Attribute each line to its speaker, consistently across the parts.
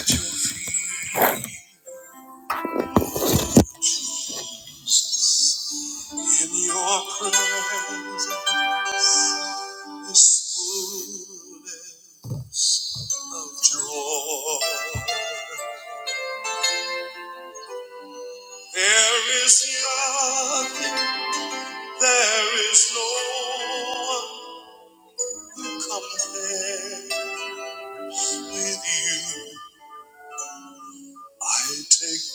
Speaker 1: at your feet, Jesus. In your presence is fullness of joy. There is nothing, there is no one compares with you. I take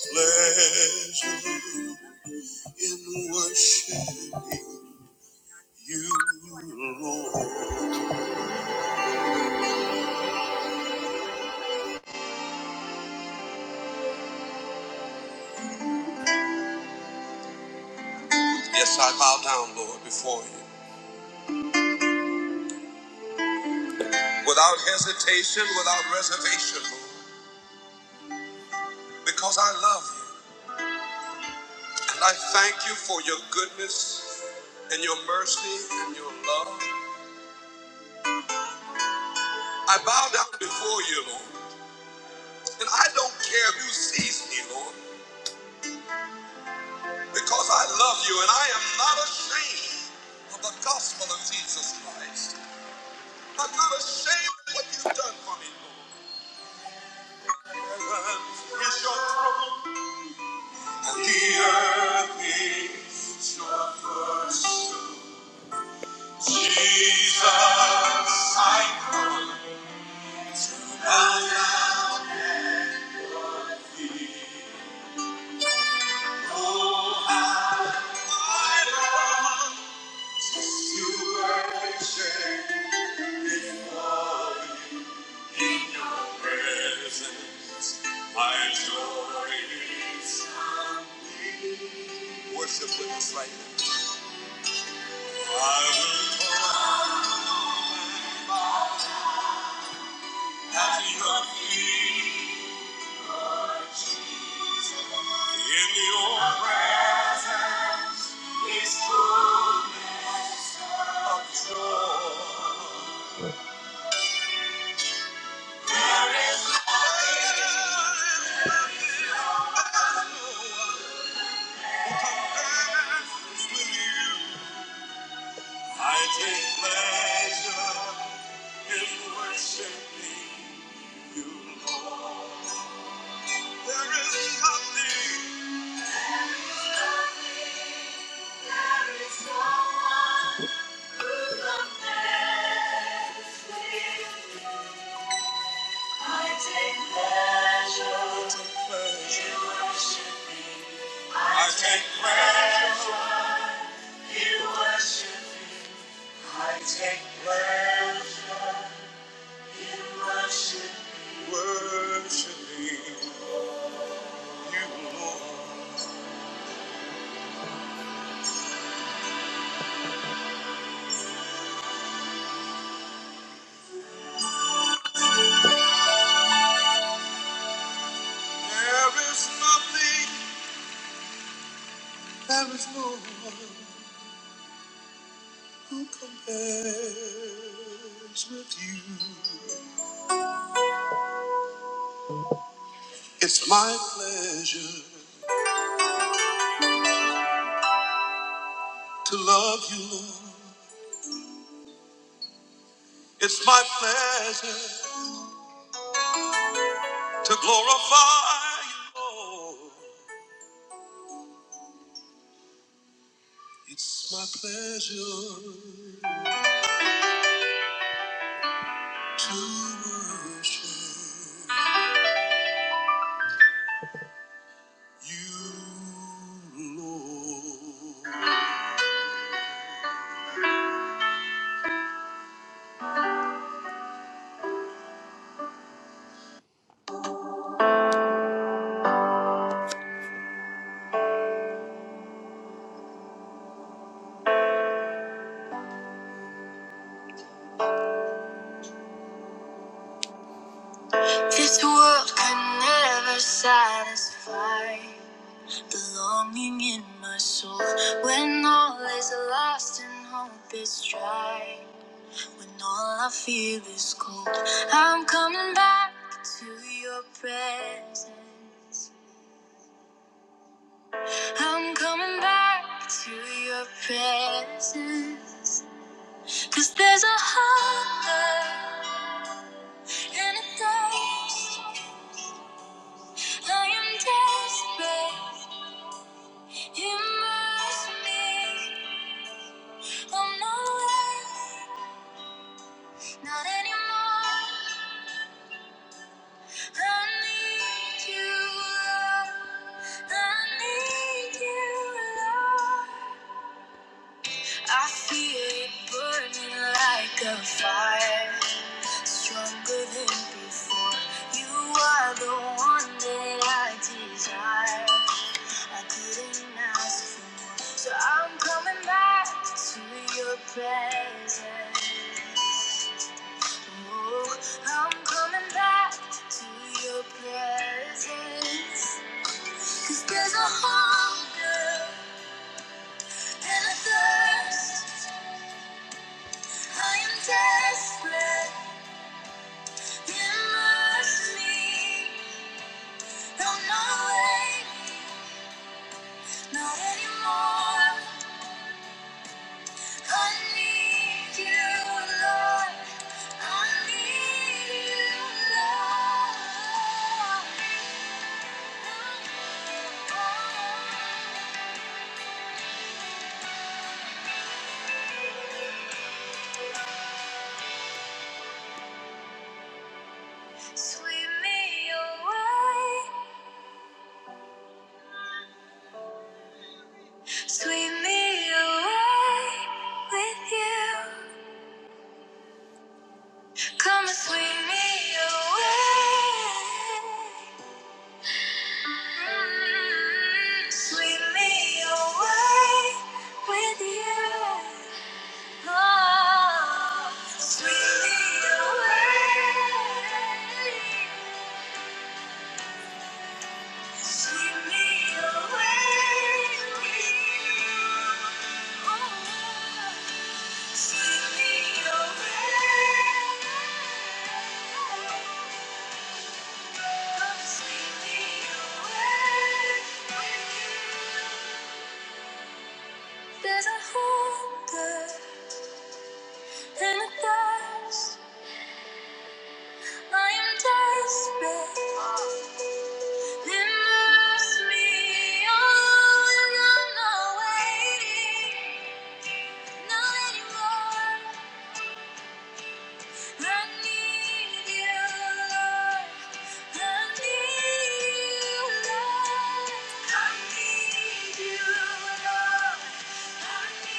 Speaker 1: pleasure in worshiping. you, Lord. Yes, I bow down, Lord, before you. Without hesitation, without reservation, Lord, because I love you. And I thank you for your goodness and your mercy and your love. I bow down before you, Lord. And I don't care who sees me, Lord, because I love you and I am not ashamed of the gospel of Jesus Christ. I'm not ashamed of what you've done for me, Lord. It's your And the earth is your footstool. Jesus, I bow down I long to worship before you. In your presence, my joy is complete. Worship with us right I will come at your feet in your I take pleasure in worshiping you, Lord. There is nothing, there is no one who compares with I take pleasure, in worshiping. I I take pleasure in worship, worshiping you, Lord. There is nothing, there is no one who compares with you. It's my pleasure to love you, Lord. It's my pleasure to glorify you, Lord. It's my pleasure to worship. You, Lord. This world can never satisfy the longing in my soul when all is lost and hope is dry. When all I feel is cold, I'm coming back to your presence. I'm coming back to your presence. Cause there's a hunger and a thirst. I am desperate. Immerse me. I'm not wet, not anymore. I need you, Lord. I need you, Lord. I feel it burning like a fire, stronger than before. You are the one that I desire. I couldn't ask for more, so I'm coming back to your presence. Oh, I'm coming back to your presence. 'Cause there's a hunger and a thirst. I am desperate. Immerse me. Don't know way. Not anymore. I need you, Lord. I need you, Lord. Sweep me away. Sweep me away with you. Come and sweep me away. Sweep me away with you. Oh, sweep me away. Sweep me away with you. Sweep me away. There's a hunger and a thirst. I am desperate. Immerse me all and I'm not waiting. Not anymore. I need you, Lord. I need you, Lord. I need you, Lord. Desperate.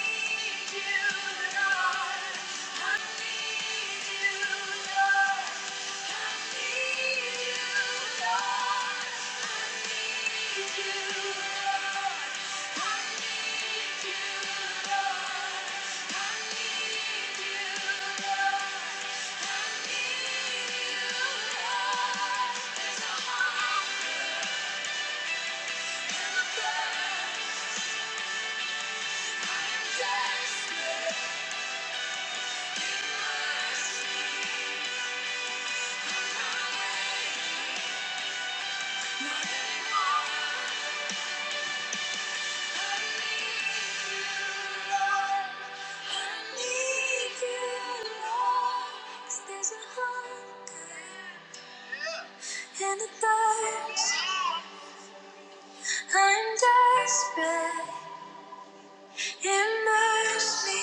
Speaker 1: And I'm desperate, Immerse me,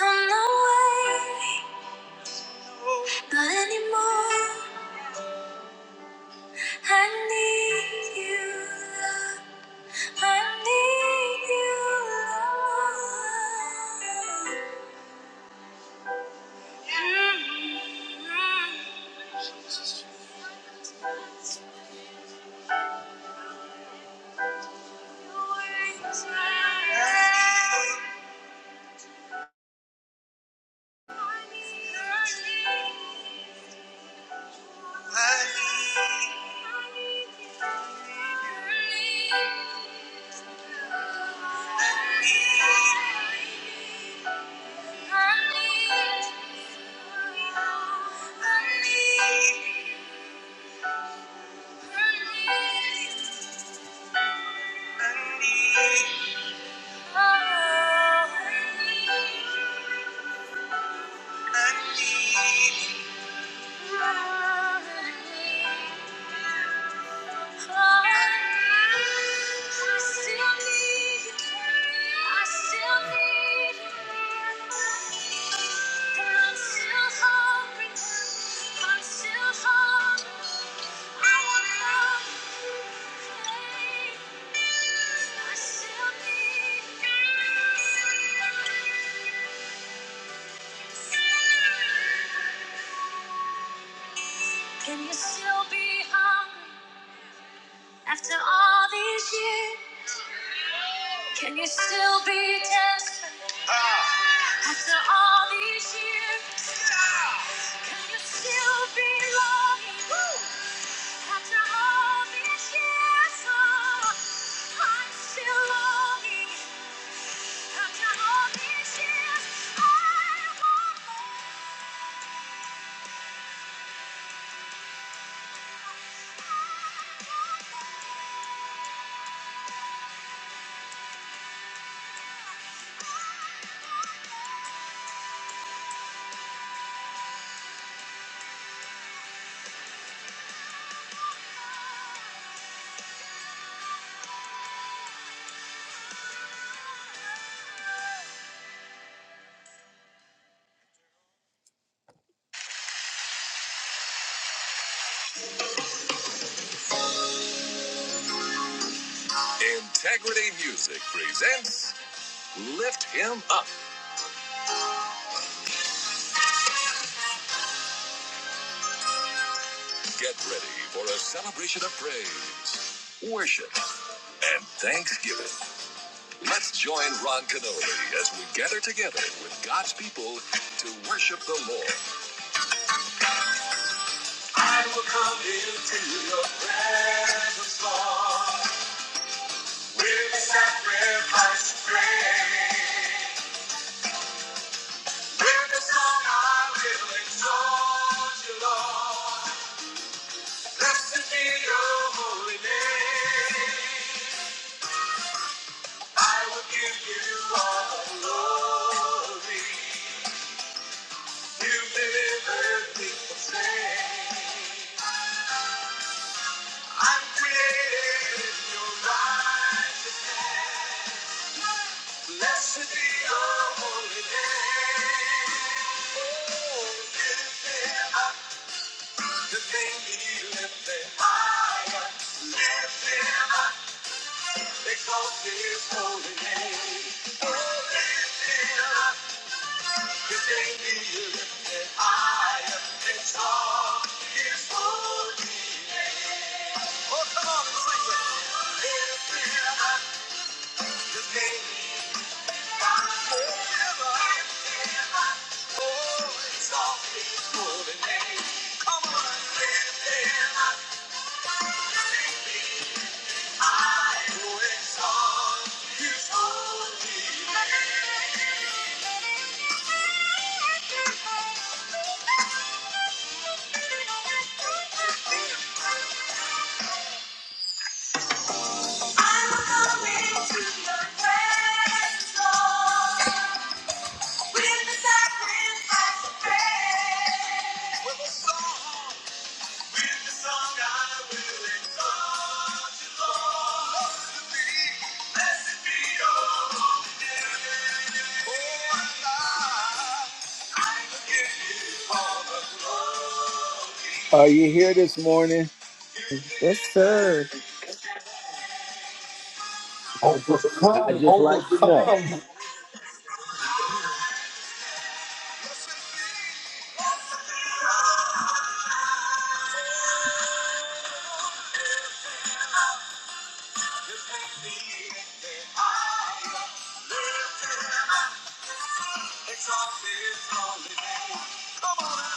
Speaker 1: I'm not waiting, but anymore. I need you, love. I need you, love. I Thank you. Thank you. Can you still be hungry after all these years? Can you still be desperate after all these years? Can you still be loving after all these years? Oh, I'm still longing after all these years. I want more. Integrity Music presents Lift Him Up. Get ready for a celebration of praise, worship, and thanksgiving. Let's join Ron Canoli as we gather together with God's people to worship the Lord. I will come into your presence, Lord, with a sacrifice of praise. With a song I will exalt you, Lord. Blessed be your holy name. I will give you all the glory. You've delivered me from sin. I'm created in your righteousness. Blessed be your holy name. Oh, lift him up, the thing he lifted higher. Lift him up, exalt his holy name. Oh, lift him up. Thank you. I'm coming to your presence, with the sacrifice of praise. With the song I will exalt you, Lord. Blessed be your holy name. Oh, God.
Speaker 2: Yes, sir.
Speaker 3: Overcome, overcome.
Speaker 1: Come on.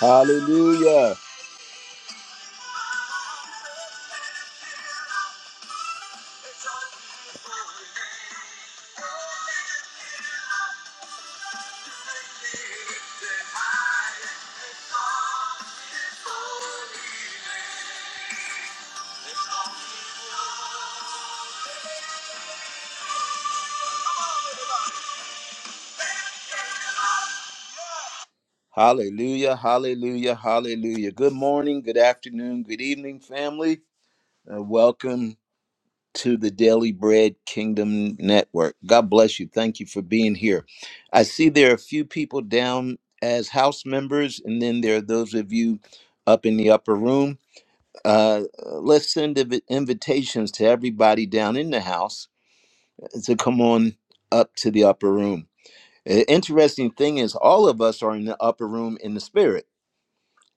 Speaker 1: Uh, Hallelujah, hallelujah, hallelujah. Good morning, good afternoon, good evening, family. Uh, welcome to the Daily Bread Kingdom Network. God bless you. Thank you for being here. I see there are a few people down as house members, and then there are those of you up in the upper room. Uh, let's send invi- invitations to everybody down in the house to come on up to the upper room. Uh, Interesting thing is, all of us are in the upper room in the spirit,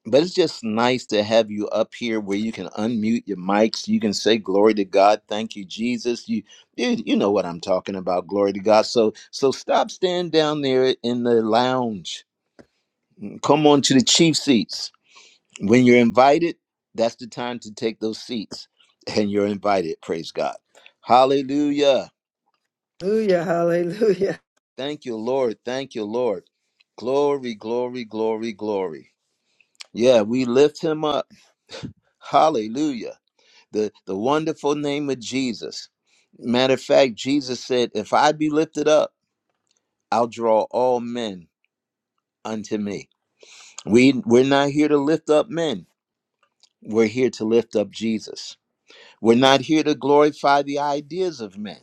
Speaker 1: but it's just nice to have you up here where you can unmute your mics. You can say glory to God, thank you, Jesus. You, you, you know what I'm talking about, glory to God. So, so stop standing down there in the lounge. Come on to the chief seats When you're invited, that's the time to take those seats and you're invited. Praise God. Hallelujah.
Speaker 2: Hallelujah. Hallelujah.
Speaker 1: Thank you, Lord. Thank you, Lord. Glory, glory, glory, glory. Yeah, we lift him up. Hallelujah. The the wonderful name of Jesus. Matter of fact, Jesus said, if I be lifted up, I'll draw all men unto me. We we're not here to lift up men. We're here to lift up Jesus. We're not here to glorify the ideas of men.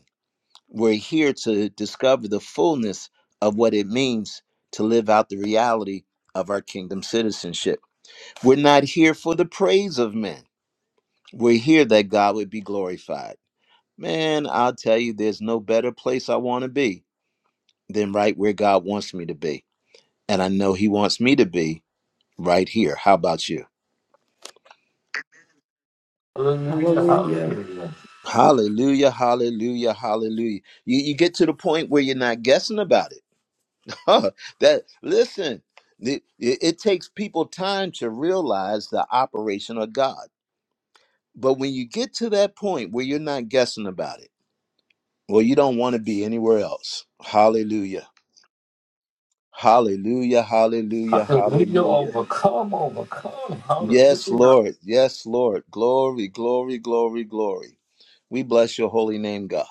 Speaker 1: We're here to discover the fullness of what it means to live out the reality of our kingdom citizenship. We're not here for the praise of men. We're here that God would be glorified. Man, I'll tell you, there's no better place I want to be than right where God wants me to be. And I know He wants me to be right here. How about you?
Speaker 3: Hallelujah,
Speaker 4: Hallelujah.
Speaker 3: hallelujah.
Speaker 1: Hallelujah, hallelujah, hallelujah. You, you get to the point where you're not guessing about it Huh, that listen, the- it, it takes people time to realize the operation of God. But when you get to that point where you're not guessing about it, well, you don't want to be anywhere else. Hallelujah. Hallelujah. Hallelujah.
Speaker 3: Hallelujah,
Speaker 1: Hallelujah.
Speaker 3: overcome, overcome.
Speaker 1: Yes,
Speaker 3: Hallelujah.
Speaker 1: Lord. Yes, Lord. Glory, glory, glory, glory. We bless your holy name, God.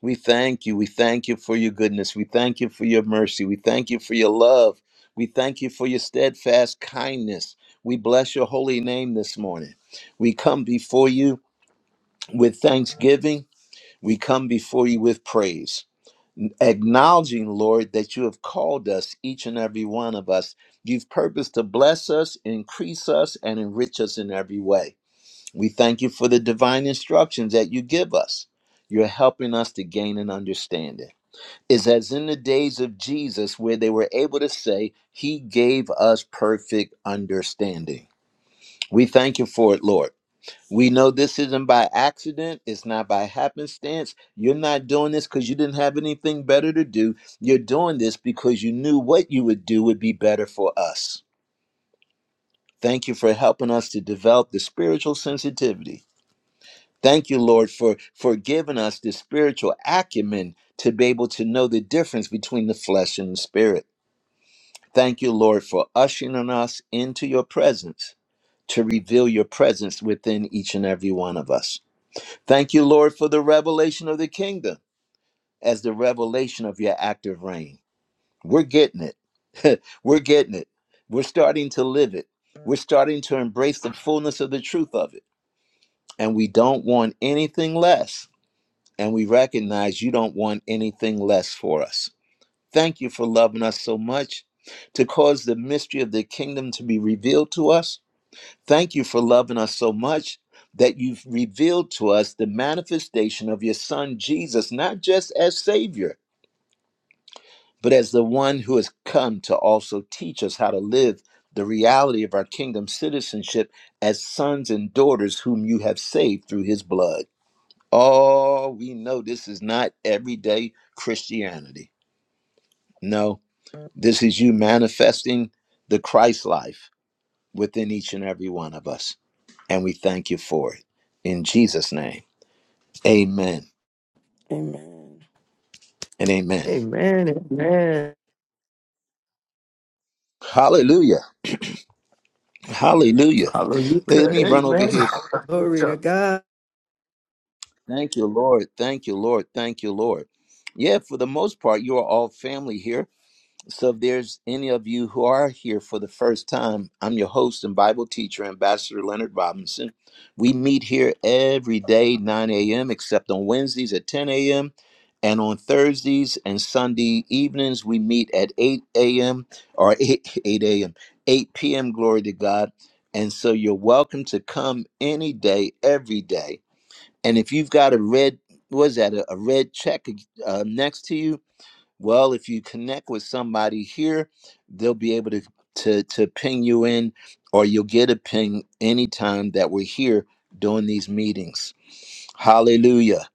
Speaker 1: We thank you. We thank you for your goodness. We thank you for your mercy. We thank you for your love. We thank you for your steadfast kindness. We bless your holy name this morning. We come before you with thanksgiving. We come before you with praise, acknowledging, Lord, that you have called us, each and every one of us. You've purposed to bless us, increase us, and enrich us in every way. We thank you for the divine instructions that you give us. You're helping us to gain an understanding is as in the days of Jesus, where they were able to say, He gave us perfect understanding. We thank you for it, Lord. We know this isn't by accident. It's not by happenstance. You're not doing this because you didn't have anything better to do. You're doing this because you knew what you would do would be better for us. Thank you for helping us to develop the spiritual sensitivity. Thank you, Lord, for, for giving us the spiritual acumen to be able to know the difference between the flesh and the spirit. Thank you, Lord, for ushering us into your presence to reveal your presence within each and every one of us. Thank you, Lord, for the revelation of the kingdom as the revelation of your active reign. We're getting it. We're getting it. We're starting to live it. We're starting to embrace the fullness of the truth of it. And we don't want anything less. And we recognize you don't want anything less for us. Thank you for loving us so much to cause the mystery of the kingdom to be revealed to us. Thank you for loving us so much that you've revealed to us the manifestation of your son Jesus, not just as Savior, but as the one who has come to also teach us how to live the reality of our kingdom citizenship as sons and daughters whom you have saved through his blood. Oh, we know this is not everyday Christianity. No, This is you manifesting the Christ life within each and every one of us. And we thank you for it. In Jesus' name, amen
Speaker 4: Amen.
Speaker 1: and amen.
Speaker 2: Amen. Amen.
Speaker 1: Hallelujah. Hallelujah. Let
Speaker 3: Hallelujah,
Speaker 1: me run over
Speaker 3: amen.
Speaker 1: here.
Speaker 2: Glory to
Speaker 3: Hallelujah.
Speaker 2: God.
Speaker 1: Thank you, Lord. Thank you, Lord. Thank you, Lord. Yeah, for the most part, you are all family here. So if there's any of you who are here for the first time, I'm your host and Bible teacher, Ambassador Leonard Robinson. We meet here every day, 9 a.m., except on Wednesdays at 10 a.m. And on Thursdays and Sunday evenings, we meet at 8 a.m. or 8, 8 a.m., 8 p.m., glory to God. And so you're welcome to come any day, every day. And if you've got a red, was that a, a red check uh, next to you? Well, if you connect with somebody here, they'll be able to to to ping you in, or you'll get a ping anytime that we're here doing these meetings. Hallelujah.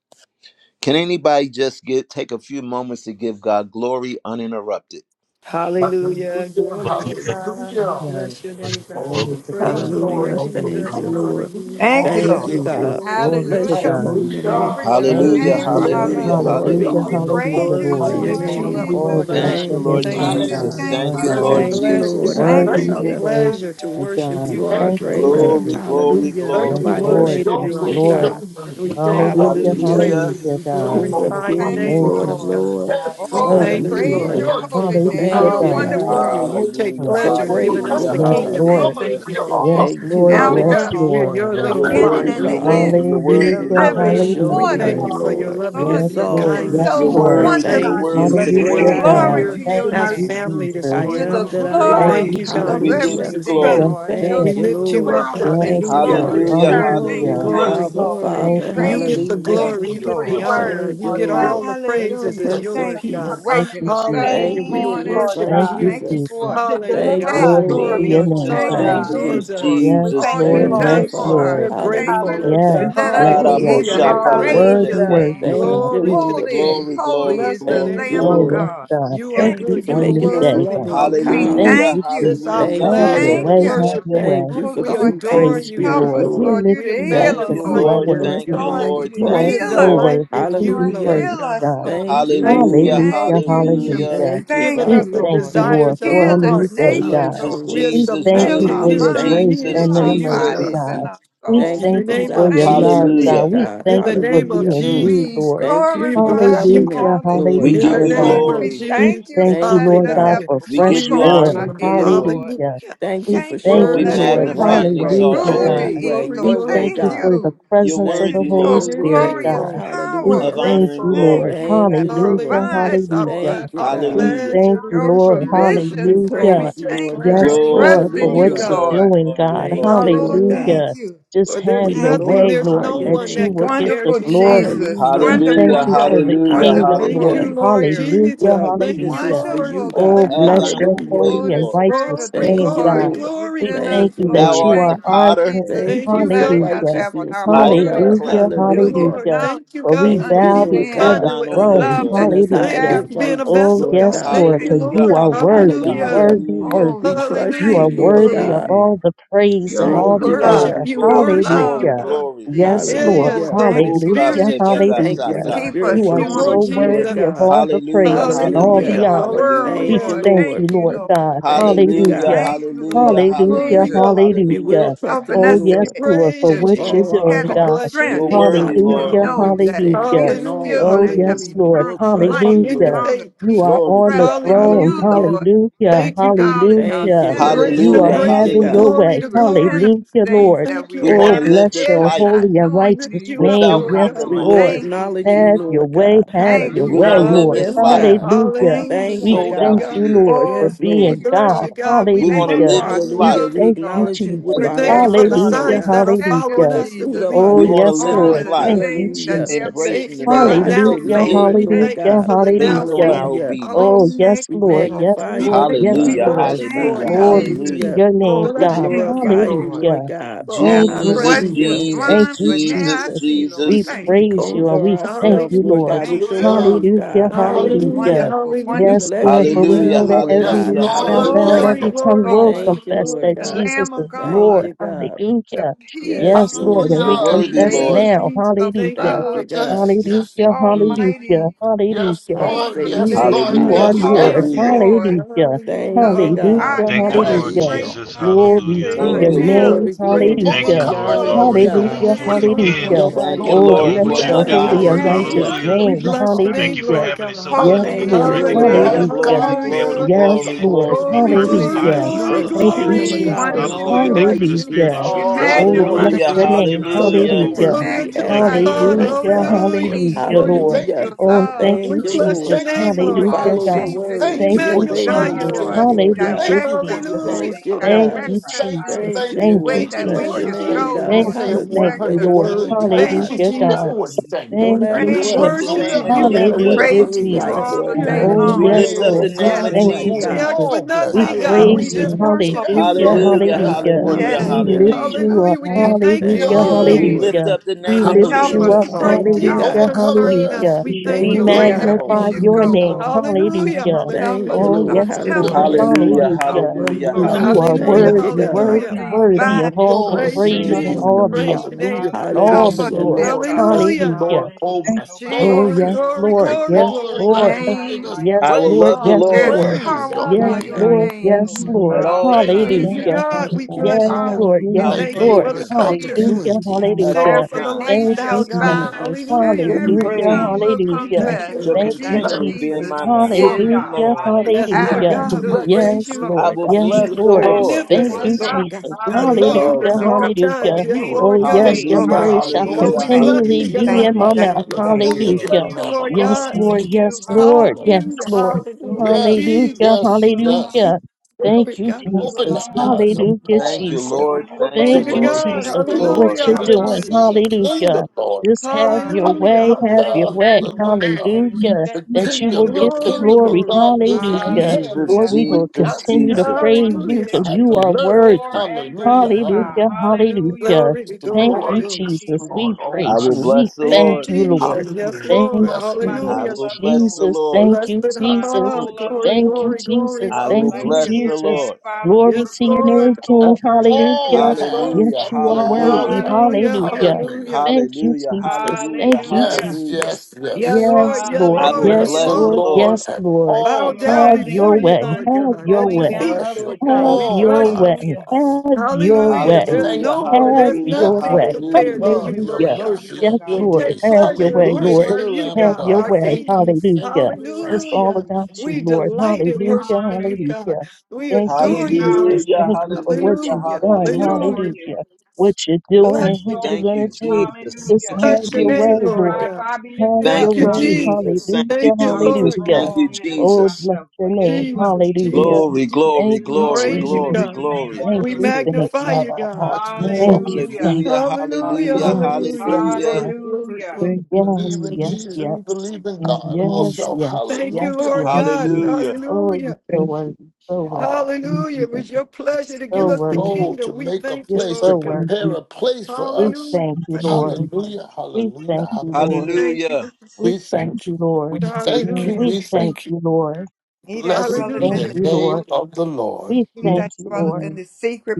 Speaker 1: Can anybody just get take a few moments to give God glory uninterrupted?
Speaker 2: Hallelujah.
Speaker 3: Hallelujah,
Speaker 2: Glory to God. We
Speaker 3: hallelujah.
Speaker 5: Hallelujah.
Speaker 2: bless your name, God.
Speaker 6: Well,
Speaker 5: Glory
Speaker 2: We
Speaker 5: to
Speaker 2: praise
Speaker 3: Overcome,
Speaker 5: God.
Speaker 2: you,
Speaker 3: Lord,
Speaker 2: Lord
Speaker 4: Hallelujah. Thank
Speaker 2: Jesus.
Speaker 4: you,
Speaker 5: Hallelujah.
Speaker 3: overcome.
Speaker 4: Lord.
Speaker 3: We
Speaker 2: Hallelujah.
Speaker 5: Thank
Speaker 7: Thank
Speaker 3: are
Speaker 7: you,
Speaker 5: you,
Speaker 4: Thank
Speaker 7: Lord.
Speaker 4: you,
Speaker 3: the
Speaker 2: Thank you,
Speaker 5: Jesus.
Speaker 4: God.
Speaker 2: Lord
Speaker 5: Glory
Speaker 3: overcomers.
Speaker 5: to
Speaker 4: Bless
Speaker 2: Jesus.
Speaker 7: Hallelujah.
Speaker 4: your holy
Speaker 5: God.
Speaker 2: Thank
Speaker 4: name.
Speaker 7: Glory
Speaker 2: you,
Speaker 7: to
Speaker 3: Hallelujah,
Speaker 7: your
Speaker 5: Thank
Speaker 2: God.
Speaker 5: you,
Speaker 1: Hallelujah,
Speaker 7: name,
Speaker 2: Bless
Speaker 3: hallelujah.
Speaker 2: your
Speaker 5: Jesus.
Speaker 4: Glory,
Speaker 7: Father.
Speaker 1: hallelujah,
Speaker 2: name.
Speaker 3: We
Speaker 4: glory,
Speaker 2: Hallelujah.
Speaker 5: Hallelujah.
Speaker 3: are
Speaker 7: We
Speaker 1: hallelujah.
Speaker 3: the
Speaker 5: Hallelujah,
Speaker 7: praise
Speaker 4: glory
Speaker 7: you,
Speaker 2: We
Speaker 4: to
Speaker 5: Lord.
Speaker 4: your
Speaker 3: overcomers,
Speaker 2: lift
Speaker 7: Lord
Speaker 2: you
Speaker 3: Lord.
Speaker 4: name.
Speaker 2: up,
Speaker 3: We
Speaker 7: Jesus.
Speaker 5: Oh,
Speaker 2: Lord
Speaker 3: bless
Speaker 1: Thank
Speaker 5: bless
Speaker 2: God.
Speaker 1: you,
Speaker 5: your
Speaker 4: Thank
Speaker 3: you,
Speaker 2: We
Speaker 4: you,
Speaker 1: Lord
Speaker 5: name,
Speaker 3: we
Speaker 2: thank
Speaker 5: God.
Speaker 2: you,
Speaker 3: bless you,
Speaker 7: Jesus,
Speaker 4: Father.
Speaker 5: God.
Speaker 2: God.
Speaker 1: Jesus.
Speaker 8: Hallelujah.
Speaker 7: thank
Speaker 5: My
Speaker 1: Thank
Speaker 3: we
Speaker 7: you,
Speaker 1: you,
Speaker 8: Hallelujah.
Speaker 2: We
Speaker 3: bless
Speaker 5: God.
Speaker 1: Lord
Speaker 7: Lord.
Speaker 3: you.
Speaker 4: Thank you,
Speaker 2: bless you,
Speaker 3: We
Speaker 4: Lord.
Speaker 1: Jesus.
Speaker 2: God.
Speaker 7: Thank
Speaker 2: It's
Speaker 3: thank
Speaker 5: Worthy,
Speaker 7: you,
Speaker 2: our
Speaker 4: Hallelujah.
Speaker 3: you,
Speaker 5: worthy,
Speaker 3: Lord.
Speaker 7: Jesus.
Speaker 2: pleasure to
Speaker 3: We
Speaker 2: worship
Speaker 5: God.
Speaker 4: You
Speaker 2: you,
Speaker 4: are
Speaker 2: God,
Speaker 3: thank
Speaker 5: Thank
Speaker 3: you
Speaker 2: to
Speaker 5: you,
Speaker 3: for
Speaker 4: greater.
Speaker 2: praise
Speaker 1: Glory,
Speaker 5: Jesus.
Speaker 2: you, God,
Speaker 3: We
Speaker 1: glory,
Speaker 4: Hallelujah.
Speaker 2: to
Speaker 3: thank
Speaker 1: glory,
Speaker 5: Yes,
Speaker 3: you
Speaker 4: Nobody
Speaker 3: for
Speaker 5: Lord.
Speaker 1: glory.
Speaker 2: worship
Speaker 4: greater
Speaker 3: your
Speaker 2: you,
Speaker 5: Yes,
Speaker 4: than
Speaker 2: our
Speaker 4: you,
Speaker 3: grace,
Speaker 5: Lord.
Speaker 3: your
Speaker 2: King.
Speaker 4: God.
Speaker 3: mercy,
Speaker 2: We
Speaker 8: Wonderful
Speaker 3: your
Speaker 2: thank you.
Speaker 3: love,
Speaker 5: Hallelujah.
Speaker 3: for
Speaker 2: We
Speaker 4: Hallelujah.
Speaker 2: praise
Speaker 1: Hallelujah.
Speaker 2: you.
Speaker 3: teaching
Speaker 5: Hallelujah,
Speaker 2: We
Speaker 3: us to
Speaker 8: Lord
Speaker 5: God.
Speaker 4: King of
Speaker 2: glorify your
Speaker 3: overcome
Speaker 7: Thank
Speaker 3: the
Speaker 4: kings,
Speaker 2: name,
Speaker 5: Thank
Speaker 7: you,
Speaker 4: Lord
Speaker 3: world.
Speaker 4: of
Speaker 2: Lord
Speaker 5: you.
Speaker 7: Lord.
Speaker 2: God.
Speaker 4: lords.
Speaker 8: God
Speaker 3: Yes,
Speaker 8: and
Speaker 2: We
Speaker 7: Oh,
Speaker 3: Lord,
Speaker 5: Thank
Speaker 7: we
Speaker 3: to
Speaker 2: thank
Speaker 5: you,
Speaker 2: you,
Speaker 3: be in
Speaker 7: praise
Speaker 2: Lord
Speaker 4: Hallelujah.
Speaker 5: Jesus.
Speaker 7: your
Speaker 3: your
Speaker 2: God.
Speaker 7: holy
Speaker 3: kingdom.
Speaker 7: name.
Speaker 5: Hallelujah,
Speaker 4: Thank
Speaker 7: You're a
Speaker 4: you,
Speaker 5: God.
Speaker 3: Hallelujah.
Speaker 7: wonderful
Speaker 4: God.
Speaker 2: Hallelujah.
Speaker 7: God.
Speaker 2: You take
Speaker 5: Hmm.
Speaker 1: Hallelujah,
Speaker 4: So
Speaker 2: pleasure in
Speaker 7: Wonderful
Speaker 3: Overcomers,
Speaker 2: giving
Speaker 7: Lord.
Speaker 2: us
Speaker 4: grateful,
Speaker 1: hallelujah,
Speaker 2: the
Speaker 3: overcomers,
Speaker 5: Yes,
Speaker 4: God.
Speaker 2: kingdom. We
Speaker 7: Thank
Speaker 5: Lord.
Speaker 1: hallelujah.
Speaker 2: thank
Speaker 3: overcomers
Speaker 7: you,
Speaker 2: you
Speaker 3: we
Speaker 7: Lord.
Speaker 2: for
Speaker 3: are.
Speaker 5: Yes,
Speaker 2: it.
Speaker 4: Thank you,
Speaker 5: Lord.
Speaker 7: Alpha
Speaker 4: Lord.
Speaker 5: Yes,
Speaker 7: and
Speaker 2: Hallelujah.
Speaker 3: Yes,
Speaker 7: Omega,
Speaker 2: We're
Speaker 3: Lord.
Speaker 2: your
Speaker 5: Lord.
Speaker 3: Yes,
Speaker 2: little
Speaker 1: You're
Speaker 9: Hallelujah.
Speaker 4: Thank
Speaker 3: Lord.
Speaker 7: beginning
Speaker 2: flock.
Speaker 4: you,
Speaker 1: worthy,
Speaker 7: and
Speaker 3: Yes,
Speaker 1: you're
Speaker 2: We
Speaker 7: the
Speaker 4: Father.
Speaker 2: thank
Speaker 7: end,
Speaker 2: you
Speaker 1: worthy,
Speaker 3: Lord.
Speaker 2: for
Speaker 1: you're
Speaker 2: being
Speaker 7: the
Speaker 1: worthy,
Speaker 2: it,
Speaker 5: Hallelujah,
Speaker 1: Lord.
Speaker 2: God.
Speaker 3: If
Speaker 9: Hallelujah.
Speaker 4: Bless
Speaker 3: we
Speaker 7: living
Speaker 4: your
Speaker 2: We
Speaker 9: Thank
Speaker 3: have
Speaker 4: holy
Speaker 9: you,
Speaker 2: thank
Speaker 5: hallelujah.
Speaker 7: waters.
Speaker 2: you
Speaker 4: name,
Speaker 9: Lord.
Speaker 2: for
Speaker 3: overcome
Speaker 2: your
Speaker 4: Lord.
Speaker 3: the
Speaker 2: loving
Speaker 4: You're
Speaker 2: us,
Speaker 7: Lord,
Speaker 5: Yes,
Speaker 3: world,
Speaker 2: your
Speaker 3: we
Speaker 7: you
Speaker 3: are
Speaker 5: Lord,
Speaker 7: just
Speaker 3: with
Speaker 5: yes,
Speaker 4: sovereign.
Speaker 9: Thank
Speaker 2: kindness,
Speaker 9: you,
Speaker 1: You're
Speaker 3: you
Speaker 7: so
Speaker 9: Lord,
Speaker 5: Lord.
Speaker 9: for
Speaker 2: we
Speaker 3: now.
Speaker 1: worthy,
Speaker 9: your
Speaker 2: thank
Speaker 1: you're
Speaker 2: you
Speaker 4: Thank
Speaker 9: kindness,
Speaker 7: wonderful.
Speaker 2: for
Speaker 4: you.
Speaker 1: worthy,
Speaker 4: The
Speaker 5: Hallelujah,
Speaker 1: you're
Speaker 2: blessing
Speaker 4: great
Speaker 2: us to
Speaker 4: I
Speaker 3: Oh
Speaker 2: be
Speaker 1: worthy.
Speaker 3: my God!
Speaker 5: God.
Speaker 7: Glory
Speaker 2: here
Speaker 7: to
Speaker 3: I
Speaker 4: am.
Speaker 9: your
Speaker 7: your
Speaker 5: Thank
Speaker 2: as
Speaker 5: you,
Speaker 7: name.
Speaker 3: love
Speaker 9: mercy,
Speaker 2: family
Speaker 3: that
Speaker 2: this
Speaker 4: I
Speaker 3: you
Speaker 5: Jesus.
Speaker 7: You're the
Speaker 2: morning.
Speaker 4: am
Speaker 3: smile
Speaker 4: that
Speaker 3: and
Speaker 4: I
Speaker 9: your
Speaker 2: We
Speaker 5: Thank
Speaker 9: love,
Speaker 3: you
Speaker 5: you,
Speaker 2: thank
Speaker 7: glory
Speaker 4: am.
Speaker 2: you,
Speaker 3: know,
Speaker 2: God,
Speaker 7: of
Speaker 3: brother,
Speaker 1: We
Speaker 2: in
Speaker 1: give
Speaker 5: Jesus.
Speaker 4: Hallelujah.
Speaker 1: you
Speaker 9: your
Speaker 2: Jesus'
Speaker 7: everything,
Speaker 9: strength,
Speaker 1: glory.
Speaker 5: Yes,
Speaker 2: name.
Speaker 7: Lord.
Speaker 3: Thank you
Speaker 7: Your
Speaker 2: We
Speaker 5: Lord.
Speaker 4: Thank you,
Speaker 3: for your
Speaker 2: lift
Speaker 9: your
Speaker 2: you
Speaker 4: Lord.
Speaker 2: up.
Speaker 3: love.
Speaker 9: wisdom,
Speaker 7: power
Speaker 3: Thank
Speaker 7: is
Speaker 3: you for
Speaker 5: Yes,
Speaker 4: Thank you,
Speaker 3: your
Speaker 2: Hallelujah.
Speaker 5: Lord.
Speaker 9: your
Speaker 7: glory,
Speaker 4: Father.
Speaker 3: grace.
Speaker 1: Hallelujah,
Speaker 7: Lord.
Speaker 3: Thank you
Speaker 9: discernment.
Speaker 3: for
Speaker 7: Thank
Speaker 2: Glory,
Speaker 3: your
Speaker 5: Hallelujah.
Speaker 7: you.
Speaker 9: Thank
Speaker 2: glory,
Speaker 1: hallelujah.
Speaker 9: you,
Speaker 3: mercy.
Speaker 4: Abba,
Speaker 9: Lord.
Speaker 2: glory.
Speaker 5: Thank
Speaker 7: We
Speaker 4: Father.
Speaker 5: you,
Speaker 2: You get
Speaker 7: praise
Speaker 2: the
Speaker 7: you.
Speaker 4: Hallelujah.
Speaker 3: Thank
Speaker 5: Jesus.
Speaker 3: you
Speaker 7: Thank
Speaker 2: glory,
Speaker 3: for
Speaker 9: Thank
Speaker 2: you
Speaker 7: you,
Speaker 9: you
Speaker 3: your
Speaker 2: get
Speaker 9: for
Speaker 2: the
Speaker 9: your
Speaker 7: Lord.
Speaker 9: word,
Speaker 2: honor,
Speaker 3: patience.
Speaker 4: Thank
Speaker 2: you
Speaker 4: you,
Speaker 9: Lord
Speaker 2: get
Speaker 9: God.
Speaker 3: Thank
Speaker 2: all
Speaker 3: you.
Speaker 4: Lord.
Speaker 2: the
Speaker 3: Thank
Speaker 4: The
Speaker 3: you.
Speaker 2: praises
Speaker 7: Hallelujah.
Speaker 2: is
Speaker 3: Thank you.
Speaker 4: Prince of
Speaker 2: yours,
Speaker 7: Thank
Speaker 9: Thank
Speaker 7: you
Speaker 9: you
Speaker 7: for
Speaker 9: for
Speaker 2: God.
Speaker 5: Thank
Speaker 4: Peace.
Speaker 9: coming
Speaker 7: waking
Speaker 5: you,
Speaker 7: us
Speaker 9: to
Speaker 7: up this
Speaker 5: Jesus.
Speaker 2: Hallelujah.
Speaker 4: Thank
Speaker 2: We
Speaker 4: you
Speaker 2: are
Speaker 4: for
Speaker 9: save,
Speaker 4: your
Speaker 7: morning.
Speaker 9: Lord
Speaker 4: son,
Speaker 5: Thank
Speaker 2: worshiping
Speaker 9: God,
Speaker 5: you,
Speaker 2: you.
Speaker 7: Thank you
Speaker 4: Jesus.
Speaker 5: Jesus.
Speaker 7: for
Speaker 9: and to
Speaker 7: another
Speaker 2: Hallelujah.
Speaker 4: Thank
Speaker 9: deliver
Speaker 2: Our
Speaker 4: you,
Speaker 7: day.
Speaker 9: us
Speaker 5: Glory
Speaker 4: Lord.
Speaker 5: to
Speaker 9: from
Speaker 2: story,
Speaker 5: your
Speaker 2: our
Speaker 9: evil,
Speaker 5: name,
Speaker 1: Jesus,
Speaker 9: Lord
Speaker 7: Thank
Speaker 2: song,
Speaker 7: you,
Speaker 5: God.
Speaker 4: Thank
Speaker 9: God.
Speaker 7: Lord,
Speaker 1: Jesus,
Speaker 4: you.
Speaker 7: for
Speaker 2: Jesus.
Speaker 9: We
Speaker 5: Yes,
Speaker 1: Jesus,
Speaker 7: all
Speaker 9: thank you,
Speaker 2: We're
Speaker 5: Lord.
Speaker 7: you've
Speaker 4: Thank you,
Speaker 5: Yes,
Speaker 9: Lord.
Speaker 7: done
Speaker 1: Jesus.
Speaker 7: for
Speaker 2: thankful.
Speaker 4: Father.
Speaker 2: We're
Speaker 5: Lord.
Speaker 7: us. Thank you
Speaker 2: grateful.
Speaker 4: Hallelujah.
Speaker 7: to
Speaker 5: Yes,
Speaker 9: Hallelujah.
Speaker 4: Thank you
Speaker 7: let
Speaker 4: for
Speaker 7: us
Speaker 5: yes,
Speaker 4: your Holy
Speaker 7: be
Speaker 5: yes.
Speaker 2: Hallelujah.
Speaker 7: able to
Speaker 4: Spirit,
Speaker 1: Araboshaka
Speaker 4: Lord.
Speaker 7: praise
Speaker 5: Worthy,
Speaker 7: your
Speaker 2: Hallelujah.
Speaker 9: Hallelujah.
Speaker 1: breseke.
Speaker 5: worthy,
Speaker 7: name.
Speaker 5: God.
Speaker 4: Thank you,
Speaker 5: We
Speaker 2: Glory
Speaker 5: give
Speaker 2: to the
Speaker 4: Lord.
Speaker 7: Holy,
Speaker 5: you
Speaker 2: King.
Speaker 1: Glory,
Speaker 7: holy
Speaker 5: thanks.
Speaker 1: glory,
Speaker 7: is
Speaker 2: Bless the
Speaker 7: the
Speaker 1: glory,
Speaker 4: Thank
Speaker 2: name
Speaker 4: you,
Speaker 2: of
Speaker 7: Lamb
Speaker 2: the
Speaker 5: Oh,
Speaker 7: of
Speaker 1: glory.
Speaker 4: Lord.
Speaker 5: yes,
Speaker 2: Lord.
Speaker 7: God.
Speaker 5: God.
Speaker 2: You are
Speaker 5: Thank
Speaker 7: Thank
Speaker 4: Thank
Speaker 5: you
Speaker 4: you
Speaker 2: good.
Speaker 4: for
Speaker 5: for
Speaker 7: you,
Speaker 2: You
Speaker 5: a
Speaker 2: are
Speaker 5: new
Speaker 4: making us
Speaker 7: Jesus.
Speaker 5: day, God.
Speaker 2: worthy.
Speaker 4: loving and
Speaker 7: We
Speaker 2: Hallelujah.
Speaker 5: Thank
Speaker 4: kind.
Speaker 1: Hallelujah,
Speaker 7: thank
Speaker 5: you,
Speaker 7: you.
Speaker 2: It's our
Speaker 5: Jesus.
Speaker 1: hallelujah,
Speaker 4: Thank you,
Speaker 5: Have your
Speaker 2: pleasure
Speaker 4: Lord.
Speaker 2: to
Speaker 7: Thank
Speaker 5: way,
Speaker 7: you.
Speaker 5: have
Speaker 1: hallelujah.
Speaker 2: worship
Speaker 5: your
Speaker 2: you.
Speaker 5: way.
Speaker 4: Thank you
Speaker 7: Oh,
Speaker 4: for
Speaker 2: We
Speaker 4: the
Speaker 5: We
Speaker 7: Lord,
Speaker 4: fruits of
Speaker 7: thank
Speaker 4: the
Speaker 2: adore
Speaker 5: praise
Speaker 7: you.
Speaker 2: you,
Speaker 5: you,
Speaker 7: Help
Speaker 4: Spirit,
Speaker 2: God.
Speaker 5: Lord.
Speaker 7: us,
Speaker 5: We
Speaker 4: Lord.
Speaker 7: Lord.
Speaker 5: lift
Speaker 7: You're the
Speaker 2: We
Speaker 5: you up
Speaker 1: Thank
Speaker 4: Thank
Speaker 7: healer,
Speaker 5: for
Speaker 4: you
Speaker 1: you,
Speaker 2: magnify
Speaker 5: you
Speaker 4: for
Speaker 7: Lord.
Speaker 5: are
Speaker 2: you,
Speaker 1: Lord.
Speaker 4: giving
Speaker 2: Lord
Speaker 4: us
Speaker 1: Thank
Speaker 4: the
Speaker 5: worthy.
Speaker 1: you,
Speaker 2: God.
Speaker 7: Lord,
Speaker 4: mind
Speaker 7: you're
Speaker 4: of
Speaker 1: Lord.
Speaker 7: the
Speaker 5: You are
Speaker 1: Thank
Speaker 2: We
Speaker 1: you,
Speaker 4: Christ.
Speaker 5: so
Speaker 7: healer.
Speaker 1: Lord.
Speaker 2: delight
Speaker 5: worthy
Speaker 2: in
Speaker 5: to
Speaker 2: you,
Speaker 7: Lord,
Speaker 5: be
Speaker 4: Hallelujah.
Speaker 2: Lord
Speaker 7: heal
Speaker 5: praised,
Speaker 7: us,
Speaker 2: God.
Speaker 5: God.
Speaker 7: Lord.
Speaker 2: We
Speaker 4: Thank you,
Speaker 2: thank
Speaker 4: Lord.
Speaker 1: Hallelujah,
Speaker 2: you,
Speaker 7: Thank
Speaker 5: Hallelujah,
Speaker 7: you,
Speaker 2: hallelujah,
Speaker 1: hallelujah.
Speaker 7: Jesus.
Speaker 5: hallelujah.
Speaker 4: Thank you,
Speaker 2: giving
Speaker 7: Thank you,
Speaker 5: We
Speaker 2: us the
Speaker 4: Father.
Speaker 5: thank
Speaker 7: Lord.
Speaker 5: you,
Speaker 4: Thank
Speaker 5: Lord,
Speaker 4: you
Speaker 2: desires
Speaker 4: for
Speaker 2: of
Speaker 5: for a
Speaker 2: our
Speaker 7: Heal
Speaker 4: loving
Speaker 5: new
Speaker 7: this
Speaker 4: us
Speaker 2: hearts,
Speaker 4: so
Speaker 5: day,
Speaker 2: God.
Speaker 7: nation,
Speaker 4: much,
Speaker 5: God.
Speaker 7: Lord.
Speaker 1: Jesus,
Speaker 2: We
Speaker 4: Lord.
Speaker 5: We
Speaker 1: Jesus,
Speaker 5: thank
Speaker 2: submit
Speaker 7: Heal
Speaker 5: you
Speaker 2: to
Speaker 7: our
Speaker 5: for
Speaker 4: Hallelujah.
Speaker 2: you.
Speaker 1: Jesus,
Speaker 5: your
Speaker 2: We
Speaker 4: Thank
Speaker 7: minds,
Speaker 4: you
Speaker 5: grace
Speaker 4: for your
Speaker 1: Jesus,
Speaker 7: heal
Speaker 2: yield
Speaker 5: and
Speaker 2: to
Speaker 7: our
Speaker 5: your
Speaker 4: grace
Speaker 2: you,
Speaker 4: and
Speaker 2: God.
Speaker 5: mercy,
Speaker 1: Jesus.
Speaker 7: bodies
Speaker 5: God.
Speaker 7: and
Speaker 4: mercy.
Speaker 7: our
Speaker 5: We
Speaker 2: In
Speaker 4: Thank
Speaker 7: souls,
Speaker 2: the
Speaker 5: thank
Speaker 4: you for
Speaker 5: you
Speaker 7: Lord.
Speaker 2: name
Speaker 5: for
Speaker 2: of
Speaker 5: your
Speaker 7: Thank you,
Speaker 5: love,
Speaker 4: salvation,
Speaker 2: Jesus.
Speaker 5: God.
Speaker 4: Lord
Speaker 1: Hallelujah.
Speaker 5: We
Speaker 7: Jesus.
Speaker 4: God.
Speaker 2: In
Speaker 5: thank
Speaker 2: the
Speaker 5: you for
Speaker 2: name of
Speaker 4: Hallelujah.
Speaker 5: being
Speaker 1: Mm.
Speaker 5: you,
Speaker 7: We
Speaker 2: Jesus.
Speaker 5: Lord.
Speaker 4: Thank you
Speaker 2: We
Speaker 4: for your
Speaker 7: glorify
Speaker 2: bless you,
Speaker 4: government,
Speaker 5: Hallelujah,
Speaker 7: all
Speaker 2: God.
Speaker 7: that
Speaker 1: We
Speaker 4: Lord.
Speaker 7: you
Speaker 2: In the
Speaker 1: give
Speaker 7: do
Speaker 5: hallelujah,
Speaker 1: you
Speaker 7: for us.
Speaker 5: God.
Speaker 2: name of
Speaker 4: Hallelujah.
Speaker 7: We
Speaker 1: glory.
Speaker 5: We
Speaker 7: thank you
Speaker 2: Jesus.
Speaker 5: thank
Speaker 7: for
Speaker 5: you,
Speaker 4: Thank you,
Speaker 7: letting
Speaker 5: Lord
Speaker 7: us
Speaker 5: God,
Speaker 4: God.
Speaker 7: have
Speaker 2: Hallelujah.
Speaker 5: for
Speaker 7: a
Speaker 1: We
Speaker 7: roof
Speaker 2: We
Speaker 1: give
Speaker 5: fresh
Speaker 1: you
Speaker 7: over
Speaker 2: lift
Speaker 5: oil.
Speaker 2: you
Speaker 7: our
Speaker 1: honor.
Speaker 4: Thank
Speaker 2: up.
Speaker 4: you,
Speaker 7: head,
Speaker 4: Lord.
Speaker 7: Lord.
Speaker 5: Hallelujah.
Speaker 2: Hallelujah.
Speaker 4: Thank
Speaker 5: We
Speaker 4: you for
Speaker 7: Thank you
Speaker 5: thank
Speaker 7: for
Speaker 1: We
Speaker 4: showing
Speaker 5: you,
Speaker 4: us the
Speaker 7: letting
Speaker 5: Lord.
Speaker 2: Worshiping
Speaker 7: us
Speaker 2: you.
Speaker 1: magnify
Speaker 4: right
Speaker 7: have
Speaker 1: and
Speaker 7: some
Speaker 4: way, the
Speaker 1: exalt
Speaker 5: Hallelujah,
Speaker 1: your
Speaker 7: food to
Speaker 5: God.
Speaker 1: name.
Speaker 2: Hey,
Speaker 4: only way,
Speaker 7: eat,
Speaker 2: glory,
Speaker 5: We
Speaker 4: your
Speaker 7: Lord.
Speaker 2: glory,
Speaker 4: way,
Speaker 5: thank
Speaker 7: Thank
Speaker 5: you
Speaker 4: God.
Speaker 5: for
Speaker 2: glory.
Speaker 5: the
Speaker 7: you.
Speaker 1: You're
Speaker 5: presence of
Speaker 4: Thank
Speaker 5: the
Speaker 1: worthy,
Speaker 4: you
Speaker 7: It's
Speaker 4: for
Speaker 5: Holy
Speaker 1: Lord,
Speaker 4: your
Speaker 7: your
Speaker 2: We're
Speaker 4: will,
Speaker 5: Spirit,
Speaker 7: glorious
Speaker 4: Lord.
Speaker 5: God.
Speaker 2: thankful.
Speaker 5: We
Speaker 2: We're
Speaker 7: power.
Speaker 1: of
Speaker 4: Hallelujah.
Speaker 5: thank
Speaker 1: honor and
Speaker 5: you,
Speaker 2: grateful.
Speaker 5: Lord.
Speaker 1: glory.
Speaker 7: Thank you
Speaker 4: Thank
Speaker 7: that
Speaker 4: you, Lord.
Speaker 5: Hallelujah,
Speaker 2: Hallelujah.
Speaker 7: provides
Speaker 2: It's our,
Speaker 7: for
Speaker 5: hallelujah.
Speaker 7: us,
Speaker 4: Thank you,
Speaker 2: our
Speaker 7: Lord.
Speaker 4: God.
Speaker 5: We
Speaker 1: Hallelujah.
Speaker 2: pleasure
Speaker 5: thank
Speaker 2: to
Speaker 5: you,
Speaker 7: Your
Speaker 5: Lord.
Speaker 2: worship
Speaker 4: We
Speaker 2: you.
Speaker 4: worship
Speaker 7: provisions,
Speaker 4: and
Speaker 5: Hallelujah.
Speaker 2: We
Speaker 7: Lord.
Speaker 4: praise you,
Speaker 2: take
Speaker 7: Thank
Speaker 4: Lord
Speaker 7: you.
Speaker 2: pleasure
Speaker 7: We
Speaker 5: Yes,
Speaker 4: God.
Speaker 2: in
Speaker 1: Glory,
Speaker 5: Lord,
Speaker 7: trust
Speaker 5: for
Speaker 2: worshiping
Speaker 7: in
Speaker 2: you,
Speaker 5: what
Speaker 1: glory,
Speaker 7: you,
Speaker 4: Hallelujah.
Speaker 5: you're
Speaker 2: God.
Speaker 7: Lord.
Speaker 1: glory,
Speaker 5: doing,
Speaker 1: glory,
Speaker 5: God.
Speaker 4: Thank you,
Speaker 1: glory.
Speaker 7: Oh,
Speaker 4: Lord
Speaker 2: Hallelujah.
Speaker 4: God.
Speaker 7: thank
Speaker 5: Hallelujah.
Speaker 7: you.
Speaker 5: Just
Speaker 2: For there's
Speaker 5: have
Speaker 4: We
Speaker 5: your
Speaker 7: Thank
Speaker 2: nothing,
Speaker 7: you.
Speaker 5: way,
Speaker 2: there's
Speaker 4: glorify
Speaker 5: Lord,
Speaker 2: no
Speaker 4: your
Speaker 1: Mm.
Speaker 5: that
Speaker 2: one
Speaker 5: you
Speaker 2: that
Speaker 4: name,
Speaker 5: will
Speaker 4: God.
Speaker 5: get
Speaker 2: compared
Speaker 5: the
Speaker 7: Wonderful
Speaker 2: to you,
Speaker 5: glory.
Speaker 2: God.
Speaker 7: Jesus,
Speaker 5: We
Speaker 4: Hallelujah.
Speaker 5: thank
Speaker 7: wonderful
Speaker 1: Hallelujah,
Speaker 5: you
Speaker 2: Hallelujah.
Speaker 5: for
Speaker 7: Lord,
Speaker 5: the
Speaker 1: hallelujah,
Speaker 5: kingdom,
Speaker 7: wonderful
Speaker 2: Thank
Speaker 5: Lord.
Speaker 2: you,
Speaker 4: Hallelujah.
Speaker 1: hallelujah.
Speaker 7: Holy
Speaker 2: Lord
Speaker 7: Spirit,
Speaker 4: We
Speaker 5: Hallelujah.
Speaker 4: are
Speaker 2: Jesus. Thank you,
Speaker 4: witnesses
Speaker 5: Hallelujah.
Speaker 4: for
Speaker 2: Lord.
Speaker 7: wonderful
Speaker 4: you,
Speaker 7: God.
Speaker 5: Oh,
Speaker 4: God.
Speaker 1: Have
Speaker 5: bless
Speaker 2: Hallelujah.
Speaker 1: thine
Speaker 5: your
Speaker 1: own
Speaker 4: Hallelujah.
Speaker 1: way,
Speaker 7: Oh,
Speaker 5: holy
Speaker 7: the
Speaker 5: and
Speaker 1: Lord.
Speaker 7: Spirit
Speaker 5: righteous
Speaker 7: of
Speaker 2: Glory,
Speaker 7: the
Speaker 4: Thank
Speaker 5: name,
Speaker 4: you,
Speaker 2: glory,
Speaker 5: God.
Speaker 7: Lord is
Speaker 4: Lord.
Speaker 2: glory,
Speaker 5: We
Speaker 7: within us,
Speaker 2: glory.
Speaker 5: thank
Speaker 4: Thank you,
Speaker 5: you
Speaker 7: Lord.
Speaker 5: that
Speaker 1: Thou
Speaker 5: you
Speaker 4: Lord.
Speaker 1: art the
Speaker 7: Thank
Speaker 5: are
Speaker 7: you,
Speaker 5: our
Speaker 1: potter,
Speaker 5: King.
Speaker 7: Jesus,
Speaker 4: Thank
Speaker 2: Thank
Speaker 7: for
Speaker 4: you
Speaker 2: you,
Speaker 4: for
Speaker 2: God.
Speaker 7: letting
Speaker 5: Hallelujah.
Speaker 7: us have an
Speaker 4: righteousness,
Speaker 1: I
Speaker 4: Lord
Speaker 2: Oh,
Speaker 1: am the
Speaker 4: God.
Speaker 2: bless
Speaker 7: opportunity
Speaker 2: this
Speaker 5: Hallelujah.
Speaker 1: clay.
Speaker 2: mother,
Speaker 7: to
Speaker 4: Hallelujah.
Speaker 2: Lord.
Speaker 5: Hallelujah.
Speaker 7: acknowledge
Speaker 2: Thank you,
Speaker 5: For
Speaker 7: and
Speaker 5: we
Speaker 2: God,
Speaker 4: Thank
Speaker 2: for
Speaker 4: you,
Speaker 5: bow
Speaker 2: being
Speaker 4: Lord
Speaker 2: a
Speaker 5: before
Speaker 7: understand
Speaker 1: Have
Speaker 5: the
Speaker 4: God,
Speaker 1: thine
Speaker 7: the
Speaker 2: conduit.
Speaker 1: own
Speaker 4: for
Speaker 1: way,
Speaker 5: throne.
Speaker 7: love
Speaker 1: Lord.
Speaker 4: teaching
Speaker 7: that
Speaker 4: us
Speaker 7: you
Speaker 4: how to
Speaker 2: Thank
Speaker 5: Hallelujah
Speaker 2: you
Speaker 7: have
Speaker 4: live
Speaker 2: for
Speaker 7: for
Speaker 2: being a
Speaker 7: us.
Speaker 4: righteous,
Speaker 5: Oh,
Speaker 2: vessel,
Speaker 4: Lord
Speaker 7: Oh,
Speaker 2: God.
Speaker 5: yes,
Speaker 4: God.
Speaker 2: Thank
Speaker 5: Lord,
Speaker 7: thank
Speaker 2: you,
Speaker 5: because
Speaker 7: you,
Speaker 1: Hallelujah,
Speaker 5: you
Speaker 7: Lord.
Speaker 2: Lord.
Speaker 5: are
Speaker 1: hallelujah,
Speaker 5: worthy,
Speaker 2: Hallelujah.
Speaker 4: Hallelujah.
Speaker 5: worthy,
Speaker 1: hallelujah.
Speaker 7: Oh,
Speaker 4: We
Speaker 5: worthy.
Speaker 7: Lord,
Speaker 4: trust
Speaker 5: You
Speaker 2: Hallelujah.
Speaker 5: are
Speaker 4: you,
Speaker 7: thank you,
Speaker 4: Lord
Speaker 5: worthy
Speaker 2: Glory.
Speaker 5: of
Speaker 4: God.
Speaker 7: Jesus.
Speaker 5: all the praise and
Speaker 7: your
Speaker 5: all
Speaker 4: Thank
Speaker 1: Glory,
Speaker 4: you,
Speaker 5: the
Speaker 7: love,
Speaker 2: Worship
Speaker 4: God.
Speaker 1: glory,
Speaker 5: honor.
Speaker 2: you,
Speaker 7: your
Speaker 1: glory,
Speaker 2: worship you,
Speaker 1: glory,
Speaker 7: love,
Speaker 5: Hallelujah.
Speaker 7: Lord
Speaker 2: God.
Speaker 1: glory.
Speaker 5: Yes,
Speaker 7: Jesus.
Speaker 2: Yeah,
Speaker 5: Lord.
Speaker 7: Oh,
Speaker 2: yes,
Speaker 4: Hallelujah.
Speaker 2: Lord,
Speaker 7: thank
Speaker 2: in
Speaker 7: you, Lord,
Speaker 2: spirit
Speaker 5: Hallelujah.
Speaker 2: and truth,
Speaker 4: Thank you
Speaker 7: to
Speaker 2: Lord
Speaker 5: Hallelujah.
Speaker 4: for
Speaker 1: Ubrasebebasata.
Speaker 2: God.
Speaker 7: keep us
Speaker 2: Thank
Speaker 5: You
Speaker 4: spiritual
Speaker 5: are
Speaker 2: you,
Speaker 7: going
Speaker 2: Lord
Speaker 5: so
Speaker 1: Mm.
Speaker 4: growth,
Speaker 7: through this
Speaker 4: Lord
Speaker 5: worthy of
Speaker 2: Jesus.
Speaker 4: God.
Speaker 5: all the
Speaker 1: Hallelujah,
Speaker 7: through
Speaker 5: praise
Speaker 7: this
Speaker 5: and all the
Speaker 1: hallelujah,
Speaker 4: Hallelujah.
Speaker 2: Hallelujah,
Speaker 7: evil
Speaker 5: honor.
Speaker 7: world,
Speaker 1: hallelujah.
Speaker 5: We
Speaker 4: Thank you,
Speaker 2: hallelujah.
Speaker 7: Lord.
Speaker 5: thank
Speaker 4: Lord.
Speaker 5: you,
Speaker 7: Thank you,
Speaker 5: Lord
Speaker 7: Lord.
Speaker 5: God.
Speaker 4: Thank you,
Speaker 1: Hallelujah,
Speaker 4: God.
Speaker 5: Hallelujah.
Speaker 7: Thank you,
Speaker 1: hallelujah,
Speaker 7: Lord
Speaker 2: Glory,
Speaker 5: Hallelujah.
Speaker 2: glory,
Speaker 7: Jesus,
Speaker 1: hallelujah,
Speaker 2: glory.
Speaker 4: We will
Speaker 5: Hallelujah.
Speaker 1: hallelujah.
Speaker 4: trust in
Speaker 7: helping
Speaker 4: the
Speaker 5: Oh,
Speaker 7: us to
Speaker 2: We
Speaker 5: yes,
Speaker 4: Lord
Speaker 5: Lord, for
Speaker 2: praise
Speaker 7: to,
Speaker 2: you,
Speaker 4: with
Speaker 5: what you're
Speaker 7: to
Speaker 4: all
Speaker 2: Jesus.
Speaker 4: our
Speaker 7: have
Speaker 5: doing,
Speaker 2: We
Speaker 7: the
Speaker 5: God.
Speaker 4: hearts
Speaker 2: bless your
Speaker 7: strength
Speaker 4: and
Speaker 1: You're
Speaker 2: name,
Speaker 4: lean
Speaker 1: worthy,
Speaker 4: not
Speaker 2: Holy
Speaker 4: to
Speaker 7: to
Speaker 4: our
Speaker 2: God.
Speaker 5: Hallelujah.
Speaker 1: Lord.
Speaker 4: own
Speaker 7: know that
Speaker 4: understanding
Speaker 7: we
Speaker 5: Hallelujah.
Speaker 7: are
Speaker 4: in all
Speaker 2: Hallelujah,
Speaker 7: still
Speaker 4: our
Speaker 7: going
Speaker 5: Oh,
Speaker 7: to have
Speaker 5: yes,
Speaker 4: ways.
Speaker 2: hallelujah.
Speaker 4: We
Speaker 5: Lord.
Speaker 4: will
Speaker 7: eternal
Speaker 2: We
Speaker 4: trust
Speaker 2: walk
Speaker 7: life
Speaker 4: you,
Speaker 7: as
Speaker 2: in the
Speaker 5: Hallelujah.
Speaker 4: Lord.
Speaker 7: long as
Speaker 2: faith.
Speaker 5: You
Speaker 7: we
Speaker 5: are
Speaker 1: Glory
Speaker 5: on
Speaker 1: to
Speaker 7: trust
Speaker 5: the
Speaker 1: God.
Speaker 7: in
Speaker 5: throne.
Speaker 2: Hallelujah.
Speaker 7: you,
Speaker 4: Hallelujah.
Speaker 7: Lord, and
Speaker 5: Hallelujah.
Speaker 2: Thank you, God.
Speaker 7: acknowledge our
Speaker 4: Thank
Speaker 5: Hallelujah.
Speaker 4: you,
Speaker 7: sins,
Speaker 4: Lord.
Speaker 2: Grace
Speaker 5: You
Speaker 2: to
Speaker 5: are
Speaker 1: Hallelujah,
Speaker 7: Lord.
Speaker 4: Thank
Speaker 2: grace,
Speaker 4: you,
Speaker 5: having
Speaker 2: from
Speaker 4: God.
Speaker 5: your
Speaker 1: hallelujah.
Speaker 2: glory
Speaker 7: We
Speaker 5: way.
Speaker 2: to
Speaker 7: repent
Speaker 2: glory.
Speaker 7: of
Speaker 5: Hallelujah,
Speaker 7: the
Speaker 2: We
Speaker 7: things
Speaker 5: Lord.
Speaker 7: that
Speaker 2: thank you,
Speaker 1: We
Speaker 7: we've
Speaker 1: want
Speaker 5: Oh,
Speaker 2: Lord.
Speaker 1: to
Speaker 7: done,
Speaker 1: live
Speaker 5: bless
Speaker 1: this
Speaker 5: your
Speaker 7: said, or
Speaker 1: life
Speaker 5: holy
Speaker 7: not
Speaker 5: and
Speaker 2: We
Speaker 5: righteous
Speaker 2: lift
Speaker 7: knowingly
Speaker 2: you up,
Speaker 5: name.
Speaker 1: without
Speaker 2: Lord
Speaker 5: Yes,
Speaker 7: doing,
Speaker 2: God.
Speaker 4: We
Speaker 7: Lord.
Speaker 4: will
Speaker 1: compromise.
Speaker 5: Lord.
Speaker 7: Thank you,
Speaker 4: acknowledge you,
Speaker 5: Have
Speaker 7: Jesus.
Speaker 5: your
Speaker 4: Lord
Speaker 5: way.
Speaker 4: God.
Speaker 5: Have
Speaker 7: Thank
Speaker 5: your
Speaker 1: We
Speaker 7: you.
Speaker 1: want to
Speaker 5: way,
Speaker 4: Hallelujah.
Speaker 1: live
Speaker 5: Lord.
Speaker 1: this
Speaker 4: Yes,
Speaker 1: life
Speaker 2: Hallelujah,
Speaker 4: God.
Speaker 7: Oh,
Speaker 5: Hallelujah.
Speaker 7: thank you,
Speaker 2: hallelujah.
Speaker 4: Thank
Speaker 5: We
Speaker 4: you,
Speaker 7: Lord.
Speaker 1: sold
Speaker 2: Thank you,
Speaker 1: out
Speaker 5: thank
Speaker 1: to
Speaker 4: God.
Speaker 2: God.
Speaker 5: you,
Speaker 1: you.
Speaker 5: Lord, for
Speaker 7: Oh,
Speaker 4: Yes,
Speaker 2: We
Speaker 4: Lord.
Speaker 7: thank
Speaker 5: being
Speaker 7: you
Speaker 2: bless
Speaker 7: for
Speaker 5: God.
Speaker 7: our
Speaker 2: you, God.
Speaker 7: home.
Speaker 1: We
Speaker 2: We
Speaker 1: want
Speaker 7: Thank
Speaker 1: to
Speaker 7: you
Speaker 2: walk
Speaker 5: Hallelujah.
Speaker 7: for
Speaker 1: live
Speaker 2: our
Speaker 7: our
Speaker 1: this
Speaker 5: We
Speaker 4: Hallelujah.
Speaker 1: life
Speaker 2: hands.
Speaker 4: We
Speaker 5: thank
Speaker 7: children,
Speaker 5: you,
Speaker 7: Lord.
Speaker 4: acknowledge you with
Speaker 2: We
Speaker 1: as
Speaker 5: Jesus.
Speaker 4: our
Speaker 1: more
Speaker 2: thank you
Speaker 7: Protect
Speaker 1: than
Speaker 2: for
Speaker 7: them,
Speaker 2: the
Speaker 4: lives, Lord
Speaker 7: Lord.
Speaker 5: Hallelujah.
Speaker 2: signs that
Speaker 4: God,
Speaker 1: conquerors.
Speaker 2: are
Speaker 7: Protect them,
Speaker 2: following
Speaker 4: with
Speaker 5: Hallelujah.
Speaker 4: the
Speaker 2: us to
Speaker 4: fruit
Speaker 7: Jesus,
Speaker 4: of our
Speaker 2: believe.
Speaker 5: Oh,
Speaker 1: We
Speaker 2: We
Speaker 1: want
Speaker 7: from
Speaker 1: to
Speaker 4: lips,
Speaker 5: yes,
Speaker 2: thank
Speaker 1: live
Speaker 2: you,
Speaker 7: all of
Speaker 1: this
Speaker 5: Lord.
Speaker 4: God.
Speaker 2: Lord.
Speaker 7: the
Speaker 1: life
Speaker 5: Thank you,
Speaker 7: things that
Speaker 4: Hallelujah.
Speaker 7: they'll
Speaker 5: Jesus.
Speaker 7: be
Speaker 1: embracing
Speaker 2: Thank
Speaker 1: the
Speaker 2: you,
Speaker 4: The
Speaker 2: God.
Speaker 1: freedom
Speaker 7: exposed
Speaker 4: lives
Speaker 2: Now
Speaker 1: that
Speaker 4: that
Speaker 7: to,
Speaker 1: we
Speaker 4: we
Speaker 5: Hallelujah,
Speaker 2: faith.
Speaker 7: Lord.
Speaker 4: live,
Speaker 1: give
Speaker 2: We
Speaker 4: Lord
Speaker 2: thank
Speaker 7: Thank
Speaker 2: you
Speaker 5: hallelujah,
Speaker 7: you,
Speaker 4: God.
Speaker 2: for the
Speaker 7: Jesus.
Speaker 2: now
Speaker 1: based on
Speaker 5: hallelujah.
Speaker 2: faith.
Speaker 1: our
Speaker 4: Hallelujah.
Speaker 7: Oh,
Speaker 5: Oh,
Speaker 1: obedience.
Speaker 2: Hallelujah.
Speaker 7: thank
Speaker 5: yes,
Speaker 4: We
Speaker 7: you,
Speaker 5: Lord.
Speaker 7: Lord.
Speaker 5: Yes,
Speaker 4: magnify
Speaker 2: We
Speaker 4: you
Speaker 5: Lord.
Speaker 2: thank
Speaker 4: with
Speaker 2: you.
Speaker 5: Yes,
Speaker 4: our
Speaker 2: We
Speaker 1: Hallelujah,
Speaker 2: bless
Speaker 5: Lord.
Speaker 2: you
Speaker 4: lives,
Speaker 7: Thank
Speaker 2: for
Speaker 4: God.
Speaker 1: hallelujah,
Speaker 2: it,
Speaker 7: you,
Speaker 2: God.
Speaker 5: Glory to
Speaker 7: Jesus.
Speaker 1: hallelujah.
Speaker 4: Hallelujah.
Speaker 5: your
Speaker 2: We
Speaker 5: name,
Speaker 7: Oh,
Speaker 4: We
Speaker 2: bless you,
Speaker 5: God.
Speaker 7: thank
Speaker 2: God,
Speaker 7: you,
Speaker 4: glorify you,
Speaker 7: Lord.
Speaker 4: Lord
Speaker 5: Hallelujah.
Speaker 4: God.
Speaker 2: for
Speaker 7: Now
Speaker 2: all
Speaker 5: Thank
Speaker 2: who's
Speaker 7: I
Speaker 5: you,
Speaker 7: was
Speaker 1: Jesus,
Speaker 2: present here
Speaker 7: was
Speaker 4: Hallelujah.
Speaker 5: Jesus.
Speaker 2: today.
Speaker 5: Thank
Speaker 1: Jesus,
Speaker 7: blind,
Speaker 5: you,
Speaker 7: but now
Speaker 1: Jesus,
Speaker 7: I
Speaker 5: Jesus.
Speaker 7: see,
Speaker 4: We
Speaker 7: Lord.
Speaker 5: We
Speaker 1: Jesus.
Speaker 7: Thank you,
Speaker 4: speak
Speaker 5: praise you and
Speaker 4: over
Speaker 7: Jesus.
Speaker 5: we thank
Speaker 4: ourselves,
Speaker 5: you,
Speaker 4: Lord
Speaker 2: Hallelujah,
Speaker 5: Lord.
Speaker 4: God, with
Speaker 7: Thank
Speaker 4: your
Speaker 2: Jesus.
Speaker 7: you, Lord.
Speaker 3: Hallelujah.
Speaker 4: word,
Speaker 5: Hallelujah.
Speaker 4: God.
Speaker 3: Hallelujah.
Speaker 2: Hallelujah.
Speaker 5: Hallelujah.
Speaker 4: Hallelujah.
Speaker 7: Wonderful,
Speaker 4: We
Speaker 2: Hallelujah.
Speaker 5: Yes,
Speaker 7: wonderful
Speaker 4: bless
Speaker 5: Lord,
Speaker 4: you
Speaker 5: for
Speaker 7: Jesus.
Speaker 5: we
Speaker 1: Hallelujah,
Speaker 5: know
Speaker 4: well,
Speaker 7: Lord.
Speaker 5: that
Speaker 4: Lord
Speaker 5: every
Speaker 3: Yes,
Speaker 4: God.
Speaker 1: hallelujah,
Speaker 5: knee shall
Speaker 3: Lord.
Speaker 7: Wonderful,
Speaker 5: bow and
Speaker 3: Yes,
Speaker 1: hallelujah.
Speaker 4: Hallelujah.
Speaker 2: Glory,
Speaker 5: every
Speaker 3: Lord.
Speaker 7: wonderful
Speaker 5: tongue
Speaker 2: glory,
Speaker 5: will
Speaker 7: Lord.
Speaker 2: glory,
Speaker 4: Thank you,
Speaker 5: confess
Speaker 4: Lord
Speaker 2: glory,
Speaker 5: that
Speaker 7: The
Speaker 4: God.
Speaker 2: glory.
Speaker 5: Jesus
Speaker 7: Lamb
Speaker 5: is
Speaker 7: of
Speaker 4: Thank
Speaker 7: God.
Speaker 5: Lord.
Speaker 4: you, God.
Speaker 7: The
Speaker 5: Hallelujah.
Speaker 4: Yes,
Speaker 7: peace,
Speaker 5: Yes, Lord,
Speaker 4: Lord.
Speaker 5: and
Speaker 1: You're
Speaker 5: we
Speaker 7: the
Speaker 3: Hallelujah.
Speaker 1: worthy,
Speaker 5: confess
Speaker 7: peace
Speaker 2: Thank
Speaker 4: Hallelujah.
Speaker 1: Lord.
Speaker 2: you,
Speaker 5: now.
Speaker 2: Jesus.
Speaker 7: of
Speaker 2: Thank you,
Speaker 5: Hallelujah.
Speaker 4: Thank you,
Speaker 7: love.
Speaker 2: Lord
Speaker 4: God.
Speaker 3: Yes,
Speaker 2: Jesus.
Speaker 5: Hallelujah.
Speaker 3: yes, Lord.
Speaker 1: Mm.
Speaker 5: Hallelujah.
Speaker 7: Almighty
Speaker 3: Yes,
Speaker 5: Hallelujah.
Speaker 4: Our
Speaker 7: King
Speaker 3: Lord.
Speaker 7: of
Speaker 3: Yes,
Speaker 4: Savior.
Speaker 5: Jesus,
Speaker 2: Thank you,
Speaker 3: Lord.
Speaker 5: you
Speaker 7: kings,
Speaker 1: Hallelujah,
Speaker 2: thank
Speaker 5: are
Speaker 2: you,
Speaker 3: Yes,
Speaker 7: Lord of
Speaker 2: thank
Speaker 5: Lord.
Speaker 4: Hallelujah.
Speaker 3: yes,
Speaker 2: you,
Speaker 1: hallelujah.
Speaker 3: Lord.
Speaker 2: Lord.
Speaker 7: lords.
Speaker 5: Hallelujah.
Speaker 2: Hallelujah,
Speaker 4: Thank
Speaker 7: The
Speaker 4: you,
Speaker 5: Hallelujah.
Speaker 4: God.
Speaker 7: I
Speaker 2: hallelujah.
Speaker 6: thank you,
Speaker 7: am the
Speaker 6: Lord
Speaker 5: Hallelujah.
Speaker 3: Praise the
Speaker 4: Hallelujah.
Speaker 7: great
Speaker 6: Jesus.
Speaker 7: I
Speaker 3: holy name.
Speaker 7: am.
Speaker 5: Glory
Speaker 6: Hallelujah.
Speaker 5: to
Speaker 2: Thank
Speaker 7: I
Speaker 1: Thank
Speaker 2: you,
Speaker 5: your
Speaker 1: you,
Speaker 4: Glory,
Speaker 7: am.
Speaker 1: Lord.
Speaker 5: name.
Speaker 4: glory,
Speaker 2: Jesus. Praise your
Speaker 4: glory.
Speaker 6: Thank you,
Speaker 5: Hallelujah.
Speaker 4: We
Speaker 2: name.
Speaker 6: Lord.
Speaker 4: honor
Speaker 10: Glory
Speaker 6: You're
Speaker 10: to
Speaker 4: you,
Speaker 6: already
Speaker 10: God.
Speaker 3: Overcomers,
Speaker 2: Hallelujah.
Speaker 3: we
Speaker 2: We
Speaker 4: God.
Speaker 6: going
Speaker 5: Hallelujah.
Speaker 2: lift
Speaker 6: forth
Speaker 7: Thank
Speaker 2: you
Speaker 3: overcome.
Speaker 2: up,
Speaker 7: you,
Speaker 6: again,
Speaker 2: Lord
Speaker 5: Hallelujah.
Speaker 10: Blessed
Speaker 7: Lord.
Speaker 3: Praise
Speaker 10: be
Speaker 2: God.
Speaker 3: the
Speaker 10: the
Speaker 1: Thank
Speaker 4: Nobody
Speaker 1: you,
Speaker 10: name
Speaker 3: Lord
Speaker 5: Oh,
Speaker 10: of
Speaker 3: by the
Speaker 4: above
Speaker 1: Lord,
Speaker 6: doing
Speaker 5: bless
Speaker 4: you,
Speaker 1: for
Speaker 2: We
Speaker 6: what
Speaker 10: Jesus.
Speaker 6: you
Speaker 5: your
Speaker 3: grace
Speaker 1: another
Speaker 4: God.
Speaker 7: We
Speaker 3: and
Speaker 6: do,
Speaker 2: praise you,
Speaker 5: holy
Speaker 6: Lord.
Speaker 5: and
Speaker 3: mercy and
Speaker 7: praise
Speaker 2: Jesus.
Speaker 5: righteous
Speaker 1: opportunity
Speaker 4: Hallelujah.
Speaker 10: Wonderful
Speaker 3: strength
Speaker 6: Hallelujah.
Speaker 7: you.
Speaker 2: We
Speaker 3: of
Speaker 5: name.
Speaker 10: King,
Speaker 3: you,
Speaker 2: bless your
Speaker 6: Thank
Speaker 3: Father.
Speaker 2: name,
Speaker 10: mighty
Speaker 6: you for
Speaker 5: Hallelujah.
Speaker 2: Lord
Speaker 10: God.
Speaker 6: having it so
Speaker 2: God.
Speaker 6: good
Speaker 5: Yes,
Speaker 6: that
Speaker 7: Holy
Speaker 6: we
Speaker 4: Thank
Speaker 6: can
Speaker 3: Hallelujah.
Speaker 7: is
Speaker 10: We
Speaker 4: you,
Speaker 5: Lord.
Speaker 7: your
Speaker 10: love
Speaker 4: Lord
Speaker 10: you,
Speaker 3: By
Speaker 7: name.
Speaker 6: recognize
Speaker 4: God.
Speaker 1: Glory,
Speaker 2: Hallelujah,
Speaker 10: Lord.
Speaker 3: the
Speaker 6: it,
Speaker 5: Hallelujah.
Speaker 1: glory,
Speaker 6: be able to
Speaker 3: guidance
Speaker 10: We
Speaker 1: glory,
Speaker 2: hallelujah.
Speaker 7: Holy,
Speaker 10: love
Speaker 6: walk
Speaker 3: of
Speaker 5: Yes,
Speaker 3: the
Speaker 10: you,
Speaker 6: in
Speaker 1: glory,
Speaker 6: it,
Speaker 3: Holy
Speaker 10: Lord.
Speaker 5: Lord.
Speaker 1: glory.
Speaker 6: be
Speaker 2: Glory,
Speaker 4: We
Speaker 3: Spirit.
Speaker 4: do
Speaker 6: purposed
Speaker 10: We
Speaker 2: glory,
Speaker 7: holy,
Speaker 6: by
Speaker 4: seek
Speaker 6: it.
Speaker 5: Hallelujah.
Speaker 4: ye
Speaker 10: worship you
Speaker 2: glory,
Speaker 10: in
Speaker 4: first
Speaker 10: the
Speaker 3: Hallelujah.
Speaker 4: the
Speaker 5: Thank
Speaker 6: Hallelujah.
Speaker 10: spirit
Speaker 5: you,
Speaker 4: kingdom
Speaker 10: and
Speaker 4: of
Speaker 10: in
Speaker 7: holy,
Speaker 2: glory.
Speaker 3: Hallelujah.
Speaker 4: God
Speaker 10: truth.
Speaker 4: and
Speaker 5: Jesus.
Speaker 2: Thank you,
Speaker 4: all
Speaker 3: Hallelujah.
Speaker 7: wonderful
Speaker 6: Hallelujah.
Speaker 4: your
Speaker 7: God.
Speaker 6: Thank
Speaker 2: Lord.
Speaker 6: you for
Speaker 10: We
Speaker 6: the
Speaker 2: Thank
Speaker 10: lift
Speaker 6: spirit
Speaker 10: up
Speaker 2: you,
Speaker 6: and
Speaker 4: righteousness,
Speaker 5: Hallelujah.
Speaker 10: our
Speaker 7: We
Speaker 2: Lord
Speaker 6: truth
Speaker 10: voice
Speaker 4: so
Speaker 6: worship,
Speaker 3: Oh,
Speaker 10: in,
Speaker 4: that
Speaker 5: Oh,
Speaker 6: Lord.
Speaker 4: no
Speaker 3: Lord,
Speaker 10: in
Speaker 6: Those
Speaker 4: other
Speaker 7: magnify
Speaker 6: of
Speaker 5: bless
Speaker 2: Jesus.
Speaker 1: Hallelujah,
Speaker 3: thank
Speaker 6: us
Speaker 7: you,
Speaker 5: your
Speaker 6: who
Speaker 3: you
Speaker 4: things,
Speaker 6: have
Speaker 7: Lord.
Speaker 10: triumph.
Speaker 5: name.
Speaker 3: for
Speaker 6: given
Speaker 4: so
Speaker 3: your
Speaker 4: that
Speaker 6: ourselves
Speaker 2: Oh,
Speaker 4: other
Speaker 1: hallelujah.
Speaker 2: you're
Speaker 3: kingdom.
Speaker 10: Hallelujah.
Speaker 7: We
Speaker 6: over,
Speaker 5: Hallelujah.
Speaker 4: things
Speaker 2: so
Speaker 4: will
Speaker 2: good
Speaker 4: be
Speaker 2: to
Speaker 10: Because
Speaker 6: thank
Speaker 2: us,
Speaker 4: added
Speaker 10: the
Speaker 6: you,
Speaker 7: magnify
Speaker 2: God.
Speaker 6: Lord.
Speaker 10: victory
Speaker 5: Hallelujah.
Speaker 4: unto
Speaker 7: your
Speaker 10: is
Speaker 3: Thank
Speaker 4: us,
Speaker 10: in
Speaker 3: you for
Speaker 7: your
Speaker 4: God.
Speaker 10: Christ
Speaker 3: your
Speaker 2: Hallelujah. We
Speaker 10: Jesus.
Speaker 7: peace,
Speaker 3: grace.
Speaker 5: Hallelujah,
Speaker 2: pour
Speaker 5: Lord.
Speaker 2: into
Speaker 10: We
Speaker 3: Thank
Speaker 2: you.
Speaker 4: Hallelujah.
Speaker 10: thank
Speaker 3: you
Speaker 7: your
Speaker 10: you,
Speaker 3: for
Speaker 5: Oh,
Speaker 10: Lord,
Speaker 3: your
Speaker 10: for
Speaker 7: love,
Speaker 5: thank
Speaker 2: We
Speaker 5: you,
Speaker 4: Thank
Speaker 3: mercy.
Speaker 4: you,
Speaker 10: victory
Speaker 2: bless
Speaker 10: today.
Speaker 2: your
Speaker 4: Lord.
Speaker 5: Jesus.
Speaker 3: Thank you
Speaker 2: name,
Speaker 3: for
Speaker 4: We
Speaker 2: Lord
Speaker 3: your
Speaker 7: all
Speaker 10: Hallelujah.
Speaker 2: God.
Speaker 7: the
Speaker 5: Hallelujah,
Speaker 4: follow your
Speaker 5: God.
Speaker 3: patience.
Speaker 7: things
Speaker 10: We
Speaker 7: that
Speaker 4: word.
Speaker 2: We
Speaker 10: thank
Speaker 3: Thank
Speaker 7: you
Speaker 5: Thank
Speaker 3: you
Speaker 10: you,
Speaker 4: We
Speaker 7: just
Speaker 3: for
Speaker 5: you,
Speaker 10: Lord.
Speaker 3: your
Speaker 4: obey
Speaker 2: magnify
Speaker 4: your
Speaker 7: done
Speaker 2: you,
Speaker 5: Jesus.
Speaker 7: for
Speaker 4: word,
Speaker 2: God.
Speaker 7: us.
Speaker 10: Hallelujah
Speaker 3: understanding.
Speaker 7: You
Speaker 10: for
Speaker 4: Lord God.
Speaker 5: Hallelujah,
Speaker 3: Thank
Speaker 10: advancement
Speaker 3: you
Speaker 7: direct
Speaker 3: for
Speaker 7: us,
Speaker 10: today
Speaker 3: your
Speaker 10: in
Speaker 5: Jesus.
Speaker 10: the
Speaker 2: Hallelujah.
Speaker 7: Lord.
Speaker 3: grace.
Speaker 4: Thank
Speaker 10: name
Speaker 4: you,
Speaker 10: of
Speaker 3: We
Speaker 5: Thank
Speaker 3: can
Speaker 4: God.
Speaker 10: Jesus
Speaker 7: Direct
Speaker 5: you,
Speaker 2: Hallelujah.
Speaker 3: just
Speaker 10: Christ.
Speaker 7: us
Speaker 3: thank
Speaker 7: in
Speaker 3: you,
Speaker 7: the
Speaker 5: Jesus.
Speaker 4: Thank you,
Speaker 3: thank you,
Speaker 10: Hallelujah.
Speaker 5: Thank you,
Speaker 7: way
Speaker 3: thank
Speaker 2: Thank
Speaker 4: Lord.
Speaker 2: you,
Speaker 3: you,
Speaker 7: that we
Speaker 4: Bless
Speaker 3: thank
Speaker 5: Jesus.
Speaker 4: your
Speaker 2: Lord
Speaker 3: you,
Speaker 7: should
Speaker 4: name,
Speaker 3: thank you.
Speaker 7: go,
Speaker 3: We
Speaker 4: God.
Speaker 5: Thank
Speaker 7: Lord.
Speaker 10: Hallelujah.
Speaker 3: say
Speaker 5: you,
Speaker 3: it
Speaker 2: Jesus.
Speaker 10: My
Speaker 5: thank
Speaker 4: Hallelujah.
Speaker 7: Direct
Speaker 5: you,
Speaker 4: You're
Speaker 3: 100
Speaker 7: us,
Speaker 10: soul
Speaker 5: Lord.
Speaker 10: bless
Speaker 3: million
Speaker 4: worthy,
Speaker 10: you,
Speaker 7: Lord.
Speaker 10: Lord.
Speaker 7: Thank
Speaker 3: times.
Speaker 10: My
Speaker 2: Praise
Speaker 4: God.
Speaker 3: We
Speaker 2: you,
Speaker 7: you,
Speaker 5: Hallelujah,
Speaker 10: soul
Speaker 7: Lord.
Speaker 10: loves
Speaker 5: God.
Speaker 3: still
Speaker 10: you,
Speaker 2: Jesus.
Speaker 3: wouldn't
Speaker 10: Jesus.
Speaker 3: thank
Speaker 4: No
Speaker 3: you
Speaker 5: Thank
Speaker 1: We
Speaker 3: enough.
Speaker 4: matter
Speaker 5: you,
Speaker 1: lift
Speaker 10: My
Speaker 1: up
Speaker 4: what,
Speaker 7: Praising
Speaker 1: the
Speaker 10: soul
Speaker 2: Worship
Speaker 5: Jesus.
Speaker 1: name
Speaker 10: loves
Speaker 2: you,
Speaker 3: Hallelujah,
Speaker 1: of
Speaker 10: you,
Speaker 7: you.
Speaker 4: no
Speaker 10: Jesus.
Speaker 4: matter
Speaker 2: God.
Speaker 4: what it
Speaker 3: hallelujah,
Speaker 5: Hallelujah,
Speaker 1: Jesus.
Speaker 4: looks
Speaker 7: Praising
Speaker 3: hallelujah.
Speaker 7: you
Speaker 10: My
Speaker 4: like,
Speaker 5: Jesus.
Speaker 7: all the
Speaker 10: soul
Speaker 4: Lord
Speaker 7: day
Speaker 2: Spirit
Speaker 4: God,
Speaker 10: loves
Speaker 2: and
Speaker 10: you,
Speaker 5: Oh,
Speaker 4: no
Speaker 2: truth.
Speaker 1: We
Speaker 11: Hallelujah.
Speaker 7: long,
Speaker 4: matter
Speaker 5: yes,
Speaker 1: lift
Speaker 10: Jesus.
Speaker 4: what
Speaker 1: up
Speaker 7: Lord.
Speaker 3: Praise
Speaker 1: the
Speaker 4: it
Speaker 5: Lord. We
Speaker 1: name
Speaker 7: Yes,
Speaker 1: of
Speaker 3: God
Speaker 4: seems
Speaker 11: Lord,
Speaker 5: thank
Speaker 3: from
Speaker 7: Lord.
Speaker 5: you,
Speaker 4: like,
Speaker 10: Hallelujah.
Speaker 3: whom
Speaker 2: we
Speaker 4: God.
Speaker 2: ask
Speaker 1: Jesus.
Speaker 5: Jesus.
Speaker 2: for
Speaker 3: all
Speaker 5: We
Speaker 2: nothing,
Speaker 3: blessings
Speaker 2: God.
Speaker 11: Thank
Speaker 3: flow.
Speaker 2: We
Speaker 5: praise you.
Speaker 2: just
Speaker 4: Hallelujah.
Speaker 11: you.
Speaker 7: Hallelujah.
Speaker 2: worship
Speaker 7: Glory.
Speaker 2: you,
Speaker 3: Yes,
Speaker 5: Hallelujah,
Speaker 11: Thank
Speaker 2: Lord
Speaker 3: Lord.
Speaker 11: you
Speaker 4: Yes,
Speaker 2: God.
Speaker 1: Hallelujah,
Speaker 11: for
Speaker 3: Yes,
Speaker 4: God.
Speaker 5: hallelujah.
Speaker 3: Lord.
Speaker 11: today's
Speaker 1: hallelujah,
Speaker 3: Yes,
Speaker 7: Yes,
Speaker 5: We
Speaker 11: moment
Speaker 3: Lord.
Speaker 4: Hallelujah.
Speaker 11: of
Speaker 5: lift
Speaker 1: hallelujah.
Speaker 5: you
Speaker 7: Jesus,
Speaker 2: Hallelujah.
Speaker 5: up.
Speaker 2: We give
Speaker 11: Father,
Speaker 7: Jesus,
Speaker 2: thanks for
Speaker 4: Thank
Speaker 5: Hallelujah,
Speaker 11: Father
Speaker 4: you,
Speaker 7: Jesus,
Speaker 2: all
Speaker 11: God.
Speaker 3: Hallelujah.
Speaker 1: We
Speaker 2: things.
Speaker 4: Lord.
Speaker 7: Jesus.
Speaker 1: lift
Speaker 5: hallelujah.
Speaker 1: up the
Speaker 2: This
Speaker 5: We
Speaker 1: name
Speaker 2: is
Speaker 11: Yes,
Speaker 1: of
Speaker 2: the
Speaker 5: lift
Speaker 3: Hallelujah.
Speaker 7: Help
Speaker 2: will
Speaker 5: you
Speaker 2: of
Speaker 11: Lord,
Speaker 7: us,
Speaker 5: up.
Speaker 2: you,
Speaker 1: Jesus.
Speaker 11: Father
Speaker 7: Lord.
Speaker 2: Christ
Speaker 4: Thank you,
Speaker 11: God.
Speaker 7: Help
Speaker 2: Jesus,
Speaker 7: us,
Speaker 5: Hallelujah,
Speaker 4: God.
Speaker 7: Lord,
Speaker 11: This
Speaker 2: concerning
Speaker 3: Overcomers
Speaker 11: is
Speaker 2: us.
Speaker 5: hallelujah.
Speaker 2: We
Speaker 11: the
Speaker 2: thank
Speaker 7: for
Speaker 5: We
Speaker 11: dear
Speaker 7: the
Speaker 2: you,
Speaker 4: Thank you,
Speaker 2: Lord
Speaker 7: way
Speaker 11: biggest
Speaker 3: Kingdom
Speaker 7: that
Speaker 2: God.
Speaker 4: God.
Speaker 7: we
Speaker 5: magnify
Speaker 7: should
Speaker 5: your
Speaker 3: overcomes.
Speaker 11: moment,
Speaker 7: go,
Speaker 5: name.
Speaker 3: Hallelujah.
Speaker 7: Lord.
Speaker 11: Father God.
Speaker 2: Hallelujah.
Speaker 11: Hallelujah.
Speaker 5: Hallelujah.
Speaker 3: Hallelujah.
Speaker 7: Help
Speaker 4: Thank
Speaker 2: Hallelujah.
Speaker 4: you,
Speaker 7: us
Speaker 11: And
Speaker 5: Oh,
Speaker 7: with
Speaker 3: Kingdom,
Speaker 4: Lord.
Speaker 7: our
Speaker 5: yes,
Speaker 3: kingdom.
Speaker 5: Lord.
Speaker 11: thank
Speaker 7: temples,
Speaker 11: you,
Speaker 4: Hallelujah.
Speaker 3: Yes, we
Speaker 7: Lord.
Speaker 1: Hallelujah,
Speaker 11: Father God,
Speaker 3: are,
Speaker 7: Help
Speaker 5: Hallelujah.
Speaker 11: for
Speaker 7: us,
Speaker 3: Lord.
Speaker 1: hallelujah,
Speaker 3: We
Speaker 11: your
Speaker 5: And
Speaker 3: are
Speaker 7: Lord,
Speaker 5: you
Speaker 11: presence
Speaker 5: are
Speaker 11: this
Speaker 1: hallelujah.
Speaker 10: Hallelujah.
Speaker 2: Hallelujah.
Speaker 3: kingdom.
Speaker 4: Thank
Speaker 11: morning.
Speaker 4: you,
Speaker 10: Great
Speaker 5: worthy,
Speaker 10: is
Speaker 4: God.
Speaker 10: our
Speaker 7: with
Speaker 2: Hallelujah.
Speaker 5: worthy,
Speaker 7: these
Speaker 10: God
Speaker 3: We
Speaker 5: worthy
Speaker 11: Thank
Speaker 3: are
Speaker 5: of
Speaker 7: bodies,
Speaker 5: all the
Speaker 10: and
Speaker 7: Lord.
Speaker 11: you,
Speaker 2: Praise
Speaker 3: yours
Speaker 11: Jesus.
Speaker 2: you,
Speaker 3: in
Speaker 5: praise
Speaker 3: the
Speaker 10: greatly
Speaker 5: and
Speaker 10: to
Speaker 2: Jesus.
Speaker 11: Hallelujah.
Speaker 10: be
Speaker 5: all
Speaker 3: kingdom.
Speaker 5: the
Speaker 1: Mm.
Speaker 2: Praise
Speaker 10: praised.
Speaker 2: your
Speaker 5: honor
Speaker 2: name,
Speaker 3: Hallelujah.
Speaker 5: and
Speaker 2: God.
Speaker 11: Thank
Speaker 5: all
Speaker 7: Help
Speaker 10: Hallelujah.
Speaker 11: you,
Speaker 5: the
Speaker 3: Bless
Speaker 7: us,
Speaker 3: the
Speaker 4: Hallelujah.
Speaker 7: dear
Speaker 5: glory.
Speaker 3: Lord.
Speaker 7: God.
Speaker 3: Bless the
Speaker 2: Hallelujah.
Speaker 5: Hallelujah.
Speaker 3: Lord, oh
Speaker 10: Hallelujah.
Speaker 11: Thank
Speaker 3: my
Speaker 10: Nobody
Speaker 3: soul.
Speaker 5: Oh,
Speaker 10: like
Speaker 2: Glory,
Speaker 7: Jesus,
Speaker 5: yes,
Speaker 10: you,
Speaker 2: glory,
Speaker 10: Lord.
Speaker 5: Lord.
Speaker 3: And
Speaker 2: glory,
Speaker 5: Yes,
Speaker 7: your
Speaker 2: glory,
Speaker 3: all that's
Speaker 5: Lord.
Speaker 2: glory.
Speaker 10: Nobody
Speaker 3: within
Speaker 7: name.
Speaker 3: us,
Speaker 10: like
Speaker 5: Yes,
Speaker 10: you,
Speaker 1: I will
Speaker 10: Lord.
Speaker 3: praise.
Speaker 5: Lord.
Speaker 1: love the
Speaker 3: We
Speaker 2: Oh,
Speaker 5: Yes,
Speaker 2: my
Speaker 11: you,
Speaker 1: Lord
Speaker 7: There's
Speaker 11: Lord.
Speaker 2: God,
Speaker 5: Lord.
Speaker 2: my
Speaker 3: praise
Speaker 7: power
Speaker 3: your
Speaker 2: God,
Speaker 5: Yes,
Speaker 7: in
Speaker 2: my
Speaker 11: Yes,
Speaker 3: holy
Speaker 10: Nobody
Speaker 7: your
Speaker 2: God.
Speaker 3: name.
Speaker 10: like
Speaker 11: Lord.
Speaker 5: Lord.
Speaker 10: you,
Speaker 11: Thank
Speaker 7: name
Speaker 5: Yes,
Speaker 11: you,
Speaker 10: Lord.
Speaker 1: at
Speaker 11: Lord.
Speaker 5: Lord.
Speaker 7: of
Speaker 1: all
Speaker 3: Thank you.
Speaker 1: times.
Speaker 2: Thank
Speaker 11: Thank
Speaker 2: you,
Speaker 7: Jesus.
Speaker 5: Hallelujah.
Speaker 11: you,
Speaker 10: Hallelujah.
Speaker 3: Thank you.
Speaker 2: God.
Speaker 11: Father
Speaker 2: We
Speaker 3: Thank you,
Speaker 11: God.
Speaker 3: Lord.
Speaker 2: bless
Speaker 5: Yes,
Speaker 2: you, God.
Speaker 7: Power
Speaker 5: Lord.
Speaker 10: Glory,
Speaker 7: in
Speaker 5: Yes,
Speaker 1: I'll
Speaker 7: the
Speaker 11: Hallelujah.
Speaker 10: glory,
Speaker 3: Thank
Speaker 2: Thank
Speaker 3: you
Speaker 11: Lord.
Speaker 2: you
Speaker 7: name
Speaker 1: praise
Speaker 5: Lord.
Speaker 3: for
Speaker 2: for
Speaker 10: glory.
Speaker 2: the
Speaker 7: of
Speaker 3: this
Speaker 1: him
Speaker 2: culture.
Speaker 11: Thank
Speaker 7: Jesus.
Speaker 5: Hallelujah.
Speaker 11: you,
Speaker 3: opportunity
Speaker 10: Thank
Speaker 11: Jesus.
Speaker 1: at
Speaker 10: you,
Speaker 2: Thank you
Speaker 1: all
Speaker 5: Hallelujah.
Speaker 2: for
Speaker 7: Every
Speaker 2: the
Speaker 10: Jesus.
Speaker 1: times.
Speaker 7: knee
Speaker 5: Thank
Speaker 10: Thank
Speaker 7: shall
Speaker 2: lifestyle,
Speaker 5: you,
Speaker 10: you,
Speaker 11: Thank
Speaker 3: that
Speaker 2: God.
Speaker 7: bow
Speaker 10: Jesus.
Speaker 5: Jesus.
Speaker 3: I-
Speaker 7: and
Speaker 2: Hallelujah.
Speaker 3: with
Speaker 1: His
Speaker 11: you,
Speaker 5: Hallelujah.
Speaker 7: every
Speaker 3: you
Speaker 11: Jesus.
Speaker 1: praise
Speaker 10: Thank
Speaker 7: tongue will
Speaker 10: you,
Speaker 2: We
Speaker 3: to
Speaker 5: Hallelujah.
Speaker 10: Jesus.
Speaker 2: thank
Speaker 3: be
Speaker 7: confess
Speaker 2: you,
Speaker 1: shall
Speaker 3: able
Speaker 2: Lord
Speaker 5: Thank
Speaker 3: to
Speaker 5: you,
Speaker 7: that
Speaker 2: Jesus.
Speaker 1: continually
Speaker 3: learn
Speaker 1: be
Speaker 5: Jesus.
Speaker 1: in
Speaker 10: There's
Speaker 7: Jesus
Speaker 1: my
Speaker 10: only
Speaker 1: mouth.
Speaker 3: from
Speaker 10: one
Speaker 7: is
Speaker 3: you
Speaker 10: God.
Speaker 5: Hallelujah.
Speaker 7: Lord.
Speaker 2: Yes,
Speaker 11: Thank
Speaker 3: is
Speaker 11: you,
Speaker 2: Lord
Speaker 10: Hallelujah.
Speaker 5: Hallelujah.
Speaker 3: being
Speaker 2: God,
Speaker 11: Jesus.
Speaker 2: we
Speaker 7: Hallelujah.
Speaker 3: directed
Speaker 2: praise
Speaker 5: Yes,
Speaker 10: His
Speaker 7: Glory,
Speaker 2: you.
Speaker 1: I
Speaker 10: name
Speaker 5: Lord.
Speaker 1: will
Speaker 10: is
Speaker 3: by
Speaker 5: Yes,
Speaker 1: bless
Speaker 3: you, the
Speaker 10: Jesus.
Speaker 1: the
Speaker 5: Lord.
Speaker 7: glory
Speaker 3: Holy
Speaker 10: There's
Speaker 1: Lord
Speaker 10: only
Speaker 7: to
Speaker 5: Thank
Speaker 7: your
Speaker 3: Spirit.
Speaker 10: one
Speaker 5: you,
Speaker 2: Magnificent,
Speaker 10: God.
Speaker 2: Lord
Speaker 7: name.
Speaker 2: God.
Speaker 5: Jesus.
Speaker 3: We
Speaker 1: at
Speaker 10: Hallelujah.
Speaker 1: all
Speaker 7: Glory
Speaker 2: Hallelujah.
Speaker 5: Hallelujah.
Speaker 2: At
Speaker 3: loved
Speaker 7: to
Speaker 1: times.
Speaker 7: God.
Speaker 2: all
Speaker 10: who
Speaker 3: by
Speaker 5: Hallelujah.
Speaker 2: times.
Speaker 10: is
Speaker 2: Yes,
Speaker 3: you
Speaker 10: able
Speaker 3: and
Speaker 2: Lord
Speaker 5: Oh,
Speaker 10: to
Speaker 11: Thank
Speaker 2: God.
Speaker 5: yes,
Speaker 10: save.
Speaker 5: your
Speaker 3: defended by
Speaker 11: you,
Speaker 1: Hallelujah,
Speaker 7: Glory,
Speaker 5: praise
Speaker 3: our
Speaker 5: shall
Speaker 10: Hallelujah.
Speaker 2: Oh,
Speaker 3: Lord
Speaker 7: Jesus.
Speaker 3: and
Speaker 1: hallelujah,
Speaker 2: we
Speaker 7: Thank
Speaker 3: Savior
Speaker 7: you.
Speaker 2: bless
Speaker 5: continually
Speaker 2: you,
Speaker 1: hallelujah.
Speaker 5: be
Speaker 3: Jesus
Speaker 2: God.
Speaker 7: Thank
Speaker 5: in
Speaker 10: Lord,
Speaker 7: you,
Speaker 5: my
Speaker 10: it's
Speaker 3: Christ.
Speaker 7: thank
Speaker 5: mouth.
Speaker 10: you.
Speaker 7: you, thank you,
Speaker 2: We
Speaker 3: Hallelujah
Speaker 10: Hallelujah.
Speaker 3: to
Speaker 7: Lord.
Speaker 10: It's
Speaker 3: the
Speaker 5: Hallelujah.
Speaker 10: you.
Speaker 2: bless you,
Speaker 3: Lamb
Speaker 10: It's
Speaker 3: of
Speaker 2: Lord
Speaker 10: you. It's
Speaker 5: Yes,
Speaker 3: God.
Speaker 2: God.
Speaker 10: you.
Speaker 11: and
Speaker 5: Lord.
Speaker 10: It's
Speaker 3: Thank you,
Speaker 5: Yes,
Speaker 10: you.
Speaker 3: thank you,
Speaker 5: Lord.
Speaker 10: Hallelujah.
Speaker 5: Yes,
Speaker 3: thank you.
Speaker 2: Hallelujah.
Speaker 5: Lord.
Speaker 2: Hallelujah.
Speaker 10: Glory, it is
Speaker 3: Yes,
Speaker 10: you.
Speaker 2: Jesus,
Speaker 5: Hallelujah.
Speaker 10: It is you
Speaker 3: yes,
Speaker 2: Jesus,
Speaker 10: alone.
Speaker 5: Hallelujah.
Speaker 3: yes.
Speaker 2: Jesus. Glory,
Speaker 5: Thank you,
Speaker 10: It
Speaker 2: God.
Speaker 10: is
Speaker 11: what
Speaker 10: you
Speaker 3: Open
Speaker 11: we
Speaker 3: the
Speaker 5: Jesus.
Speaker 10: alone.
Speaker 11: do
Speaker 3: eyes
Speaker 11: here
Speaker 3: of
Speaker 11: is
Speaker 5: Hallelujah,
Speaker 3: all
Speaker 1: Thank you,
Speaker 10: The
Speaker 5: Jesus.
Speaker 10: one
Speaker 1: Lord.
Speaker 10: who is
Speaker 1: Thank you,
Speaker 3: so
Speaker 2: Glory to
Speaker 5: Thank
Speaker 10: able
Speaker 5: you,
Speaker 10: to
Speaker 3: that we
Speaker 1: Lord.
Speaker 3: can
Speaker 2: God.
Speaker 1: Thank
Speaker 10: save.
Speaker 5: Jesus,
Speaker 1: you,
Speaker 5: for
Speaker 3: see you,
Speaker 5: what
Speaker 10: Glory to
Speaker 1: Lord.
Speaker 2: Hallelujah.
Speaker 5: you're
Speaker 3: and we
Speaker 10: God.
Speaker 3: can
Speaker 5: doing.
Speaker 2: Hallelujah.
Speaker 3: see your
Speaker 10: Hallelujah.
Speaker 5: Hallelujah.
Speaker 3: kingdom, Lord.
Speaker 5: Just have your
Speaker 2: Hallelujah.
Speaker 10: Hallelujah.
Speaker 5: way, have your
Speaker 3: Hallelujah.
Speaker 2: Hallelujah.
Speaker 5: way.
Speaker 10: The one who is
Speaker 3: Hallelujah.
Speaker 10: able to
Speaker 11: in
Speaker 5: Hallelujah.
Speaker 10: set
Speaker 3: The
Speaker 10: free
Speaker 5: That you
Speaker 10: and
Speaker 5: will
Speaker 3: kingdom, your
Speaker 5: get
Speaker 10: deliver.
Speaker 5: the
Speaker 2: Glory,
Speaker 3: kingdom
Speaker 5: glory.
Speaker 3: of
Speaker 2: glory,
Speaker 3: God is
Speaker 2: glory.
Speaker 3: at
Speaker 11: Jesus
Speaker 5: Hallelujah.
Speaker 3: hand. We
Speaker 1: Jesus,
Speaker 5: Lord,
Speaker 10: Hallelujah.
Speaker 5: we
Speaker 3: can
Speaker 5: will
Speaker 3: reach
Speaker 1: Jesus,
Speaker 3: out and
Speaker 5: continue to
Speaker 1: Jesus.
Speaker 10: The
Speaker 3: touch it.
Speaker 10: one
Speaker 5: praise
Speaker 10: who
Speaker 3: We
Speaker 10: is
Speaker 5: you
Speaker 2: Hallelujah.
Speaker 3: just
Speaker 5: because
Speaker 10: able
Speaker 3: have
Speaker 2: Hallelujah.
Speaker 5: you
Speaker 3: to
Speaker 10: to
Speaker 5: are
Speaker 3: learn it.
Speaker 10: restore
Speaker 5: worthy.
Speaker 10: and
Speaker 3: Hallelujah. Hallelujah.
Speaker 10: reconcile.
Speaker 5: Hallelujah.
Speaker 10: Hallelujah.
Speaker 5: Hallelujah.
Speaker 2: Glory
Speaker 3: To
Speaker 2: to
Speaker 3: the
Speaker 5: Thank
Speaker 2: glory to
Speaker 5: you,
Speaker 10: Thank
Speaker 3: Lord,
Speaker 2: glory.
Speaker 10: you,
Speaker 3: bless the
Speaker 5: Jesus.
Speaker 10: Jesus.
Speaker 5: We
Speaker 3: Lord, oh
Speaker 1: I
Speaker 5: praise
Speaker 3: my
Speaker 1: will
Speaker 5: you. We
Speaker 1: bless
Speaker 3: soul.
Speaker 1: the
Speaker 2: Thank you,
Speaker 5: thank
Speaker 10: Thank
Speaker 1: Lord.
Speaker 5: you,
Speaker 10: you,
Speaker 2: Jesus.
Speaker 5: Lord.
Speaker 10: Jesus.
Speaker 2: Yes,
Speaker 3: Hallelujah.
Speaker 5: Thank
Speaker 2: Lord.
Speaker 3: Bless the
Speaker 10: My
Speaker 5: you,
Speaker 1: I
Speaker 3: Lord.
Speaker 2: Hallelujah.
Speaker 10: soul
Speaker 1: will
Speaker 10: love you,
Speaker 1: bless
Speaker 10: Lord.
Speaker 1: the
Speaker 5: Jesus.
Speaker 1: Lord.
Speaker 5: Thank
Speaker 2: Blessed
Speaker 5: you,
Speaker 10: My
Speaker 5: Jesus.
Speaker 2: ah,
Speaker 1: Hmm.
Speaker 10: soul loves
Speaker 2: glory,
Speaker 10: you,
Speaker 5: Thank
Speaker 10: Lord.
Speaker 5: you,
Speaker 2: glory, glory.
Speaker 5: Jesus.
Speaker 1: I
Speaker 5: Thank
Speaker 1: will
Speaker 10: Like
Speaker 5: you,
Speaker 10: the
Speaker 2: Hallelujah.
Speaker 1: bless the
Speaker 10: deer
Speaker 5: Jesus.
Speaker 10: panteth
Speaker 1: Lord.
Speaker 10: by the
Speaker 5: Glory
Speaker 10: water
Speaker 2: Yes,
Speaker 5: to your
Speaker 10: brooks, my
Speaker 5: name,
Speaker 2: Lord.
Speaker 5: King.
Speaker 3: At
Speaker 10: soul thirsts after
Speaker 3: all
Speaker 5: Hallelujah.
Speaker 2: Yes,
Speaker 10: God.
Speaker 2: Lord.
Speaker 3: times.
Speaker 5: Yes,
Speaker 1: Hallelujah,
Speaker 3: At
Speaker 5: you are
Speaker 3: all
Speaker 1: hallelujah,
Speaker 5: worthy.
Speaker 3: times.
Speaker 2: Hallelujah.
Speaker 10: Hallelujah.
Speaker 5: Hallelujah.
Speaker 3: Hallelujah.
Speaker 2: Hallelujah.
Speaker 5: Thank you,
Speaker 1: hallelujah,
Speaker 5: Jesus.
Speaker 1: hallelujah,
Speaker 5: Thank you,
Speaker 10: Hallelujah.
Speaker 3: Yes,
Speaker 1: hallelujah.
Speaker 5: Jesus.
Speaker 3: yes,
Speaker 2: Yeah,
Speaker 3: yes.
Speaker 2: Lord.
Speaker 5: Yes,
Speaker 2: Yeah,
Speaker 5: Lord.
Speaker 1: I
Speaker 2: Lord.
Speaker 1: will
Speaker 2: Yeah,
Speaker 3: Bless
Speaker 5: Yes,
Speaker 3: the
Speaker 10: Hallelujah.
Speaker 1: bless the
Speaker 2: Lord.
Speaker 5: Lord.
Speaker 1: Lord.
Speaker 3: Lord
Speaker 5: Yes,
Speaker 3: at
Speaker 5: Lord.
Speaker 2: Bow
Speaker 3: all
Speaker 10: From the
Speaker 2: down
Speaker 5: Have
Speaker 10: rising
Speaker 3: times.
Speaker 10: of
Speaker 2: before
Speaker 5: your
Speaker 10: the
Speaker 2: you,
Speaker 5: way.
Speaker 10: sun
Speaker 2: Lord
Speaker 10: to
Speaker 5: Have
Speaker 10: the
Speaker 2: God.
Speaker 5: your
Speaker 2: At
Speaker 10: going
Speaker 2: your
Speaker 3: We
Speaker 5: way.
Speaker 10: down
Speaker 2: feet,
Speaker 10: of
Speaker 3: bless
Speaker 10: the
Speaker 3: you
Speaker 2: Lord God.
Speaker 5: Have
Speaker 2: We
Speaker 10: same.
Speaker 3: all
Speaker 5: your
Speaker 2: bless you.
Speaker 5: way.
Speaker 3: times,
Speaker 10: Hallelujah.
Speaker 3: Father.
Speaker 5: Have
Speaker 10: Your
Speaker 5: your
Speaker 10: name
Speaker 2: Hallelujah.
Speaker 3: We
Speaker 5: way.
Speaker 2: There's
Speaker 10: alone is
Speaker 1: Hallelujah,
Speaker 3: thank
Speaker 2: no
Speaker 10: to
Speaker 3: you.
Speaker 10: be
Speaker 2: one,
Speaker 3: We
Speaker 5: Have
Speaker 2: there's
Speaker 10: praised.
Speaker 1: hallelujah,
Speaker 3: thank
Speaker 5: your
Speaker 3: you
Speaker 2: nothing
Speaker 3: for
Speaker 5: way.
Speaker 3: your
Speaker 2: compared
Speaker 1: hallelujah.
Speaker 2: to
Speaker 10: For
Speaker 3: love,
Speaker 2: you,
Speaker 10: we
Speaker 3: your
Speaker 2: Lord
Speaker 5: Hallelujah.
Speaker 10: worship
Speaker 2: God.
Speaker 10: you,
Speaker 3: mercy,
Speaker 5: Yes,
Speaker 10: O
Speaker 3: and
Speaker 10: God.
Speaker 3: your
Speaker 2: We
Speaker 5: Lord.
Speaker 2: take
Speaker 3: grace.
Speaker 5: Have your
Speaker 2: pleasure in
Speaker 5: way,
Speaker 10: We
Speaker 3: Hallelujah to
Speaker 5: Lord.
Speaker 3: the
Speaker 2: worshiping you,
Speaker 10: worship
Speaker 3: Lamb
Speaker 5: Have
Speaker 3: of
Speaker 10: you,
Speaker 2: God,
Speaker 10: O
Speaker 5: your
Speaker 3: God.
Speaker 2: our
Speaker 10: God.
Speaker 5: way.
Speaker 3: Thank
Speaker 2: King.
Speaker 3: you, thank
Speaker 5: Hallelujah.
Speaker 3: you,
Speaker 10: We
Speaker 3: thank
Speaker 5: It's
Speaker 10: worship
Speaker 5: all
Speaker 3: you.
Speaker 2: Hallelujah.
Speaker 10: you.
Speaker 5: about you,
Speaker 2: We
Speaker 5: Lord.
Speaker 2: delight in
Speaker 10: We
Speaker 5: Hallelujah.
Speaker 2: worshiping
Speaker 10: honor
Speaker 2: you,
Speaker 10: you.
Speaker 2: God.
Speaker 5: Hallelujah.
Speaker 2: We
Speaker 5: Thank you,
Speaker 10: We
Speaker 2: adore you,
Speaker 10: acknowledge
Speaker 5: Jesus.
Speaker 2: Lord
Speaker 1: Hallelujah,
Speaker 10: you.
Speaker 5: Thank
Speaker 2: God.
Speaker 5: you for what
Speaker 1: hallelujah,
Speaker 5: you've
Speaker 2: Hallelujah.
Speaker 10: We
Speaker 5: done.
Speaker 1: hallelujah.
Speaker 10: adore
Speaker 2: Hallelujah.
Speaker 10: you.
Speaker 5: Hallelujah. What you're
Speaker 10: We
Speaker 5: doing
Speaker 11: and
Speaker 2: Bless
Speaker 5: and
Speaker 2: you,
Speaker 5: what you're
Speaker 10: exalt
Speaker 2: God.
Speaker 1: Thank you,
Speaker 5: going
Speaker 10: you.
Speaker 5: to do.
Speaker 1: Jesus.
Speaker 5: Just
Speaker 10: Hallelujah.
Speaker 1: Thank you,
Speaker 5: have
Speaker 2: Bless your
Speaker 5: your
Speaker 10: He
Speaker 2: name,
Speaker 1: Jesus.
Speaker 5: way,
Speaker 10: said, if
Speaker 2: Lord
Speaker 10: I,
Speaker 5: Lord.
Speaker 10: if
Speaker 2: God.
Speaker 10: I be lifted
Speaker 5: Have
Speaker 10: up,
Speaker 5: your
Speaker 1: Thank
Speaker 2: Thank
Speaker 1: you,
Speaker 2: you,
Speaker 11: praise
Speaker 5: way.
Speaker 2: Jesus.
Speaker 10: hallelujah,
Speaker 1: Jesus.
Speaker 5: Hallelujah.
Speaker 1: Thank you,
Speaker 2: Thank you,
Speaker 10: I will
Speaker 1: Jesus.
Speaker 2: Lord
Speaker 10: draw
Speaker 11: Jesus.
Speaker 5: Hallelujah.
Speaker 1: Thank
Speaker 2: God.
Speaker 10: all
Speaker 1: you,
Speaker 10: men unto
Speaker 5: Oh,
Speaker 1: Jesus.
Speaker 5: bless
Speaker 10: myself.
Speaker 5: your
Speaker 10: We lift
Speaker 5: name.
Speaker 10: you up,
Speaker 2: Jesus,
Speaker 10: Jesus.
Speaker 5: Hallelujah.
Speaker 11: Glory,
Speaker 2: Jesus,
Speaker 1: Glory, glory,
Speaker 2: Jesus.
Speaker 5: Thank
Speaker 10: We
Speaker 2: We
Speaker 10: will
Speaker 5: you,
Speaker 1: glory,
Speaker 10: always
Speaker 2: praise you,
Speaker 10: lift
Speaker 11: glory
Speaker 5: Jesus.
Speaker 1: glory,
Speaker 10: your
Speaker 11: to
Speaker 2: God.
Speaker 10: name
Speaker 11: you.
Speaker 1: glory.
Speaker 10: on
Speaker 3: For
Speaker 5: Thank
Speaker 2: We
Speaker 3: you
Speaker 11: Hallelujah.
Speaker 5: you,
Speaker 3: said,
Speaker 5: thank
Speaker 3: let
Speaker 2: magnify
Speaker 5: you,
Speaker 3: not
Speaker 2: you,
Speaker 3: our
Speaker 2: God.
Speaker 3: hearts
Speaker 10: high.
Speaker 3: be
Speaker 5: thank
Speaker 3: troubled.
Speaker 11: Hallelujah.
Speaker 5: you,
Speaker 10: Hallelujah.
Speaker 5: thank
Speaker 1: Hallelujah,
Speaker 5: you.
Speaker 3: Father,
Speaker 2: Hallelujah,
Speaker 1: hallelujah,
Speaker 3: to
Speaker 11: Thank
Speaker 5: Yes,
Speaker 3: be
Speaker 2: hallelujah.
Speaker 5: yes,
Speaker 3: afraid.
Speaker 1: hallelujah,
Speaker 2: Glory,
Speaker 5: yes,
Speaker 2: glory,
Speaker 11: you,
Speaker 10: Hallelujah.
Speaker 2: glory.
Speaker 11: thank you,
Speaker 5: yes,
Speaker 3: Believe in
Speaker 11: Jesus.
Speaker 3: Jesus. We
Speaker 5: yes,
Speaker 3: believe in
Speaker 5: yes,
Speaker 3: God
Speaker 11: Hallelujah.
Speaker 5: yes,
Speaker 3: also.
Speaker 5: yes,
Speaker 2: Thank you,
Speaker 5: yes,
Speaker 3: Hallelujah.
Speaker 2: Lord
Speaker 5: yes.
Speaker 11: Thank
Speaker 2: God.
Speaker 11: you,
Speaker 3: Hallelujah.
Speaker 1: hallelujah,
Speaker 5: Oh, you're
Speaker 2: Hallelujah.
Speaker 5: so
Speaker 11: thank you,
Speaker 5: worthy, so worthy,
Speaker 3: Ah,
Speaker 11: thank
Speaker 2: Hallelujah.
Speaker 11: you.
Speaker 2: It was your pleasure to give
Speaker 5: so
Speaker 3: you
Speaker 2: us the
Speaker 5: worthy,
Speaker 11: Glory,
Speaker 3: go
Speaker 2: kingdom.
Speaker 3: to
Speaker 2: We
Speaker 3: make a
Speaker 2: thank
Speaker 5: you're
Speaker 2: you,
Speaker 3: place, to
Speaker 5: so
Speaker 2: Lord God.
Speaker 11: thank
Speaker 3: prepare
Speaker 5: worthy.
Speaker 11: you.
Speaker 3: a place for
Speaker 5: We
Speaker 3: us.
Speaker 2: Hallelujah.
Speaker 5: thank you,
Speaker 2: Thank you.
Speaker 5: Lord.
Speaker 2: Jesus.
Speaker 3: Hallelujah.
Speaker 5: We
Speaker 3: Hallelujah.
Speaker 5: thank you,
Speaker 3: Hallelujah.
Speaker 5: Lord.
Speaker 11: Glory,
Speaker 2: Thank you.
Speaker 1: hallelujah.
Speaker 2: God.
Speaker 5: We
Speaker 3: We
Speaker 5: thank
Speaker 3: thank
Speaker 5: you,
Speaker 3: you. We
Speaker 5: Lord.
Speaker 3: thank you.
Speaker 11: glory.
Speaker 2: Hallelujah.
Speaker 5: We
Speaker 3: We
Speaker 5: thank
Speaker 3: thank you.
Speaker 5: you, Lord.
Speaker 7: He that
Speaker 5: We
Speaker 3: Blessed
Speaker 7: dwelleth
Speaker 3: be
Speaker 7: in
Speaker 5: thank
Speaker 2: Hallelujah,
Speaker 7: the
Speaker 3: the
Speaker 5: you,
Speaker 2: glory.
Speaker 5: Lord.
Speaker 3: name
Speaker 7: most,
Speaker 3: of the
Speaker 5: We
Speaker 3: Lord.
Speaker 7: he
Speaker 5: thank
Speaker 7: that
Speaker 11: Yes,
Speaker 5: you,
Speaker 7: dwelleth
Speaker 5: Lord.
Speaker 7: in
Speaker 11: you
Speaker 7: the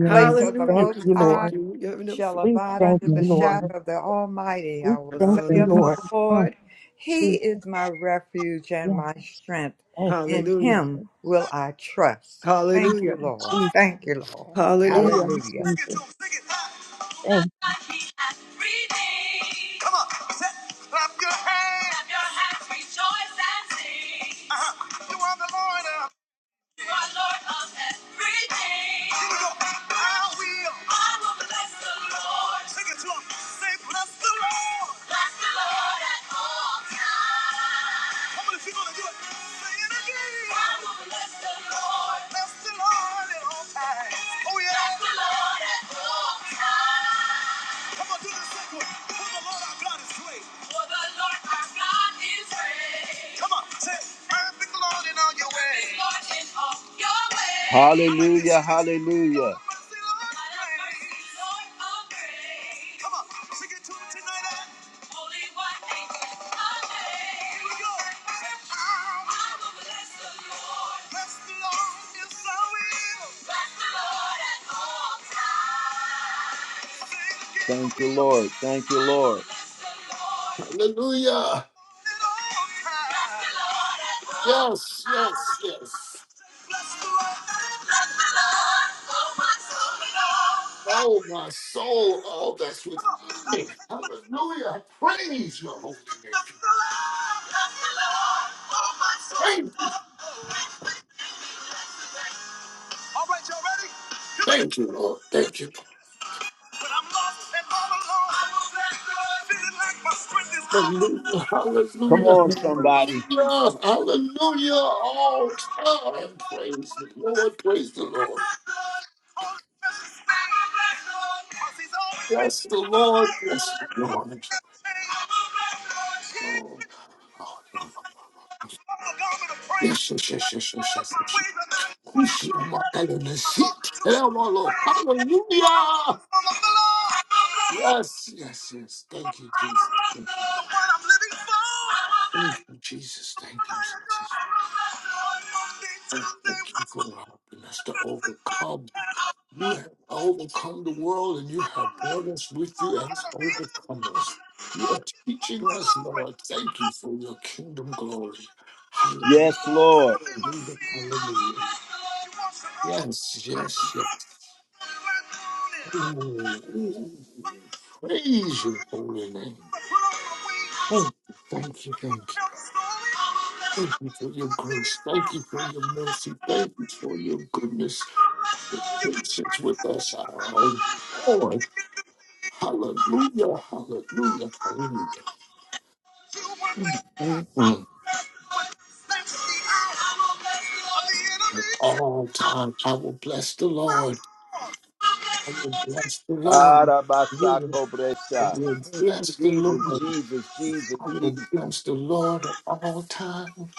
Speaker 11: are.
Speaker 7: place
Speaker 5: We
Speaker 11: Yes,
Speaker 7: of the
Speaker 2: Hallelujah.
Speaker 5: thank
Speaker 2: We
Speaker 7: Most
Speaker 5: you,
Speaker 7: High.
Speaker 2: thank
Speaker 5: Lord.
Speaker 2: you. We have no
Speaker 7: shall
Speaker 2: fear.
Speaker 5: We
Speaker 7: abide
Speaker 5: thank
Speaker 7: under
Speaker 11: yes,
Speaker 7: the
Speaker 5: you,
Speaker 11: yes.
Speaker 5: Lord.
Speaker 7: shadow of the Almighty.
Speaker 5: We
Speaker 7: I will
Speaker 5: thank
Speaker 7: say
Speaker 5: you,
Speaker 11: Thank
Speaker 7: of the
Speaker 11: you.
Speaker 2: Hallelujah.
Speaker 5: Lord. Mm,
Speaker 7: Lord, He
Speaker 5: Jesus.
Speaker 7: is my refuge
Speaker 5: Yeah,
Speaker 7: and my strength.
Speaker 5: thank you,
Speaker 7: In
Speaker 2: Hallelujah.
Speaker 7: Him
Speaker 5: Jesus.
Speaker 7: will I trust.
Speaker 5: Thank
Speaker 7: Thank you,
Speaker 2: Hallelujah.
Speaker 5: you,
Speaker 7: Lord.
Speaker 5: Jesus.
Speaker 7: Thank you, Lord.
Speaker 5: Thank
Speaker 2: Hallelujah.
Speaker 5: you,
Speaker 7: Hallelujah.
Speaker 1: Sing it to
Speaker 5: Jesus.
Speaker 1: him, sing it loud.
Speaker 5: Thank you.
Speaker 1: Come on, say- clap your hands. Clap your hands, rejoice and sing. Uh-huh. You are the Lord. Here we go. I will. I will bless the Lord. Take it to him. Say, bless the Lord. Bless the Lord at all times. Come on, if gonna do it, say it again. I will bless the Lord. Bless the Lord at all times. Oh yeah. Bless the Lord at all times. Come on, do this second one. For the Lord our God is great. For the Lord our God is great. Come on, say, perfect Lord in all your ways. Lord in all your ways. Hallelujah, hallelujah. eh? yes, Thank you, Lord. Thank you, Lord.
Speaker 3: Hallelujah. Yes, yes, yes. Oh, my soul, all that's within me. Hallelujah. Praise your holy name. Thank you.
Speaker 1: All right, y'all ready?
Speaker 3: Thank you, Lord. Thank you.
Speaker 1: But I'm lost and all alone. I will bless the Lord. Feeling like my strength is gone.
Speaker 3: Hallelujah.
Speaker 1: Come
Speaker 3: Hallelujah.
Speaker 1: on, somebody.
Speaker 3: Hallelujah. Hallelujah. All time. Praise the Lord. Praise the Lord.
Speaker 1: All precious things. I will bless the Lord. 'Cause he's always been
Speaker 3: Bless the
Speaker 1: there. I will
Speaker 3: Lord.
Speaker 1: bless the
Speaker 3: Bless
Speaker 1: Lord.
Speaker 3: the
Speaker 1: And 'cause he
Speaker 3: Lord.
Speaker 1: never changed. I will bless the Lord. He's been
Speaker 3: Oh, Lord. Lord. Yes, yes, yes, yes, yes, yes, yes, Hallelujah. Yes, yes, yes. Thank you, Jesus. Thank you, Jesus. Thank you, Jesus. Oh, thank you for helping us to overcome. You have overcome the world and you have brought us with you as overcomers. You are teaching us, Lord. Thank you for your kingdom glory.
Speaker 1: Yes,
Speaker 3: Hallelujah.
Speaker 1: Lord.
Speaker 3: Hallelujah. Yes, yes, yes. Praise your holy name. Thank you, thank you, thank you. Thank you for your grace. Thank you for your mercy. Thank you for your goodness. Your Patience with us, our Lord. Hallelujah, hallelujah, hallelujah. Mm. At All times, I will bless the Lord. I will bless the Lord. Yeah,
Speaker 1: Arabasako
Speaker 3: I
Speaker 1: Bresha.
Speaker 3: will bless the
Speaker 1: Jesus,
Speaker 3: Lord.
Speaker 1: Jesus, Jesus,
Speaker 3: I will
Speaker 1: Jesus.
Speaker 3: bless the Lord at all times.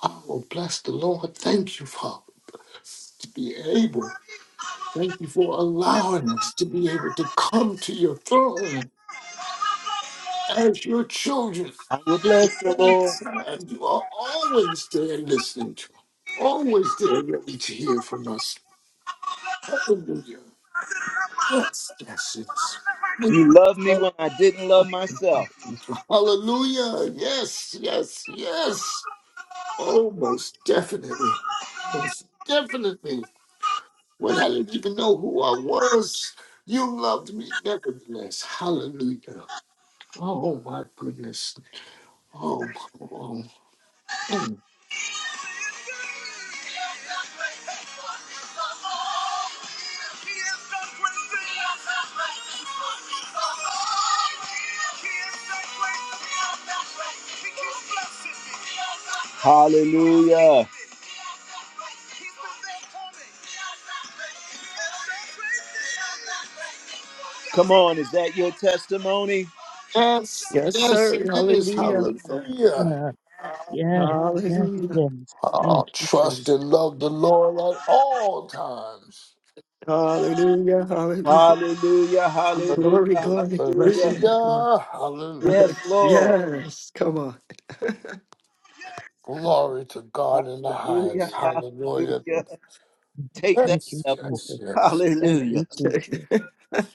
Speaker 3: I will bless the Lord. Thank you, Father, to be able. Thank you for allowing us to be able to come to your throne as your children.
Speaker 1: I will
Speaker 3: At
Speaker 1: bless the
Speaker 3: any
Speaker 1: Lord.
Speaker 3: time, you are always there listening to us, always there ready to hear from us. Hallelujah. Yes, yes, yes. We
Speaker 1: You loved me
Speaker 3: thank
Speaker 1: when I didn't love myself.
Speaker 3: you. Hallelujah. Yes, yes, yes. Oh, most definitely. Most definitely. when I didn't even know who I was. You loved me nevertheless. Hallelujah. Oh my goodness. Oh, oh, oh.
Speaker 1: Hallelujah. Come on, is that your testimony?
Speaker 3: yes,
Speaker 2: Yes,
Speaker 3: yes,
Speaker 2: sir.
Speaker 3: it is.
Speaker 2: Hallelujah.
Speaker 3: Hallelujah.
Speaker 5: Yeah, yes, yes,
Speaker 2: Hallelujah.
Speaker 5: yes.
Speaker 3: Oh,
Speaker 5: Thank you,
Speaker 3: trust
Speaker 5: Jesus.
Speaker 3: and love the Lord at all times.
Speaker 2: Hallelujah. Hallelujah.
Speaker 1: Hallelujah, hallelujah,
Speaker 2: Glory, glory,
Speaker 3: Hallelujah.
Speaker 2: bless your
Speaker 1: hallelujah.
Speaker 2: name, Lord.
Speaker 3: Hallelujah.
Speaker 1: Yes, Lord.
Speaker 2: Yes, come on.
Speaker 3: Glory to God in the
Speaker 1: Hallelujah,
Speaker 3: highest. Hallelujah.
Speaker 1: hallelujah. Take that,
Speaker 5: Thank
Speaker 3: Yes,
Speaker 5: you,
Speaker 1: devil.
Speaker 3: yes,
Speaker 5: Jesus.
Speaker 3: yes.
Speaker 5: Thank
Speaker 1: Hallelujah.
Speaker 5: you, Jesus.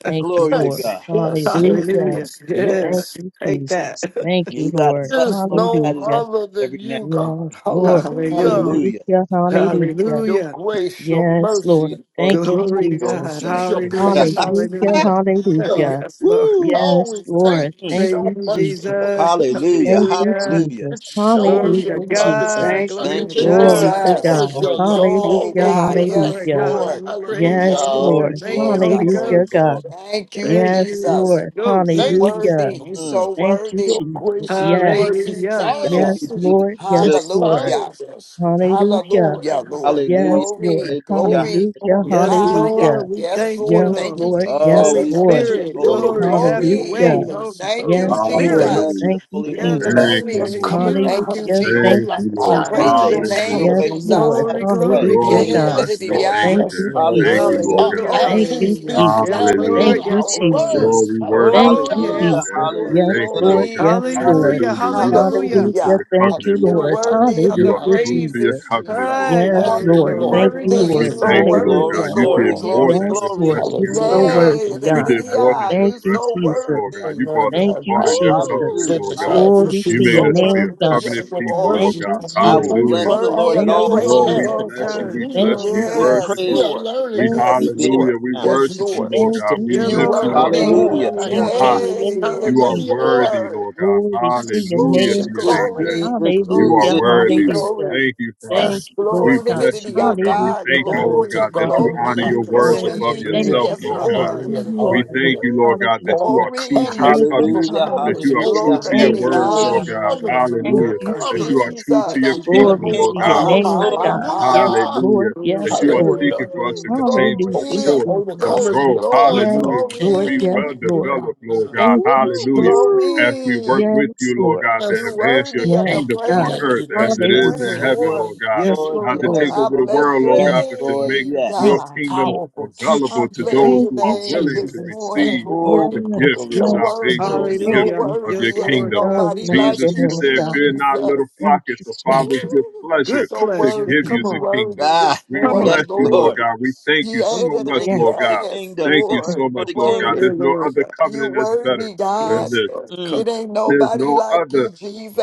Speaker 5: Thank you,
Speaker 1: Glory to
Speaker 5: Lord.
Speaker 3: Yes,
Speaker 1: God.
Speaker 3: yes, yes,
Speaker 5: Hallelujah.
Speaker 2: Hallelujah.
Speaker 3: yes,
Speaker 2: Yeah,
Speaker 5: Thank
Speaker 3: yes,
Speaker 5: you,
Speaker 2: take that.
Speaker 5: Jesus. Thank you,
Speaker 1: You got to
Speaker 5: Lord.
Speaker 1: bust
Speaker 3: There's
Speaker 1: him
Speaker 3: no
Speaker 1: upside his
Speaker 5: Hallelujah.
Speaker 3: other
Speaker 1: head every
Speaker 3: than
Speaker 1: now and then.
Speaker 3: you, God.
Speaker 5: Yes, Lord.
Speaker 2: Hallelujah.
Speaker 3: Hallelujah.
Speaker 1: Hallelujah.
Speaker 5: Hallelujah. Hallelujah.
Speaker 3: Your
Speaker 2: Hallelujah.
Speaker 3: grace, your
Speaker 5: Yes, Lord.
Speaker 3: mercy,
Speaker 1: Lord,
Speaker 5: Thank
Speaker 1: thank
Speaker 5: you,
Speaker 2: Glory
Speaker 3: oh,
Speaker 2: to
Speaker 1: you,
Speaker 3: your
Speaker 1: Lord,
Speaker 5: Jesus.
Speaker 2: God.
Speaker 1: thank
Speaker 3: peace, your
Speaker 1: you.
Speaker 2: Hallelujah.
Speaker 3: patience.
Speaker 5: Hallelujah.
Speaker 2: Hallelujah.
Speaker 3: Hallelujah.
Speaker 5: Hallelujah.
Speaker 2: Yes, Lord.
Speaker 1: Woo!
Speaker 3: Oh,
Speaker 5: Yes,
Speaker 3: we
Speaker 5: Lord.
Speaker 3: thank you
Speaker 1: Mm.
Speaker 5: Thank
Speaker 3: so
Speaker 2: Praise
Speaker 5: you,
Speaker 2: you,
Speaker 3: much for
Speaker 5: Jesus.
Speaker 3: your
Speaker 2: Jesus.
Speaker 3: patience.
Speaker 1: Hallelujah.
Speaker 5: Thank you,
Speaker 2: Hallelujah.
Speaker 1: Hallelujah.
Speaker 5: Jesus.
Speaker 3: It shows
Speaker 2: Glory
Speaker 3: your
Speaker 2: to
Speaker 5: Hallelujah,
Speaker 3: love. It,
Speaker 5: Jesus.
Speaker 2: God.
Speaker 12: Thank
Speaker 3: it,
Speaker 2: Glory
Speaker 1: Thank
Speaker 2: to
Speaker 12: you,
Speaker 1: you,
Speaker 3: it, it
Speaker 1: Lord.
Speaker 5: Glory
Speaker 2: God.
Speaker 5: to
Speaker 1: Thank you,
Speaker 12: Jesus.
Speaker 3: pours
Speaker 5: God.
Speaker 3: your
Speaker 1: Lord. Thank
Speaker 3: love all
Speaker 12: Oh,
Speaker 5: Hallelujah,
Speaker 2: Thank
Speaker 3: over
Speaker 12: God.
Speaker 2: you,
Speaker 3: us like
Speaker 12: Yes,
Speaker 2: Lord
Speaker 5: hallelujah.
Speaker 2: God.
Speaker 3: oil.
Speaker 12: Lord.
Speaker 2: We praise you,
Speaker 5: Yes,
Speaker 12: Thank
Speaker 3: Hallelujah.
Speaker 12: you,
Speaker 2: Jesus.
Speaker 1: glory,
Speaker 5: Lord.
Speaker 2: Thank you,
Speaker 1: glory,
Speaker 2: Holy
Speaker 12: Jesus.
Speaker 3: Thank
Speaker 1: glory,
Speaker 5: Hallelujah,
Speaker 2: Ghost.
Speaker 5: God.
Speaker 1: glory.
Speaker 3: you.
Speaker 12: Thank
Speaker 3: Thank you.
Speaker 12: you,
Speaker 5: Yes,
Speaker 2: Thank you,
Speaker 12: Jesus.
Speaker 2: Holy
Speaker 5: Lord.
Speaker 2: Ghost.
Speaker 12: You
Speaker 3: Thank you for
Speaker 5: Hallelujah.
Speaker 12: worthy.
Speaker 3: your
Speaker 12: You
Speaker 1: Mm.
Speaker 12: so
Speaker 3: grace.
Speaker 5: Thank you,
Speaker 12: worthy.
Speaker 3: Your
Speaker 5: Jesus.
Speaker 3: grace and your
Speaker 5: Yes,
Speaker 12: Thank
Speaker 3: mercy
Speaker 12: you,
Speaker 2: Hallelujah.
Speaker 1: Thank
Speaker 5: yes,
Speaker 3: follows
Speaker 1: you,
Speaker 12: Jesus.
Speaker 3: me.
Speaker 5: Lord.
Speaker 3: It
Speaker 1: Jesus.
Speaker 5: Yes, Lord.
Speaker 12: Hallelujah.
Speaker 3: follows us.
Speaker 5: Hallelujah.
Speaker 3: Oh,
Speaker 12: Hallelujah,
Speaker 3: everything we
Speaker 12: Lord.
Speaker 1: Hallelujah.
Speaker 3: go.
Speaker 5: Yes,
Speaker 1: Hallelujah.
Speaker 5: Lord.
Speaker 12: Glory, glory.
Speaker 1: Hallelujah.
Speaker 3: Oh,
Speaker 5: Hallelujah,
Speaker 2: Yes,
Speaker 3: Lord,
Speaker 12: Hallelujah.
Speaker 2: Lord,
Speaker 5: hallelujah.
Speaker 2: we
Speaker 3: let
Speaker 12: Yes,
Speaker 3: us
Speaker 2: thank you,
Speaker 3: be
Speaker 12: Lord.
Speaker 5: Yes,
Speaker 3: our
Speaker 12: Thank
Speaker 2: Lord.
Speaker 12: you,
Speaker 5: Lord.
Speaker 3: leading.
Speaker 1: Oh,
Speaker 5: Yes,
Speaker 13: Hallelujah.
Speaker 2: Holy
Speaker 12: Jesus.
Speaker 3: Let
Speaker 1: we
Speaker 3: us
Speaker 5: Lord.
Speaker 1: bless
Speaker 3: share
Speaker 1: your
Speaker 2: Spirit,
Speaker 1: holy
Speaker 3: your
Speaker 1: name.
Speaker 13: Glory,
Speaker 12: Woo,
Speaker 2: glory,
Speaker 3: grace
Speaker 2: have
Speaker 13: glory,
Speaker 2: your
Speaker 3: and
Speaker 12: glory.
Speaker 3: your
Speaker 5: Hallelujah.
Speaker 2: way.
Speaker 13: glory.
Speaker 2: Holy,
Speaker 3: mercy
Speaker 12: Thank
Speaker 2: Holy
Speaker 12: you,
Speaker 5: Yes,
Speaker 3: with
Speaker 1: We
Speaker 2: Spirit,
Speaker 5: Lord.
Speaker 3: others.
Speaker 1: bless
Speaker 12: Jesus.
Speaker 13: Hallelujah.
Speaker 1: your
Speaker 5: Thank you,
Speaker 1: holy
Speaker 2: yeah,
Speaker 3: Let
Speaker 1: name,
Speaker 3: them
Speaker 5: Jesus.
Speaker 1: God.
Speaker 2: Lord.
Speaker 13: Thank
Speaker 3: see
Speaker 13: you,
Speaker 12: Glory.
Speaker 3: us
Speaker 2: Thank
Speaker 13: Lord.
Speaker 3: coming
Speaker 2: you.
Speaker 12: Thank you,
Speaker 3: because
Speaker 5: Hallelujah.
Speaker 3: your
Speaker 5: Thank
Speaker 13: Thank
Speaker 3: light
Speaker 12: Jesus.
Speaker 5: you,
Speaker 13: you,
Speaker 12: I
Speaker 13: Lord.
Speaker 1: We
Speaker 5: Jesus.
Speaker 3: shining.
Speaker 12: praise
Speaker 2: you.
Speaker 12: your
Speaker 1: say, have your
Speaker 12: name,
Speaker 13: Hallelujah.
Speaker 5: Yes,
Speaker 1: way, Lord.
Speaker 3: Hallelujah.
Speaker 12: Jesus.
Speaker 5: Lord.
Speaker 1: Have
Speaker 2: Glory,
Speaker 3: Hallelujah.
Speaker 1: your way.
Speaker 2: glory,
Speaker 5: Hallelujah,
Speaker 13: Lord, we
Speaker 2: glory.
Speaker 12: Yeah, da,
Speaker 5: God.
Speaker 12: da,
Speaker 13: bless
Speaker 3: Yes,
Speaker 13: you.
Speaker 12: da,
Speaker 13: We
Speaker 3: Lord.
Speaker 13: thank
Speaker 12: da.
Speaker 13: you,
Speaker 5: Thank
Speaker 3: Yes,
Speaker 5: you,
Speaker 13: Daddy.
Speaker 3: Lord.
Speaker 13: Thank you,
Speaker 5: Jesus.
Speaker 1: Hallelujah.
Speaker 12: Woo!
Speaker 13: Lord
Speaker 3: Our
Speaker 2: Hallelujah,
Speaker 13: God.
Speaker 5: Thank
Speaker 3: action
Speaker 5: you,
Speaker 12: Glory,
Speaker 2: hallelujah.
Speaker 3: speaks
Speaker 2: Yes,
Speaker 5: Jesus.
Speaker 3: louder
Speaker 12: glory,
Speaker 5: Thank
Speaker 3: than
Speaker 2: Lord,
Speaker 13: Hallelujah.
Speaker 5: you,
Speaker 3: our
Speaker 2: yes, Lord.
Speaker 12: glory.
Speaker 13: Lord,
Speaker 5: Jesus.
Speaker 3: words.
Speaker 13: we worship
Speaker 5: Thank
Speaker 2: Oh,
Speaker 13: you,
Speaker 5: you,
Speaker 13: Father,
Speaker 2: yes.
Speaker 12: Yes,
Speaker 3: Hallelujah.
Speaker 1: Hallelujah.
Speaker 5: Jesus.
Speaker 13: Daddy. We
Speaker 12: Lord,
Speaker 5: Yes,
Speaker 13: thank you,
Speaker 1: Hallelujah.
Speaker 5: Lord.
Speaker 13: Lord
Speaker 5: Yes,
Speaker 13: God.
Speaker 12: glory.
Speaker 3: Yes,
Speaker 5: Lord.
Speaker 2: Hallelujah,
Speaker 3: yes,
Speaker 13: Hallelujah. You are
Speaker 3: yes.
Speaker 2: hallelujah.
Speaker 13: true to
Speaker 5: Hallelujah.
Speaker 12: Hallelujah.
Speaker 13: your
Speaker 5: Thank you,
Speaker 13: covenant, Lord.
Speaker 12: You're
Speaker 3: Hallelujah,
Speaker 5: Lord.
Speaker 12: worthy of
Speaker 3: hallelujah,
Speaker 13: You
Speaker 12: the
Speaker 5: Hallelujah,
Speaker 13: are true to
Speaker 3: hallelujah.
Speaker 13: your
Speaker 5: Jesus.
Speaker 12: praises,
Speaker 13: covenant,
Speaker 12: Jesus.
Speaker 13: Lord.
Speaker 2: Hi,
Speaker 5: Yes,
Speaker 3: Bless
Speaker 2: glory,
Speaker 3: the
Speaker 5: Lord.
Speaker 12: You're
Speaker 2: glory,
Speaker 5: Thank
Speaker 13: Hallelujah.
Speaker 3: Lord.
Speaker 5: you,
Speaker 12: worthy.
Speaker 2: glory,
Speaker 3: Bless
Speaker 12: You're
Speaker 13: We
Speaker 5: Lord.
Speaker 3: the
Speaker 12: so
Speaker 13: thank
Speaker 2: glory,
Speaker 13: you,
Speaker 3: Lord.
Speaker 13: Lord
Speaker 2: glory,
Speaker 12: worthy,
Speaker 1: Glory,
Speaker 13: God.
Speaker 5: Hallelujah.
Speaker 3: Bless the
Speaker 13: You
Speaker 12: Lord
Speaker 1: glory,
Speaker 2: glory,
Speaker 13: did
Speaker 3: Lord.
Speaker 13: more
Speaker 1: glory,
Speaker 13: than
Speaker 2: glory.
Speaker 5: Yes,
Speaker 12: Jesus.
Speaker 13: just
Speaker 1: glory.
Speaker 5: Lord. You're
Speaker 13: rescue,
Speaker 5: so
Speaker 13: Lord
Speaker 3: Hallelujah.
Speaker 13: God.
Speaker 12: Nay,
Speaker 5: worthy,
Speaker 12: da, da,
Speaker 13: You
Speaker 3: Hallelujah.
Speaker 12: da,
Speaker 5: God.
Speaker 12: da,
Speaker 13: did more
Speaker 12: da.
Speaker 13: than
Speaker 3: Hallelujah.
Speaker 5: Thank
Speaker 13: just
Speaker 12: you
Speaker 5: you,
Speaker 12: so
Speaker 13: rescue us,
Speaker 5: Jesus.
Speaker 13: Lord
Speaker 3: Oh
Speaker 13: God.
Speaker 12: worthy.
Speaker 13: You
Speaker 3: Lord,
Speaker 13: brought us a
Speaker 5: Thank
Speaker 3: Lord,
Speaker 5: you,
Speaker 13: part
Speaker 3: I
Speaker 13: of your covenant,
Speaker 5: Jesus.
Speaker 12: Woo!
Speaker 1: Hallelujah.
Speaker 13: Lord
Speaker 3: goodness, I
Speaker 13: God.
Speaker 1: Hallelujah.
Speaker 5: Glory
Speaker 12: Jesus, you
Speaker 13: You
Speaker 5: to
Speaker 3: appreciate
Speaker 5: your
Speaker 3: so
Speaker 13: made
Speaker 12: so
Speaker 13: us to
Speaker 3: much
Speaker 13: be a
Speaker 5: name,
Speaker 12: worthy.
Speaker 5: God.
Speaker 3: grace,
Speaker 13: covenant
Speaker 3: so
Speaker 12: Yes, you
Speaker 3: much
Speaker 13: people,
Speaker 12: are.
Speaker 5: Thank
Speaker 13: Lord
Speaker 3: mercy
Speaker 5: you,
Speaker 13: God.
Speaker 3: from
Speaker 1: I
Speaker 3: you
Speaker 1: will
Speaker 5: Jesus.
Speaker 2: Thank
Speaker 3: and
Speaker 12: You
Speaker 2: you,
Speaker 13: Hallelujah.
Speaker 1: bless
Speaker 3: from
Speaker 1: the
Speaker 2: Lord.
Speaker 3: our
Speaker 12: worthy
Speaker 1: Lord at
Speaker 12: of
Speaker 5: Thank
Speaker 12: the
Speaker 2: Yes,
Speaker 1: all
Speaker 5: you,
Speaker 3: fellow
Speaker 1: times.
Speaker 13: Lord,
Speaker 2: Lord,
Speaker 13: we
Speaker 5: Jesus.
Speaker 3: man.
Speaker 2: all
Speaker 12: praises.
Speaker 13: bless you. We
Speaker 2: times,
Speaker 5: Thank
Speaker 3: Hallelujah.
Speaker 13: bless you.
Speaker 2: all
Speaker 5: you,
Speaker 13: We
Speaker 1: His
Speaker 2: times.
Speaker 5: Jesus.
Speaker 13: worship
Speaker 12: Yes,
Speaker 3: We
Speaker 13: you.
Speaker 1: praise
Speaker 3: are
Speaker 1: shall
Speaker 12: Lord.
Speaker 13: We
Speaker 3: learning,
Speaker 5: Thank
Speaker 3: Lord,
Speaker 5: you,
Speaker 12: Yes,
Speaker 1: continually be in
Speaker 12: Lord.
Speaker 13: hallelujah. We
Speaker 5: Jesus.
Speaker 1: my mouth.
Speaker 3: as
Speaker 12: Yes,
Speaker 3: you
Speaker 13: worship you,
Speaker 12: Lord.
Speaker 3: teach
Speaker 13: Lord
Speaker 5: Thank
Speaker 3: us to
Speaker 13: God.
Speaker 5: you,
Speaker 13: We
Speaker 2: Yeah,
Speaker 12: You
Speaker 3: be
Speaker 13: lift
Speaker 5: Jesus.
Speaker 12: worry
Speaker 13: you
Speaker 2: Lord.
Speaker 13: up,
Speaker 3: called
Speaker 5: Thank
Speaker 12: me.
Speaker 13: Lord
Speaker 5: you,
Speaker 1: Hallelujah.
Speaker 3: more
Speaker 13: God,
Speaker 3: like
Speaker 13: on
Speaker 2: Hallelujah.
Speaker 5: Jesus.
Speaker 13: high.
Speaker 3: Jesus.
Speaker 12: Hey,
Speaker 5: Thank
Speaker 2: Hallelujah.
Speaker 5: you,
Speaker 13: You are
Speaker 12: yes,
Speaker 5: Jesus.
Speaker 3: Hallelujah.
Speaker 13: worthy,
Speaker 12: Lord.
Speaker 13: Lord God.
Speaker 5: Glory to
Speaker 3: Yes,
Speaker 5: your
Speaker 13: Hallelujah
Speaker 3: yes,
Speaker 12: Woo,
Speaker 13: to
Speaker 5: name,
Speaker 13: your
Speaker 1: Jesus,
Speaker 5: God.
Speaker 13: name,
Speaker 3: yes.
Speaker 13: Daddy.
Speaker 12: glory,
Speaker 1: Jesus,
Speaker 13: You
Speaker 12: glory,
Speaker 13: are
Speaker 5: Hallelujah.
Speaker 1: Jesus,
Speaker 12: glory,
Speaker 13: worthy,
Speaker 1: Jesus.
Speaker 13: Lord.
Speaker 5: Hallelujah.
Speaker 12: glory.
Speaker 13: Thank you, Father.
Speaker 5: Thank
Speaker 3: Yes,
Speaker 5: you,
Speaker 3: yes.
Speaker 13: We
Speaker 5: Lord
Speaker 12: Glory
Speaker 5: God.
Speaker 12: to
Speaker 13: bless you,
Speaker 12: the our
Speaker 13: Lord God. We
Speaker 12: God.
Speaker 5: Hallelujah,
Speaker 13: thank
Speaker 5: God,
Speaker 13: you,
Speaker 3: Glory
Speaker 13: Lord
Speaker 3: to
Speaker 12: Glory,
Speaker 13: God,
Speaker 5: for
Speaker 13: that
Speaker 3: God
Speaker 5: your
Speaker 13: you
Speaker 3: in the
Speaker 12: glory,
Speaker 13: honor
Speaker 5: peace,
Speaker 13: your
Speaker 2: Thank you,
Speaker 5: Lord.
Speaker 13: words
Speaker 3: highest.
Speaker 5: We
Speaker 2: Daddy.
Speaker 13: above
Speaker 12: glory.
Speaker 5: thank
Speaker 2: Thank
Speaker 3: Hallelujah.
Speaker 13: yourself,
Speaker 5: you
Speaker 2: you,
Speaker 12: Yes,
Speaker 5: for
Speaker 13: Lord
Speaker 5: being
Speaker 13: God.
Speaker 2: Papa.
Speaker 12: Lord.
Speaker 5: who
Speaker 3: Hallelujah.
Speaker 5: you are,
Speaker 13: We
Speaker 5: Lord.
Speaker 13: thank
Speaker 3: Hallelujah.
Speaker 13: you, Lord
Speaker 12: Woo,
Speaker 13: God, that you
Speaker 5: Hallelujah.
Speaker 13: are true to your
Speaker 12: Glory,
Speaker 3: Overcomers,
Speaker 5: Thank you,
Speaker 13: covenant,
Speaker 1: Hallelujah,
Speaker 5: Jesus.
Speaker 2: Ah,
Speaker 13: that you
Speaker 3: overcomers,
Speaker 13: are
Speaker 2: yes,
Speaker 13: true
Speaker 1: hallelujah,
Speaker 2: Lord.
Speaker 12: glory
Speaker 13: to
Speaker 12: to
Speaker 13: your
Speaker 5: Thank
Speaker 12: the
Speaker 2: Yes,
Speaker 3: overcomers,
Speaker 5: you,
Speaker 13: words,
Speaker 2: Lord.
Speaker 13: Lord
Speaker 12: God.
Speaker 1: hallelujah.
Speaker 5: Jesus.
Speaker 13: God.
Speaker 2: God, I'm
Speaker 3: overcomers,
Speaker 2: on
Speaker 5: Thank
Speaker 13: Hallelujah
Speaker 2: that
Speaker 5: you,
Speaker 12: Woo,
Speaker 13: that
Speaker 2: Thank
Speaker 13: you
Speaker 3: overcomers.
Speaker 13: are
Speaker 2: you,
Speaker 5: Jesus.
Speaker 13: true to
Speaker 2: Thank
Speaker 13: your
Speaker 12: Jesus.
Speaker 1: He's the
Speaker 2: you,
Speaker 1: King of
Speaker 3: Kingdom
Speaker 2: God.
Speaker 13: people,
Speaker 5: Glory
Speaker 1: Kings,
Speaker 13: Lord
Speaker 5: to
Speaker 1: the
Speaker 5: your
Speaker 13: God.
Speaker 2: Hallelujah.
Speaker 12: Ma,
Speaker 1: Lord of
Speaker 3: overcomers.
Speaker 5: name,
Speaker 12: ma,
Speaker 1: Lords.
Speaker 12: ma,
Speaker 5: God.
Speaker 12: ma,
Speaker 5: Yes,
Speaker 12: ma.
Speaker 3: Hallelujah.
Speaker 5: Lord.
Speaker 13: Hallelujah. That
Speaker 2: Glory,
Speaker 5: Yes,
Speaker 13: you are
Speaker 5: Lord.
Speaker 2: glory,
Speaker 13: seeking
Speaker 3: Hallelujah.
Speaker 13: for us
Speaker 12: Woo!
Speaker 13: to
Speaker 2: glory.
Speaker 5: Hallelujah,
Speaker 13: continue to
Speaker 3: Oh, we are
Speaker 13: mature,
Speaker 12: Glory,
Speaker 13: to
Speaker 5: Jesus.
Speaker 3: overcomers
Speaker 12: glory,
Speaker 13: grow.
Speaker 12: glory,
Speaker 3: because of
Speaker 5: Yes,
Speaker 3: the
Speaker 13: Hallelujah. Just to
Speaker 5: Lord.
Speaker 3: kingdom.
Speaker 13: be
Speaker 5: Yes,
Speaker 12: glory.
Speaker 13: well
Speaker 5: Lord.
Speaker 3: Hallelujah.
Speaker 13: developed, Lord God.
Speaker 5: Thank
Speaker 12: Woo!
Speaker 5: you,
Speaker 13: Hallelujah.
Speaker 5: Jesus.
Speaker 13: As we work
Speaker 12: Glory.
Speaker 13: with
Speaker 5: Yes,
Speaker 13: you, Lord
Speaker 5: Lord.
Speaker 13: God, to
Speaker 12: You
Speaker 3: Yes, Lord.
Speaker 13: advance your
Speaker 12: worthy of
Speaker 5: Yes,
Speaker 12: the
Speaker 3: Thank
Speaker 13: kingdom
Speaker 3: you.
Speaker 13: on
Speaker 5: God.
Speaker 3: Thank
Speaker 12: praises
Speaker 13: earth
Speaker 3: you.
Speaker 12: this
Speaker 13: as
Speaker 3: Thank
Speaker 13: it
Speaker 3: you.
Speaker 2: Yes,
Speaker 13: is
Speaker 12: morning,
Speaker 13: in
Speaker 5: Hallelujah.
Speaker 2: Lord
Speaker 13: heaven,
Speaker 1: Yes,
Speaker 12: Lord.
Speaker 13: Lord
Speaker 2: God.
Speaker 13: God.
Speaker 5: Yes,
Speaker 2: Yes,
Speaker 1: Lord,
Speaker 13: Not to
Speaker 2: Lord
Speaker 5: Lord.
Speaker 13: take
Speaker 1: yes,
Speaker 3: Oh.
Speaker 2: God.
Speaker 12: I
Speaker 13: over the
Speaker 1: Lord,
Speaker 12: bless
Speaker 13: world,
Speaker 12: your
Speaker 13: Lord
Speaker 5: Yes,
Speaker 13: God,
Speaker 1: yes,
Speaker 13: but to
Speaker 1: Lord,
Speaker 13: make
Speaker 12: name,
Speaker 5: thank
Speaker 13: your
Speaker 1: yes.
Speaker 3: such
Speaker 12: God.
Speaker 13: kingdom
Speaker 5: you,
Speaker 3: powerful
Speaker 5: Jesus.
Speaker 12: I
Speaker 13: available
Speaker 3: teaching
Speaker 13: to
Speaker 12: bless
Speaker 3: here.
Speaker 13: those
Speaker 5: Thank
Speaker 12: your
Speaker 13: who
Speaker 5: you,
Speaker 13: are
Speaker 12: name
Speaker 3: Thank
Speaker 13: willing
Speaker 3: you.
Speaker 13: to
Speaker 12: this
Speaker 5: Jesus.
Speaker 3: We
Speaker 12: morning,
Speaker 3: thank
Speaker 13: receive
Speaker 3: you,
Speaker 5: Yes,
Speaker 3: Lord,
Speaker 1: Oh,
Speaker 12: Lord.
Speaker 13: the
Speaker 3: that we were
Speaker 13: gift
Speaker 1: glory,
Speaker 13: of
Speaker 12: You
Speaker 1: glory,
Speaker 5: yes,
Speaker 3: chosen
Speaker 5: Lord.
Speaker 3: to
Speaker 12: worthy,
Speaker 13: salvation,
Speaker 3: be
Speaker 12: you
Speaker 13: the
Speaker 1: glory,
Speaker 5: Thank
Speaker 12: so
Speaker 13: gift
Speaker 3: here.
Speaker 2: Hallelujah.
Speaker 1: glory.
Speaker 5: you.
Speaker 13: of
Speaker 12: worthy.
Speaker 13: your
Speaker 2: Yes,
Speaker 12: It ain't
Speaker 2: Lord
Speaker 13: kingdom.
Speaker 2: God.
Speaker 5: Oh,
Speaker 2: We
Speaker 12: nobody
Speaker 5: bless
Speaker 12: like
Speaker 2: bless
Speaker 5: your
Speaker 13: Jesus,
Speaker 2: you,
Speaker 13: you
Speaker 12: you,
Speaker 5: name,
Speaker 2: Lord
Speaker 13: said,
Speaker 5: God.
Speaker 13: Fear
Speaker 2: God.
Speaker 13: not, little
Speaker 12: Jesus.
Speaker 13: flock,
Speaker 5: Thank
Speaker 13: it's
Speaker 5: you,
Speaker 13: the
Speaker 5: Jesus.
Speaker 3: Thank
Speaker 13: Father's
Speaker 3: you.
Speaker 13: good
Speaker 12: You're
Speaker 13: pleasure
Speaker 2: Good
Speaker 12: so
Speaker 13: to
Speaker 2: pleasure.
Speaker 13: give
Speaker 12: worthy.
Speaker 2: Come
Speaker 13: you
Speaker 5: Yes,
Speaker 12: You
Speaker 13: the
Speaker 2: on.
Speaker 12: worthy
Speaker 13: kingdom.
Speaker 1: Ah,
Speaker 12: this
Speaker 13: We
Speaker 2: Come
Speaker 5: thank
Speaker 1: yes,
Speaker 12: morning,
Speaker 13: bless
Speaker 5: you.
Speaker 2: on.
Speaker 13: you, Lord
Speaker 1: Lord.
Speaker 12: Lord.
Speaker 13: God. We thank you so
Speaker 2: Come on.
Speaker 13: much,
Speaker 1: Thank
Speaker 5: Yes,
Speaker 1: you
Speaker 13: Lord
Speaker 1: for the
Speaker 13: God.
Speaker 12: Yes,
Speaker 1: kingdom.
Speaker 13: Thank
Speaker 1: Thank
Speaker 13: you
Speaker 5: yes.
Speaker 1: you
Speaker 12: Lord.
Speaker 13: so
Speaker 1: for
Speaker 12: You
Speaker 13: much,
Speaker 1: the
Speaker 13: Lord God.
Speaker 1: kingdom.
Speaker 2: Yeah,
Speaker 12: worthy.
Speaker 13: There's no
Speaker 2: Lord
Speaker 13: other
Speaker 2: God.
Speaker 12: You
Speaker 13: covenant that's better
Speaker 12: worthy,
Speaker 13: than
Speaker 12: God.
Speaker 2: Yes,
Speaker 13: this.
Speaker 2: Lord. Come
Speaker 1: Mm.
Speaker 12: It ain't
Speaker 13: There's
Speaker 12: nobody
Speaker 13: no
Speaker 12: like you,
Speaker 13: other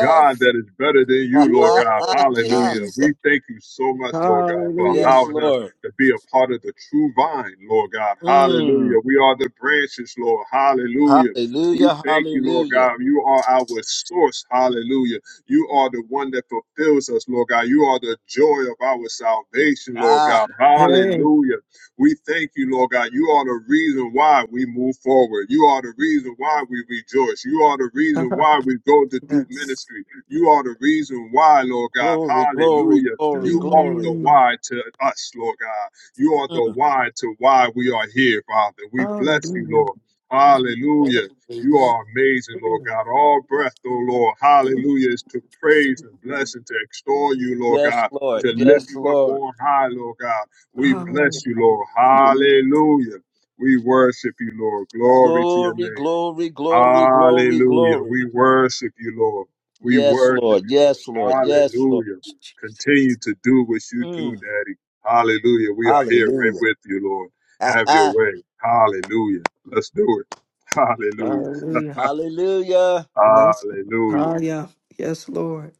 Speaker 13: God that is better than you, Lord God.
Speaker 12: Woo,
Speaker 13: Hallelujah.
Speaker 12: Jesus.
Speaker 13: We thank you so much,
Speaker 2: on.
Speaker 13: Lord God, for
Speaker 2: Hallelujah.
Speaker 1: yes,
Speaker 13: allowing us
Speaker 1: Lord.
Speaker 13: to be a part of the true vine, Lord God.
Speaker 1: Mm.
Speaker 13: Hallelujah. We are the branches, Lord. Hallelujah. We
Speaker 1: Hallelujah,
Speaker 13: thank you, Lord
Speaker 1: hallelujah.
Speaker 13: God. You are our source. Hallelujah. You are the one that fulfills us, Lord God. You are the joy of our salvation, Lord
Speaker 1: Ah,
Speaker 13: God.
Speaker 2: Hey.
Speaker 13: Hallelujah. We thank you, Lord God. You are the reason why we move forward. You are the reason why we rejoice. You are the reason why we go to do
Speaker 2: yes.
Speaker 13: ministry. You are the reason why, Lord God.
Speaker 1: glory, glory,
Speaker 13: Hallelujah.
Speaker 1: glory,
Speaker 13: You are the
Speaker 1: glory.
Speaker 2: Mm,
Speaker 13: why to us, Lord God. You are the
Speaker 1: Mm,
Speaker 13: why to why we are here, Father. We bless you,
Speaker 2: hallelujah.
Speaker 13: Lord. Hallelujah. You
Speaker 3: Amen.
Speaker 13: are amazing, Lord God. All breath, oh Lord, hallelujah, is to praise and bless and to extol you, Lord
Speaker 1: yes,
Speaker 13: God,
Speaker 1: Lord.
Speaker 13: to lift
Speaker 1: Yes,
Speaker 13: you up
Speaker 1: Lord.
Speaker 13: on high, Lord God. We
Speaker 2: Hallelujah.
Speaker 13: bless you, Lord.
Speaker 3: Amen.
Speaker 13: Hallelujah. We worship you, Lord. Glory to your
Speaker 1: Glory,
Speaker 13: name.
Speaker 1: glory, glory, glory,
Speaker 13: Hallelujah.
Speaker 1: glory.
Speaker 13: We worship you, Lord. We
Speaker 1: Yes,
Speaker 13: worship
Speaker 1: Lord.
Speaker 13: you,
Speaker 1: Yes, Lord.
Speaker 13: Lord.
Speaker 1: Yes, Lord.
Speaker 13: Hallelujah. Continue to do what you do,
Speaker 1: Mm,
Speaker 13: Daddy. Hallelujah. We are here right
Speaker 1: hallelujah.
Speaker 13: with you, Lord. Have your way. Hallelujah. Let's do it. Hallelujah.
Speaker 2: Hallelujah.
Speaker 1: hallelujah.
Speaker 2: That's
Speaker 13: Hallelujah.
Speaker 2: hallelujah. Yes, Lord.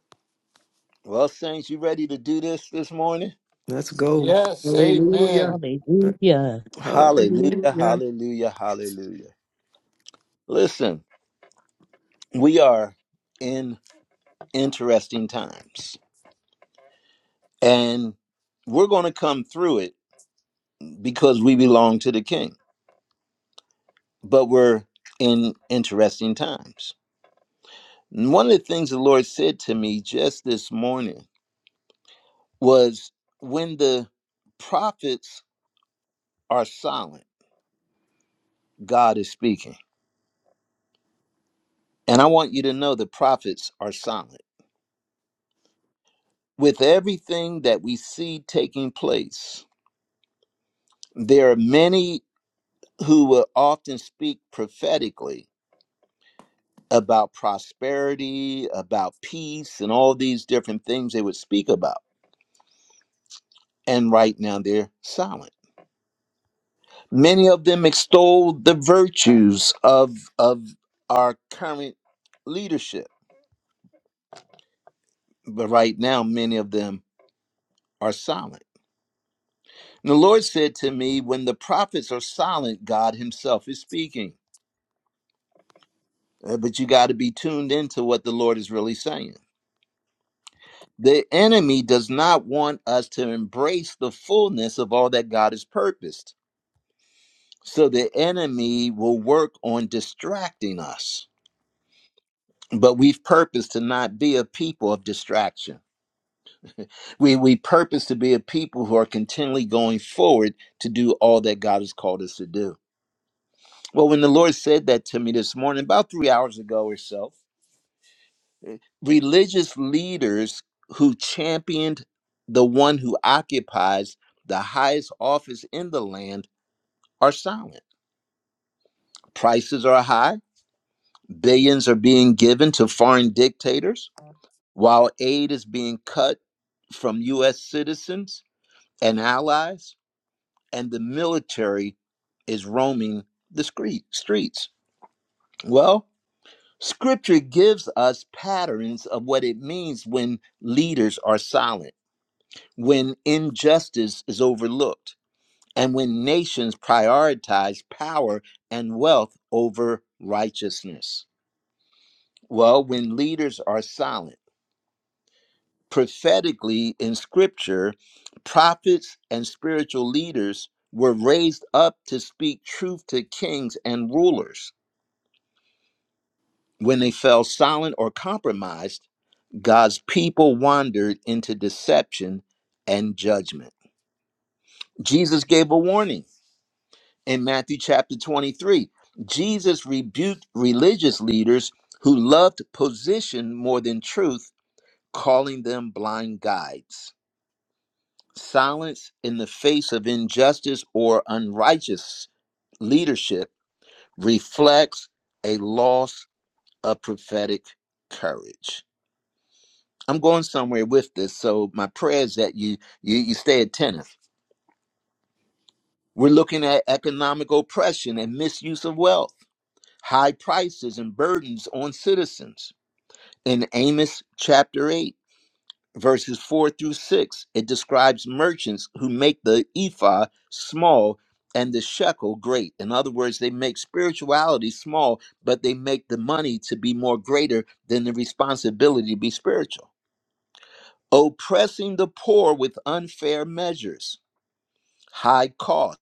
Speaker 1: Well, Saints, you ready to do this this morning?
Speaker 2: Let's go.
Speaker 3: Yes,
Speaker 2: Hallelujah.
Speaker 3: amen.
Speaker 5: Hallelujah.
Speaker 1: Hallelujah,
Speaker 2: Hallelujah.
Speaker 1: hallelujah, hallelujah. Listen, we are in interesting times and we're going to come through it because we belong to the king. But we're in interesting times. And one of the things the Lord said to me just this morning was when the prophets are silent, God is speaking. And I want you to know the prophets are silent. With everything that we see taking place, there are many who will often speak prophetically about prosperity, about peace, and all these different things they would speak about and right now they're silent. Many of them extol the virtues of of our current leadership, but right now many of them are silent. And the Lord said to me, when the prophets are silent, God himself is speaking. Uh, But you got to be tuned into what the Lord is really saying. The enemy does not want us to embrace the fullness of all that God has purposed. So the enemy will work on distracting us but we've purposed to not be a people of distraction. We we purpose to be a people who are continually going forward to do all that God has called us to do. Well, when the Lord said that to me this morning, about three hours ago or so, religious leaders who championed the one who occupies the highest office in the land are silent. Prices are high, billions are being given to foreign dictators, while aid is being cut from U.S. citizens and allies, and the military is roaming the scree- streets. Well, scripture gives us patterns of what it means when leaders are silent, when injustice is overlooked, and when nations prioritize power and wealth over righteousness. Well, when leaders are silent, prophetically in scripture, prophets and spiritual leaders were raised up to speak truth to kings and rulers. When they fell silent or compromised, God's people wandered into deception and judgment. Jesus gave a warning in Matthew chapter 23. Jesus rebuked religious leaders who loved position more than truth, calling them blind guides. silence in the face of injustice or unrighteous leadership reflects a loss of prophetic courage. I'm going somewhere with this, so my prayer is that you you, you stay attentive. We're looking at economic oppression and misuse of wealth, high prices and burdens on citizens. In Amos chapter 8, verses 4 through 6, it describes merchants who make the ephah small and the shekel great. In other words, they make spirituality small, but they make the money to be more greater than the responsibility to be spiritual. Oppressing the poor with unfair measures, high cost,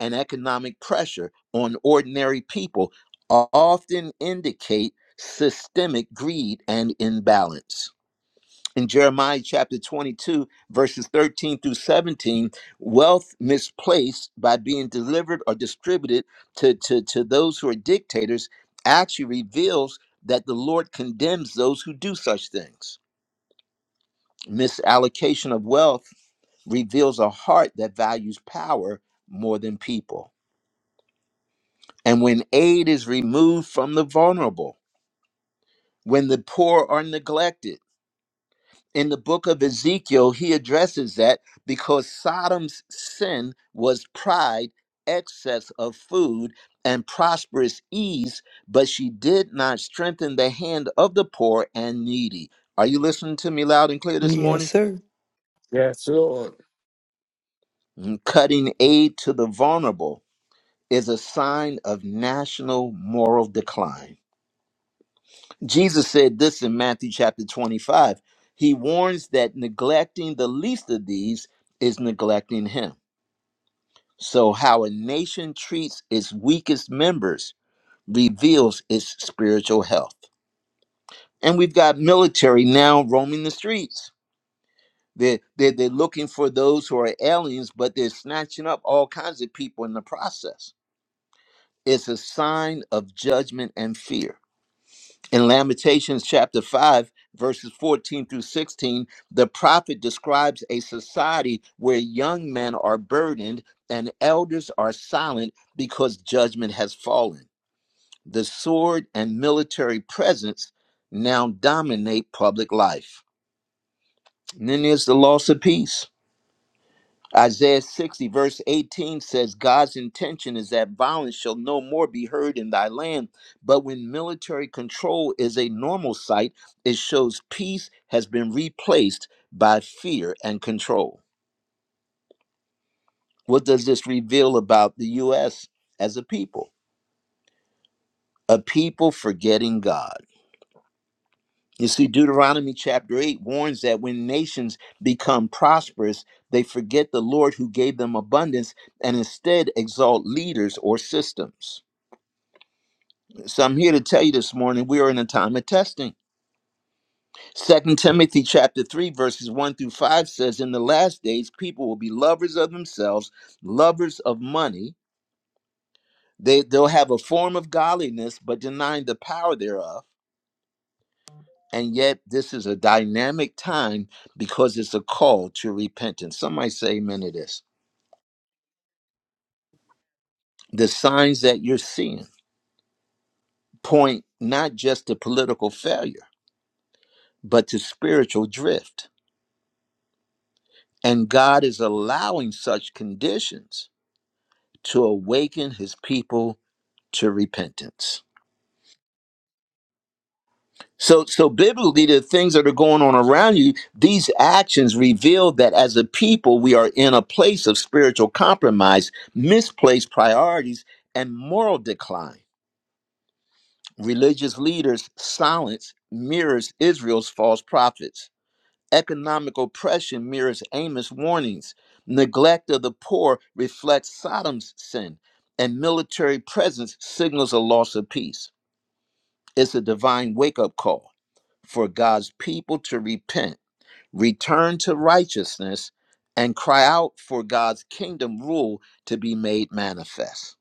Speaker 1: and economic pressure on ordinary people often indicate systemic greed and imbalance in Jeremiah chapter 22, verses 13 through 17, wealth misplaced by being delivered or distributed to, to, to those who are dictators actually reveals that the Lord condemns those who do such things. Misallocation of wealth reveals a heart that values power more than people. And when aid is removed from the vulnerable, when the poor are neglected, in the book of Ezekiel, he addresses that because Sodom's sin was pride, excess of food, and prosperous ease, but she did not strengthen the hand of the poor and needy. Are you listening to me loud and clear this
Speaker 2: Yeah.
Speaker 1: morning?
Speaker 3: Yes, Lord.
Speaker 1: Mm, Cutting aid to the vulnerable is a sign of national moral decline. Jesus said this in Matthew chapter 25. He warns that neglecting the least of these is neglecting him. So, how a nation treats its weakest members reveals its spiritual health. And we've got military now roaming the streets. They're, they're, they're looking for those who are aliens, but they're snatching up all kinds of people in the process. It's a sign of judgment and fear. In Lamentations chapter 5, verses 14 through 16, the prophet describes a society where young men are burdened and elders are silent because judgment has fallen the sword and military presence now dominate public life. And then there's the loss of peace. Isaiah 60, verse 18 says, God's intention is that violence shall no more be heard in thy land. But when military control is a normal sight, it shows peace has been replaced by fear and control. What does this reveal about the U.S. as a people? A people forgetting God You see, Deuteronomy chapter 8 warns that when nations become prosperous, they forget the Lord who gave them abundance and instead exalt leaders or systems. So I'm here to tell you this morning we are in a time of testing. Second Timothy chapter 3, verses 1 through 5 says, In the last days, people will be lovers of themselves, lovers of money. They, they'll have a form of godliness, but denying the power thereof And yet, this is a dynamic time because it's a call to repentance. Somebody say amen to this. The signs that you're seeing point not just to political failure, but to spiritual drift. And God is allowing such conditions to awaken his people to repentance. So, so biblically, the things that are going on around you, these actions reveal that as a people, we are in a place of spiritual compromise, misplaced priorities, and moral decline. Religious leaders' silence mirrors Israel's false prophets. Economic oppression mirrors Amos' warnings. Neglect of the poor reflects Sodom's sin, and military presence signals a loss of peace. It's a divine wake up call for God's people to repent, return to righteousness, and cry out for God's kingdom rule to be made manifest.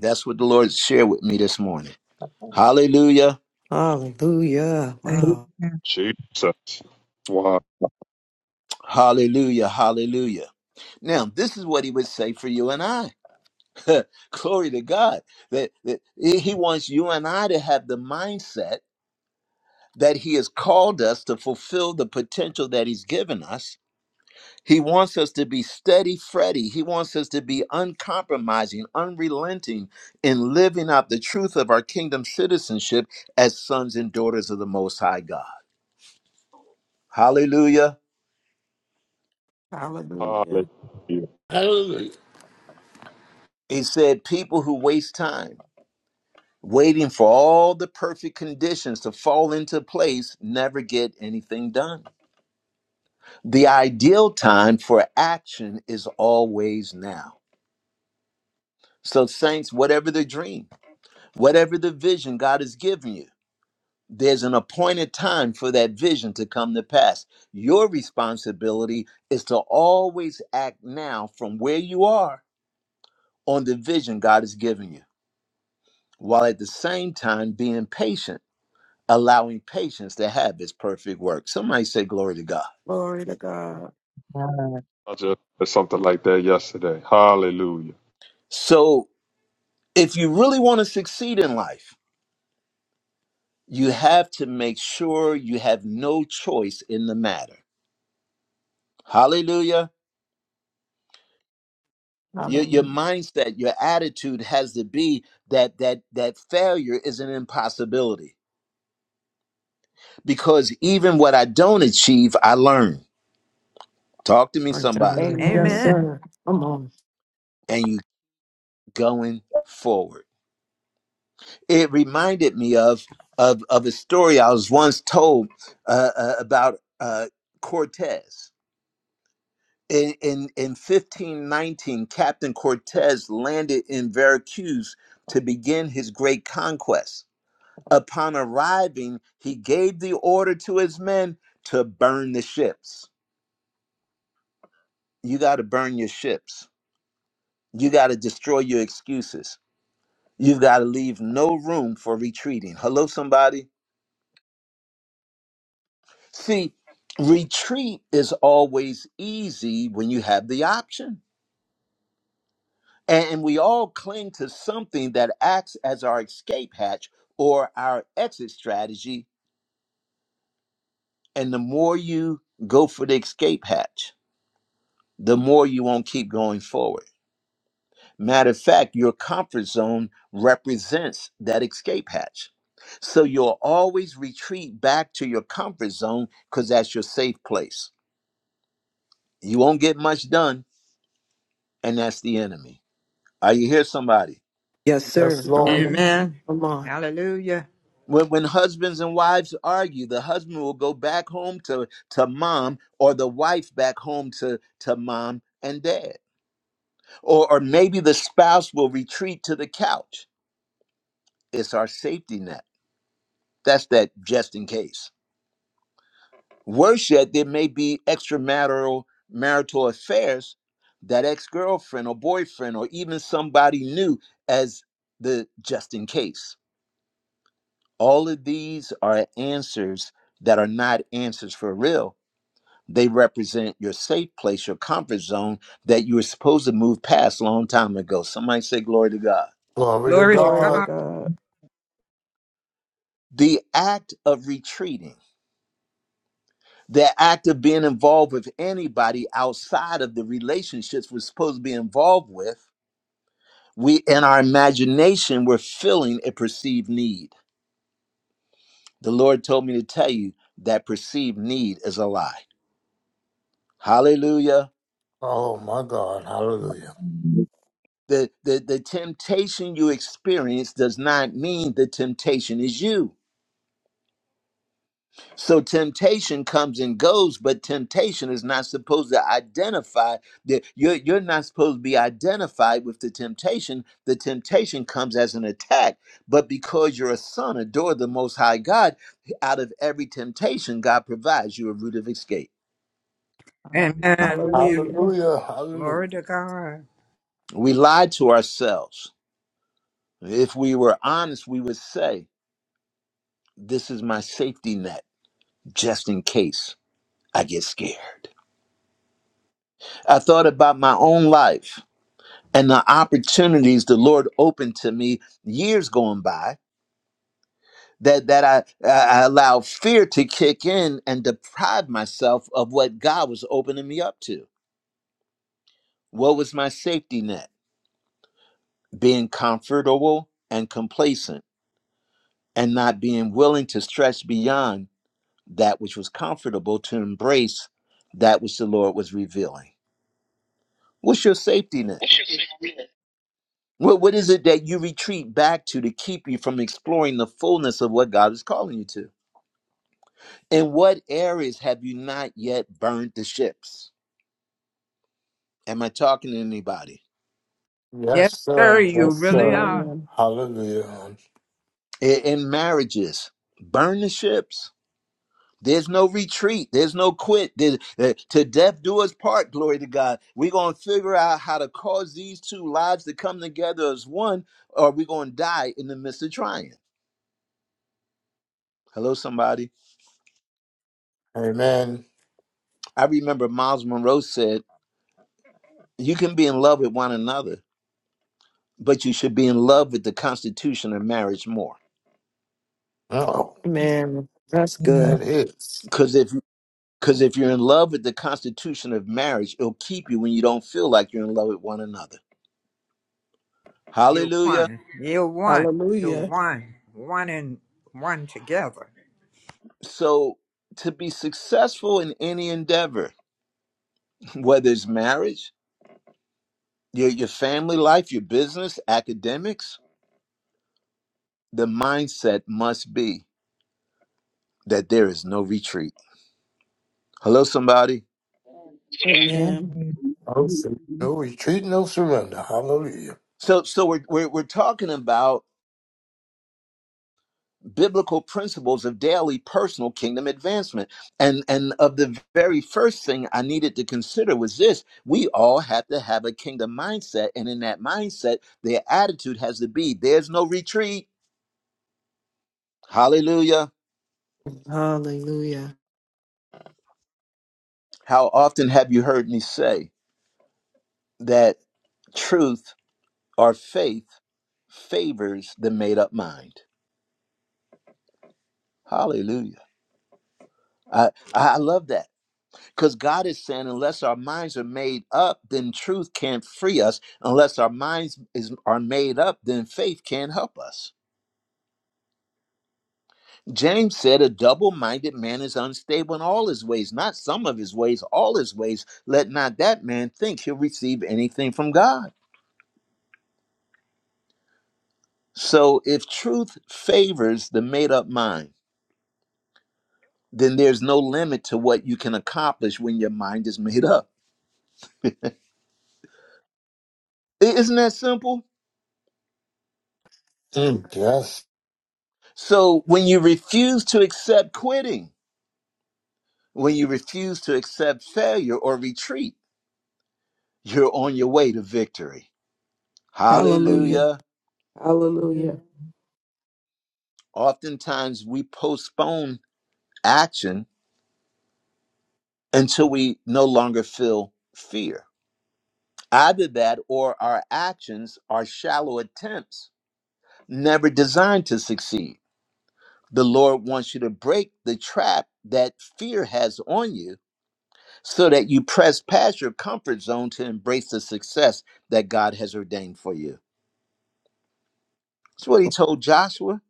Speaker 1: That's what the Lord shared with me this morning. Hallelujah.
Speaker 2: Hallelujah. Wow.
Speaker 11: Amen.
Speaker 13: Jesus. Wow.
Speaker 1: Hallelujah. Hallelujah. Now, this is what he would say for you and I. Glory to God. That, that he wants you and I to have the mindset that he has called us to fulfill the potential that he's given us He wants us to be steady, Freddy. He wants us to be uncompromising, unrelenting in living out the truth of our kingdom citizenship as sons and daughters of the Most High God. Hallelujah.
Speaker 4: Hallelujah.
Speaker 13: Hallelujah.
Speaker 3: Hallelujah.
Speaker 1: He said, People who waste time waiting for all the perfect conditions to fall into place never get anything done. The ideal time for action is always now. So, saints, whatever the dream, whatever the vision God has given you, there's an appointed time for that vision to come to pass. Your responsibility is to always act now from where you are on the vision God has given you, while at the same time being patient, allowing patience to have its perfect work. Somebody say, Glory to God.
Speaker 4: Glory to God.
Speaker 13: I just said something like that yesterday. Hallelujah.
Speaker 1: So, if you really want to succeed in life, you have to make sure you have no choice in the matter. Hallelujah. your your
Speaker 4: Hallelujah.
Speaker 1: mindset your attitude has to be that that that failure is an impossibility because even what i don't achieve i learn talk to me
Speaker 2: My
Speaker 1: somebody
Speaker 2: God. Yes,
Speaker 7: Amen.
Speaker 4: Amen.
Speaker 2: sir. Come on.
Speaker 1: and you going forward it reminded me of of of a story i was once told uh, uh, about uh cortez in, in in 1519 captain cortez landed in veracruz to begin his great conquest Upon arriving, he gave the order to his men to burn the ships. You got to burn your ships. You got to destroy your excuses. You've got to leave no room for retreating. Hello, somebody. See, retreat is always easy when you have the option. And we all cling to something that acts as our escape hatch or our exit strategy. And the more you go for the escape hatch, the more you won't keep going forward Matter of fact, your comfort zone represents that escape hatch. So you'll always retreat back to your comfort zone because that's your safe place. You won't get much done, and that's the enemy. Are you here, somebody?
Speaker 2: Yes, sir.
Speaker 3: Yes, Lord.
Speaker 2: Hallelujah.
Speaker 4: Amen.
Speaker 7: Amen.
Speaker 2: Come on.
Speaker 7: Hallelujah.
Speaker 1: When, when husbands and wives argue, the husband will go back home to, to mom, or the wife back home to, to mom and dad. Or, or maybe the spouse will retreat to the couch. It's our safety net. That's that just in case. Worse yet, there may be extramarital marital affairs that ex girlfriend or boyfriend or even somebody new as the just in case. All of these are answers that are not answers for real. They represent your safe place, your comfort zone that you were supposed to move past a long time ago. Somebody say, Glory to God.
Speaker 3: Glory to
Speaker 7: Glory to
Speaker 4: Glory
Speaker 11: Lord.
Speaker 4: to
Speaker 3: God.
Speaker 7: God.
Speaker 4: God.
Speaker 1: The act of retreating, the act of being involved with anybody outside of the relationships we're supposed to be involved with we in our imagination we're filling a perceived need the lord told me to tell you that perceived need is a lie hallelujah
Speaker 3: Oh, my God. Hallelujah.
Speaker 1: the the, the temptation you experience does not mean the temptation is you So temptation comes and goes, but temptation is not supposed to identify that you're, you're not supposed to be identified with the temptation. The temptation comes as an attack, but because you're a son, adore the most high God, out of every temptation, God provides you a route of escape.
Speaker 7: Amen.
Speaker 11: Hallelujah.
Speaker 7: Yes.
Speaker 4: Hallelujah.
Speaker 3: Hallelujah. Hallelujah.
Speaker 7: Glory to God.
Speaker 1: We lie to ourselves. If we were honest, we would say, This is my safety net, just in case I get scared. I thought about my own life. and the opportunities the Lord opened to me years going by that that I, I allowed fear to kick in and deprive myself of what God was opening me up to. What was my safety net? Being comfortable and complacent and not being willing to stretch beyond that which was comfortable to embrace that which the Lord was revealing. What's your safety net? What, what is it that you retreat back to to keep you from exploring the fullness of what God is calling you to? In what areas have you not yet burned the ships? Am I talking to anybody?
Speaker 3: Yes,
Speaker 7: Yes, sir.
Speaker 3: sir.
Speaker 11: So,
Speaker 7: You
Speaker 3: Yes,
Speaker 7: really
Speaker 3: sir.
Speaker 7: are.
Speaker 4: Amen.
Speaker 3: Hallelujah.
Speaker 1: In, in marriages, burn the ships. There's no retreat. There's no quit. There- uh, to death do us part, glory to God. We're going to figure out how to cause these two lives to come together as one, or we're going to die in the midst of trying. Hello, somebody.
Speaker 3: Amen.
Speaker 1: I remember Miles Monroe said, You can be in love with one another, but you should be in love with the constitution of marriage more.
Speaker 3: Oh,
Speaker 2: Man, that's good.
Speaker 11: Amen.
Speaker 3: that is.
Speaker 1: Because if Because if you're in love with the constitution of marriage, it'll keep you when you don't feel like you're in love with one another.
Speaker 7: You
Speaker 1: Hallelujah.
Speaker 7: won. You won. You
Speaker 4: Hallelujah.
Speaker 7: won. One and one together.
Speaker 1: So, to be successful in any endeavor, whether it's marriage, your, your family life, your business, academics, the mindset must be that there is no retreat. Hello, somebody.
Speaker 5: Amen.
Speaker 4: Amen.
Speaker 3: No, sur-
Speaker 11: Amen.
Speaker 3: no retreat, no surrender. Hallelujah.
Speaker 1: So, so we're, we're, we're talking about biblical principles of daily personal kingdom advancement. And and of the very first thing I needed to consider was this, we all have to have a kingdom mindset and in that mindset their attitude has to be there's no retreat. Hallelujah.
Speaker 2: Hallelujah.
Speaker 1: How often have you heard me say that truth or faith favors the made up mind? Hallelujah. I I love that Because God is saying, unless our minds are made up, then truth can't free us. Unless our minds is, are made up, then faith can't help us. James said, A double minded man is unstable in all his ways, not some of his ways, all his ways. Let not that man think he'll receive anything from God. So if truth favors the made up mind, then there's no limit to what you can accomplish when your mind is made up. I- Isn't that simple?
Speaker 3: Mm, yes.
Speaker 1: So when you refuse to accept quitting, When you refuse to accept failure or retreat, you're on your way to victory.
Speaker 4: Hallelujah.
Speaker 1: Hallelujah.
Speaker 4: Hallelujah.
Speaker 1: Oftentimes we postpone action until we no longer feel fear. Either that or our actions are shallow attempts, never designed to succeed. The Lord wants you to break the trap that fear has on you so that you press past your comfort zone to embrace the success that God has ordained for you. That's what he told Joshua.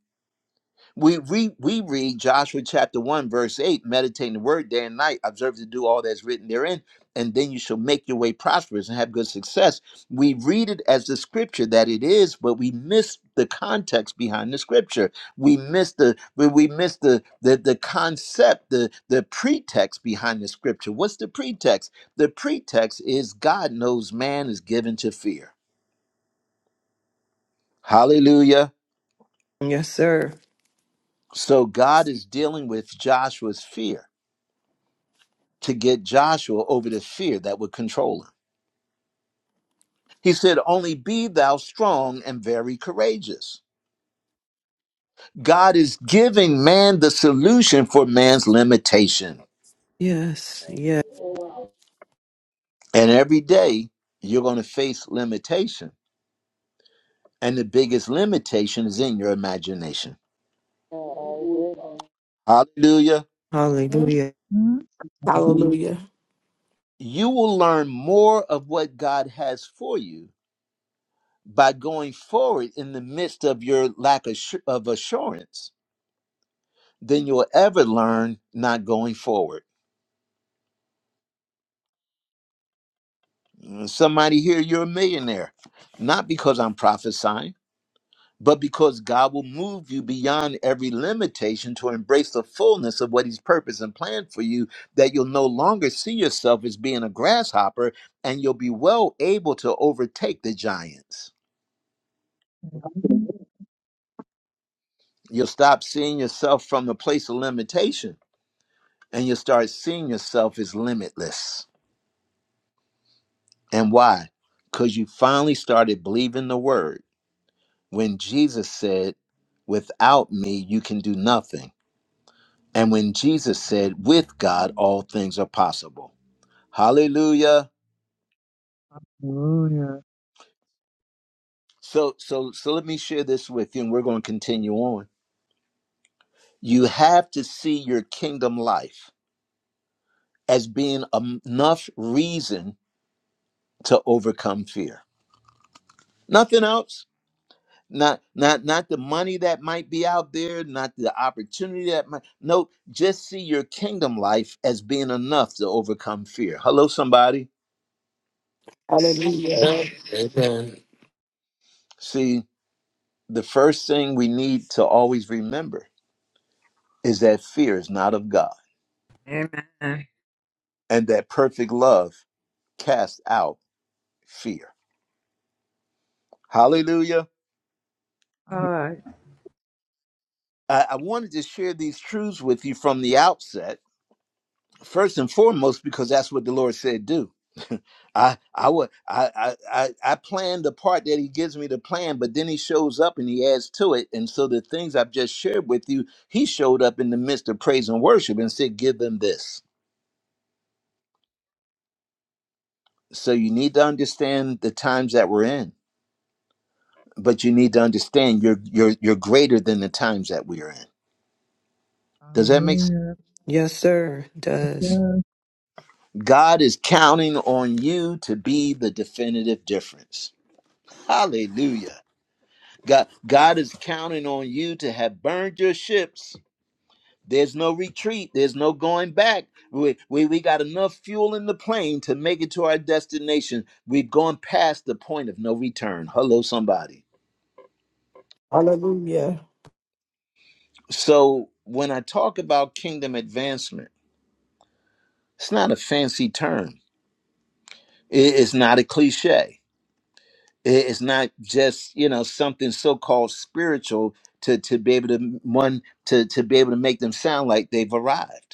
Speaker 1: We read, we read Joshua chapter 1, verse 8, meditating the word day and night, observe to do all that's written therein, and then you shall make your way prosperous and have good success. We read it as the scripture that it is, but we miss the context behind the scripture. We miss the we we miss the the, the concept, the, the pretext behind the scripture. What's the pretext? The pretext is God knows man is given to fear. Hallelujah.
Speaker 2: Yes, sir.
Speaker 1: So God is dealing with Joshua's fear to get Joshua over the fear that would control him. He said, Only be thou strong and very courageous. God is giving man the solution for man's limitation.
Speaker 2: Yes. yeah.
Speaker 1: And every day you're going to face limitation. And the biggest limitation is in your imagination. Hallelujah.
Speaker 2: Hallelujah.
Speaker 4: Hallelujah.
Speaker 1: You will learn more of what God has for you by going forward in the midst of your lack of assu- of assurance than you'll ever learn not going forward. Somebody here, you're a millionaire, not because I'm prophesying, but because God will move you beyond every limitation to embrace the fullness of what He's purposed and planned for you, that you'll no longer see yourself as being a grasshopper and you'll be well able to overtake the giants.
Speaker 11: Hmm?
Speaker 1: You'll stop seeing yourself from the place of limitation and you'll start seeing yourself as limitless. And why? Because you finally started believing the word when Jesus said, Without me, you can do nothing. And when Jesus said, With God, all things are possible. Hallelujah.
Speaker 11: Hallelujah.
Speaker 1: So, so, so let me share this with you, and we're going to continue on. You have to see your kingdom life as being em- enough reason to overcome fear. Nothing else not not not the money that might be out there not the opportunity that might no just see your kingdom life as being enough to overcome fear hello somebody
Speaker 4: Hallelujah.
Speaker 3: Amen.
Speaker 1: see the first thing we need to always remember is that fear is not of god
Speaker 7: Amen.
Speaker 1: and that perfect love casts out fear hallelujah
Speaker 11: Ah,
Speaker 7: God.
Speaker 1: i, I wanted to share these truths with you from the outset first and foremost because that's what the Lord said do. I I would I I I I plan the part that He gives me to plan, but then He shows up and He adds to it. And so the things I've just shared with you, He showed up in the midst of praise and worship and said, "Give them this." So you need to understand the times that we're in, but you need to understand you're you're you're greater than the times that we are in. Does that make sense?
Speaker 11: Hallelujah.
Speaker 2: Yes, sir. It does.
Speaker 11: Yes.
Speaker 1: God is counting on you to be the definitive difference. Hallelujah. God, God is counting on you to have burned your ships. There's no retreat. There's no going back. We, we, we got enough fuel in the plane to make it to our destination. We've gone past the point of no return. Hello, somebody.
Speaker 4: Hallelujah.
Speaker 1: So when I talk about kingdom advancement, it's not a fancy term. It- It's not a cliche. It- It's not just, you know, something so-called spiritual to, to be able to one to, to be able to make them sound like they've arrived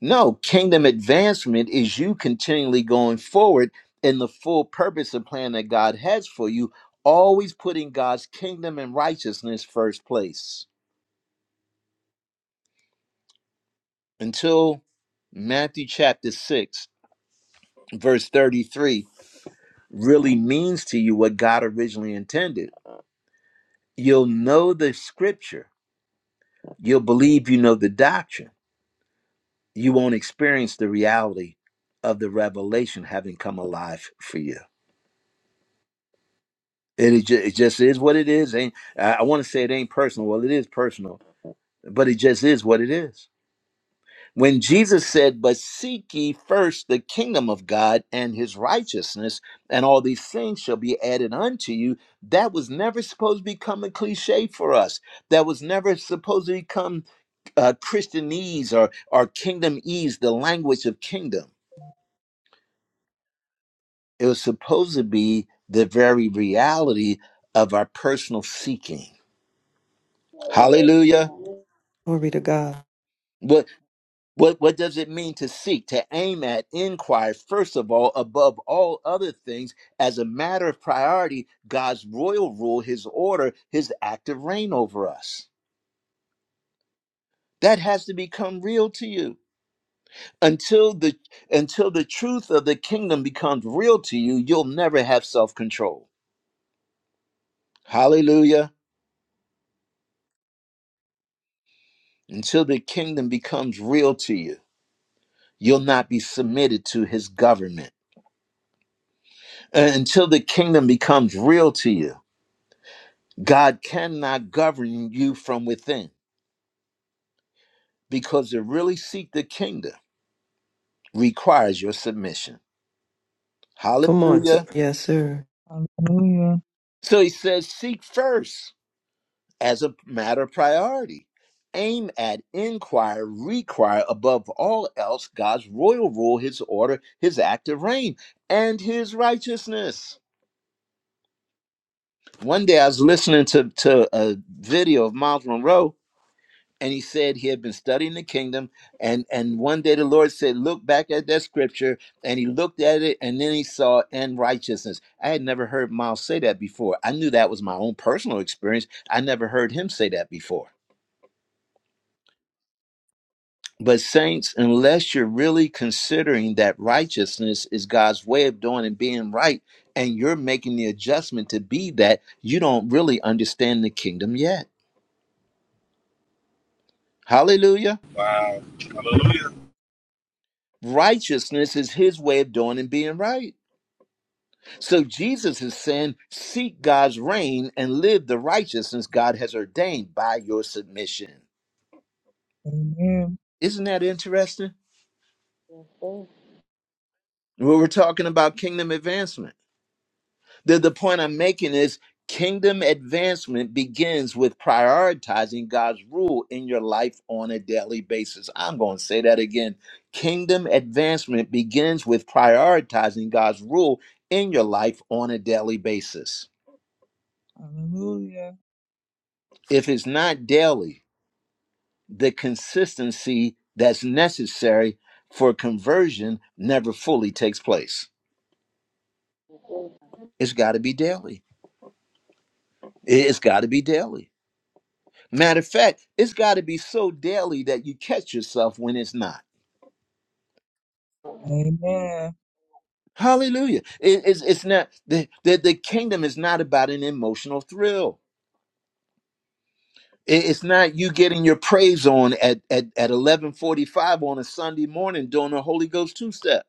Speaker 1: No, kingdom advancement is you continually going forward in the full purpose and plan that God has for you, always putting God's kingdom and righteousness first place. Until Matthew chapter 6, verse 33 really means to you what God originally intended. You'll know the scripture, you'll believe you know the doctrine, you won't experience the reality of the revelation having come alive for you. And it, ju- it just is what it is. Ain't I, want to say it ain't personal. Well, it is personal, but it just is what it is. When Jesus said, "But seek ye first the kingdom of God and His righteousness, and all these things shall be added unto you," that was never supposed to become a cliche for us. That was never supposed to become uh, Christianese or or kingdomese, the language of kingdom. It was supposed to be the very reality of our personal seeking. Hallelujah
Speaker 2: Glory to God.
Speaker 1: What what does it mean to seek, to aim at, inquire, first of all, above all other things, as a matter of priority, God's royal rule, his order, his active reign over us. That has to become real to you. Until the until the truth of the kingdom becomes real to you, you'll never have self-control. Hallelujah. Until the kingdom becomes real to you, you'll not be submitted to his government. Uh, Until the kingdom becomes real to you God cannot govern you from within because to really seek the kingdom requires your submission.
Speaker 2: Come on, sir.
Speaker 1: Hallelujah.
Speaker 2: Yes, sir.
Speaker 11: Hallelujah.
Speaker 1: So he says, seek first as a matter of priority. Aim at, inquire, require above all else God's royal rule, his order, his active reign, and his righteousness. One day I was listening to, to a video of Miles Monroe and he said he had been studying the kingdom and and one day the lord said look back at that scripture and he looked at it and then he saw and righteousness i had never heard miles say that before i knew that was my own personal experience i never heard him say that before but saints unless you're really considering that righteousness is god's way of doing and being right and you're making the adjustment to be that you don't really understand the kingdom yet hallelujah
Speaker 6: Hallelujah.
Speaker 1: righteousness is his way of doing and being right So Jesus is saying, seek God's reign and live the righteousness God has ordained by your submission.
Speaker 11: Amen.
Speaker 1: Isn't that interesting? Well, we're talking about kingdom advancement. The, the point I'm making is kingdom advancement begins with prioritizing God's rule in your life on a daily basis. I'm going to say that again. Kingdom advancement begins with prioritizing God's rule in your life on a daily basis.
Speaker 11: Hallelujah.
Speaker 1: If it's not daily, the consistency that's necessary for conversion never fully takes place. It's got to be daily. It- has got to be daily. Matter of fact, it's got to be so daily that you catch yourself when it's not.
Speaker 11: Amen.
Speaker 1: Hallelujah. It- it's, it's not, the, the, the kingdom is not about an emotional thrill. It- It's not you getting your praise on at, at, at 1145 on a Sunday morning doing a Holy Ghost two-step.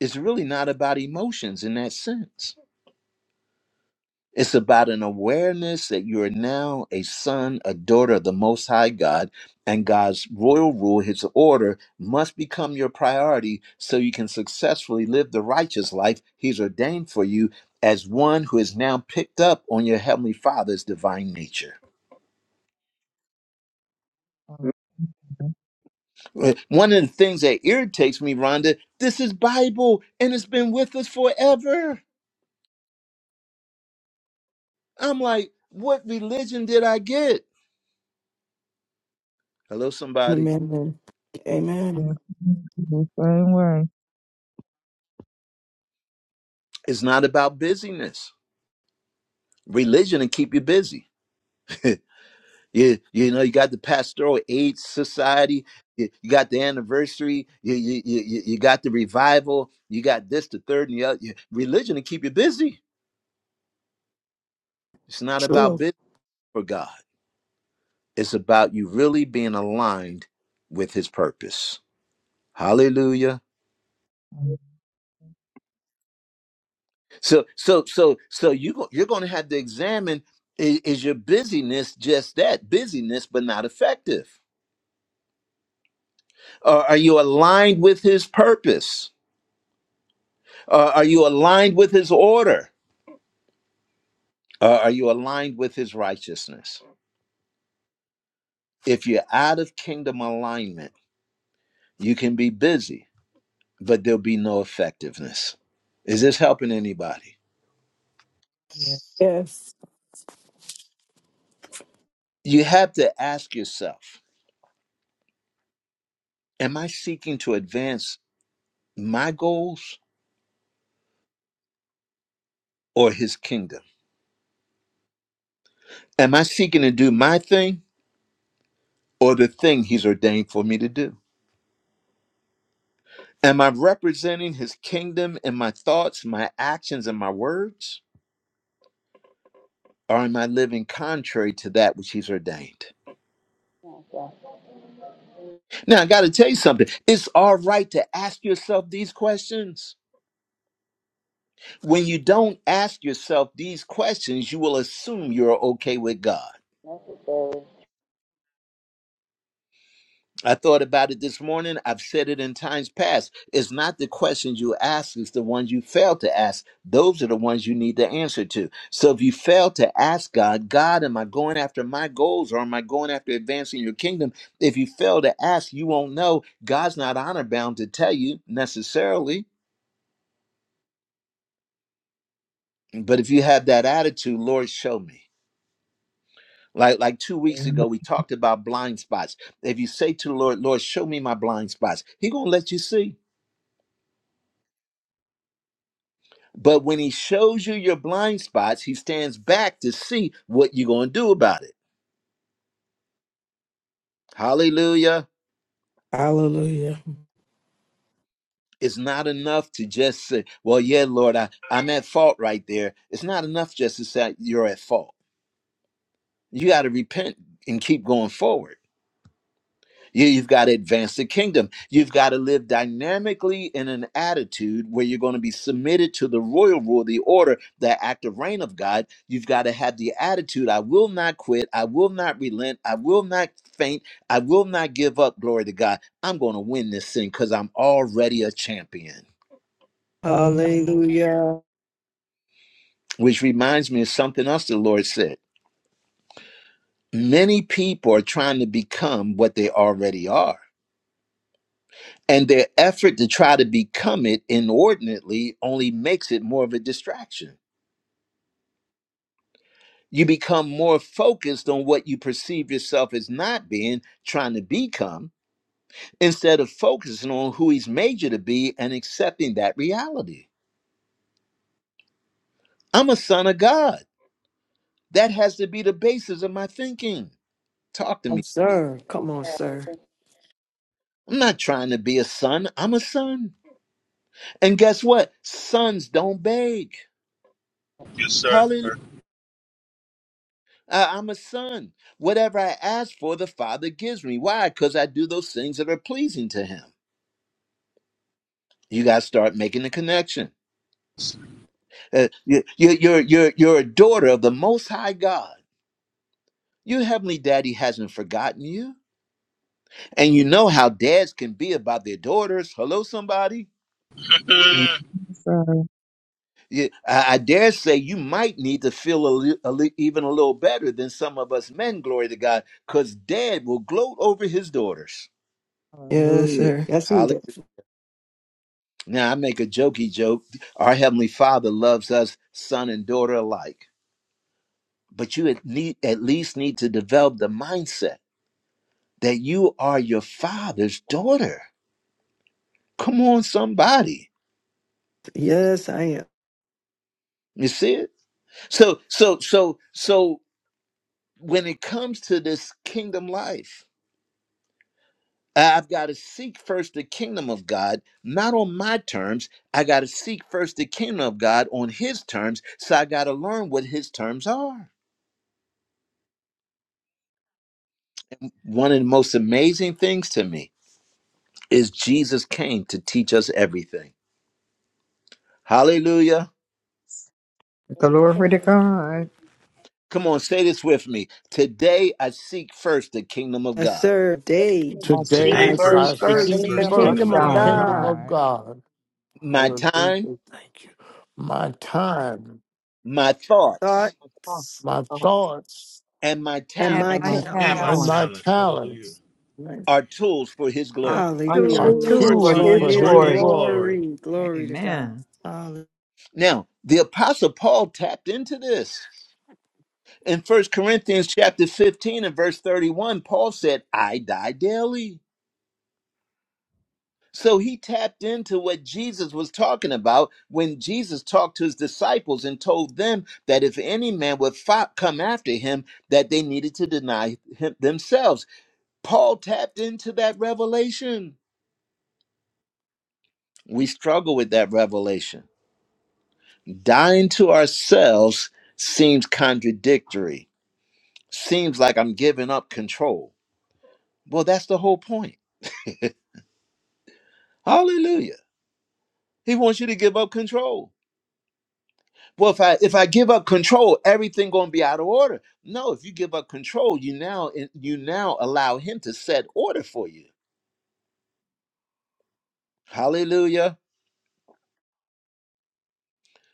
Speaker 1: It's really not about emotions in that sense It's about an awareness that you are now a son, a daughter of the Most High God, and God's royal rule, His order, must become your priority so you can successfully live the righteous life He's ordained for you as one who is now picked up on your Heavenly Father's divine nature. Uh, One of the things that irritates me, Rhonda, this is Bible and it's been with us forever. I'm like, what religion did I get? Hello, somebody.
Speaker 4: Amen. Amen.
Speaker 11: Yes. The same way.
Speaker 1: It's not about busyness. religion and keep you busy. you, you know, you got the pastoral aid society, you, you got the anniversary, you, you, you, you you got the revival, you got this, the third, and the other. You- Religion to keep you busy. It's not about
Speaker 4: True.
Speaker 1: business for God, it's about you really being aligned with His purpose. Hallelujah. So, so, so, so you go, you're going to have to examine i- is your busyness just that busyness, but not effective? Or are you aligned with His purpose? Uh, are you aligned with his order? Uh, are you aligned with his righteousness? If you're out of kingdom alignment, you can be busy, but there'll be no effectiveness. Is this helping anybody?
Speaker 11: Hallelujah.
Speaker 4: Yes.
Speaker 1: You have to ask yourself Am I seeking to advance my goals or his kingdom? Am I seeking to do my thing or the thing he's ordained for me to do? Am I representing his kingdom in my thoughts, my actions, and my words? or am I living contrary to that which he's ordained? Now, I got to tell you something. It's all right to ask yourself these questions. When you don't ask yourself these questions, you will assume you're okay with God. I thought about it this morning. I've said it in times past. It's not the questions you ask, it's the ones you fail to ask. Those are the ones you need the answer to. So if you fail to ask God, God, am I going after my goals or am I going after advancing your kingdom? If you fail to ask, you won't know. God's not honor bound to tell you necessarily. But if you have that attitude, Lord, show me. Like like two weeks
Speaker 11: Amen.
Speaker 1: ago, we talked about blind spots. If you say to the Lord, Lord, show me my blind spots, He gonna let you see. But when he shows you your blind spots, he stands back to see what you're going to do about it. Hallelujah.
Speaker 4: Hallelujah.
Speaker 1: It's not enough to just say, well, yeah, Lord, I, I'm at fault right there. It's not enough just to say you're at fault. You got to repent and keep going forward. You- You've got to advance the kingdom. You've got to live dynamically in an attitude where you're going to be submitted to the royal rule, the order, the active reign of God. You've got to have the attitude I will not quit. I will not relent. I will not faint. I will not give up. Glory to God. I'm going to win this thing because I'm already a champion.
Speaker 11: Amen.
Speaker 2: Hallelujah.
Speaker 1: Which reminds me of something else the Lord said. Many people are trying to become what they already are And their effort to try to become it inordinately only makes it more of a distraction. You become more focused on what you perceive yourself as not being, trying to become, instead of focusing on who He's made you to be and accepting that reality. I'm a son of God. That has to be the basis of my thinking. Talk to me.
Speaker 2: Sir. Come on, sir.
Speaker 1: I'm not trying to be a son, I'm a son. And guess what? Sons don't beg.
Speaker 6: Yes, sir.
Speaker 1: I- I'm a son. Whatever I ask for, the Father gives me. Why? Because I do those things that are pleasing to Him. You got to start making the connection. Uh, you, you, you're, you're, you're a daughter of the Most High God. Your Heavenly Daddy hasn't forgotten you. And you know how dads can be about their daughters. Hello, somebody.
Speaker 11: Sorry.
Speaker 1: You, I, I dare say you might need to feel a, li- a li- even a little better than some of us men, glory to God, because dad will gloat over his daughters.
Speaker 2: Yes,
Speaker 11: Hallelujah.
Speaker 2: sir. Yes, he did.
Speaker 1: Now, I make a jokey joke. Our Heavenly Father loves us, son and daughter alike. But you at, need, at least need to develop the mindset that you are your father's daughter. Come on, somebody.
Speaker 2: Yes, I am.
Speaker 1: You see it? So, so, so, so when it comes to this kingdom life, I- I've got to seek first the kingdom of God, not on my terms. I got to seek first the kingdom of God on his terms. So I got to learn what his terms are. One of the most amazing things to me is Jesus came to teach us everything. Hallelujah.
Speaker 7: the Glory to God.
Speaker 1: Come on, say this with me. Today I seek first the kingdom of
Speaker 2: Yes,
Speaker 1: God.
Speaker 2: sir. Day.
Speaker 5: I seek
Speaker 6: Today,
Speaker 2: I
Speaker 3: Today
Speaker 5: first
Speaker 2: see
Speaker 3: I
Speaker 6: first, I
Speaker 5: the
Speaker 7: The
Speaker 6: seek
Speaker 2: first
Speaker 3: seek
Speaker 2: the
Speaker 6: first
Speaker 5: kingdom
Speaker 6: the
Speaker 7: kingdom
Speaker 5: of
Speaker 6: kingdom
Speaker 2: kingdom
Speaker 3: first
Speaker 6: of
Speaker 3: the
Speaker 2: of
Speaker 7: of
Speaker 5: God.
Speaker 6: God
Speaker 3: kingdom
Speaker 2: God,
Speaker 3: of
Speaker 7: God.
Speaker 3: God.
Speaker 1: My
Speaker 3: Hallelujah.
Speaker 1: time,
Speaker 3: Thank you. My time,
Speaker 1: my thoughts,
Speaker 5: my thoughts
Speaker 2: thoughts,
Speaker 3: my
Speaker 5: uh,
Speaker 3: thoughts,
Speaker 1: and my
Speaker 2: and
Speaker 7: And
Speaker 2: my
Speaker 5: and
Speaker 7: my
Speaker 5: my
Speaker 1: talents
Speaker 7: power
Speaker 6: and my
Speaker 3: and
Speaker 5: talent
Speaker 2: talents.
Speaker 3: my
Speaker 6: talents. Hallelujah.
Speaker 3: talents
Speaker 1: are tools for his
Speaker 7: are
Speaker 1: glory.
Speaker 5: are
Speaker 2: Hallelujah. Are
Speaker 3: are
Speaker 7: tools
Speaker 5: tools
Speaker 6: Are
Speaker 2: Tools
Speaker 5: for
Speaker 7: for
Speaker 3: tools
Speaker 5: His
Speaker 2: for
Speaker 3: for
Speaker 6: tools
Speaker 7: his
Speaker 6: for
Speaker 2: his
Speaker 7: glory.
Speaker 3: his
Speaker 6: his
Speaker 5: glory.
Speaker 6: glory.
Speaker 3: glory.
Speaker 2: glory. Glory to God.
Speaker 7: Amen.
Speaker 2: Hallelujah.
Speaker 1: Now, the apostle Paul tapped into this. In First Corinthians chapter 15 and verse 31, Paul said, I die daily. So he tapped into what Jesus was talking about when Jesus talked to his disciples and told them that if any man would fo- come after him, that they needed to deny him themselves. Paul tapped into that revelation. We struggle with that revelation. Dying to ourselves seems contradictory. Seems like I'm giving up control. Well, that's the whole point. Hallelujah. He wants you to give up control. well if i if i give up control everything gonna be out of order no if you give up control you now you now allow him to set order for you hallelujah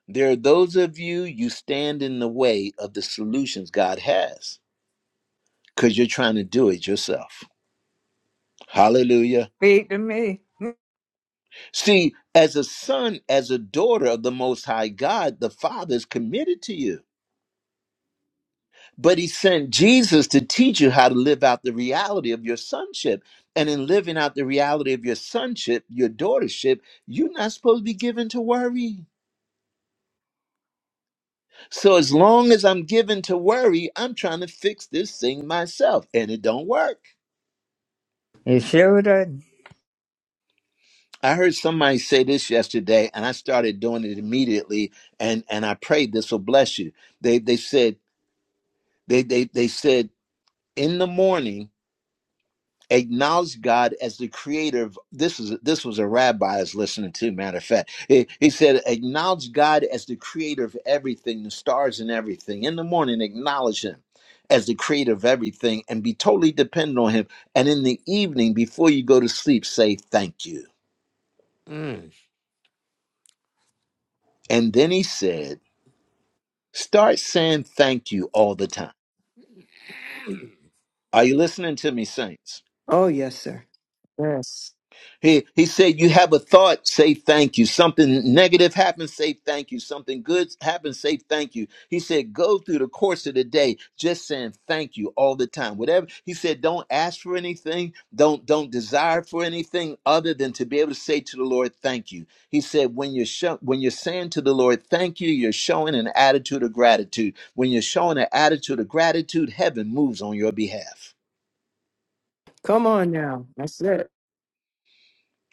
Speaker 1: there are those of you you stand in the way of the solutions god has because you're trying to do it yourself hallelujah
Speaker 7: Speak to me.
Speaker 1: see as a son as a daughter of the most high god the father is committed to you But he sent Jesus to teach you how to live out the reality of your sonship. And in living out the reality of your sonship, your daughtership, you're not supposed to be given to worry. So as long as I'm given to worry, I'm trying to fix this thing myself, and it don't work.
Speaker 7: You sure did.
Speaker 1: I heard somebody say this yesterday, and I started doing it immediately, and and I prayed this will bless you. They they said they they they said in the morning acknowledge God as the creator of this is this was a rabbi I was listening to, matter of fact. He, he said, acknowledge God as the creator of everything, the stars and everything. In the morning, acknowledge him as the creator of everything and be totally dependent on him. And in the evening, before you go to sleep, say thank you.
Speaker 3: Mm,
Speaker 1: And then he said, start saying thank you all the time. Are you listening to me, Saints?
Speaker 2: Oh, yes, sir. Yes.
Speaker 1: He, he said, You have a thought, say thank you. Something negative happens, say thank you. Something good happens, say thank you. He said, Go through the course of the day just saying thank you all the time. Whatever he said, don't ask for anything, don't don't desire for anything other than to be able to say to the Lord, thank you. He said, When you're show, when you're saying to the Lord, thank you, you're showing an attitude of gratitude. When you're showing an attitude of gratitude, heaven moves on your behalf.
Speaker 2: Come on now. That's it.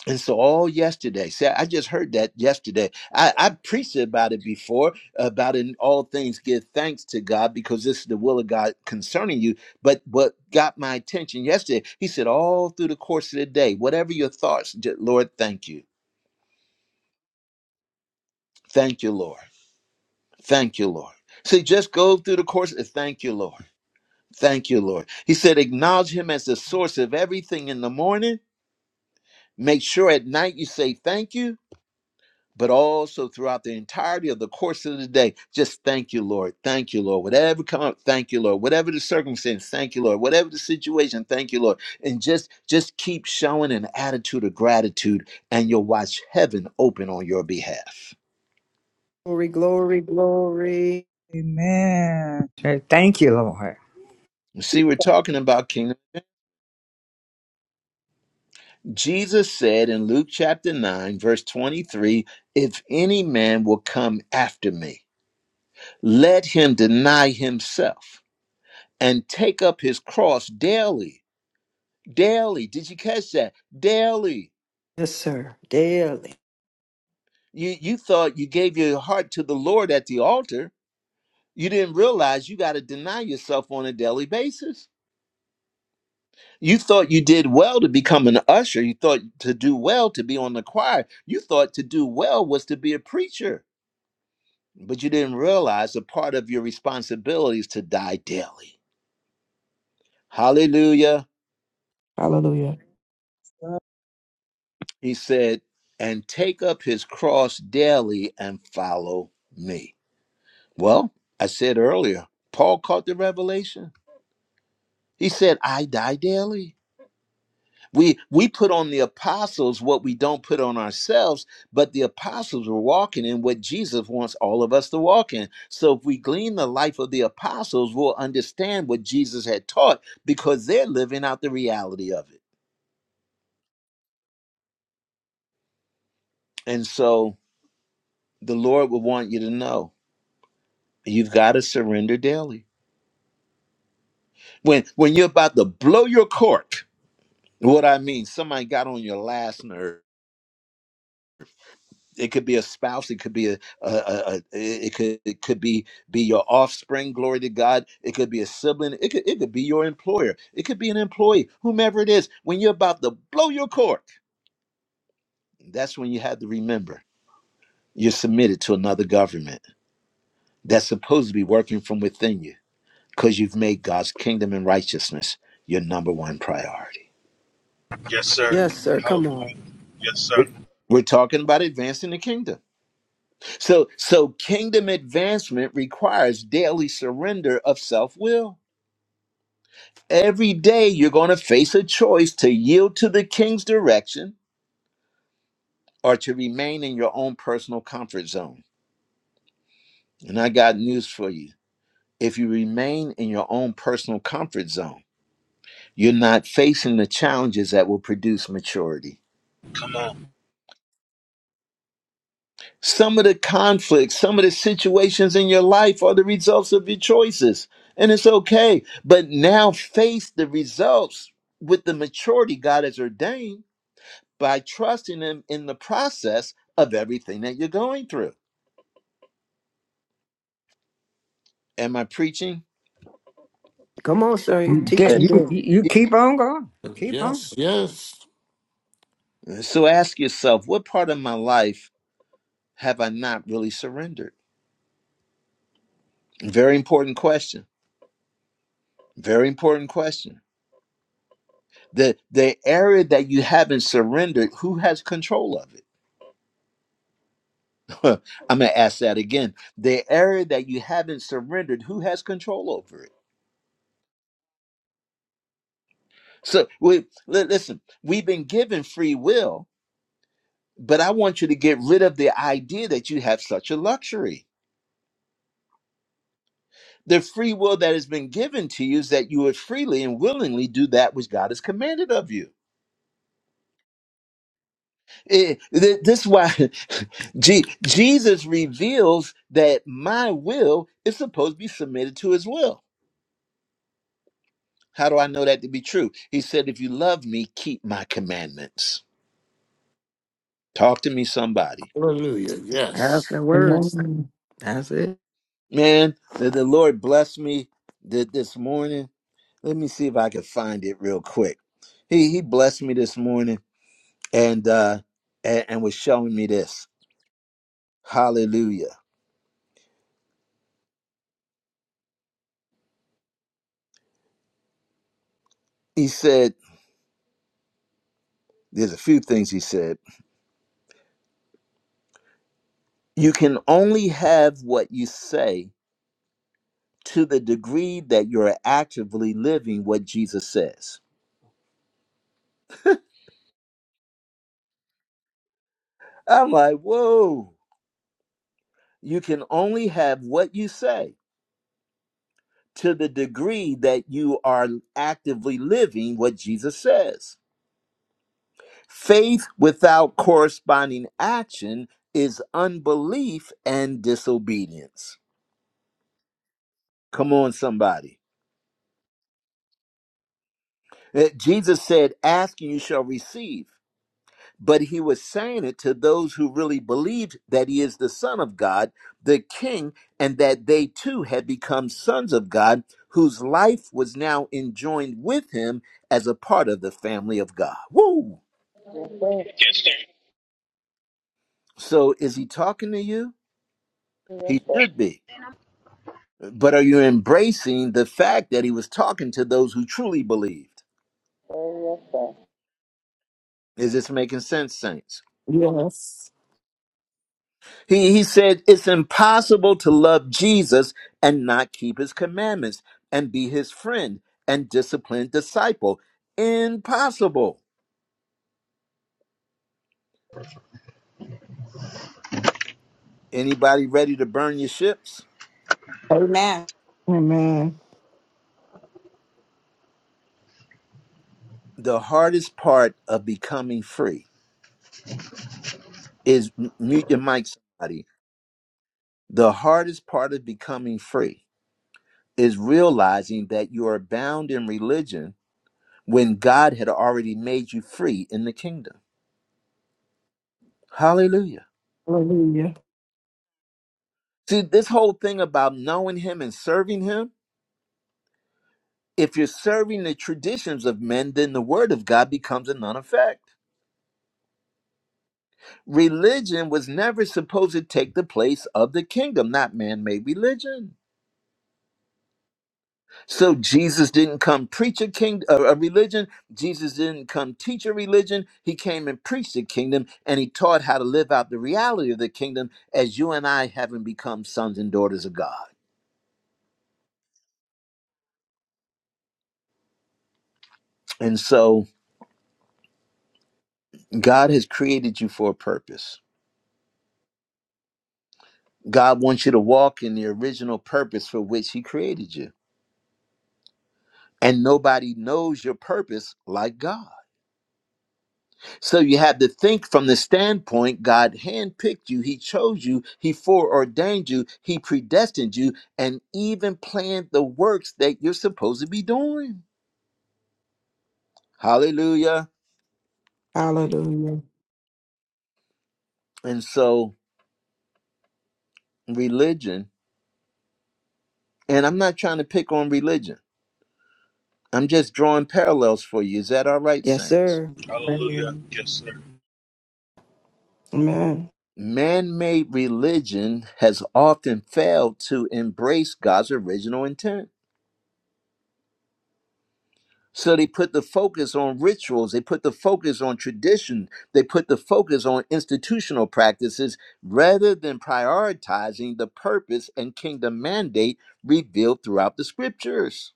Speaker 1: And so all yesterday, see, I just heard that yesterday. I, I preached about it before, about in all things give thanks to God because this is the will of God concerning you. But what got my attention yesterday, he said all through the course of the day, whatever your thoughts, ju- Lord, thank you. Thank you, Lord. Thank you, Lord. See, just go through the course of thank you, Lord. Thank you, Lord. He said, acknowledge him as the source of everything in the morning. Make sure at night you say thank you but also throughout the entirety of the course of the day. Just thank you, Lord. Thank you, Lord. Whatever come up, thank you, Lord. Whatever the circumstance, thank you, Lord. Whatever the situation, thank you, Lord. And just just keep showing an attitude of gratitude, and you'll watch heaven open on your behalf.
Speaker 2: Glory, glory, glory.
Speaker 11: Amen.
Speaker 7: Say thank you, Lord.
Speaker 1: You See, we're talking about kingdom. Jesus said in Luke chapter 9, verse 23, if any man will come after me, let him deny himself and take up his cross daily Daily. Did you catch that? Daily.
Speaker 2: Yes, sir. Daily.
Speaker 1: You you thought you gave your heart to the Lord at the altar. You didn't realize you got to deny yourself on a daily basis. You thought you did well to become an usher. You thought to do well to be on the choir. You thought to do well was to be a preacher. But you didn't realize a part of your responsibility is to die daily. Hallelujah.
Speaker 4: Hallelujah.
Speaker 11: Sorry.
Speaker 1: He said, and take up his cross daily and follow me. Well, I said earlier, Paul caught the revelation. He said, I die daily. We we put on the apostles what we don't put on ourselves, but the apostles were walking in what Jesus wants all of us to walk in. So if we glean the life of the apostles, we'll understand what Jesus had taught because they're living out the reality of it. And so the Lord would want you to know you've got to surrender daily. When when you're about to blow your cork, what I mean, somebody got on your last nerve it could be a spouse it could be a, a, a, a it could it could be be your offspring glory to god it could be a sibling it could it could be your employer it could be an employee whomever it is when you're about to blow your cork that's when you have to remember you're submitted to another government that's supposed to be working from within you because you've made god's kingdom and righteousness your number one priority
Speaker 6: Yes, sir.
Speaker 2: Yes, sir. Come on.
Speaker 6: Hallelujah. Yes, sir.
Speaker 1: we're we're talking about advancing the kingdom so so kingdom advancement requires daily surrender of self-will Every day you're going to face a choice to yield to the king's direction or to remain in your own personal comfort zone. And I got news for you. If you remain in your own personal comfort zone, you're not facing the challenges that will produce maturity.
Speaker 6: Come on.
Speaker 1: Some of the conflicts, some of the situations in your life are the results of your choices, and it's okay. But now face the results with the maturity God has ordained by trusting Him in the process of everything that you're going through. Am I preaching?
Speaker 2: Come on, sir.
Speaker 7: You Get
Speaker 2: Teaching
Speaker 7: you
Speaker 2: daily.
Speaker 7: you keep on going. Keep on.
Speaker 3: Yes, yes.
Speaker 1: So ask yourself, what part of my life have I not really surrendered? Very important question. Very important question. The the area that you haven't surrendered, who has control of it? I'm gonna ask that again. The area that you haven't surrendered, who has control over it? So we listen. We've been given free will, but I want you to get rid of the idea that you have such a luxury The free will that has been given to you is that you would freely and willingly do that which God has commanded of you. Eh, th- this is why Je- Jesus reveals that my will is supposed to be submitted to his will. How do I know that to be true? He said, If you love me, keep my commandments. Talk to me, somebody.
Speaker 3: Hallelujah. Yes.
Speaker 2: That's the words.
Speaker 4: Amen.
Speaker 2: That's it.
Speaker 1: Man, the, the Lord blessed me th- this morning. Let me see if I can find it real quick. He, he blessed me this morning and, uh, and, and was showing me this. Hallelujah. He said, there's a few things he said. You can only have what you say to the degree that you're actively living what Jesus says. I'm like, whoa, you can only have what you say to the degree that you are actively living what Jesus says. Faith without corresponding action is unbelief and disobedience. Come on, somebody. Uh, Jesus said, Ask and you shall receive. but he was saying it to those who really believed that he is the Son of God, the King, and that they too had become sons of God, whose life was now enjoined with him as a part of the family of God. Woo! So is he talking to you? He should be. But are you embracing the fact that he was talking to those who truly believed? Is this making sense, Saints?
Speaker 4: Yes.
Speaker 1: He, he said it's impossible to love Jesus and not keep his commandments and be his friend and disciplined disciple. Impossible. Anybody ready to burn your ships?
Speaker 12: Amen.
Speaker 4: Amen.
Speaker 1: The hardest part of becoming free is m- mute your mic, somebody. The hardest part of becoming free is realizing that you are bound in religion when God had already made you free in the kingdom. Hallelujah.
Speaker 4: Hallelujah.
Speaker 1: See, this whole thing about knowing him and serving him If you're serving the traditions of men, then the word of God becomes a non effect. Religion was never supposed to take the place of the kingdom, not man made religion. So Jesus didn't come preach a, king, a, a religion. Jesus didn't come teach a religion. He came and preached the kingdom and he taught how to live out the reality of the kingdom as you and I haven't become sons and daughters of God. And so God has created you for a purpose. God wants you to walk in the original purpose for which he created you and nobody knows your purpose like God. So you have to think from the standpoint God handpicked you, He chose you, He foreordained you, He predestined you, and even planned the works that you're supposed to be doing. Hallelujah.
Speaker 4: Hallelujah.
Speaker 1: And so, religion, and I'm not trying to pick on religion, I'm just drawing parallels for you. Is that all right,
Speaker 2: Yes,
Speaker 1: Saints?
Speaker 2: sir.
Speaker 6: Hallelujah.
Speaker 2: Amen.
Speaker 6: Yes, sir.
Speaker 4: Amen.
Speaker 1: Man made religion has often failed to embrace God's original intent So they put the focus on rituals, they put the focus on tradition, they put the focus on institutional practices rather than prioritizing the purpose and kingdom mandate revealed throughout the scriptures.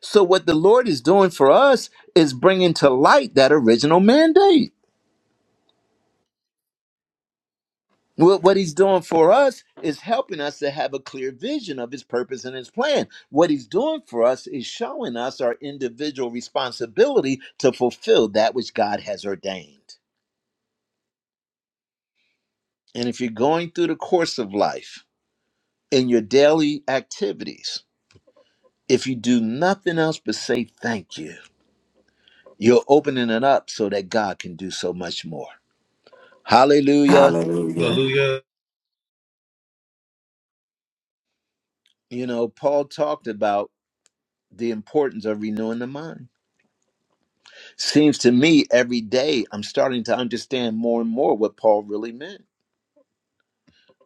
Speaker 1: So what the Lord is doing for us is bringing to light that original mandate. What, what he's doing for us is helping us to have a clear vision of his purpose and his plan. What he's doing for us is showing us our individual responsibility to fulfill that which God has ordained. And if you're going through the course of life in your daily activities, if you do nothing else but say thank you, you're opening it up so that God can do so much more. Hallelujah.
Speaker 4: Hallelujah.
Speaker 6: Hallelujah.
Speaker 1: You know, Paul talked about the importance of renewing the mind Seems to me every day I'm starting to understand more and more what Paul really meant.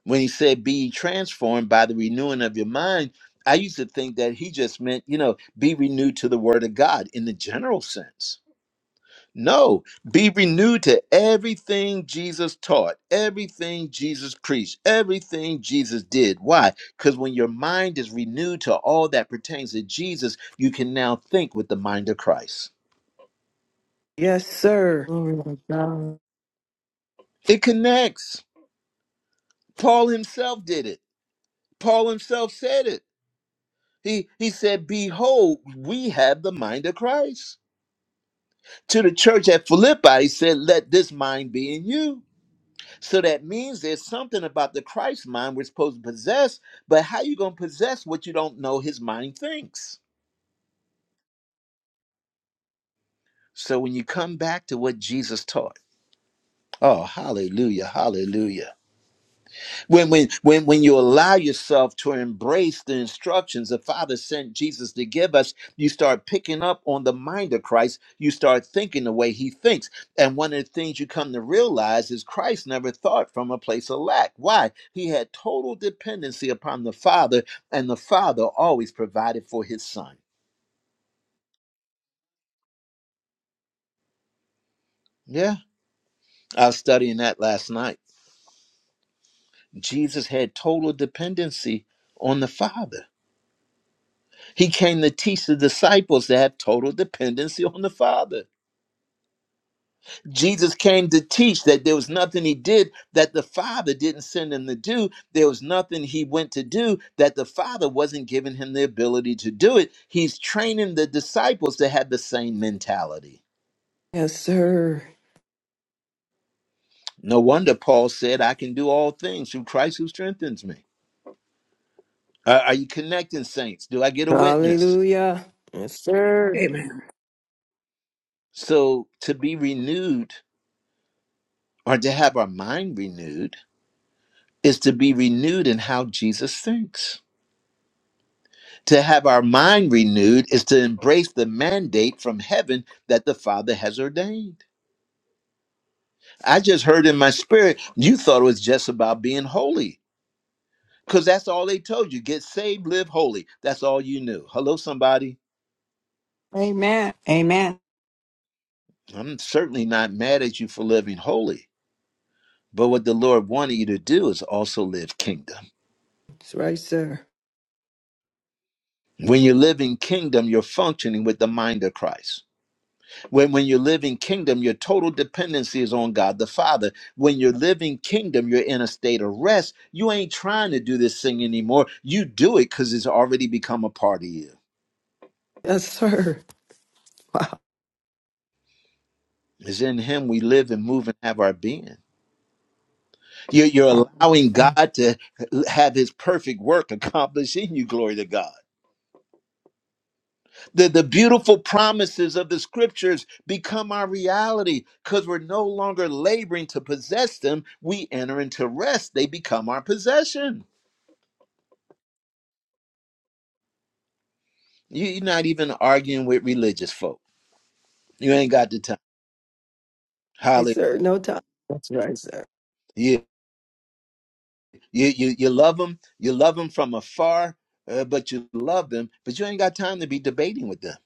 Speaker 1: When he said, Be ye transformed by the renewing of your mind, I used to think that he just meant, you know, be renewed to the word of God in the general sense. No, be renewed to everything Jesus taught, everything Jesus preached, everything Jesus did. Why? Because when your mind is renewed to all that pertains to Jesus, you can now think with the mind of Christ.
Speaker 2: Yes, sir. Glory to God.
Speaker 1: It connects. Paul himself did it. Paul himself said it. He he said, Behold, we have the mind of Christ. To the church at Philippi, he said, Let this mind be in you. So that means there's something about the Christ mind we're supposed to possess, but how you gonna possess what you don't know his mind thinks? So when you come back to what Jesus taught, oh hallelujah, hallelujah. when when when when you allow yourself to embrace the instructions the father sent jesus to give us you start picking up on the mind of christ you start thinking the way he thinks and one of the things you come to realize is christ never thought from a place of lack why he had total dependency upon the father and the father always provided for his son yeah i was studying that last night jesus had total dependency on the father He came to teach the disciples to have total dependency on the Father. Jesus came to teach that there was nothing he did that the Father didn't send him to do. There was nothing he went to do that the Father wasn't giving him the ability to do it. He's training the disciples to have the same mentality.
Speaker 2: Yes, sir.
Speaker 1: No wonder Paul said, I can do all things through Christ who strengthens me. Are are you connecting, saints? Do I get a witness?
Speaker 2: Hallelujah. Yes, sir.
Speaker 1: So to be renewed or to have our mind renewed is to be renewed in how Jesus thinks. To have our mind renewed is to embrace the mandate from heaven that the Father has ordained. I just heard in my spirit, you thought it was just about being holy because that's all they told you get saved, live holy. That's all you knew. Hello, somebody.
Speaker 12: Amen. Amen.
Speaker 1: I'm certainly not mad at you for living holy, but what the Lord wanted you to do is also live kingdom.
Speaker 2: That's right, sir.
Speaker 1: When you're living kingdom, you're functioning with the mind of Christ. When, when you're living kingdom, your total dependency is on God the Father. When you're living kingdom, you're in a state of rest. You ain't trying to do this thing anymore. You do it because it's already become a part of you.
Speaker 2: Yes, sir.
Speaker 1: It's in Him we live and move and have our being. You're, you're allowing
Speaker 4: Hallelujah.
Speaker 1: God to have His perfect work accomplished in you. Glory to God. The, the beautiful promises of the scriptures become our reality because we're no longer laboring to possess them. We enter into rest, they become our possession. You, you're not even arguing with religious folk. You ain't got the time.
Speaker 2: Yes,
Speaker 1: Hallelujah!
Speaker 2: sir. No time, That's right. sir.
Speaker 1: you you you you love them. You love them from afar, uh, but you love them. But you ain't got time to be debating with them.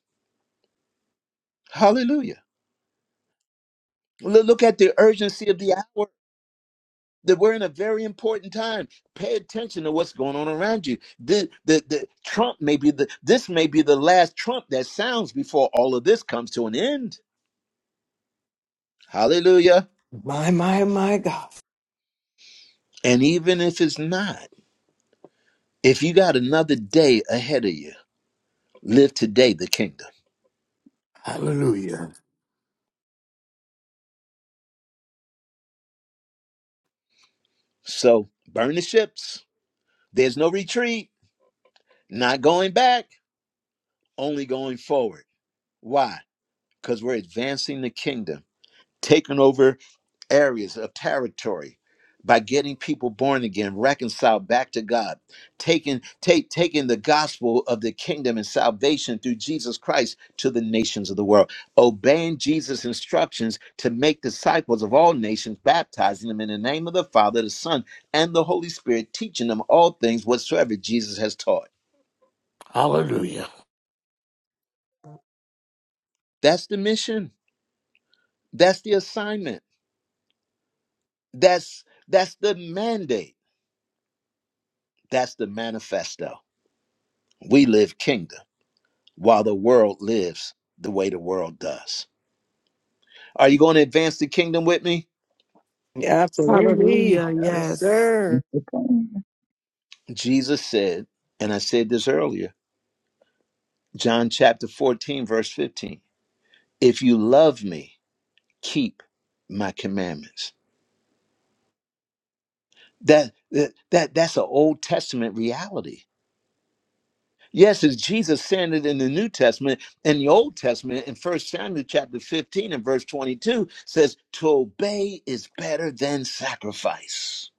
Speaker 1: Hallelujah. Lo- Look at the urgency of the hour. That we're in a very important time. Pay attention to what's going on around you. The, the the Trump may be the this may be the last Trump that sounds before all of this comes to an end. Hallelujah.
Speaker 2: My, my, my God.
Speaker 1: And even if it's not, if you got another day ahead of you Live today the kingdom.
Speaker 3: Hallelujah.
Speaker 1: So burn the ships. There's no retreat, not going back, only going forward. Why? Because we're advancing the kingdom, taking over areas of territory by getting people born again reconciled back to god taking take taking the gospel of the kingdom and salvation through jesus christ to the nations of the world obeying jesus instructions to make disciples of all nations baptizing them in the name of the father the son and the holy spirit teaching them all things whatsoever jesus has taught
Speaker 3: Hallelujah.
Speaker 1: that's the mission that's the assignment that's that's the mandate that's the manifesto we live kingdom while the world lives the way the world does. Are you going to advance the kingdom with me?
Speaker 11: Sorry.
Speaker 2: Absolutely.
Speaker 4: Hallelujah.
Speaker 2: Yes,
Speaker 4: Yes.
Speaker 2: sir.
Speaker 1: Jesus said, and I said this earlier, John chapter 14, verse 15. If you love me, keep my commandments. That that, that that's an Old Testament reality. Yes, it's Jesus saying it in the New Testament. In the Old Testament, in First Samuel chapter 15 and verse 22, says, To obey is better than sacrifice.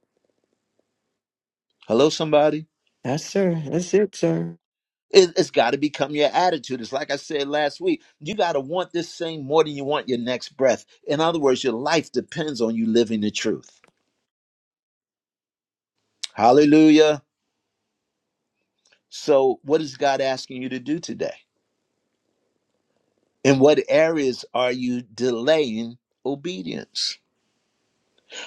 Speaker 1: Hello, somebody?
Speaker 2: Yes, sir. That's it, sir.
Speaker 1: It, it's got to become your attitude. It's like I said last week. You got to want this thing more than you want your next breath. In other words, your life depends on you living the truth. Hallelujah. So, what is God asking you to do today? In what areas are you delaying obedience?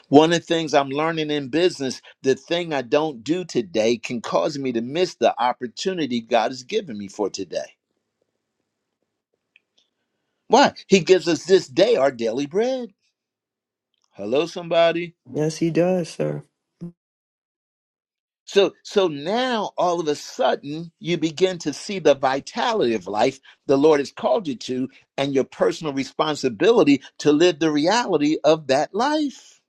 Speaker 1: One of the things I'm learning in business, the thing I don't do today can cause me to miss the opportunity God has given me for today. Why? He gives us this day our daily bread. Hello, somebody.
Speaker 2: Yes, he does, sir.
Speaker 1: So so now all of a sudden you begin to see the vitality of life the Lord has called you to and your personal responsibility to live the reality of that life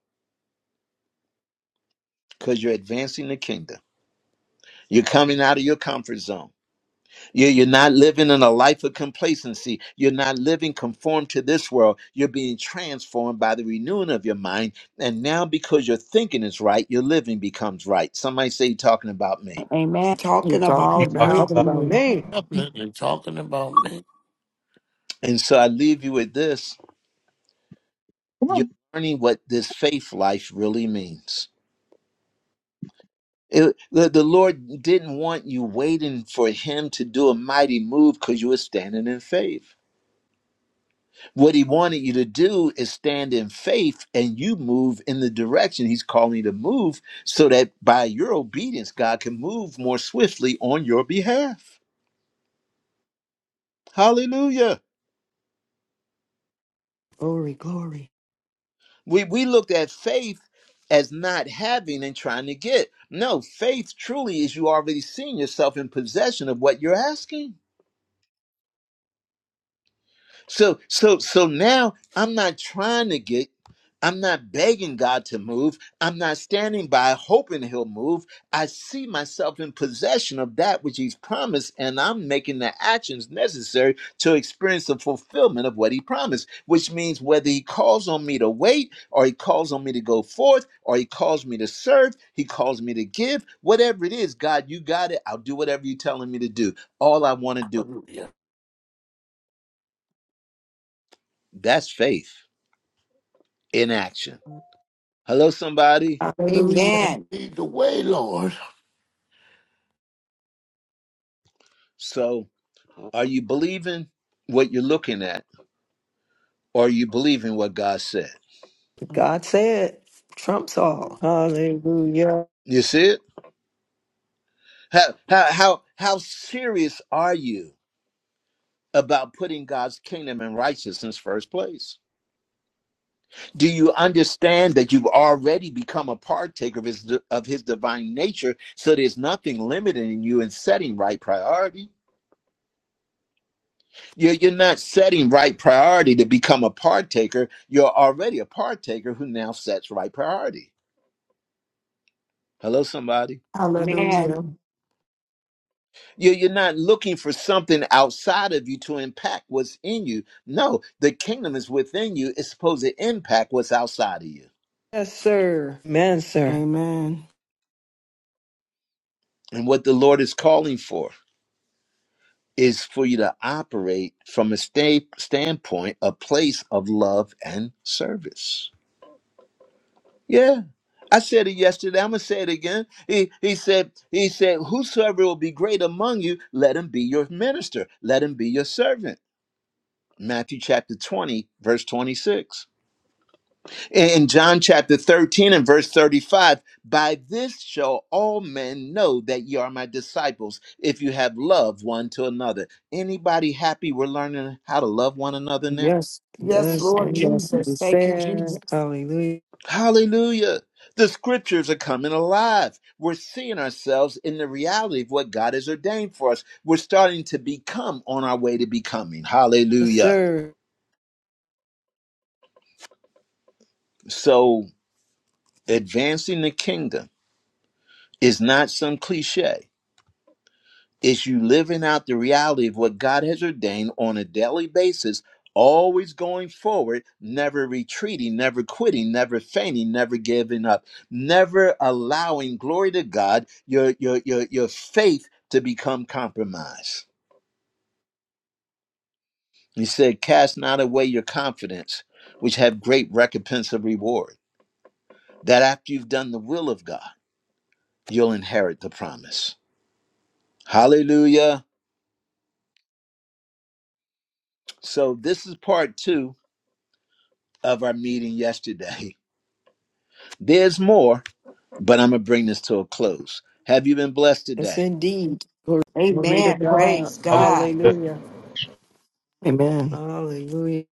Speaker 1: because you're advancing the kingdom. You're coming out of your comfort zone. You- You're not living in a life of complacency. You're not living conformed to this world. You're being transformed by the renewing of your mind. And now, because your thinking is right, your living becomes right. Somebody say, You're talking about me.
Speaker 12: Amen.
Speaker 4: You're
Speaker 12: Talking
Speaker 4: talking
Speaker 6: He
Speaker 12: about
Speaker 6: talking
Speaker 12: me.
Speaker 4: about
Speaker 2: Talking
Speaker 6: about me.
Speaker 2: about
Speaker 4: me.
Speaker 2: me.
Speaker 3: Definitely talking about me.
Speaker 1: And so I leave you with this
Speaker 11: Come
Speaker 1: you're
Speaker 11: on.
Speaker 1: learning what this faith life really means. It- the, the Lord didn't want you waiting for Him to do a mighty move because you were standing in faith. What He wanted you to do is stand in faith and you move in the direction He's calling you to move so that by your obedience, God can move more swiftly on your behalf. Hallelujah.
Speaker 2: Glory, glory.
Speaker 1: We we looked at faith as not having and trying to get. No, faith truly is you already seeing yourself in possession of what you're asking. So so so now I'm not trying to get I'm not begging God to move. I'm not standing by hoping he'll move. I see myself in possession of that which he's promised and I'm making the actions necessary to experience the fulfillment of what he promised, which means whether he calls on me to wait or he calls on me to go forth or he calls me to serve, he calls me to give, whatever it is, God, you got it. I'll do whatever you're telling me to do. All I want to do.
Speaker 3: Hallelujah.
Speaker 1: That's faith in action. Hello, somebody.
Speaker 4: Hallelujah.
Speaker 12: Amen.
Speaker 3: Lead the way, Lord.
Speaker 1: So, are you believing what you're looking at, or are you believing what God said?
Speaker 2: God said, trumps all. Hallelujah.
Speaker 1: You see it? How how how, how serious are you about putting God's kingdom and righteousness first place? Do you understand that you've already become a partaker of his of his divine nature? So there's nothing limiting you in setting right priority. You're, you're not setting right priority to become a partaker. You're already a partaker who now sets right priority. Hello, somebody.
Speaker 12: Amen.
Speaker 4: Hallelujah.
Speaker 1: You- You're not looking for something outside of you to impact what's in you. No, the kingdom is within you. It's supposed to impact what's outside of you.
Speaker 2: Yes, sir. Amen, sir.
Speaker 4: Amen.
Speaker 1: And what the Lord is calling for is for you to operate from a state standpoint, a place of love and service. Yeah. I said it yesterday. I'm gonna say it again. He he said, he said, Whosoever will be great among you, let him be your minister, let him be your servant. Matthew chapter 20, verse 26. In John chapter 13 and verse 35, by this shall all men know that ye are my disciples if you have love one to another. Anybody happy we're learning how to love one another now?
Speaker 2: Yes,
Speaker 12: Yes,
Speaker 2: yes,
Speaker 12: Lord
Speaker 2: and yes, it
Speaker 12: Jesus.
Speaker 2: is
Speaker 12: Thank you,
Speaker 2: said.
Speaker 12: Jesus.
Speaker 2: Hallelujah.
Speaker 1: Hallelujah. The scriptures are coming alive. We're seeing ourselves in the reality of what God has ordained for us. We're starting to become on our way to becoming.
Speaker 2: Yes,
Speaker 1: Hallelujah.
Speaker 2: sir.
Speaker 1: So, advancing the kingdom is not some cliche It's you living out the reality of what God has ordained on a daily basis, always going forward, never retreating, never quitting, never fainting, never giving up, never allowing glory to God, your your your your faith to become compromised. He said, Cast not away your confidence, which have great recompense of reward. That after you've done the will of God, you'll inherit the promise. Hallelujah. So this is part two of our meeting yesterday. There's more, but I'm going to bring this to a close. Have you been blessed
Speaker 2: Yes,
Speaker 1: today?
Speaker 2: indeed. Glory to
Speaker 12: Amen.
Speaker 2: God.
Speaker 12: Praise God.
Speaker 6: hallelujah.
Speaker 2: Hallelujah.
Speaker 4: Amen.
Speaker 2: Hallelujah.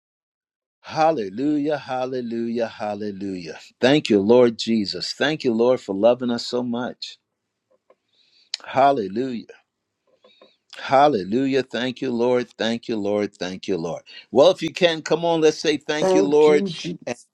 Speaker 1: Hallelujah, hallelujah, hallelujah. Thank you, Lord Jesus. Thank you, Lord, for loving us so much. Hallelujah. Hallelujah. Thank you, Lord. Thank you, Lord. Thank you, Lord. Well, if you can, come on, let's say thank you,
Speaker 12: Thank
Speaker 1: Lord.
Speaker 12: you, Jesus.